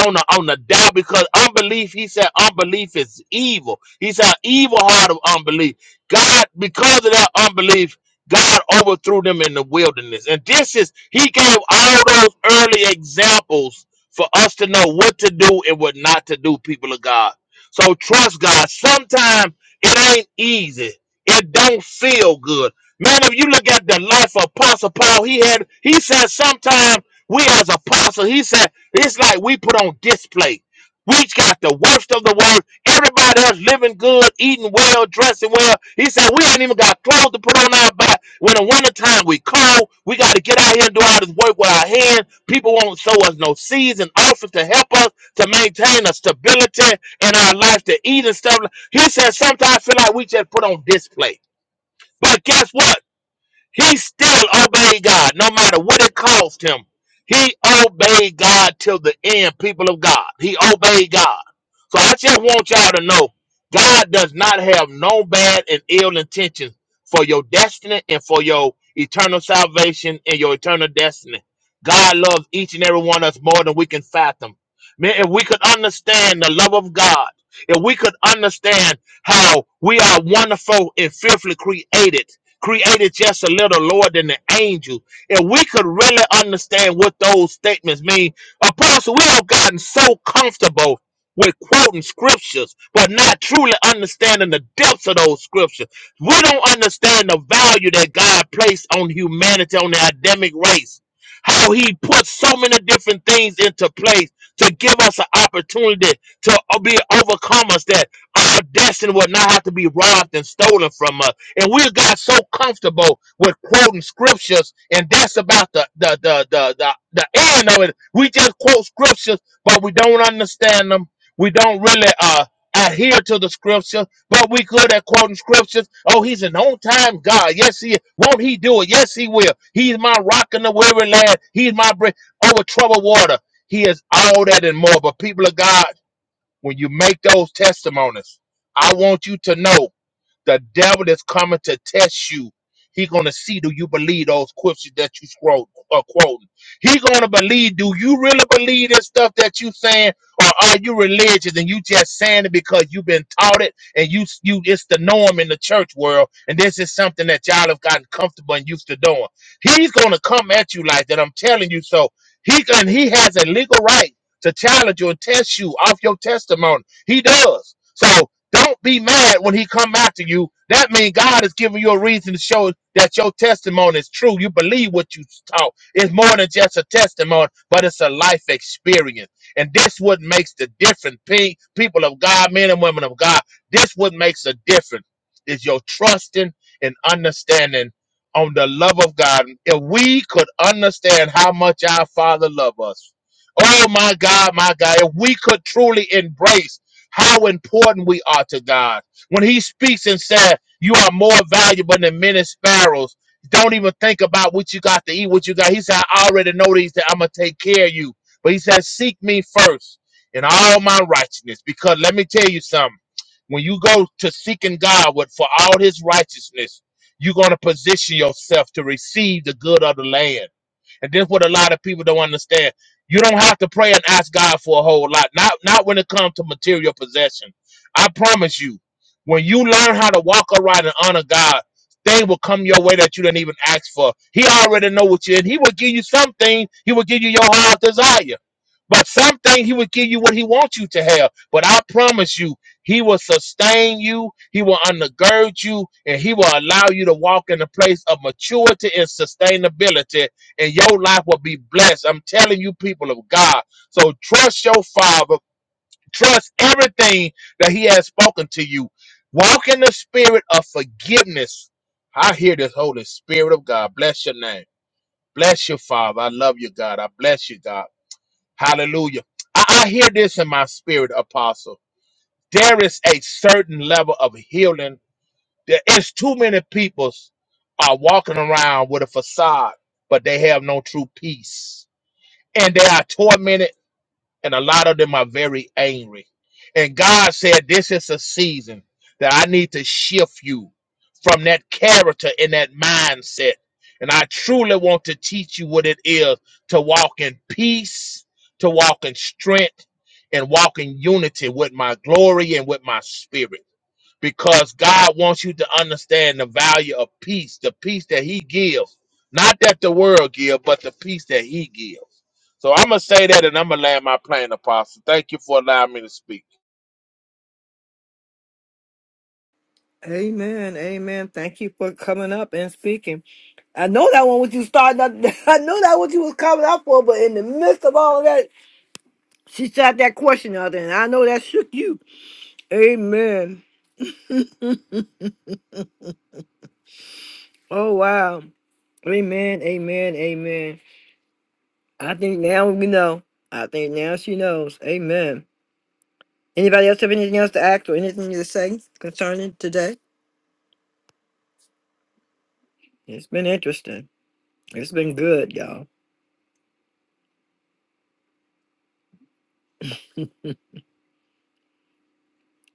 [SPEAKER 11] on the on the doubt because unbelief. He said unbelief is evil. He said evil heart of unbelief. God, because of that unbelief. God overthrew them in the wilderness. And this is, he gave all those early examples for us to know what to do and what not to do, people of God. So trust God. Sometimes it ain't easy. It don't feel good. Man, if you look at the life of Apostle Paul, he had, he said sometimes we as apostles, he said, it's like we put on display. We got the worst of the world Everybody else living good, eating well, dressing well. He said, We ain't even got clothes to put on our back. When the wintertime we cold, we got to get out here and do all this work with our hands. People won't sow us no seeds and offers to help us to maintain a stability in our life to eat and stuff. He said, Sometimes I feel like we just put on display. But guess what? He still obeyed God, no matter what it cost him. He obeyed God till the end, people of God. He obeyed God. So I just want y'all to know God does not have no bad and ill intentions for your destiny and for your eternal salvation and your eternal destiny. God loves each and every one of us more than we can fathom. Man, if we could understand the love of God, if we could understand how we are wonderful and fearfully created, created just a little lower than the angel, if we could really understand what those statements mean, Apostle, we have gotten so comfortable we're quoting scriptures, but not truly understanding the depths of those scriptures. We don't understand the value that God placed on humanity, on the Adamic race. How he put so many different things into place to give us an opportunity to uh, be overcomers, that our destiny will not have to be robbed and stolen from us. And we got so comfortable with quoting scriptures, and that's about the the the the the, the end of it. We just quote scriptures, but we don't understand them we don't really uh, adhere to the scriptures, but we good at quoting scriptures. Oh, he's an on time God. Yes, he is. Won't he do it? Yes, he will. He's my rock in the weary land. He's my bridge over troubled water. He is all that and more. But people of God, when you make those testimonies, I want you to know the devil is coming to test you. He's gonna see do you believe those scriptures that you scroll uh, quoting. He's gonna believe do you really believe this stuff that you saying, or are you religious and you just saying it because you've been taught it and you you it's the norm in the church world and this is something that y'all have gotten comfortable and used to doing. He's gonna come at you like that. I'm telling you so. He can he has a legal right to challenge you and test you off your testimony. He does. So don't be mad when he come after you. That means God is giving you a reason to show that your testimony is true. You believe what you taught. It's more than just a testimony, but it's a life experience. And this what makes the difference. Pe- People of God, men and women of God, this what makes a difference is your trusting and understanding on the love of God. If we could understand how much our Father loves us, Oh my God, my God. If we could truly embrace how important we are to God. When he speaks and said, You are more valuable than many sparrows. Don't even think about what you got to eat, what you got. He said, I already know these that I'm gonna take care of you. But he said, Seek me first in all my righteousness. Because let me tell you something. When you go to seeking God with for all his righteousness, you're gonna position yourself to receive the good of the land. And this what a lot of people don't understand. You don't have to pray and ask God for a whole lot. Not not when it comes to material possession. I promise you, when you learn how to walk upright and honor God, things will come your way that you didn't even ask for. He already know what you and he will give you something. He will give you your heart's desire. But something he will give you what he wants you to have. But I promise you, he will sustain you, he will undergird you, and he will allow you to walk in a place of maturity and sustainability, and your life will be blessed. I'm telling you, people of God. So trust your father, trust everything that he has spoken to you. Walk in the spirit of forgiveness. I hear this Holy Spirit of God. Bless your name. Bless you, Father. I love you, God. I bless you, God. Hallelujah. I, I hear this in my spirit, Apostle. There is a certain level of healing. There is too many people are walking around with a facade, but they have no true peace. And they are tormented, and a lot of them are very angry. And God said, This is a season that I need to shift you from that character and that mindset. And I truly want to teach you what it is to walk in peace, to walk in strength and walk in unity with my glory and with my spirit. Because God wants you to understand the value of peace, the peace that He gives. Not that the world gives, but the peace that He gives. So I'm going to say that and I'm going to land my plane, Apostle. Thank you for allowing me to speak.
[SPEAKER 1] Amen. Amen. Thank you for coming up and speaking. I know that one what you started up. I know that what you was coming up for, but in the midst of all of that, she shot that question out there, and I know that shook you. Amen. Oh wow. Amen. Amen. Amen. I think now we know. I think now she knows. Amen. Anybody else have anything else to act or anything to say concerning today? It's been interesting. It's been good, y'all.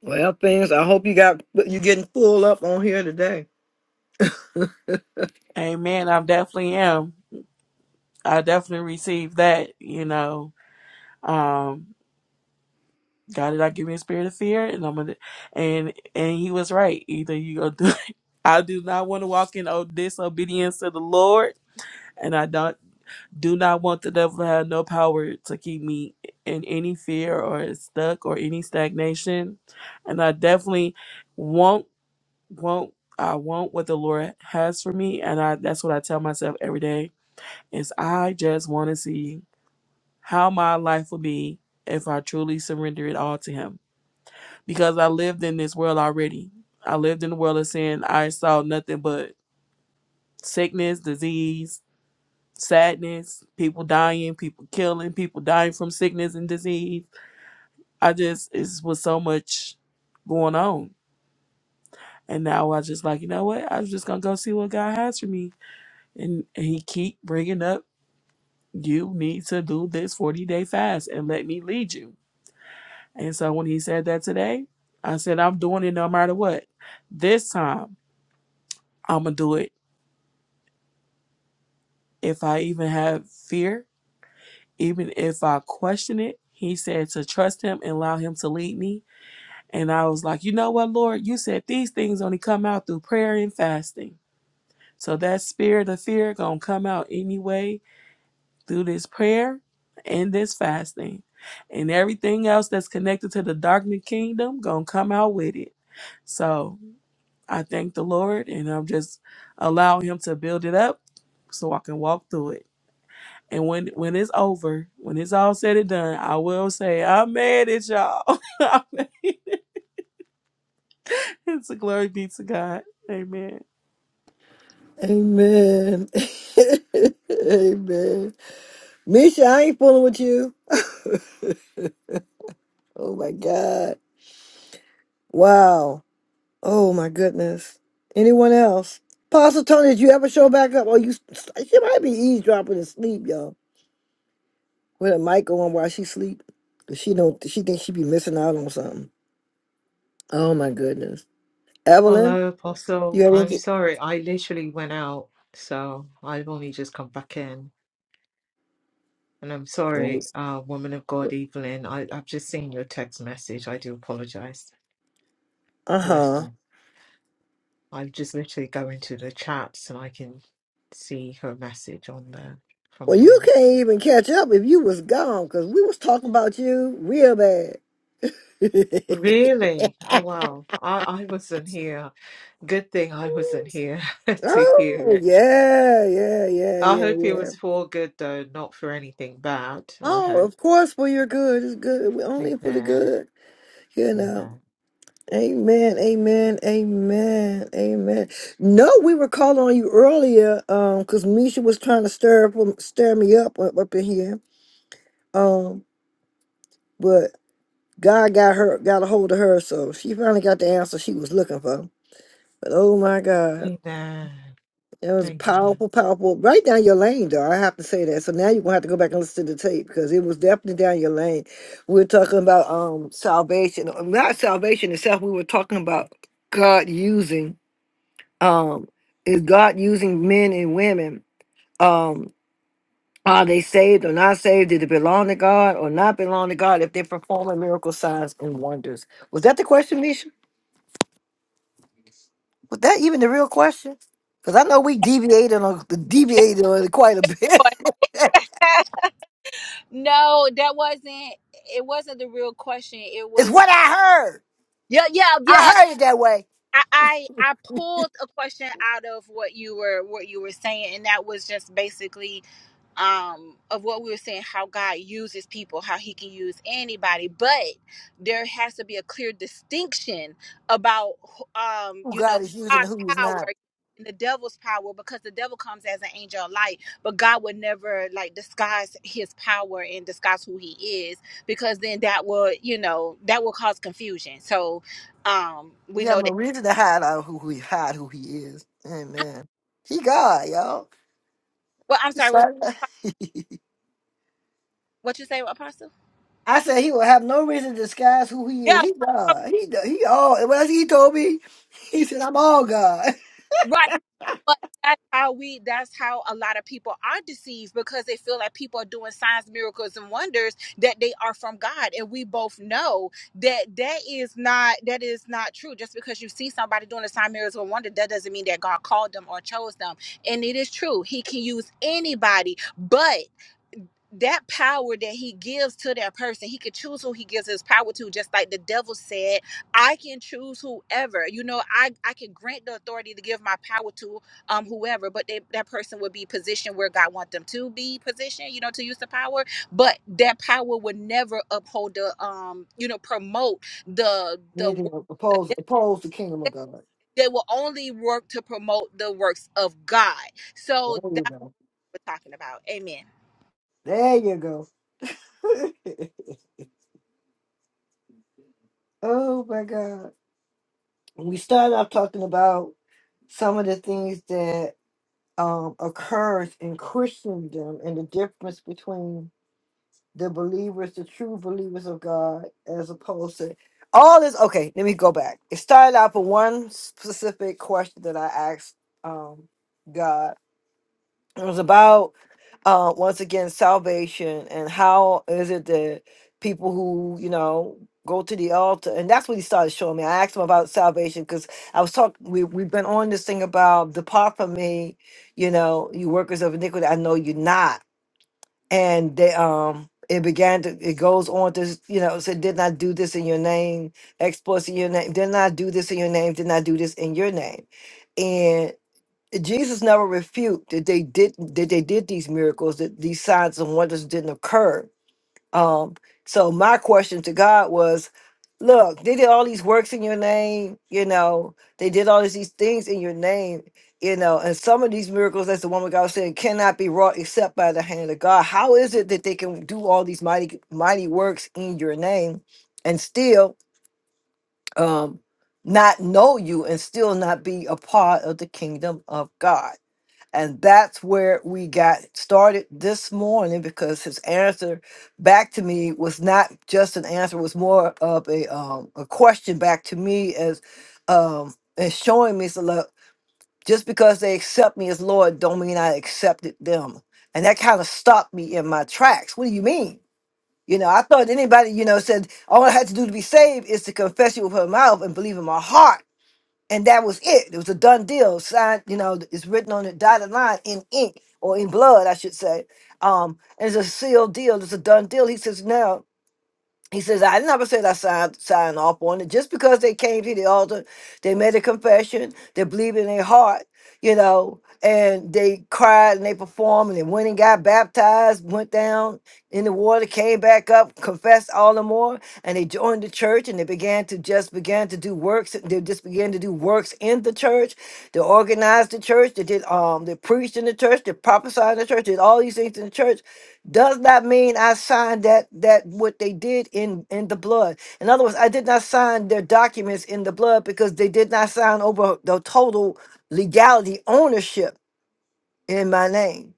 [SPEAKER 1] Well, things. I hope you got you getting full up on here today.
[SPEAKER 4] Amen. I definitely am. I definitely received that. You know, um, God did not give me a spirit of fear, and I'm gonna, and and He was right. Either you go do. I do not want to walk in o- disobedience to the Lord, and I don't do not want the devil to have no power to keep me in any fear or stuck or any stagnation. And I definitely won't won't I want what the Lord has for me, and I that's what I tell myself every day is I just want to see how my life will be if I truly surrender it all to Him. Because I lived in this world already. I lived in the world of sin. I saw nothing but sickness, disease, sadness, people dying, people killing, people dying from sickness and disease. I just, it was so much going on. And now I just like, you know what? I'm just going to go see what God has for me. And, and He keep bringing up, you need to do this 40 day fast and let me lead you And so when he said that today, I said, I'm doing it no matter what. This time, I'm going to do it. If I even have fear, even if I question it, he said to trust him and allow him to lead me. And I was like, you know what, Lord? You said these things only come out through prayer and fasting. So that spirit of fear going to come out anyway through this prayer and this fasting. And everything else that's connected to the darkened kingdom going to come out with it. So I thank the Lord and I'm just allowing him to build it up so I can walk through it. And when when it's over, when it's all said and done, I will say, I'm mad at y'all. I'm mad. it's a glory be to God. Amen.
[SPEAKER 1] Amen. Amen. Misha, I ain't fooling with you. Oh my God. Wow. Oh my goodness. Anyone else? Apostle Tony, did you ever show back up? Or you she might be eavesdropping and sleep, y'all. With a mic on while she sleep. sleep. 'Cause she don't she thinks she be missing out on something. Oh my goodness. Evelyn,
[SPEAKER 9] Hello,
[SPEAKER 1] you
[SPEAKER 9] Apostle.
[SPEAKER 1] have
[SPEAKER 9] I'm
[SPEAKER 1] anything?
[SPEAKER 9] sorry, I literally went out, so I've only just come back in. And I'm sorry, uh, woman of God, Evelyn. I, I've just seen your text message. I do apologize.
[SPEAKER 1] Uh huh.
[SPEAKER 9] Lesson. i just literally go into the chats and I can see her message on there from
[SPEAKER 1] Well, you
[SPEAKER 9] anywhere.
[SPEAKER 1] can't even catch up if you was gone because we was talking about you real bad.
[SPEAKER 9] Really? Oh, wow. I, I wasn't here. Good thing I wasn't here to hear
[SPEAKER 1] oh
[SPEAKER 9] it.
[SPEAKER 1] yeah, yeah, yeah,
[SPEAKER 9] I
[SPEAKER 1] yeah,
[SPEAKER 9] hope it
[SPEAKER 1] yeah.
[SPEAKER 9] was for good, though, not for anything bad. I
[SPEAKER 1] Oh,
[SPEAKER 9] hope.
[SPEAKER 1] of course, for your good. It's good. We only for the
[SPEAKER 9] Amen.
[SPEAKER 1] good, you know.
[SPEAKER 9] Amen.
[SPEAKER 1] Amen, amen, amen, amen. No, we were calling on you earlier, um, because Misha was trying to stir up, um, stir me up up in here, um. but. God got her got a hold of her, so she finally got the answer she was looking for. But oh my God,
[SPEAKER 9] Amen.
[SPEAKER 1] it was
[SPEAKER 9] Amen.
[SPEAKER 1] powerful, powerful. Right down your lane, though. I have to say that. So now you're gonna have to go back and listen to the tape because it was definitely down your lane. We're talking about um salvation, uh, not salvation itself. We were talking about God using um is God using men and women um. Are they saved or not saved? Did they belong to God or not belong to God if they're performing miracle signs and wonders? Was that the question, Misha? Was that even the real question? Because I know we deviated on deviated on it quite a bit.
[SPEAKER 3] bought no, that wasn't it wasn't the real question. It
[SPEAKER 1] it's what
[SPEAKER 3] was
[SPEAKER 1] I heard.
[SPEAKER 3] yeah, yeah,
[SPEAKER 1] I
[SPEAKER 3] yeah.
[SPEAKER 1] heard it that way.
[SPEAKER 3] I, I I pulled a question out of what you were what you were saying, and that was just basically um, of what we were saying, how God uses people, how He can use anybody, but there has to be a clear distinction about, um,
[SPEAKER 1] Who
[SPEAKER 3] you know,
[SPEAKER 1] God is using and
[SPEAKER 3] God's
[SPEAKER 1] who He's
[SPEAKER 3] power
[SPEAKER 1] not.
[SPEAKER 3] and the devil's power, because the devil comes as an angel of light, but God would never like disguise His power and disguise who He is, because then that will, you know, that will cause confusion. So, um, we
[SPEAKER 1] You have
[SPEAKER 3] know
[SPEAKER 1] no
[SPEAKER 3] that.
[SPEAKER 1] reason to hide out who who he hide who He is. Amen. He God, y'all.
[SPEAKER 3] Well, I'm
[SPEAKER 1] We
[SPEAKER 3] sorry, what
[SPEAKER 1] started.
[SPEAKER 3] what you say, Apostle?
[SPEAKER 1] I said he will have no reason to disguise who he is.
[SPEAKER 3] Yeah,
[SPEAKER 1] He God. He he all. What else he told me? He said, "I'm all God."
[SPEAKER 3] right. But that's how we that's how a lot of people are deceived because they feel like people are doing signs, miracles, and wonders that they are from God. And we both know that that is not that is not true. Just because you see somebody doing a sign, miracles, or wonder, that doesn't mean that God called them or chose them. And it is true. He can use anybody, but that power that he gives to that person, he could choose who he gives his power to, just like the devil said, I can choose whoever. You know, I, I can grant the authority to give my power to um whoever, but they, that person would be positioned where God wants them to be positioned, you know, to use the power. But that power would never uphold the um, you know, promote the the
[SPEAKER 1] Anything
[SPEAKER 3] work of
[SPEAKER 1] oppose
[SPEAKER 3] the devil.
[SPEAKER 1] oppose the kingdom of God.
[SPEAKER 3] they will only work to promote the works of God.
[SPEAKER 1] There
[SPEAKER 3] So
[SPEAKER 1] you
[SPEAKER 3] that's
[SPEAKER 1] go.
[SPEAKER 3] what we're talking about. Amen.
[SPEAKER 1] There you go. Oh my God. We started off talking about some of the things that um, occurs in Christendom and the difference between the believers, the true believers of God, as opposed to all this. Okay, let me go back. It started out with one specific question that I asked um, God it was about uh, once again salvation and how is it that people who you know go to the altar and that's what he started showing me. I asked him about salvation because I was talking. We we've been on this thing about depart from me, you know, you workers of iniquity. I know you're not, and they um. It began to. It goes on to, s- you know, said, "Did not do this in your name, exploits in your name. Did not do this in your name. Did not do this in your name." Jesus never refuted that they did that they did these miracles, that these signs and wonders didn't occur. Um, so my question to God was, look, they did all these works in your name, you know, they did all these things in your name, you know, and some of these miracles, as the woman God was saying, cannot be wrought except by the hand of God. How is it that they can do all these mighty mighty works in your name and still um not know you and still not be a part of the kingdom of God? And that's where we got started this morning because his answer back to me was not just an answer, was more of a um, a question back to me as um and showing me so look, just because they accept me as Lord don't mean I accepted them. And that kind of stopped me in my tracks. What do you mean? You know, I thought anybody, you know, said all I had to do to be saved is to confess you with her mouth and believe in my heart and that was it. It was a done deal. Signed, you know, it's written on the dotted line in ink or in blood, I should say. Um, and it's a sealed deal. It's a done deal. He says now. He says I never said I signed signed off on it. Just because they came to the altar, they made a confession. They believed in their heart you know, and they cried and they performed and they went and got baptized, went down in the water, came back up, confessed all the more, and they joined the church and they began to just began to do works. They just began to do works in the church. They organized the church. They did um they preached in the church. They prophesied in the church. Did all these things in the church. Does not mean I signed that that what they did in in the blood. In other words, I did not sign their documents in the blood because they did not sign over the total legality ownership in my name.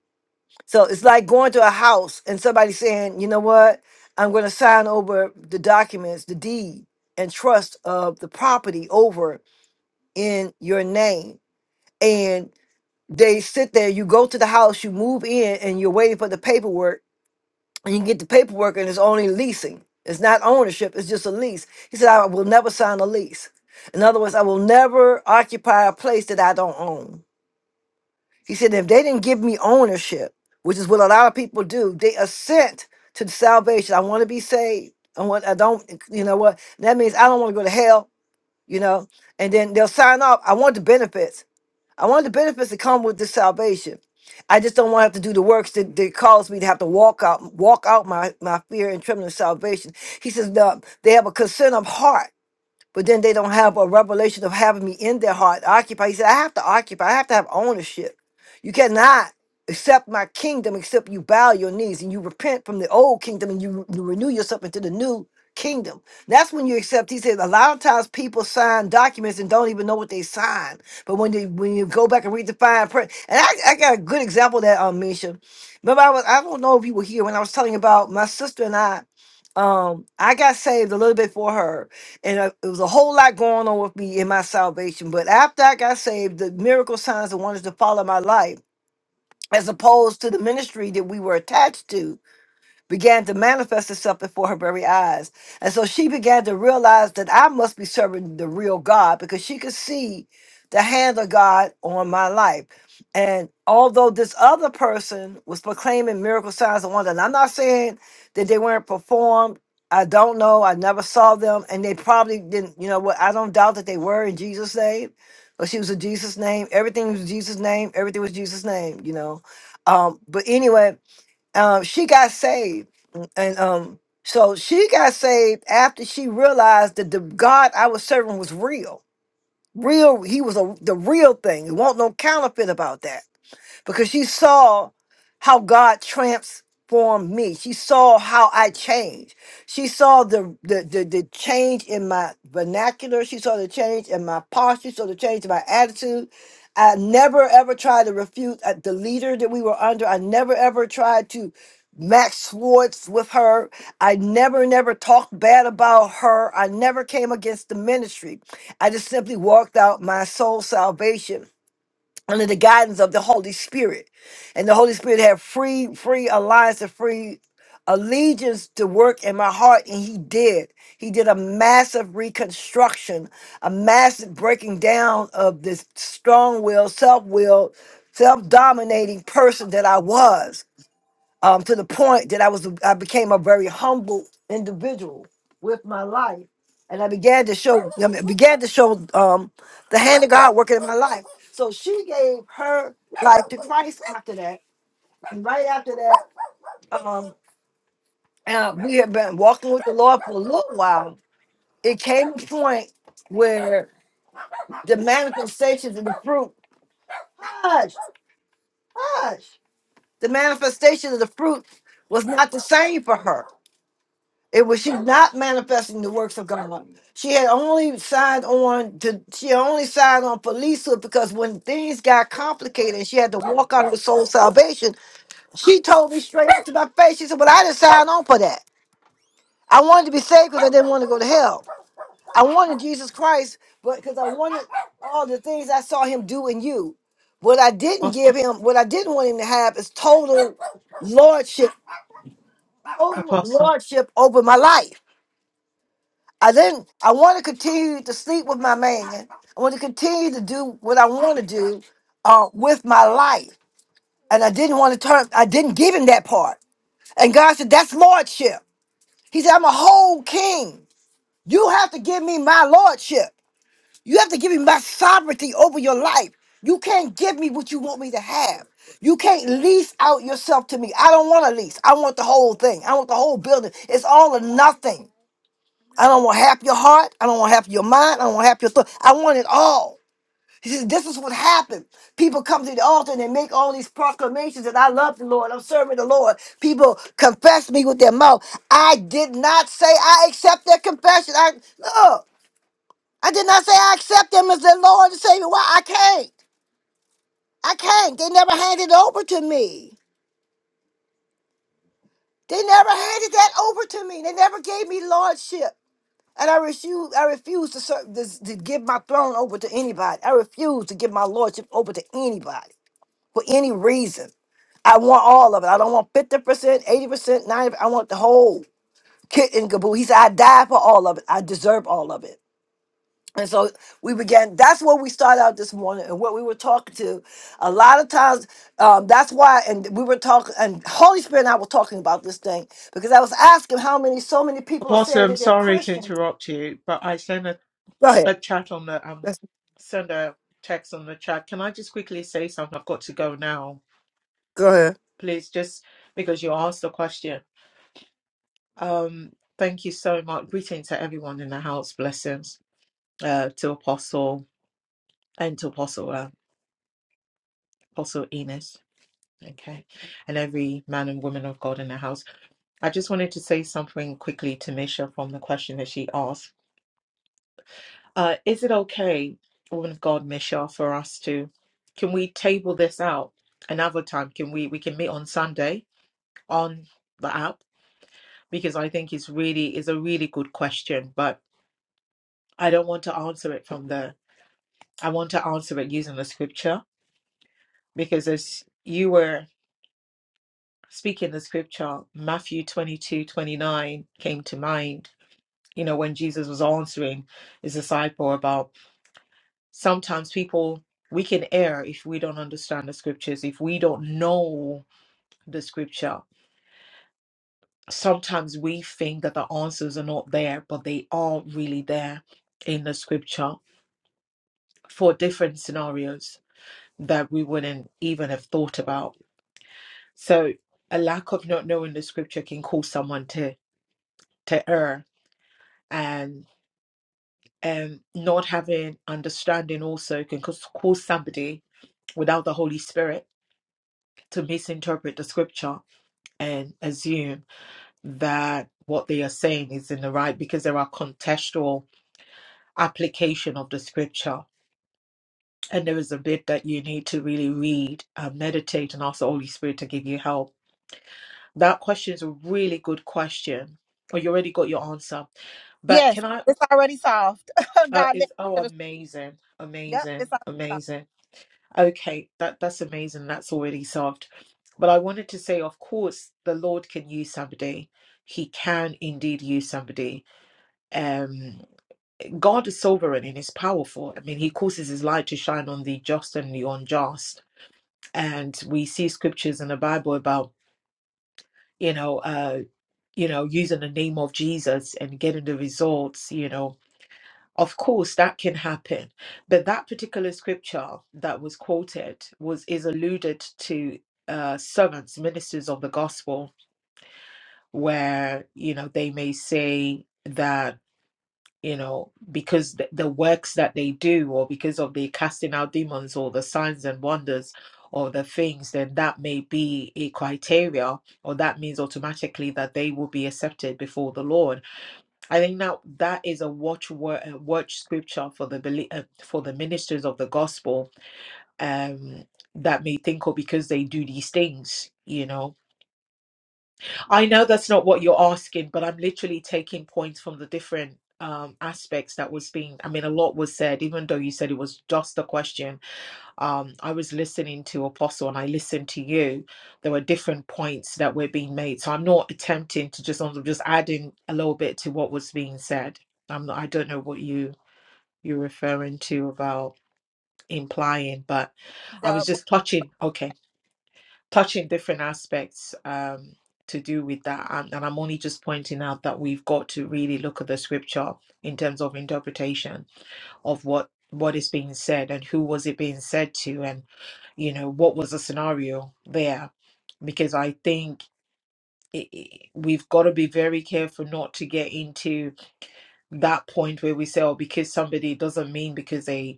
[SPEAKER 1] So it's like going to a house and somebody saying, you know what, I'm going to sign over the documents, the deed, and trust of the property over in your name. And they sit there, you go to the house, you move in, and you're waiting for the paperwork, and you get the paperwork, and it's only leasing. It's not ownership, it's just a lease. He said, I will never sign a lease. In other words, I will never occupy a place that I don't own. He said, if they didn't give me ownership, which is what a lot of people do, they assent to the salvation. I want to be saved. I want. I don't. You know what? That means I don't want to go to hell. You know. And then they'll sign up. I want the benefits. I want the benefits that come with this salvation. I just don't want to have to do the works that, that cause me to have to walk out, walk out my, my fear and trembling of salvation. He says, no, they have a concern of heart but then they don't have a revelation of having me in their heart occupy. He said, I have to occupy, I have to have ownership. You cannot accept my kingdom except you bow your knees and you repent from the old kingdom and you re- renew yourself into the new kingdom. That's when you accept. He said, a lot of times people sign documents and don't even know what they sign. But when they when you go back and read the fine print, and I, I got a good example of that, um, Misha. Remember, I was I don't know if you were here when I was telling you about my sister and I. Um, I got saved a little bit for her and uh, it was a whole lot going on with me in my salvation. But after I got saved, the miracle signs and wonders to follow my life, as opposed to the ministry that we were attached to began to manifest itself before her very eyes. And so she began to realize that I must be serving the real God because she could see the hand of God on my life. And although this other person was proclaiming miracle signs and wonders, and I'm not saying that they weren't performed. I don't know. I never saw them. And they probably didn't, you know what? I don't doubt that they were in Jesus' name. But she was in Jesus' name. Everything was Jesus' name. Everything was Jesus' name, you know. Um, but anyway, um, she got saved, and um, so she got saved after she realized that the God I was serving was real. Real, he was a, the real thing. It wasn't no counterfeit about that because she saw how God transformed me. She saw how I changed. She saw the the, the the change in my vernacular. She saw the change in my posture. She saw the change in my attitude. I never ever tried to refute uh, the leader that we were under. I never ever tried to max swords with her. I never never talked bad about her. I never came against the ministry. I just simply walked out my soul salvation under the guidance of the Holy Spirit. And the Holy Spirit had free, free alliance and free allegiance to work in my heart. And he did. He did a massive reconstruction, a massive breaking down of this strong will, self will, self dominating person that I was um, to the point that I was I became a very humble individual with my life, and I began to show I mean, began to show um, the hand of God working in my life. So she gave her life to Christ after that, and right after that, um, uh, we had been walking with the Lord for a little while. It came a point where the manifestations of the fruit, hush, hush, the manifestation of the fruit was not the same for her. It was she's not manifesting the works of God. She had only signed on to she only signed on for Lisa because when things got complicated and she had to walk out of the soul salvation, she told me straight up to my face. She said, Well, I didn't sign on for that. I wanted to be saved because I didn't want to go to hell. I wanted Jesus Christ, but because I wanted all the things I saw him do in you. What I didn't give him, what I didn't want him to have is total lordship, total
[SPEAKER 9] Apostle,
[SPEAKER 1] lordship over my life. I didn't. I want to continue to sleep with my man. I want to continue to do what I want to do uh, with my life, and I didn't want to turn. I didn't give him that part. And God said, "That's lordship." He said, "I'm a whole king. You have to give me my lordship. You have to give me my sovereignty over your life. You can't give me what you want me to have. You can't lease out yourself to me. I don't want a lease. I want the whole thing. I want the whole building. It's all or nothing." I don't want half your heart. I don't want half your mind. I don't want half your thought. I want it all. He says, This is what happened. People come to the altar and they make all these proclamations that I love the Lord. I'm serving the Lord. People confess me with their mouth. I did not say I accept their confession. I no, I did not say I accept them as their Lord and Savior. Why? I can't. I can't. They never handed it over to me. They never handed that over to me. They never gave me lordship. And I refuse, I refuse to, serve, this, to give my throne over to anybody. I refuse to give my lordship over to anybody for any reason. I want all of it. I don't want 50%, 80%, 90 I want the whole kit and caboodle. He said, I died for all of it. I deserve all of it. And so we began, that's where we started out this morning and what we were talking to. A lot of times, um, that's why, and we were talking, and Holy Spirit and I were talking about this thing because I was asking how many, so many people are
[SPEAKER 9] Apostle,
[SPEAKER 1] saying
[SPEAKER 9] I'm
[SPEAKER 1] that they're
[SPEAKER 9] sorry to
[SPEAKER 1] Christian.
[SPEAKER 9] interrupt you, but I sent a,
[SPEAKER 1] Go ahead.
[SPEAKER 9] a chat on the um
[SPEAKER 1] That's-
[SPEAKER 9] send a text on the chat. Can I just quickly say something? I've got to go now.
[SPEAKER 1] Go ahead.
[SPEAKER 9] Please, just because you asked the question. Um, thank you so much. Greetings to everyone in the house. Blessings uh, to Apostle and to Apostle uh, Apostle Enos. Okay, and every man and woman of God in the house. I just wanted to say something quickly to Misha from the question that she asked Uh, is it okay, woman of God, Michelle, for us to, can we table this out another time? Can we, we can meet on Sunday on the app? Because I think it's really, is a really good question, but I don't want to answer it from there. I want to answer it using the scripture because as you were speaking the scripture, Matthew 22 29 came to mind. You know, when Jesus was answering his disciple about sometimes people we can err if we don't understand the scriptures if we don't know the scripture sometimes we think that the answers are not there but they are really there in the scripture for different scenarios that we wouldn't even have thought about so a lack of not knowing the scripture can cause someone to to err and and not having understanding also can cause cause somebody without the holy spirit to misinterpret the scripture and assume that what they are saying is in the right because there are contextual application of the scripture and there is a bit that you need to really read and meditate and ask the holy spirit to give you help that question is a really good question or you already got your answer but
[SPEAKER 3] Yes,
[SPEAKER 9] can i
[SPEAKER 3] it's already solved.
[SPEAKER 9] uh,
[SPEAKER 3] God led me
[SPEAKER 9] it's oh
[SPEAKER 3] to the
[SPEAKER 9] amazing
[SPEAKER 3] Yep,
[SPEAKER 9] amazing
[SPEAKER 3] it's already solved.
[SPEAKER 9] amazing okay that that's amazing that's already solved but i wanted to say of course the lord can use somebody he can indeed use somebody um god is sovereign and is powerful i mean he causes his light to shine on the just and the unjust and we see scriptures in the bible about you know uh you know using the name of jesus and getting the results you know of course that can happen but that particular scripture that was quoted was is alluded to uh servants ministers of the gospel where you know they may say that you know, because th- the works that they do, or because of the casting out demons, or the signs and wonders, or the things, then that may be a criteria, or that means automatically that they will be accepted before the Lord. I think now that is a watch word, watch scripture for the belie- uh, for the ministers of the gospel, um, that may think, oh, because they do these things, you know. I know that's not what you're asking, but I'm literally taking points from the different um, aspects that was being. I mean, a lot was said, even though you said it was just a question. Um, I was listening to Apostle and I listened to you. There were different points that were being made, so I'm not attempting to just. I'm just adding a little bit to what was being said. I'm not. I don't know what you you're referring to about implying, but I was just touching. Okay touching different aspects um, to do with that. And, and I'm only just pointing out that we've got to really look at the scripture in terms of interpretation of what what is being said and who was it being said to and you know what was the scenario there because i think i i- we've got to be very careful not to get into that point where we say oh because somebody it doesn't mean because they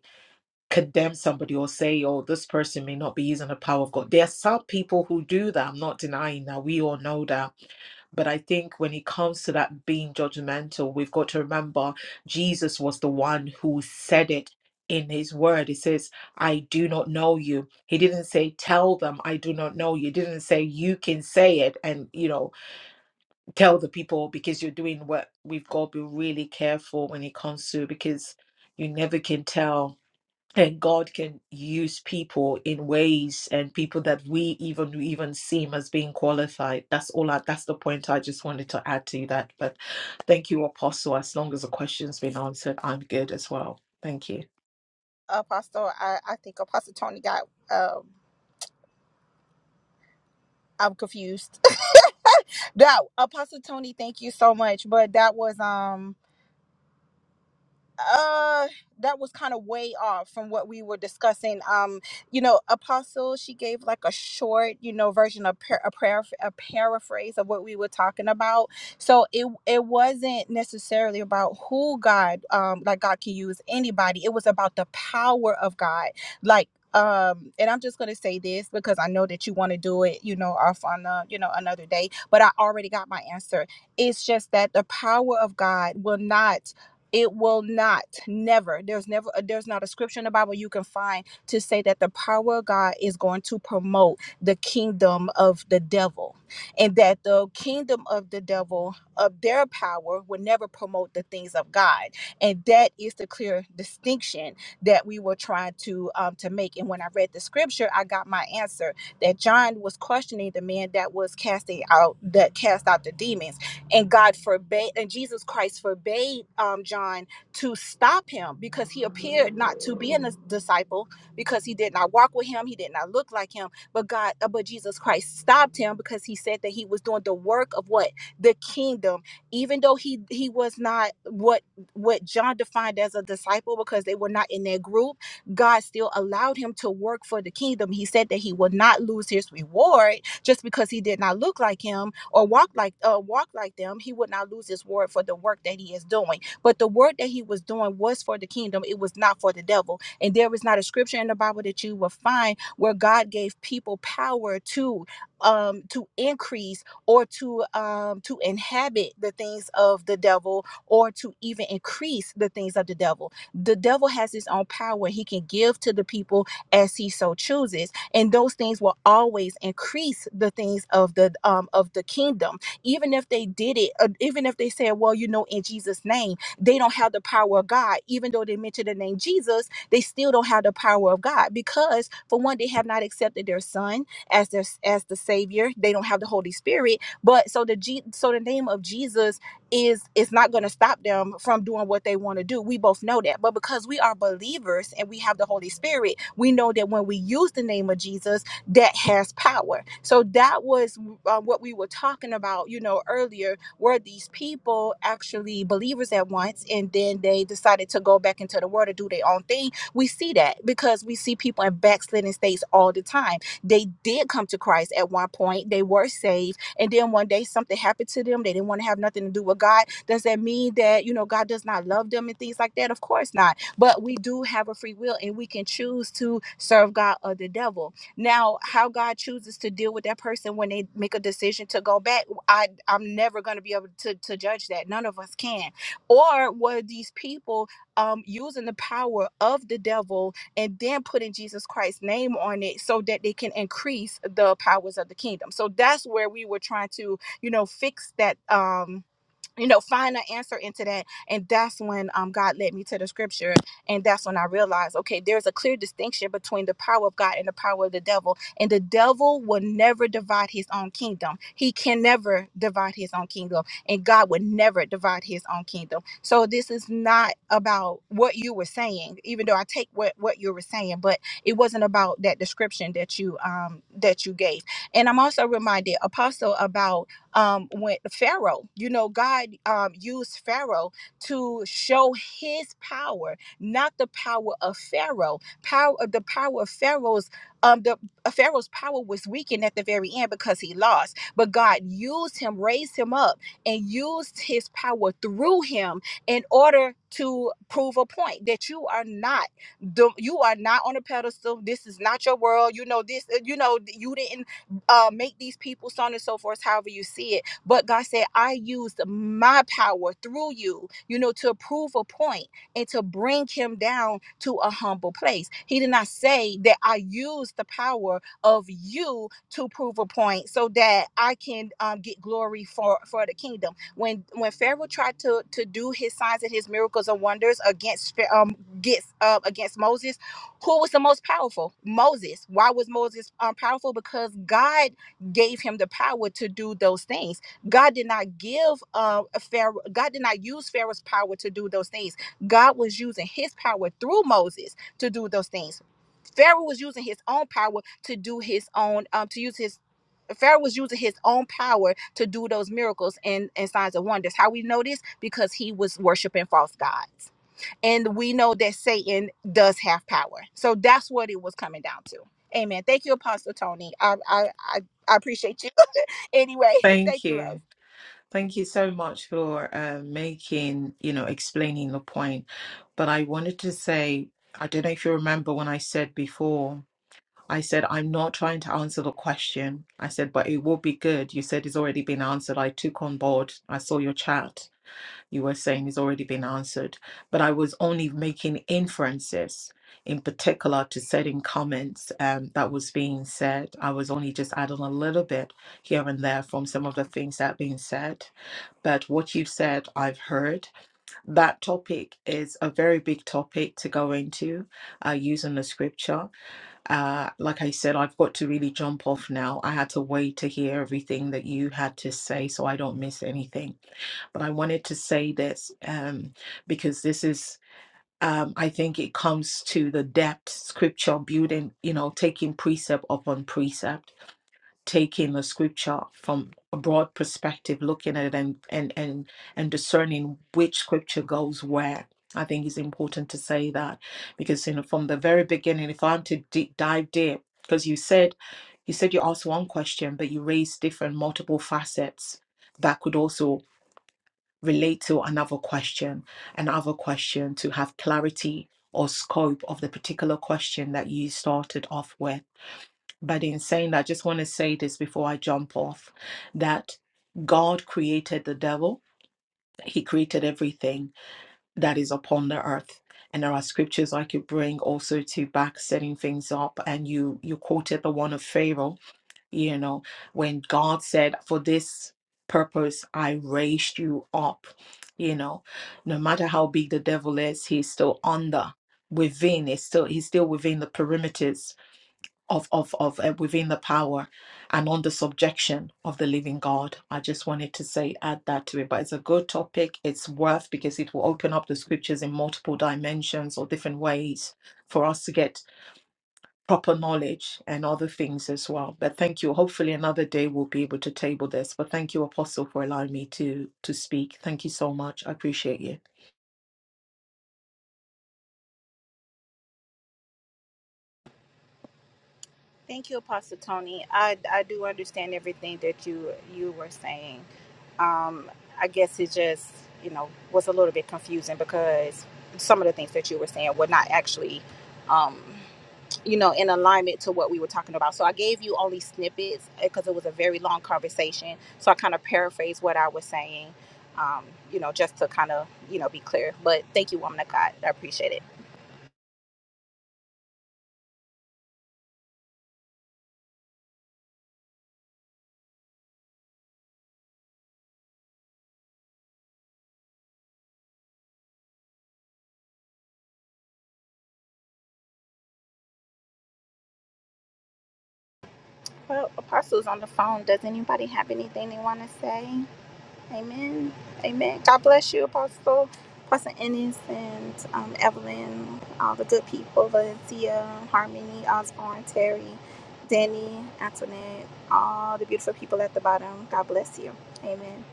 [SPEAKER 9] condemn somebody or say, oh, this person may not be using the power of God. There are some people who do that. I'm not denying that. We all know that. But I think when it comes to that being judgmental, we've got to remember Jesus was the one who said it in his word. He says, I do not know you. He didn't say, tell them I do not know you. He didn't say, you can say it and, you know, tell the people because you're doing what we've got to be really careful when it comes to because you never can tell and God can use people in ways and people that we even we even seem as being qualified. That's all. I, that's the point I just wanted to add to that. But thank you, Apostle. As long as the question's been answered, I'm good as well. Thank you.
[SPEAKER 3] Apostle, I, I think Apostle Tony got um I'm confused. that Apostle Tony, thank you so much. But that was um uh that was kind of way off from what we were discussing um you know apostle she gave like a short you know version of par- a prayer a paraphrase of what we were talking about so it it wasn't necessarily about who god um like god can use anybody it was about the power of god like um and i'm just going to say this because i know that you want to do it you know off on a you know another day but i already got my answer it's just that the power of god will not it will not never there's never uh, there's not a scripture in the bible you can find to say that the power of god is going to promote the kingdom of the devil and that the kingdom of the devil of their power will never promote the things of god and that is the clear distinction that we were trying to um, to make and when i read the scripture i got my answer that john was questioning the man that was casting out that cast out the demons and God forbade, and Jesus Christ forbade um, John to stop him because he appeared not to be a dis- disciple because he did not walk with him, he did not look like him. But God, uh, but Jesus Christ stopped him because he said that he was doing the work of what the kingdom, even though he he was not what what John defined as a disciple because they were not in their group. God still allowed him to work for the kingdom. He said that he would not lose his reward just because he did not look like him or walk like uh, walk like them, he would not lose his word for the work that he is doing. But the work that he was doing was for the kingdom; it was not for the devil. And there is not a scripture in the Bible that you will find where God gave people power to um to increase or to um to inhabit the things of the devil or to even increase the things of the devil the devil has his own power he can give to the people as he so chooses and those things will always increase the things of the um, of the kingdom even if they did it uh, even if they said well you know in jesus name they don't have the power of god even though they mention the name jesus they still don't have the power of god because for one they have not accepted their son as their as the savior they don't have the holy spirit but so the G, so the name of jesus is it's not going to stop them from doing what they want to do. We both know that. But because we are believers and we have the Holy Spirit, we know that when we use the name of Jesus, that has power. So that was uh, what we were talking about, you know, earlier. Were these people actually believers at once and then they decided to go back into the world to do their own thing? We see that because we see people in backslidden states all the time. They did come to Christ at one point. They were saved and then one day something happened to them they didn't want to have nothing to do with god does that mean that you know god does not love them and things like that of course not but we do have a free will and we can choose to serve god or the devil now how god chooses to deal with that person when they make a decision to go back i i'm never going to be able to, to judge that none of us can or were these people um using the power of the devil and then putting Jesus Christ's name on it so that they can increase the powers of the kingdom. So that's where we were trying to, you know, fix that um you know, find an answer into that. And that's when um, God led me to the scripture. And that's when I realized, okay, there's a clear distinction between the power of God and the power of the devil. And the devil will never divide his own kingdom. He can never divide his own kingdom. And God would never divide his own kingdom. So this is not about what you were saying, even though I take what, what you were saying, but it wasn't about that description that you um that you gave. And I'm also reminded, Apostle, about um, when Pharaoh, you know, God um, used Pharaoh to show His power, not the power of Pharaoh. Power, the power of Pharaoh's, um, the uh, Pharaoh's power was weakened at the very end because he lost. But God used him, raised him up, and used His power through him in order to prove a point that you are not the, you are not on a pedestal. This is not your world. You know this. uh, You know you didn't uh, make these people so on and so forth, however you see it. But God said, I used my power through you, you know, to prove a point and to bring him down to a humble place. He did not say that I used the power of you to prove a point so that I can um, get glory for, for the kingdom. When when Pharaoh tried to, to do his signs and his miracles and wonders against um, gets uh, against Moses, who was the most powerful? Moses. Why was Moses um, powerful? Because God gave him the power to do those things. God did not give uh, a Pharaoh. God did not use Pharaoh's power to do those things. God was using His power through Moses to do those things. Pharaoh was using his own power to do his own um, to use his. Pharaoh was using his own power to do those miracles and, and signs of wonders. How we know this? Because he was worshiping false gods. And we know that Satan does have power. So that's what it was coming down to. Amen. Thank you, Apostle Tony. I I I, I appreciate you. Anyway,
[SPEAKER 9] Thank
[SPEAKER 3] thank you, love.
[SPEAKER 9] you. Thank you so much for uh, making, you know, explaining the point. But I wanted to say, I don't know if you remember when I said before. I said, I'm not trying to answer the question. I said, but it will be good. You said it's already been answered. I took on board. I saw your chat. You were saying it's already been answered. But I was only making inferences in particular to certain comments um, that was being said. I was only just adding a little bit here and there from some of the things that are being said. But what you said, I've heard. That topic is a very big topic to go into uh, using the scripture uh, like I said, I've got to really jump off now. I had to wait to hear everything that you had to say so I don't miss anything. But I wanted to say this um, because this is, um, I think it comes to the depth, scripture building, you know, taking precept upon precept taking the scripture from a broad perspective, looking at it and and and and discerning which scripture goes where. I think it's important to say that because you know from the very beginning, if I'm to deep dive deep, because you said you said you asked one question, but you raised different multiple facets that could also relate to another question, another question to have clarity or scope of the particular question that you started off with. But in saying that, I just want to say this before I jump off that God created the devil, he created everything that is upon the earth. And there are scriptures I could bring also to back setting things up. And you you quoted the one of Pharaoh, you know, when God said, For this purpose I raised you up, you know, no matter how big the devil is, he's still under within, it's still he's still within the perimeters of of of uh, within the power and on the subjection of the living God. I just wanted to say add that to it, but it's a good topic. It's worth because it will open up the scriptures in multiple dimensions or different ways for us to get proper knowledge and other things as well. But thank you. Hopefully another day we'll be able to table this. But thank you, Apostle, for allowing me to to speak. Thank you so much. I appreciate you.
[SPEAKER 3] Thank you, Apostle Tony. I I do understand everything that you you were saying. Um, I guess it just you know was a little bit confusing because some of the things that you were saying were not actually. Um, you know, in alignment to what we were talking about. So I gave you only snippets because it was a very long conversation. So I kind of paraphrased what I was saying, um, you know, just to kind of, you know, be clear. But thank you, woman of God. I appreciate it. Well, Apostle's on the phone. Does anybody have anything they want to say? Amen. Amen. God bless you, Apostle, Apostle Ennis, and um, Evelyn, all the good people, Valencia, Harmony, Osborne, Terry, Danny, Antoinette, all the beautiful people at the bottom. God bless you. Amen.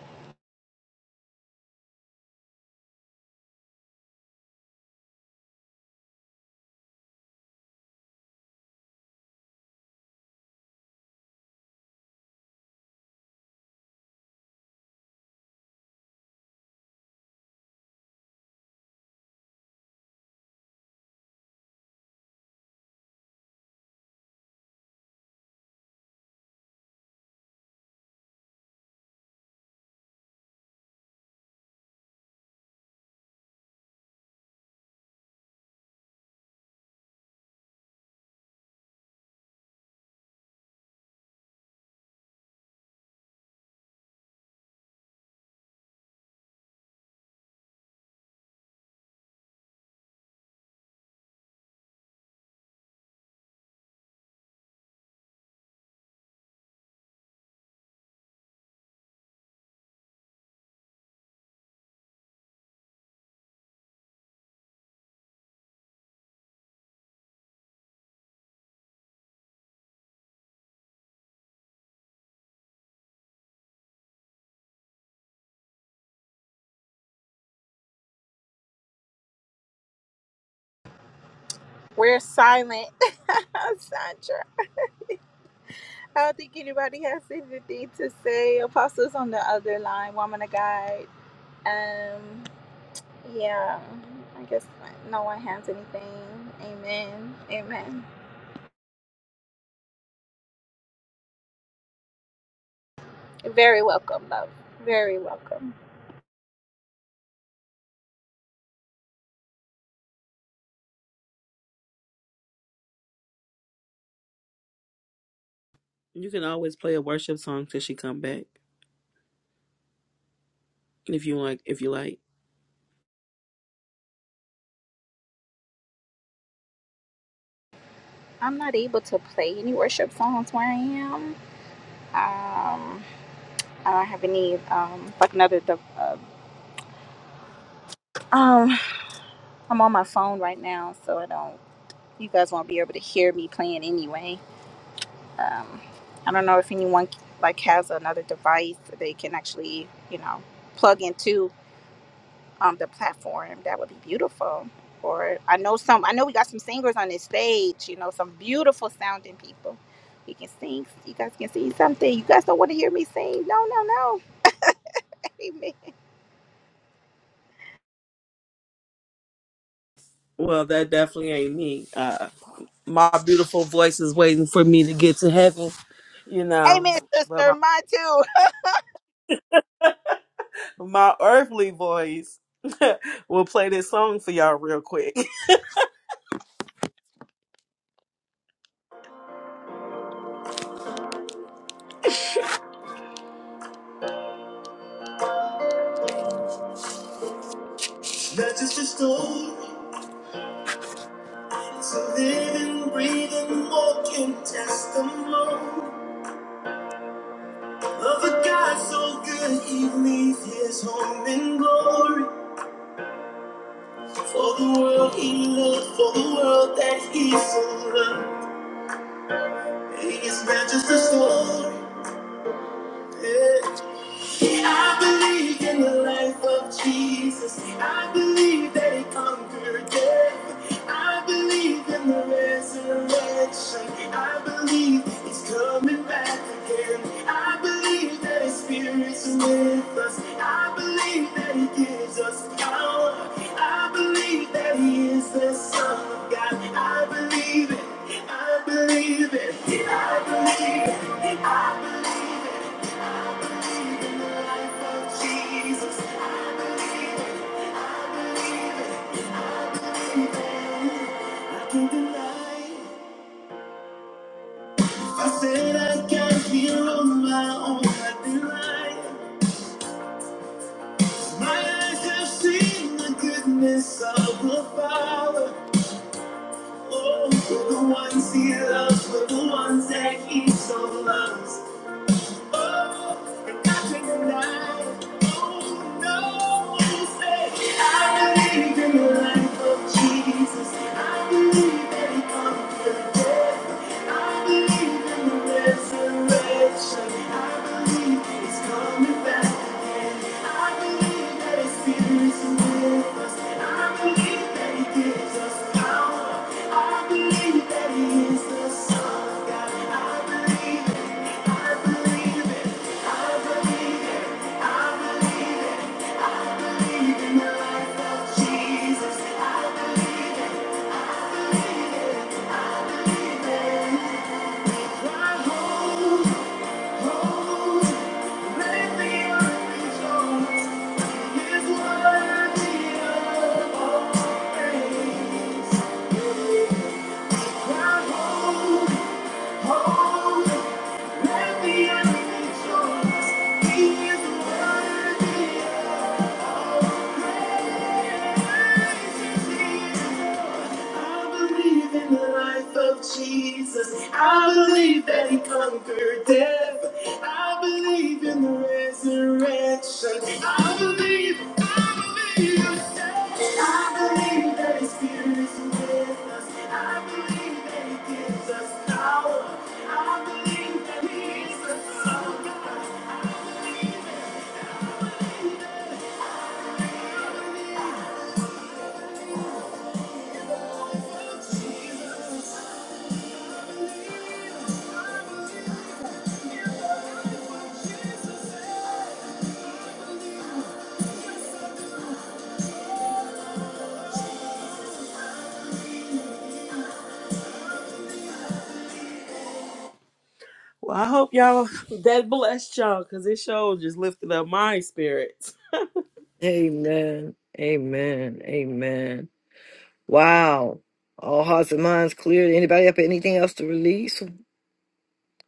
[SPEAKER 3] We're silent, Sandra. I don't think anybody has anything to say. Apostles on the other line, woman of God. Um, yeah, I guess no one has anything. Amen. Amen. Very welcome, love. Very welcome.
[SPEAKER 4] You can always play a worship song till she come back. If you like if you like.
[SPEAKER 3] I'm not able to play any worship songs where I am. Um, I don't have any um like another. De- uh, um, I'm on my phone right now, so I don't. You guys won't be able to hear me playing anyway. Um, I don't know if anyone like has another device that they can actually, you know, plug into um, the platform. That would be beautiful. Or I know some. I know we got some singers on this stage. You know, some beautiful sounding people. We can sing. You guys can sing something. You guys don't want to hear me sing. No, no, no. Amen.
[SPEAKER 4] Well, that definitely ain't me. Uh my beautiful voice is waiting for me to get to heaven, you know.
[SPEAKER 3] Amen,
[SPEAKER 4] But
[SPEAKER 3] sister.
[SPEAKER 4] my
[SPEAKER 3] Mine too.
[SPEAKER 4] my earthly voice will play this song for y'all real quick. That's just a story, living, breathing, walking, just a moan of a God so good he leaves his home in glory for the world he loved, for the world that he so loved. Hey, It's not just a story, yeah. I believe in the life of Jesus. I believe that he conquered death. I believe in the resurrection. I believe he's coming back again. I believe that his spirit's with us. I believe that he gives us power. I believe that he is the Son of God. I believe it. I believe it. I believe it. I believe it. I said I got here on my own, I denied. My eyes have seen the goodness of the Father. Oh, we're the ones He loves, we're the ones that He so loves. I believe in the resurrection. I believe it's coming. I I believe it. I believe it. it. Jesus. He Thank you. I believe in the life of Jesus. I believe that he conquered death. I believe in the resurrection. I believe, I believe, I believe that his spirit is with us. I believe that he gives us power. I believe that he is the Son of God. Oh, Jesus. I believe. Well, I hope y'all that blessed y'all because it sure just lifted up my spirits.
[SPEAKER 1] Amen. Amen. Amen. Wow. All hearts and minds cleared. Anybody up? Anything else to release?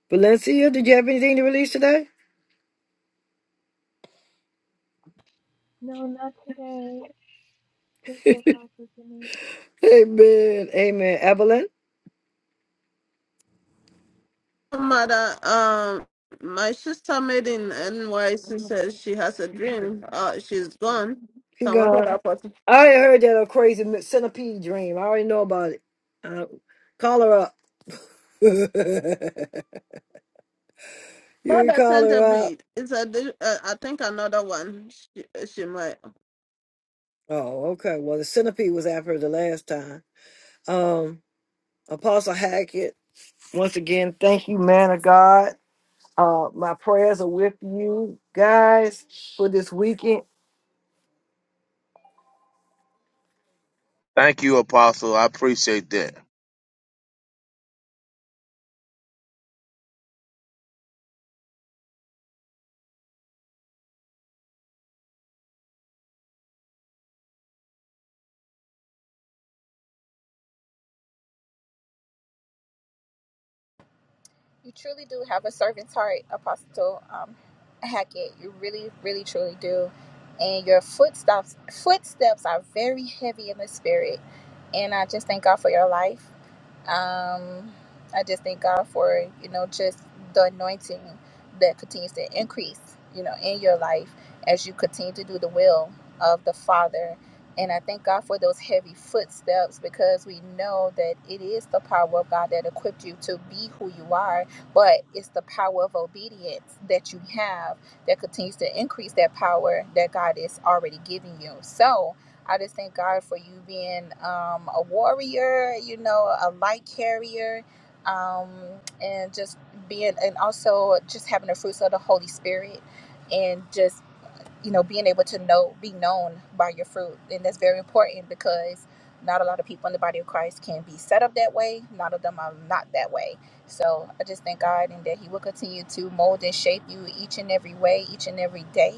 [SPEAKER 1] Valencia, did you have anything to release today?
[SPEAKER 14] No, not today. Take your time, Virginia.
[SPEAKER 1] Amen. Amen. Evelyn,
[SPEAKER 12] Mother, um, my sister made in NYC says she has a dream. Uh, she's gone.
[SPEAKER 1] you
[SPEAKER 12] So I wanted the
[SPEAKER 1] gone.
[SPEAKER 12] Apostle.
[SPEAKER 1] I already heard that a crazy mi- centipede dream. I already know about it. Uh, call her up. you can
[SPEAKER 12] Mother
[SPEAKER 1] call
[SPEAKER 12] sent a
[SPEAKER 1] her up.
[SPEAKER 12] bead. It's a, di- uh, I think another one. She, she might.
[SPEAKER 1] Oh, okay. Well, the centipede was after her the last time. Um, Apostle Hackett, once again, thank you, man of God. Uh, my prayers are with you guys for this weekend.
[SPEAKER 11] Thank you, Apostle. I appreciate that.
[SPEAKER 3] You truly do have a servant's heart, Apostle um, Hackett. You really, really, truly do. And your footsteps footsteps are very heavy in the spirit. And I just thank God for your life. Um, I just thank God for you know just the anointing that continues to increase, you know, in your life as you continue to do the will of the Father. And I thank God for those heavy footsteps because we know that it is the power of God that equipped you to be who you are, but it's the power of obedience that you have that continues to increase that power that God is already giving you. So, I just thank God for you being um, a warrior, you know, a light carrier, um, and just being, and also just having the fruits of the Holy Spirit. And just you know being able to know be known by your fruit and that's very important because not a lot of people in the body of christ can be set up that way not of them are not that way so i just thank god and that he will continue to mold and shape you each and every way each and every day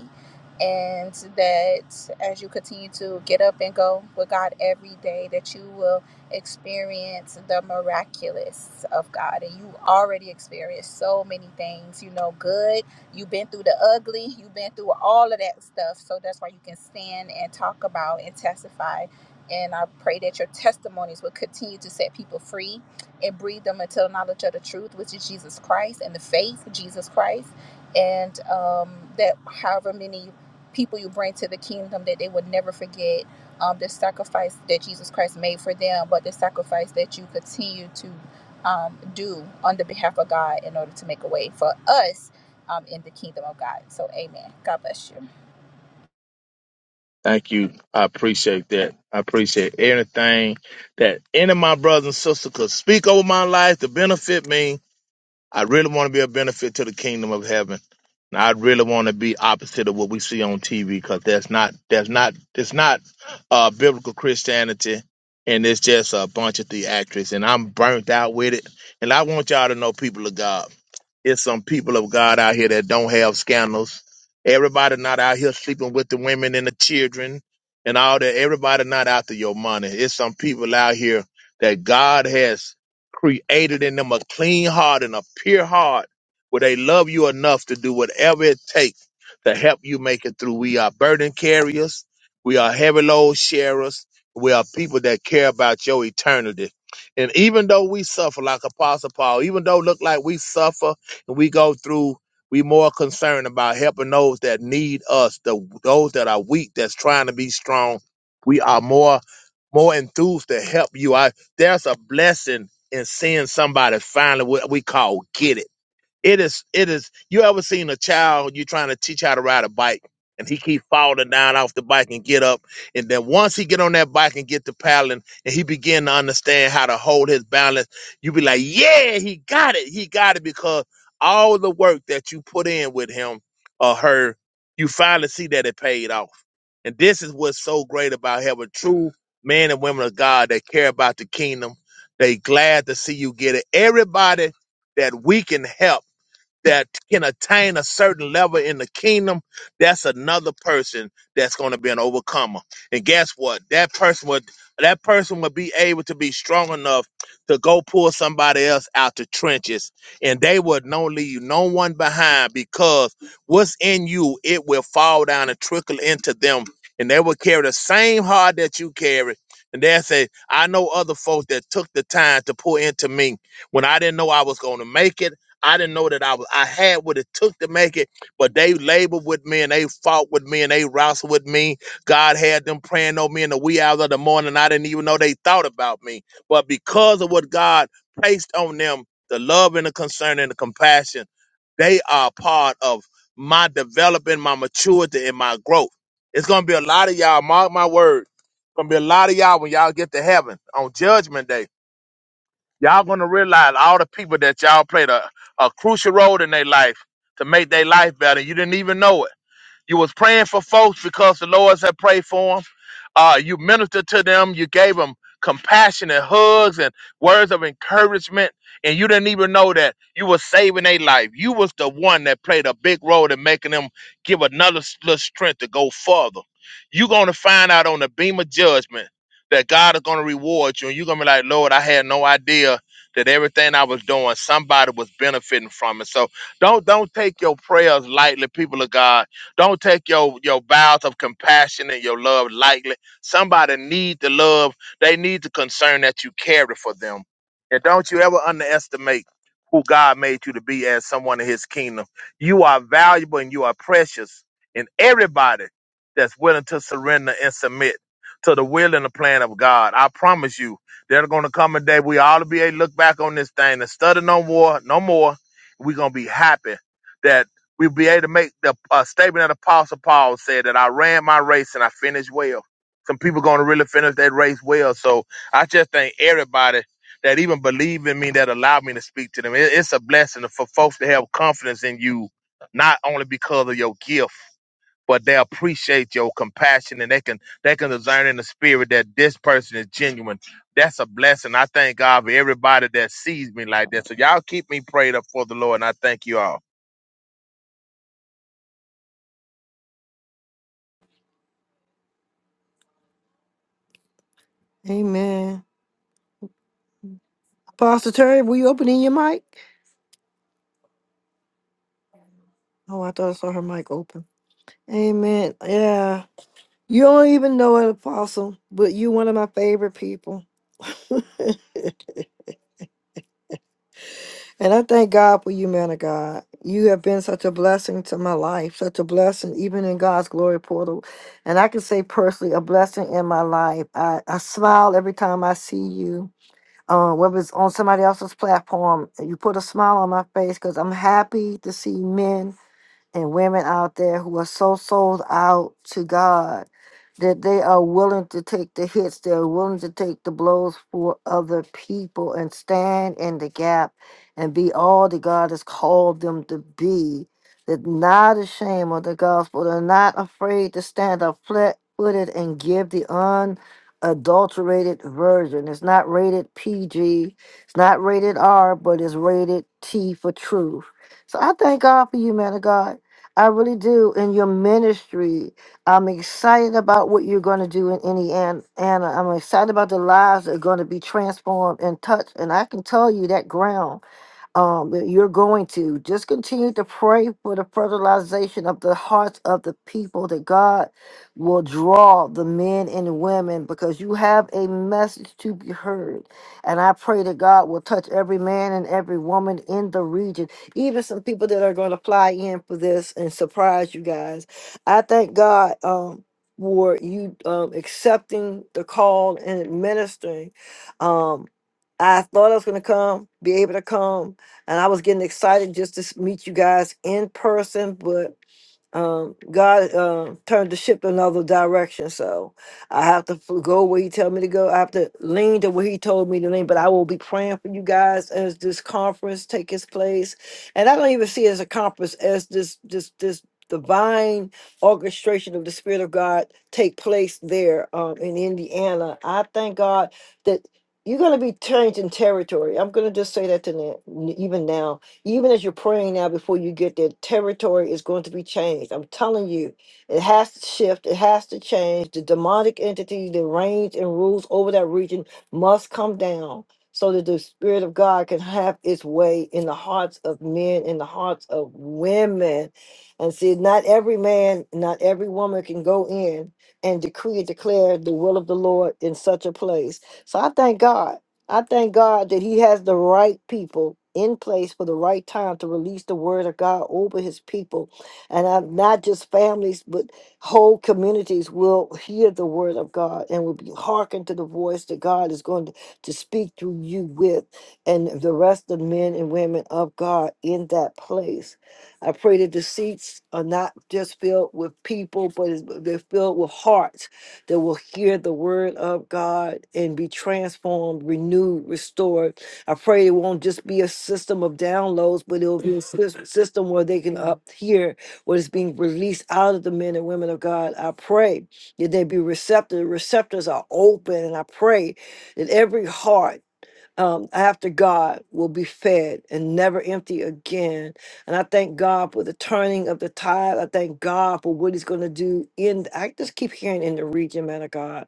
[SPEAKER 3] and that as you continue to get up and go with god every day that you will experience the miraculous of god and you already experienced so many things you know good You've been through the ugly. You've been through all of that stuff. So that's why you can stand and talk about and testify. And I pray that your testimonies will continue to set people free and breathe them into the knowledge of the truth, which is Jesus Christ and the faith of Jesus Christ. And um, that however many people you bring to the kingdom, that they would never forget um, the sacrifice that Jesus Christ made for them, but the sacrifice that you continue to um, do on the behalf of God in order to make a way for us um, in the kingdom of God. So, amen. God bless you.
[SPEAKER 11] Thank you. I appreciate that. I appreciate anything that any of my brothers and sisters could speak over my life to benefit me. I really want to be a benefit to the kingdom of heaven. And I really want to be opposite of what we see on TV because that's not that's not it's not uh, biblical Christianity, and it's just a bunch of theatrics. And I'm burnt out with it. And I want y'all to know, people of God, it's some people of God out here that don't have scandals. Everybody not out here sleeping with the women and the children and all that. Everybody not after your money. It's some people out here that God has created in them a clean heart and a pure heart where they love you enough to do whatever it takes to help you make it through. We are burden carriers. We are heavy load sharers. We are people that care about your eternity. And even though we suffer like Apostle Paul, even though it look like we suffer and we go through, we more concerned about helping those that need us, the, those that are weak, that's trying to be strong. We are more more enthused to help you. I there's a blessing and seeing somebody finally what we call get it. It is, it is. You ever seen a child you trying to teach how to ride a bike, and he keep falling down off the bike and get up, and then once he get on that bike and get to paddling, and he begin to understand how to hold his balance, you be like, yeah, he got it, he got it, because all the work that you put in with him or her, you finally see that it paid off. And this is what's so great about having true men and women of God that care about the kingdom. They glad to see you get it. Everybody that we can help that can attain a certain level in the kingdom, that's another person that's going to be an overcomer. And guess what? That person would that person would be able to be strong enough to go pull somebody else out the trenches, and they would no leave no one behind because what's in you it will fall down and trickle into them, and they will carry the same heart that you carry. And they say, I know other folks that took the time to pour into me when I didn't know I was going to make it. I didn't know that I was I had what it took to make it, but they labored with me and they fought with me and they wrestled with me. God had them praying on me in the wee hours of the morning. I didn't even know they thought about me. But because of what God placed on them, the love and the concern and the compassion, they are part of my developing, my maturity, and my growth. It's gonna be a lot of y'all, mark my word. Gonna be a lot of y'all when y'all get to heaven on judgment day Y'all gonna realize all the people that y'all played a, a crucial role in their life to make their life better. You didn't even know it. You was praying for folks because the Lord's had prayed for them. Uh, you ministered to them. You gave them compassionate hugs and words of encouragement, and you didn't even know that you were saving their life. You was the one that played a big role in making them give another s- little strength to go further. You're gonna find out on the beam of judgment that God is gonna reward you, and you're gonna be like, Lord, I had no idea that everything I was doing, somebody was benefiting from it. So don't don't take your prayers lightly, people of God don't take your your vows of compassion and your love lightly. Somebody need the love. They need the concern that you carry for them. And don't you ever underestimate who God made you to be as someone in His kingdom. You are valuable and you are precious. And everybody that's willing to surrender and submit to the will and the plan of God, I promise you, there's going to come a day we all be able to look back on this thing and study no more, no more. We're going to be happy that we will be able to make the uh, statement that Apostle Paul said that I ran my race and I finished well. Some people going to really finish that race well. So I just thank everybody that even believe in me that allowed me to speak to them. It- it's a blessing for folks to have confidence in you, not only because of your gift, but they appreciate your compassion and they can they can discern in the spirit that this person is genuine. That's a blessing. I thank God for everybody that sees me like that. So y'all keep me prayed up for the Lord, and I thank you all.
[SPEAKER 1] Amen. Pastor Terry, were you opening your mic? Oh, I thought I saw her mic open. Amen. Yeah. You don't even know it, Apostle, but you one of my favorite people. and I thank God for you, man of God. You have been such a blessing to my life, such a blessing, even in God's glory portal. And I can say personally, a blessing in my life. I, I smile every time I see you. uh, whether it's on somebody else's platform, you put a smile on my face because I'm happy to see men and women out there who are so sold out to God that they are willing to take the hits, they're willing to take the blows for other people and stand in the gap and be all that God has called them to be. They're not ashamed of the gospel, they're not afraid to stand up flat footed and give the unadulterated version. It's not rated PG, it's not rated R, but it's rated T for truth. So I thank God for you, man of God I really do. In your ministry, I'm excited about what you're going to do in Indiana. I'm excited about the lives that are going to be transformed and touched. And I can tell you that ground um, that you're going to just continue to pray for the fertilization of the hearts of the people that God will draw the men and women because you have a message to be heard. And I pray that God will touch every man and every woman in the region, even some people that are going to fly in for this and surprise you guys. I thank God um, for you um, accepting the call and ministering. Um, I thought I was going to come, be able to come and I was getting excited just to s- meet you guys in person, but um, God uh, turned the ship another direction. So I have to f- go where He tell me to go. I have to lean to where He told me to lean. But I will be praying for you guys as this conference takes its place. And I don't even see it as a conference as this this this divine orchestration of the Spirit of God take place there um, in Indiana. I thank God that. You're going to be changing territory. I'm going to just say that to na- even now even as you're praying now before you get there, territory is going to be changed. I'm telling you, it has to shift, it has to change. The demonic entity that reigns and rules over that region must come down so that the Spirit of God can have its way in the hearts of men, in the hearts of women. And see, not every man, not every woman can go in and decree and declare the will of the Lord in such a place. So I thank God. I thank God that He has the right people in place for the right time to release the word of God over His people. And i not just families, but whole communities will hear the word of God and will be hearkened to the voice that God is going to, to speak through you with and the rest of men and women of God in that place. I pray that the seats are not just filled with people, but it's- they're filled with hearts that will hear the word of God and be transformed, renewed, restored. I pray it won't just be a system of downloads, but it'll be a sys- system where they can up hear what is being released out of the men and women of God. I pray that they be receptive. Receptors are open, and I pray that every heart um, after God will be fed and never empty again. And I thank God for the turning of the tide. I thank God for what He's going to do in. I just keep hearing in the region, man of God.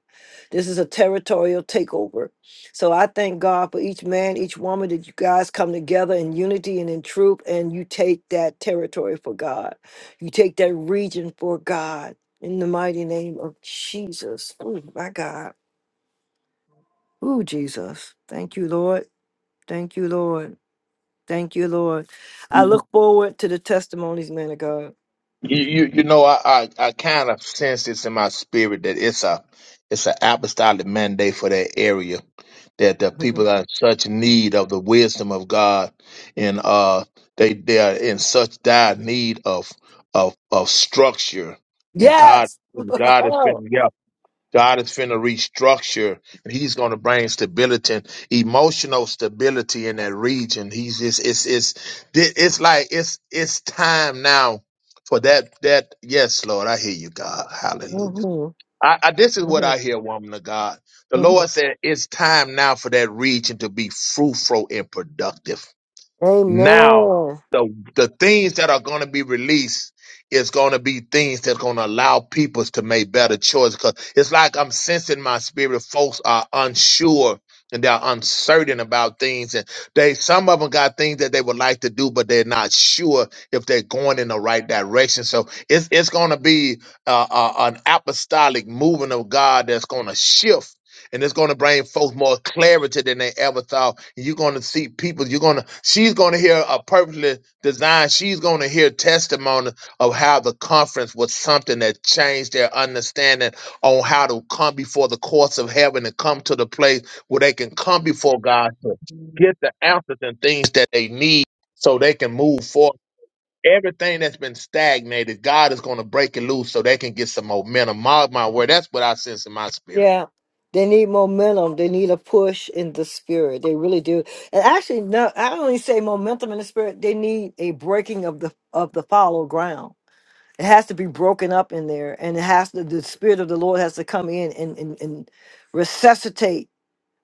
[SPEAKER 1] This is a territorial takeover. So I thank God for each man, each woman that you guys come together in unity and in truth, and you take that territory for God. You take that region for God. In the mighty name of Jesus. Oh, my God. Oh, Jesus. Thank you, Lord. Thank you, Lord. Thank you, Lord. I look forward to the testimonies, man of God.
[SPEAKER 11] You, you, you know, I, I, I kind of sense this in my spirit that it's a, it's an apostolic mandate for that area. that the
[SPEAKER 1] Mhm.
[SPEAKER 11] people are in such need of the wisdom of God, and uh, they they are in such dire need of of of structure, and God
[SPEAKER 1] Yes.
[SPEAKER 11] and God is
[SPEAKER 1] Oh.
[SPEAKER 11] been yeah. God is finna restructure and he's gonna bring stability and emotional stability in that region. He's just it's it's thi- it's like it's it's time now for that that yes, Lord, I hear you, God. Hallelujah.
[SPEAKER 1] Mhm.
[SPEAKER 11] I, I this is what
[SPEAKER 1] Mhm.
[SPEAKER 11] I hear, woman of God. The
[SPEAKER 1] Mhm.
[SPEAKER 11] Lord said it's time now for that region to be fruitful and productive. Now,
[SPEAKER 1] Amen.
[SPEAKER 11] the the things that are going to be released is going to be things that's going to allow people to make better choices. Because it's like I'm sensing my spirit. Folks are unsure and they're uncertain about things, and they some of them got things that they would like to do, but they're not sure if they're going in the right direction. So it's it's going to be uh, uh, an apostolic movement of God that's going to shift and it's going to bring folks more clarity than they ever thought. And you're going to see people. You're going to. She's going to hear a perfectly designed. She's going to hear testimony of how the conference was something that changed their understanding on how to come before the courts of heaven and come to the place where they can come before God to get the answers and things that they need, so they can move forward. Everything that's been stagnated, God is going to break it loose so they can get some momentum. Mark my word. That's what I sense in my spirit.
[SPEAKER 1] Yeah. They need momentum. They need a push in the spirit. They really do. And actually, no, I don't even say momentum in the spirit. They need a breaking of the of the fallow ground. It has to be broken up in there. And it has to the spirit of the Lord has to come in and and, and resuscitate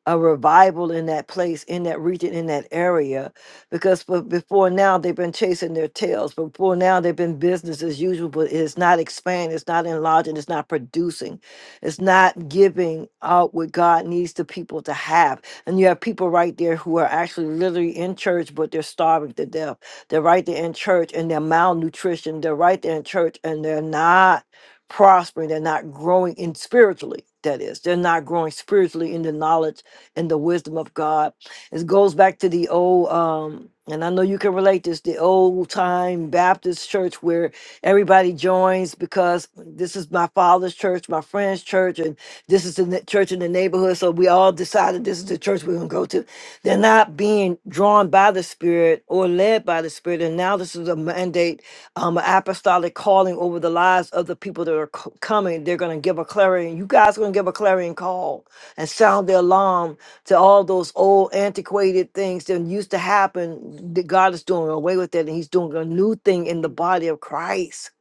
[SPEAKER 1] a revival in that place, in that region, in that area, because be- before now they've been chasing their tails. Before now they've been business as usual, but it's not expanding, it's not enlarging, it's not producing, it's not giving out what God needs the people to have. And you have people right there who are actually literally in church, but they're starving to death. They're right there in church and they're malnutrition. They're right there in church and they're not prospering. They're not growing in spiritually. That is, they're not growing spiritually in the knowledge and the wisdom of God. It goes back to the old, um, and I know you can relate this, the old time Baptist church where everybody joins because this is my father's church, my friend's church, and this is the ne- church in the neighborhood. So we all decided this is the church we're going to go to. They're not being drawn by the Spirit or led by by the Spirit. And now this is a mandate, um, an apostolic calling over the lives of the people that are c- coming. They're going to give a clarion. You guys going to give a clarion call and sound the alarm to all those old antiquated things that used to happen. That God is doing away with it, and He's doing a new thing in the body of Christ.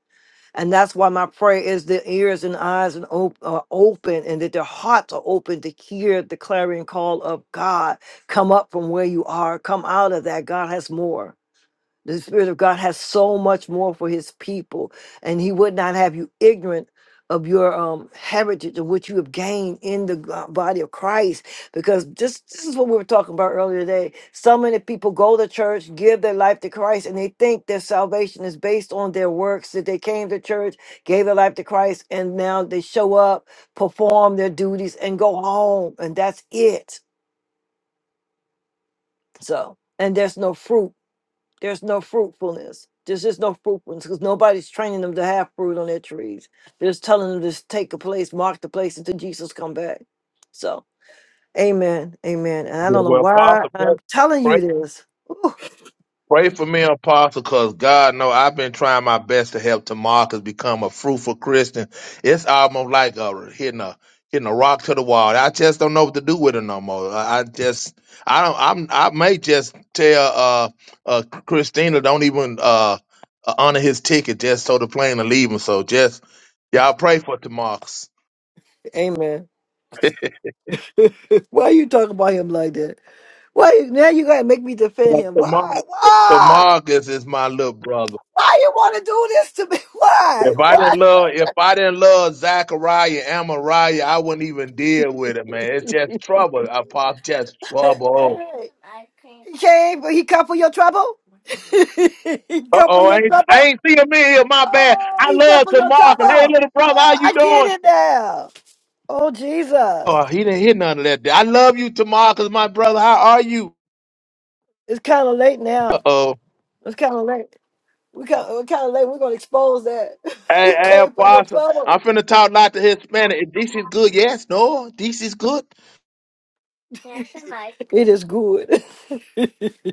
[SPEAKER 1] And that's why my prayer is the ears and eyes and op- are open, and that their hearts are open to hear the clarion call of God. Come up from where you are. Come out of that. God has more. The Spirit of God has so much more for His people, and He would not have you ignorant of your um, heritage of what you have gained in the go- body of Christ. Because this, this is what we were talking about earlier today. So many people go to church, give their life to Christ, and they think their salvation is based on their works that they came to church, gave their life to Christ, and now they show up, perform their duties, and go home, and that's it. So, and there's no fruit there's no fruitfulness. There's just no fruitfulness because nobody's training them to have fruit on their trees. They're just telling them to just take a place, mark the place until Jesus come back. So, amen, amen. And I
[SPEAKER 11] Yeah,
[SPEAKER 1] don't know
[SPEAKER 11] well,
[SPEAKER 1] why
[SPEAKER 11] Apostle, pray,
[SPEAKER 1] I'm telling
[SPEAKER 11] pray
[SPEAKER 1] you this. Ooh,
[SPEAKER 11] pray for me, Apostle, because God know I've been trying my best to help Tamarcus become a fruitful Christian. It's almost like uh, hitting a hitting a rock to the wall. I just don't know what to do with it no more. I, I just I don't I'm I may just tell uh uh Christina don't even uh uh, honor his ticket just so the plane to leave him. So just y'all pray for Tamarcus.
[SPEAKER 1] amen. why you talking about him like that? Why you, now you gotta make me defend
[SPEAKER 11] Yeah,
[SPEAKER 1] him? Why?
[SPEAKER 11] Tamarcus
[SPEAKER 1] Why?
[SPEAKER 11] Tamarcus is my little brother.
[SPEAKER 1] Why you want to do this to me? Why?
[SPEAKER 11] If I didn't
[SPEAKER 1] Why?
[SPEAKER 11] love, if I didn't love Zachariah, Amariah, I wouldn't even deal with it, man. It's just trouble, Apostle. Just trouble.
[SPEAKER 1] Hey, he came, but he come for your trouble. he
[SPEAKER 11] Uh
[SPEAKER 1] come for
[SPEAKER 11] oh, I
[SPEAKER 1] your
[SPEAKER 11] ain't, I
[SPEAKER 1] trouble.
[SPEAKER 11] ain't see him in here. My bad.
[SPEAKER 1] Oh,
[SPEAKER 11] I
[SPEAKER 1] he come
[SPEAKER 11] love
[SPEAKER 1] for your
[SPEAKER 11] Tamarcus. Hey,
[SPEAKER 1] trouble.
[SPEAKER 11] little brother,
[SPEAKER 1] Oh,
[SPEAKER 11] how you
[SPEAKER 1] I get
[SPEAKER 11] doing?
[SPEAKER 1] it now. Oh, Jesus.
[SPEAKER 11] Oh, he didn't hear none of that. I love you, Tamarcus, my brother. How are you?
[SPEAKER 1] It's kind of late
[SPEAKER 11] Uh
[SPEAKER 1] now.
[SPEAKER 11] oh.
[SPEAKER 1] It's kind of late. We kind of, we're kind of late. We're going to expose that.
[SPEAKER 11] Hey,
[SPEAKER 1] he
[SPEAKER 11] hey,
[SPEAKER 1] came for your
[SPEAKER 11] Apostle.
[SPEAKER 1] trouble.
[SPEAKER 11] I'm finna talk a lot to Hispanic. If this is good, yes, no, this is good.
[SPEAKER 1] It is good. I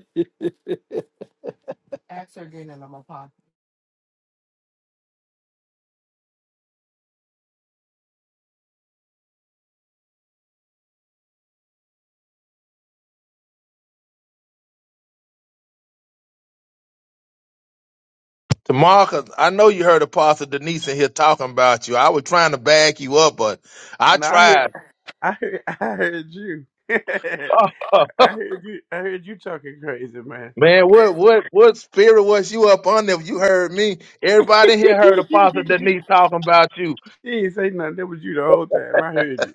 [SPEAKER 11] Tamarcus, I know you heard Apostle Denise in here talking about you. I was trying to back you up, but I
[SPEAKER 15] No, I heard,
[SPEAKER 11] tried.
[SPEAKER 15] I heard, I heard you.
[SPEAKER 11] Oh,
[SPEAKER 15] I heard you. I heard you talking crazy, man.
[SPEAKER 11] Man, what what what spirit was you up on if you heard me?
[SPEAKER 15] she
[SPEAKER 11] Everybody in here heard Apostle Denise talking about you.
[SPEAKER 15] didn't say nothing. That was you the whole time. I heard you.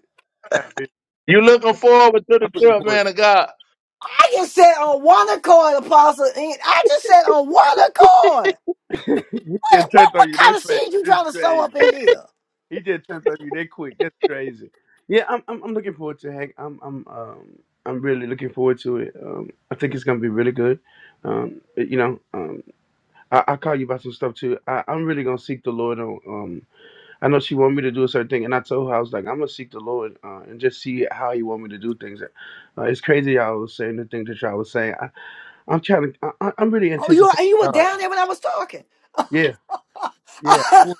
[SPEAKER 15] I heard
[SPEAKER 11] You
[SPEAKER 15] that,
[SPEAKER 11] looking
[SPEAKER 15] but
[SPEAKER 11] forward to the
[SPEAKER 15] I'm looking
[SPEAKER 11] trip,
[SPEAKER 15] for
[SPEAKER 11] man of God.
[SPEAKER 1] just said on one accord, Apostle. Ian. I just said on one accord.
[SPEAKER 15] it. he
[SPEAKER 1] What,
[SPEAKER 15] just
[SPEAKER 1] what,
[SPEAKER 15] turned on
[SPEAKER 1] what
[SPEAKER 15] you
[SPEAKER 1] kind
[SPEAKER 15] that
[SPEAKER 1] of
[SPEAKER 15] fast.
[SPEAKER 1] seed you
[SPEAKER 15] That's
[SPEAKER 1] trying to sow
[SPEAKER 15] crazy.
[SPEAKER 1] up in here?
[SPEAKER 15] He just turned on you that quick. That's crazy. Yeah, I'm. I'm, I'm looking forward to Hank. I'm. I'm. Um. I'm really looking forward to it. Um. I think it's gonna be really good. Um. You know. Um. I, I call you about some stuff too. I, I'm really gonna seek the Lord on. um. I know she wanted me to do a certain thing, and I told her I was like, I'm gonna seek the Lord uh, and just see how He want me to do things. Uh, it's crazy y'all was saying the things that y'all was saying. I, I'm trying to. I, I- I'm really
[SPEAKER 1] Oh, you,
[SPEAKER 15] anticipating
[SPEAKER 1] and you were
[SPEAKER 15] God.
[SPEAKER 1] down there when I was talking.
[SPEAKER 15] Yeah, yeah, I want-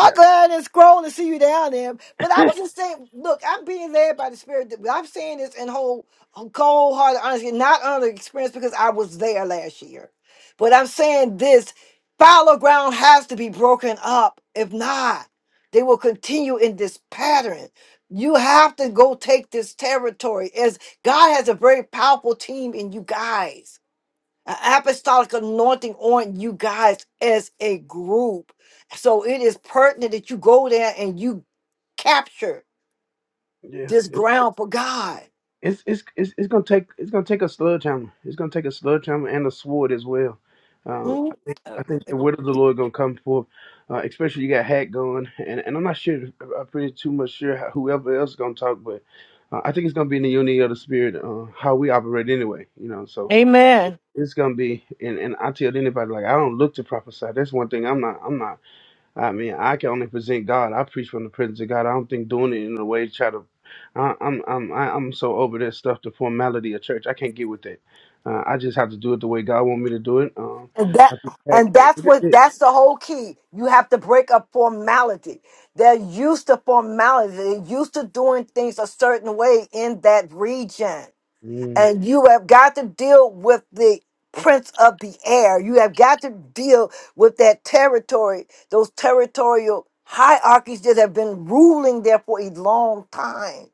[SPEAKER 15] yeah,
[SPEAKER 1] glad and scroll to see you down there. But I was just saying, look, I'm being led by the spirit. I'm saying this in whole, cold hearted honesty, not under experience because I was there last year. But I'm saying this fallow ground has to be broken up. If not, they will continue in this pattern. You have to go take this territory as God has a very powerful team in you guys a- apostolic anointing on you guys as a group. So it is pertinent that you go there and you capture
[SPEAKER 15] yeah.
[SPEAKER 1] this ground for God.
[SPEAKER 15] It's it's it's, it's gonna take it's gonna take a sledgehammer. It's gonna take a sledgehammer and a sword as well. Uh, I
[SPEAKER 1] Mm.
[SPEAKER 15] think
[SPEAKER 1] Uh,
[SPEAKER 15] I think the word of the Lord gonna come forth. Uh, especially you got Hat going, and, and I'm not sure. I'm pretty too much sure how, whoever else gonna talk, but uh, I think it's gonna be in the unity of the spirit, uh, how we operate anyway. You know, so
[SPEAKER 1] Amen.
[SPEAKER 15] it's gonna be. And, and I tell anybody like I don't look to prophesy. That's one thing I'm not. I'm not. I mean, I can only present God. I preach from the presence of God. I don't think doing it in a way to try to. I, I'm I'm I- I'm so over that stuff, the formality of church. I can't get with that. Uh, I just have to do it the way God want me to do it. Um,
[SPEAKER 1] And that
[SPEAKER 15] I think that,
[SPEAKER 1] and that's what that's the whole key. You have to break up formality. They're used to formality. They're used to doing things a certain way in that region.
[SPEAKER 15] mm,
[SPEAKER 1] and you have got to deal with the prince of the air. You have got to deal with that territory, those territorial hierarchies that have been ruling there for a long time.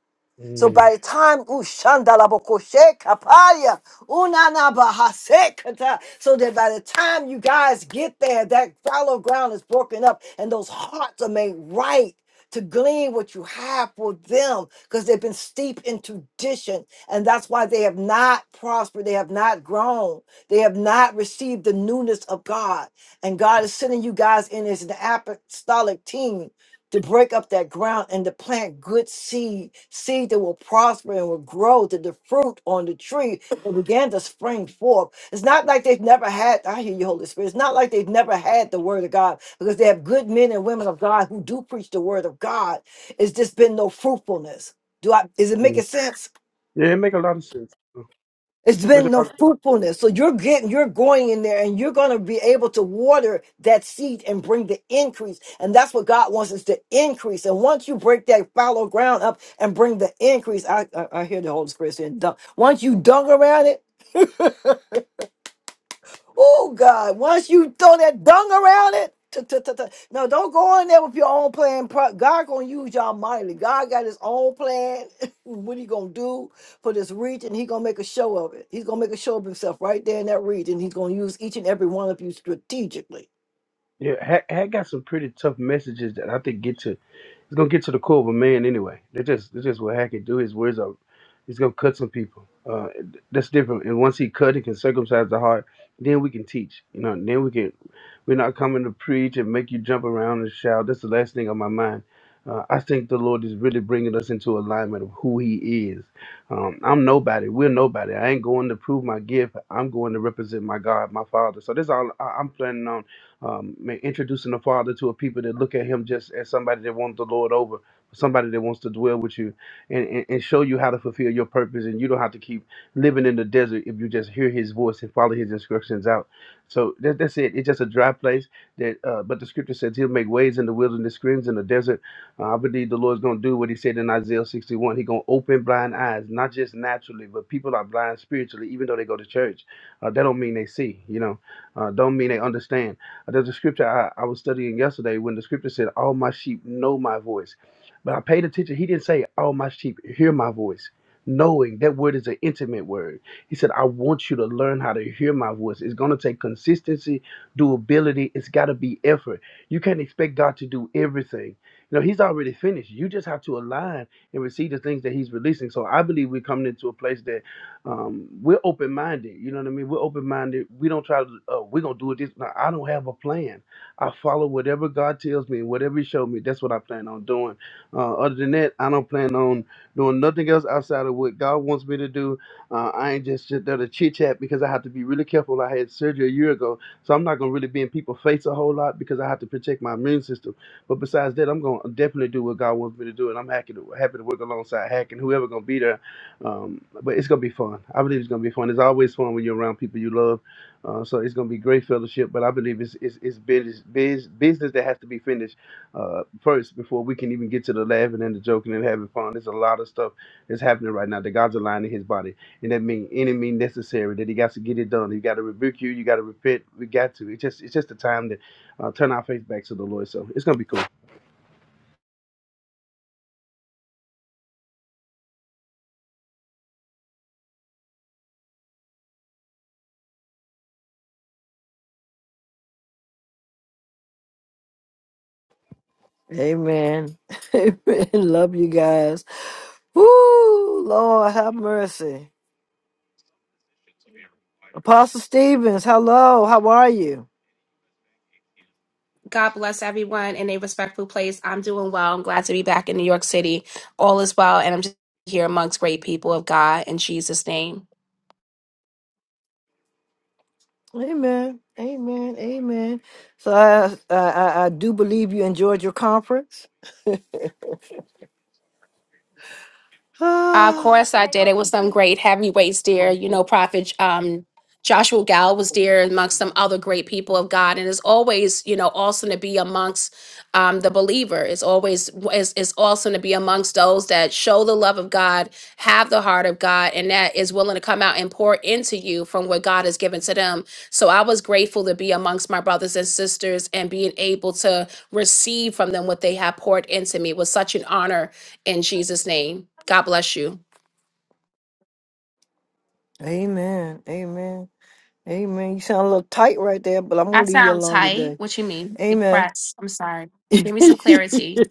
[SPEAKER 1] So
[SPEAKER 15] mm,
[SPEAKER 1] by the time Ushandalabokoshe Kapaya Unanabahasekata, so that by the time you guys get there, that fallow ground is broken up and those hearts are made right to glean what you have for them because they've been steeped in tradition and that's why they have not prospered they have not grown they have not received the newness of god and god is sending you guys in as an apostolic team to break up that ground and to plant good seed, seed that will prosper and will grow to the fruit on the tree that began to spring forth. It's not like they've never had, I hear you, Holy Spirit. It's not like they've never had the word of God because they have good men and women of God who do preach the word of God. It's just been no fruitfulness. Do I is it
[SPEAKER 15] mm.
[SPEAKER 1] making sense?
[SPEAKER 15] yeah, it make a lot of sense.
[SPEAKER 1] It's
[SPEAKER 15] Make
[SPEAKER 1] been
[SPEAKER 15] a lot
[SPEAKER 1] no
[SPEAKER 15] of sense.
[SPEAKER 1] fruitfulness. So you're getting, you're going in there and you're going to be able to water that seed and bring the increase. And that's what God wants is to increase. And once you break that fallow ground up and bring the increase, I, I, I hear the Holy Spirit saying, dunk. Once you dunk around it, Oh God! Once you throw that dung around it, t- t- t- t- no, don't go in there with your own plan. Pro- God gonna use y'all mightily. God got His own plan. what He gonna do for this region? He gonna make a show of it. He's gonna make a show of Himself right there in that region. He's gonna use each and every one of you strategically.
[SPEAKER 15] Yeah, had, had got some pretty tough messages that I think get to it's gonna get to the core of a man anyway. That's just that's just what Hack can do. His words are he's gonna cut some people. Uh, that's different. And once he cut, he can circumcise the heart. Then we can teach. You know, then we can. We're not coming to preach and make you jump around and shout. That's the last thing on my mind. Uh, I think the Lord is really bringing us into alignment of who He is. Um, I'm nobody. We're nobody. I ain't going to prove my gift. I'm going to represent my God, my Father. So that's all I- I'm planning on um, introducing the Father to a people that look at Him just as somebody that wants the Lord over, somebody that wants to dwell with you, and, and, and show you how to fulfill your purpose. And you don't have to keep living in the desert if you just hear His voice and follow His instructions out. So that, that's it. It's just a dry place. That, uh, but the scripture says He'll make ways in the wilderness, streams in the desert. Uh, I believe the Lord's going to do what He said in Isaiah 61. He's going to open blind eyes, not just naturally, but people are blind spiritually, even though they go to church. Uh, that don't mean they see. You know, uh, don't mean they understand. Uh, there's a scripture I, I was studying yesterday when the scripture said, "All my sheep know my voice," but I paid attention. He didn't say, "All my sheep hear my voice." knowing that word is an intimate word. He said, I want you to learn how to hear my voice. It's going to take consistency, doability. It's got to be effort. You can't expect God to do everything. You know, He's already finished. You just have to align and receive the things that He's releasing. So I believe we're coming into a place that um, we're open minded. You know what I mean? We're open minded. We don't try to, oh, we're going to do it this. No, I don't have a plan. I follow whatever God tells me, whatever He showed me. That's what I plan on doing. Uh, other than that, I don't plan on doing nothing else outside of what God wants me to do. Uh, I ain't just sit there to chit chat because I have to be really careful. I had surgery a year ago, so I'm not gonna really be in people's face a whole lot because I have to protect my immune system. But besides that, I'm gonna definitely do what God wants me to do, and I'm happy to happy to work alongside Hack and whoever gonna be there. Um, but it's gonna be fun. I believe it's gonna be fun. It's always fun when you're around people you love. Uh, so it's gonna be great fellowship. But I believe it's it's, it's business, biz, business that has to be finished uh, first before we can even get to the laughing and the joking and having fun. There's a lot of stuff that's happening right now. The God's aligning his body, and that means any mean necessary that he got to get it done. He got to rebuke you. You got to repent. We got to. It's just it's just the time to uh, turn our face back to the Lord. So it's gonna be cool.
[SPEAKER 1] Amen. Amen. Love you guys. Woo, Lord have mercy. Apostle Stevens, hello. How are you?
[SPEAKER 16] God bless everyone in a respectful place. I'm doing well. I'm glad to be back in New York City. All is well, and I'm just here amongst great people of God in Jesus' name.
[SPEAKER 1] Amen. Amen. Amen. So I I, I I do believe you enjoyed your conference.
[SPEAKER 16] Of
[SPEAKER 1] Ah,
[SPEAKER 16] course I did. It was some great heavyweights there. You know, Prophet um, Joshua Gal was there amongst some other great people of God. And it's always, you know, awesome to be amongst um, the believer. It's always it's, it's awesome to be amongst those that show the love of God, have the heart of God, and that is willing to come out and pour into you from what God has given to them. So I was grateful to be amongst my brothers and sisters and being able to receive from them what they have poured into me. It was such an honor in Jesus' name. God bless you.
[SPEAKER 1] amen. Amen. Amen. You sound a little tight right there, but I'm gonna
[SPEAKER 16] I
[SPEAKER 1] leave you
[SPEAKER 16] sound
[SPEAKER 1] alone
[SPEAKER 16] tight.
[SPEAKER 1] today.
[SPEAKER 16] What you mean?
[SPEAKER 1] Amen.
[SPEAKER 16] Express. I'm sorry. Give me some clarity.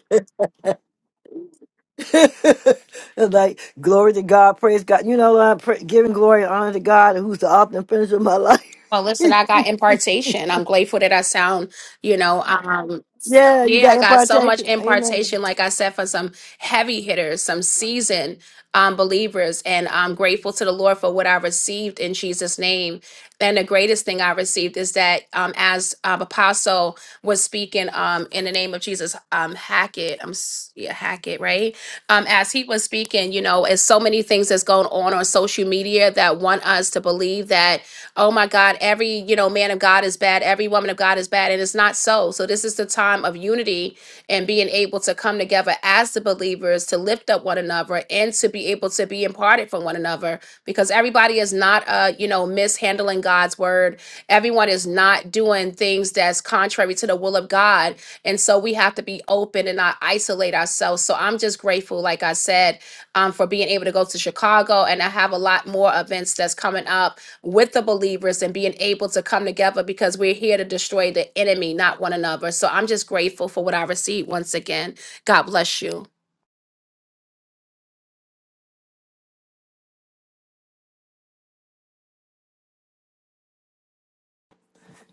[SPEAKER 1] like glory to God, praise God. You know, I'm pra- giving glory and honor to God, who's the author and finisher of my life.
[SPEAKER 16] Well, listen, I got impartation. I'm grateful that I sound, you know, um,
[SPEAKER 1] yeah, you
[SPEAKER 16] yeah,
[SPEAKER 1] got
[SPEAKER 16] I got so much
[SPEAKER 1] impartation. Amen.
[SPEAKER 16] impartation, like I said, for some heavy hitters, some seasoned um, believers. And I'm grateful to the Lord for what I received in Jesus' name. And the greatest thing I received is that um, as um, Apostle was speaking um, in the name of Jesus, um, Hackett, I'm, s- yeah, Hackett, right? Um, as he was speaking, you know, it's so many things that's going on on social media that want us to believe that oh my God, every, you know, man of God is bad, every woman of God is bad. And it's not so. So this is the time of unity and being able to come together as the believers to lift up one another and to be able to be imparted from one another because everybody is not uh, you know, mishandling God's word. Everyone is not doing things that's contrary to the will of God. And so we have to be open and not isolate ourselves. So I'm just grateful, like I said, um, for being able to go to Chicago and I have a lot more events that's coming up with the believers and being able to come together because we're here to destroy the enemy, not one another. So I'm just grateful for what I received once again. God bless you.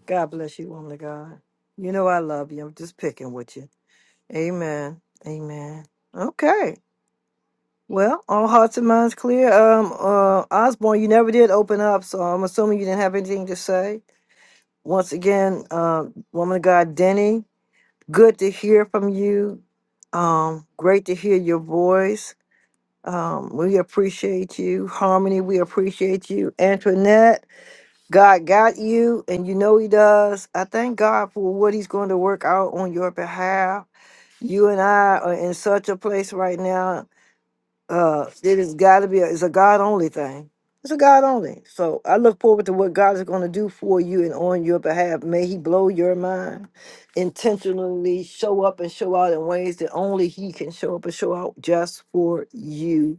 [SPEAKER 1] God bless you, woman of God. You know I love you. I'm just picking with you. Amen. Amen. Okay. Well, all hearts and minds clear. Um, uh, Osborne, you never did open up, so I'm assuming you didn't have anything to say. Once again, um, woman of God, Denny, good to hear from you. Um, great to hear your voice. Um, we appreciate you, Harmony. We appreciate you, Antoinette. God got you, and you know He does. I thank God for what He's going to work out on your behalf you and I are in such a place right now uh, it has got to be. A, it's a God only thing. It's a God only. So I look forward to what God is going to do for you and on your behalf. May He blow your mind, intentionally show up and show out in ways that only He can show up and show out just for you.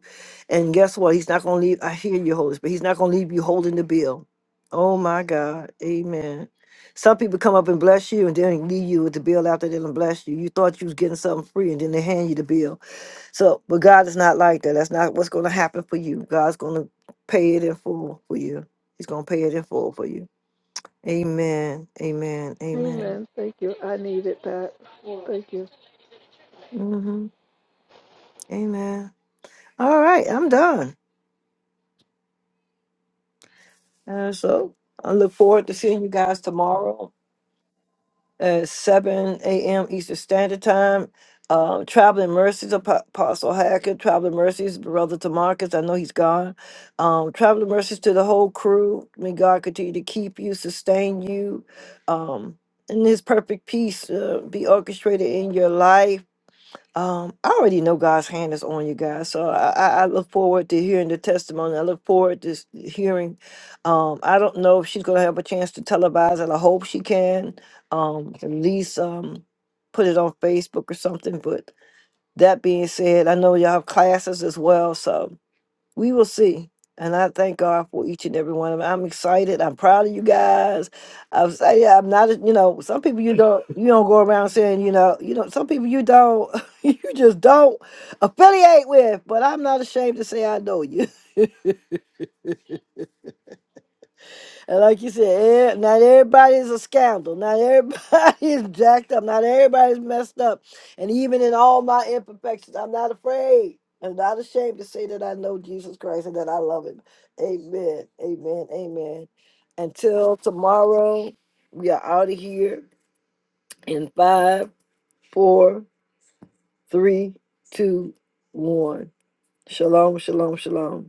[SPEAKER 1] And guess what? He's not going to leave. I hear you, Holy Spirit. He's not going to leave you holding the bill. Oh my God. Amen. Some people come up and bless you and then leave you with the bill after they done bless you. You thought you was getting something free and then they hand you the bill. So, but God is not like that. That's not what's going to happen for you. God's going to pay it in full for you. He's going to pay it in full for you. Amen. Amen. Amen.
[SPEAKER 8] Amen. Thank you. I needed that. Thank you.
[SPEAKER 1] hmm Amen. All right, I'm done. Uh, so I look forward to seeing you guys tomorrow at seven AM Eastern Standard Time. Um, Traveling Mercies, Apo- Apostle Hackett, Traveling Mercies, Brother Tamarcus, I know he's gone. Um, Traveling Mercies to the whole crew. May God continue to keep you, sustain you, um, and His perfect peace uh, be orchestrated in your life um, I already know God's hand is on you guys, so I, I I look forward to hearing the testimony. I look forward to s- hearing. Um, I don't know if she's going to have a chance to televise it. I hope she can. Um, at least um, put it on Facebook or something. But that being said, I know y'all have classes as well, so we will see. And I thank God for each and every one of them. I'm excited. I'm proud of you guys. I'm excited. I'm not, a- you know, some people you don't you don't go around saying, you know, you know, some people you don't you just don't affiliate with. But I'm not ashamed to say I know you. And like you said, eh, not everybody's a scandal. Not everybody is jacked up. Not everybody's messed up. And even in all my imperfections, I'm not afraid. I'm not ashamed to say that I know Jesus Christ and that I love him. Amen. Amen. Amen. Until tomorrow, we are out of here in five, four, three, two, one. Shalom, shalom, shalom.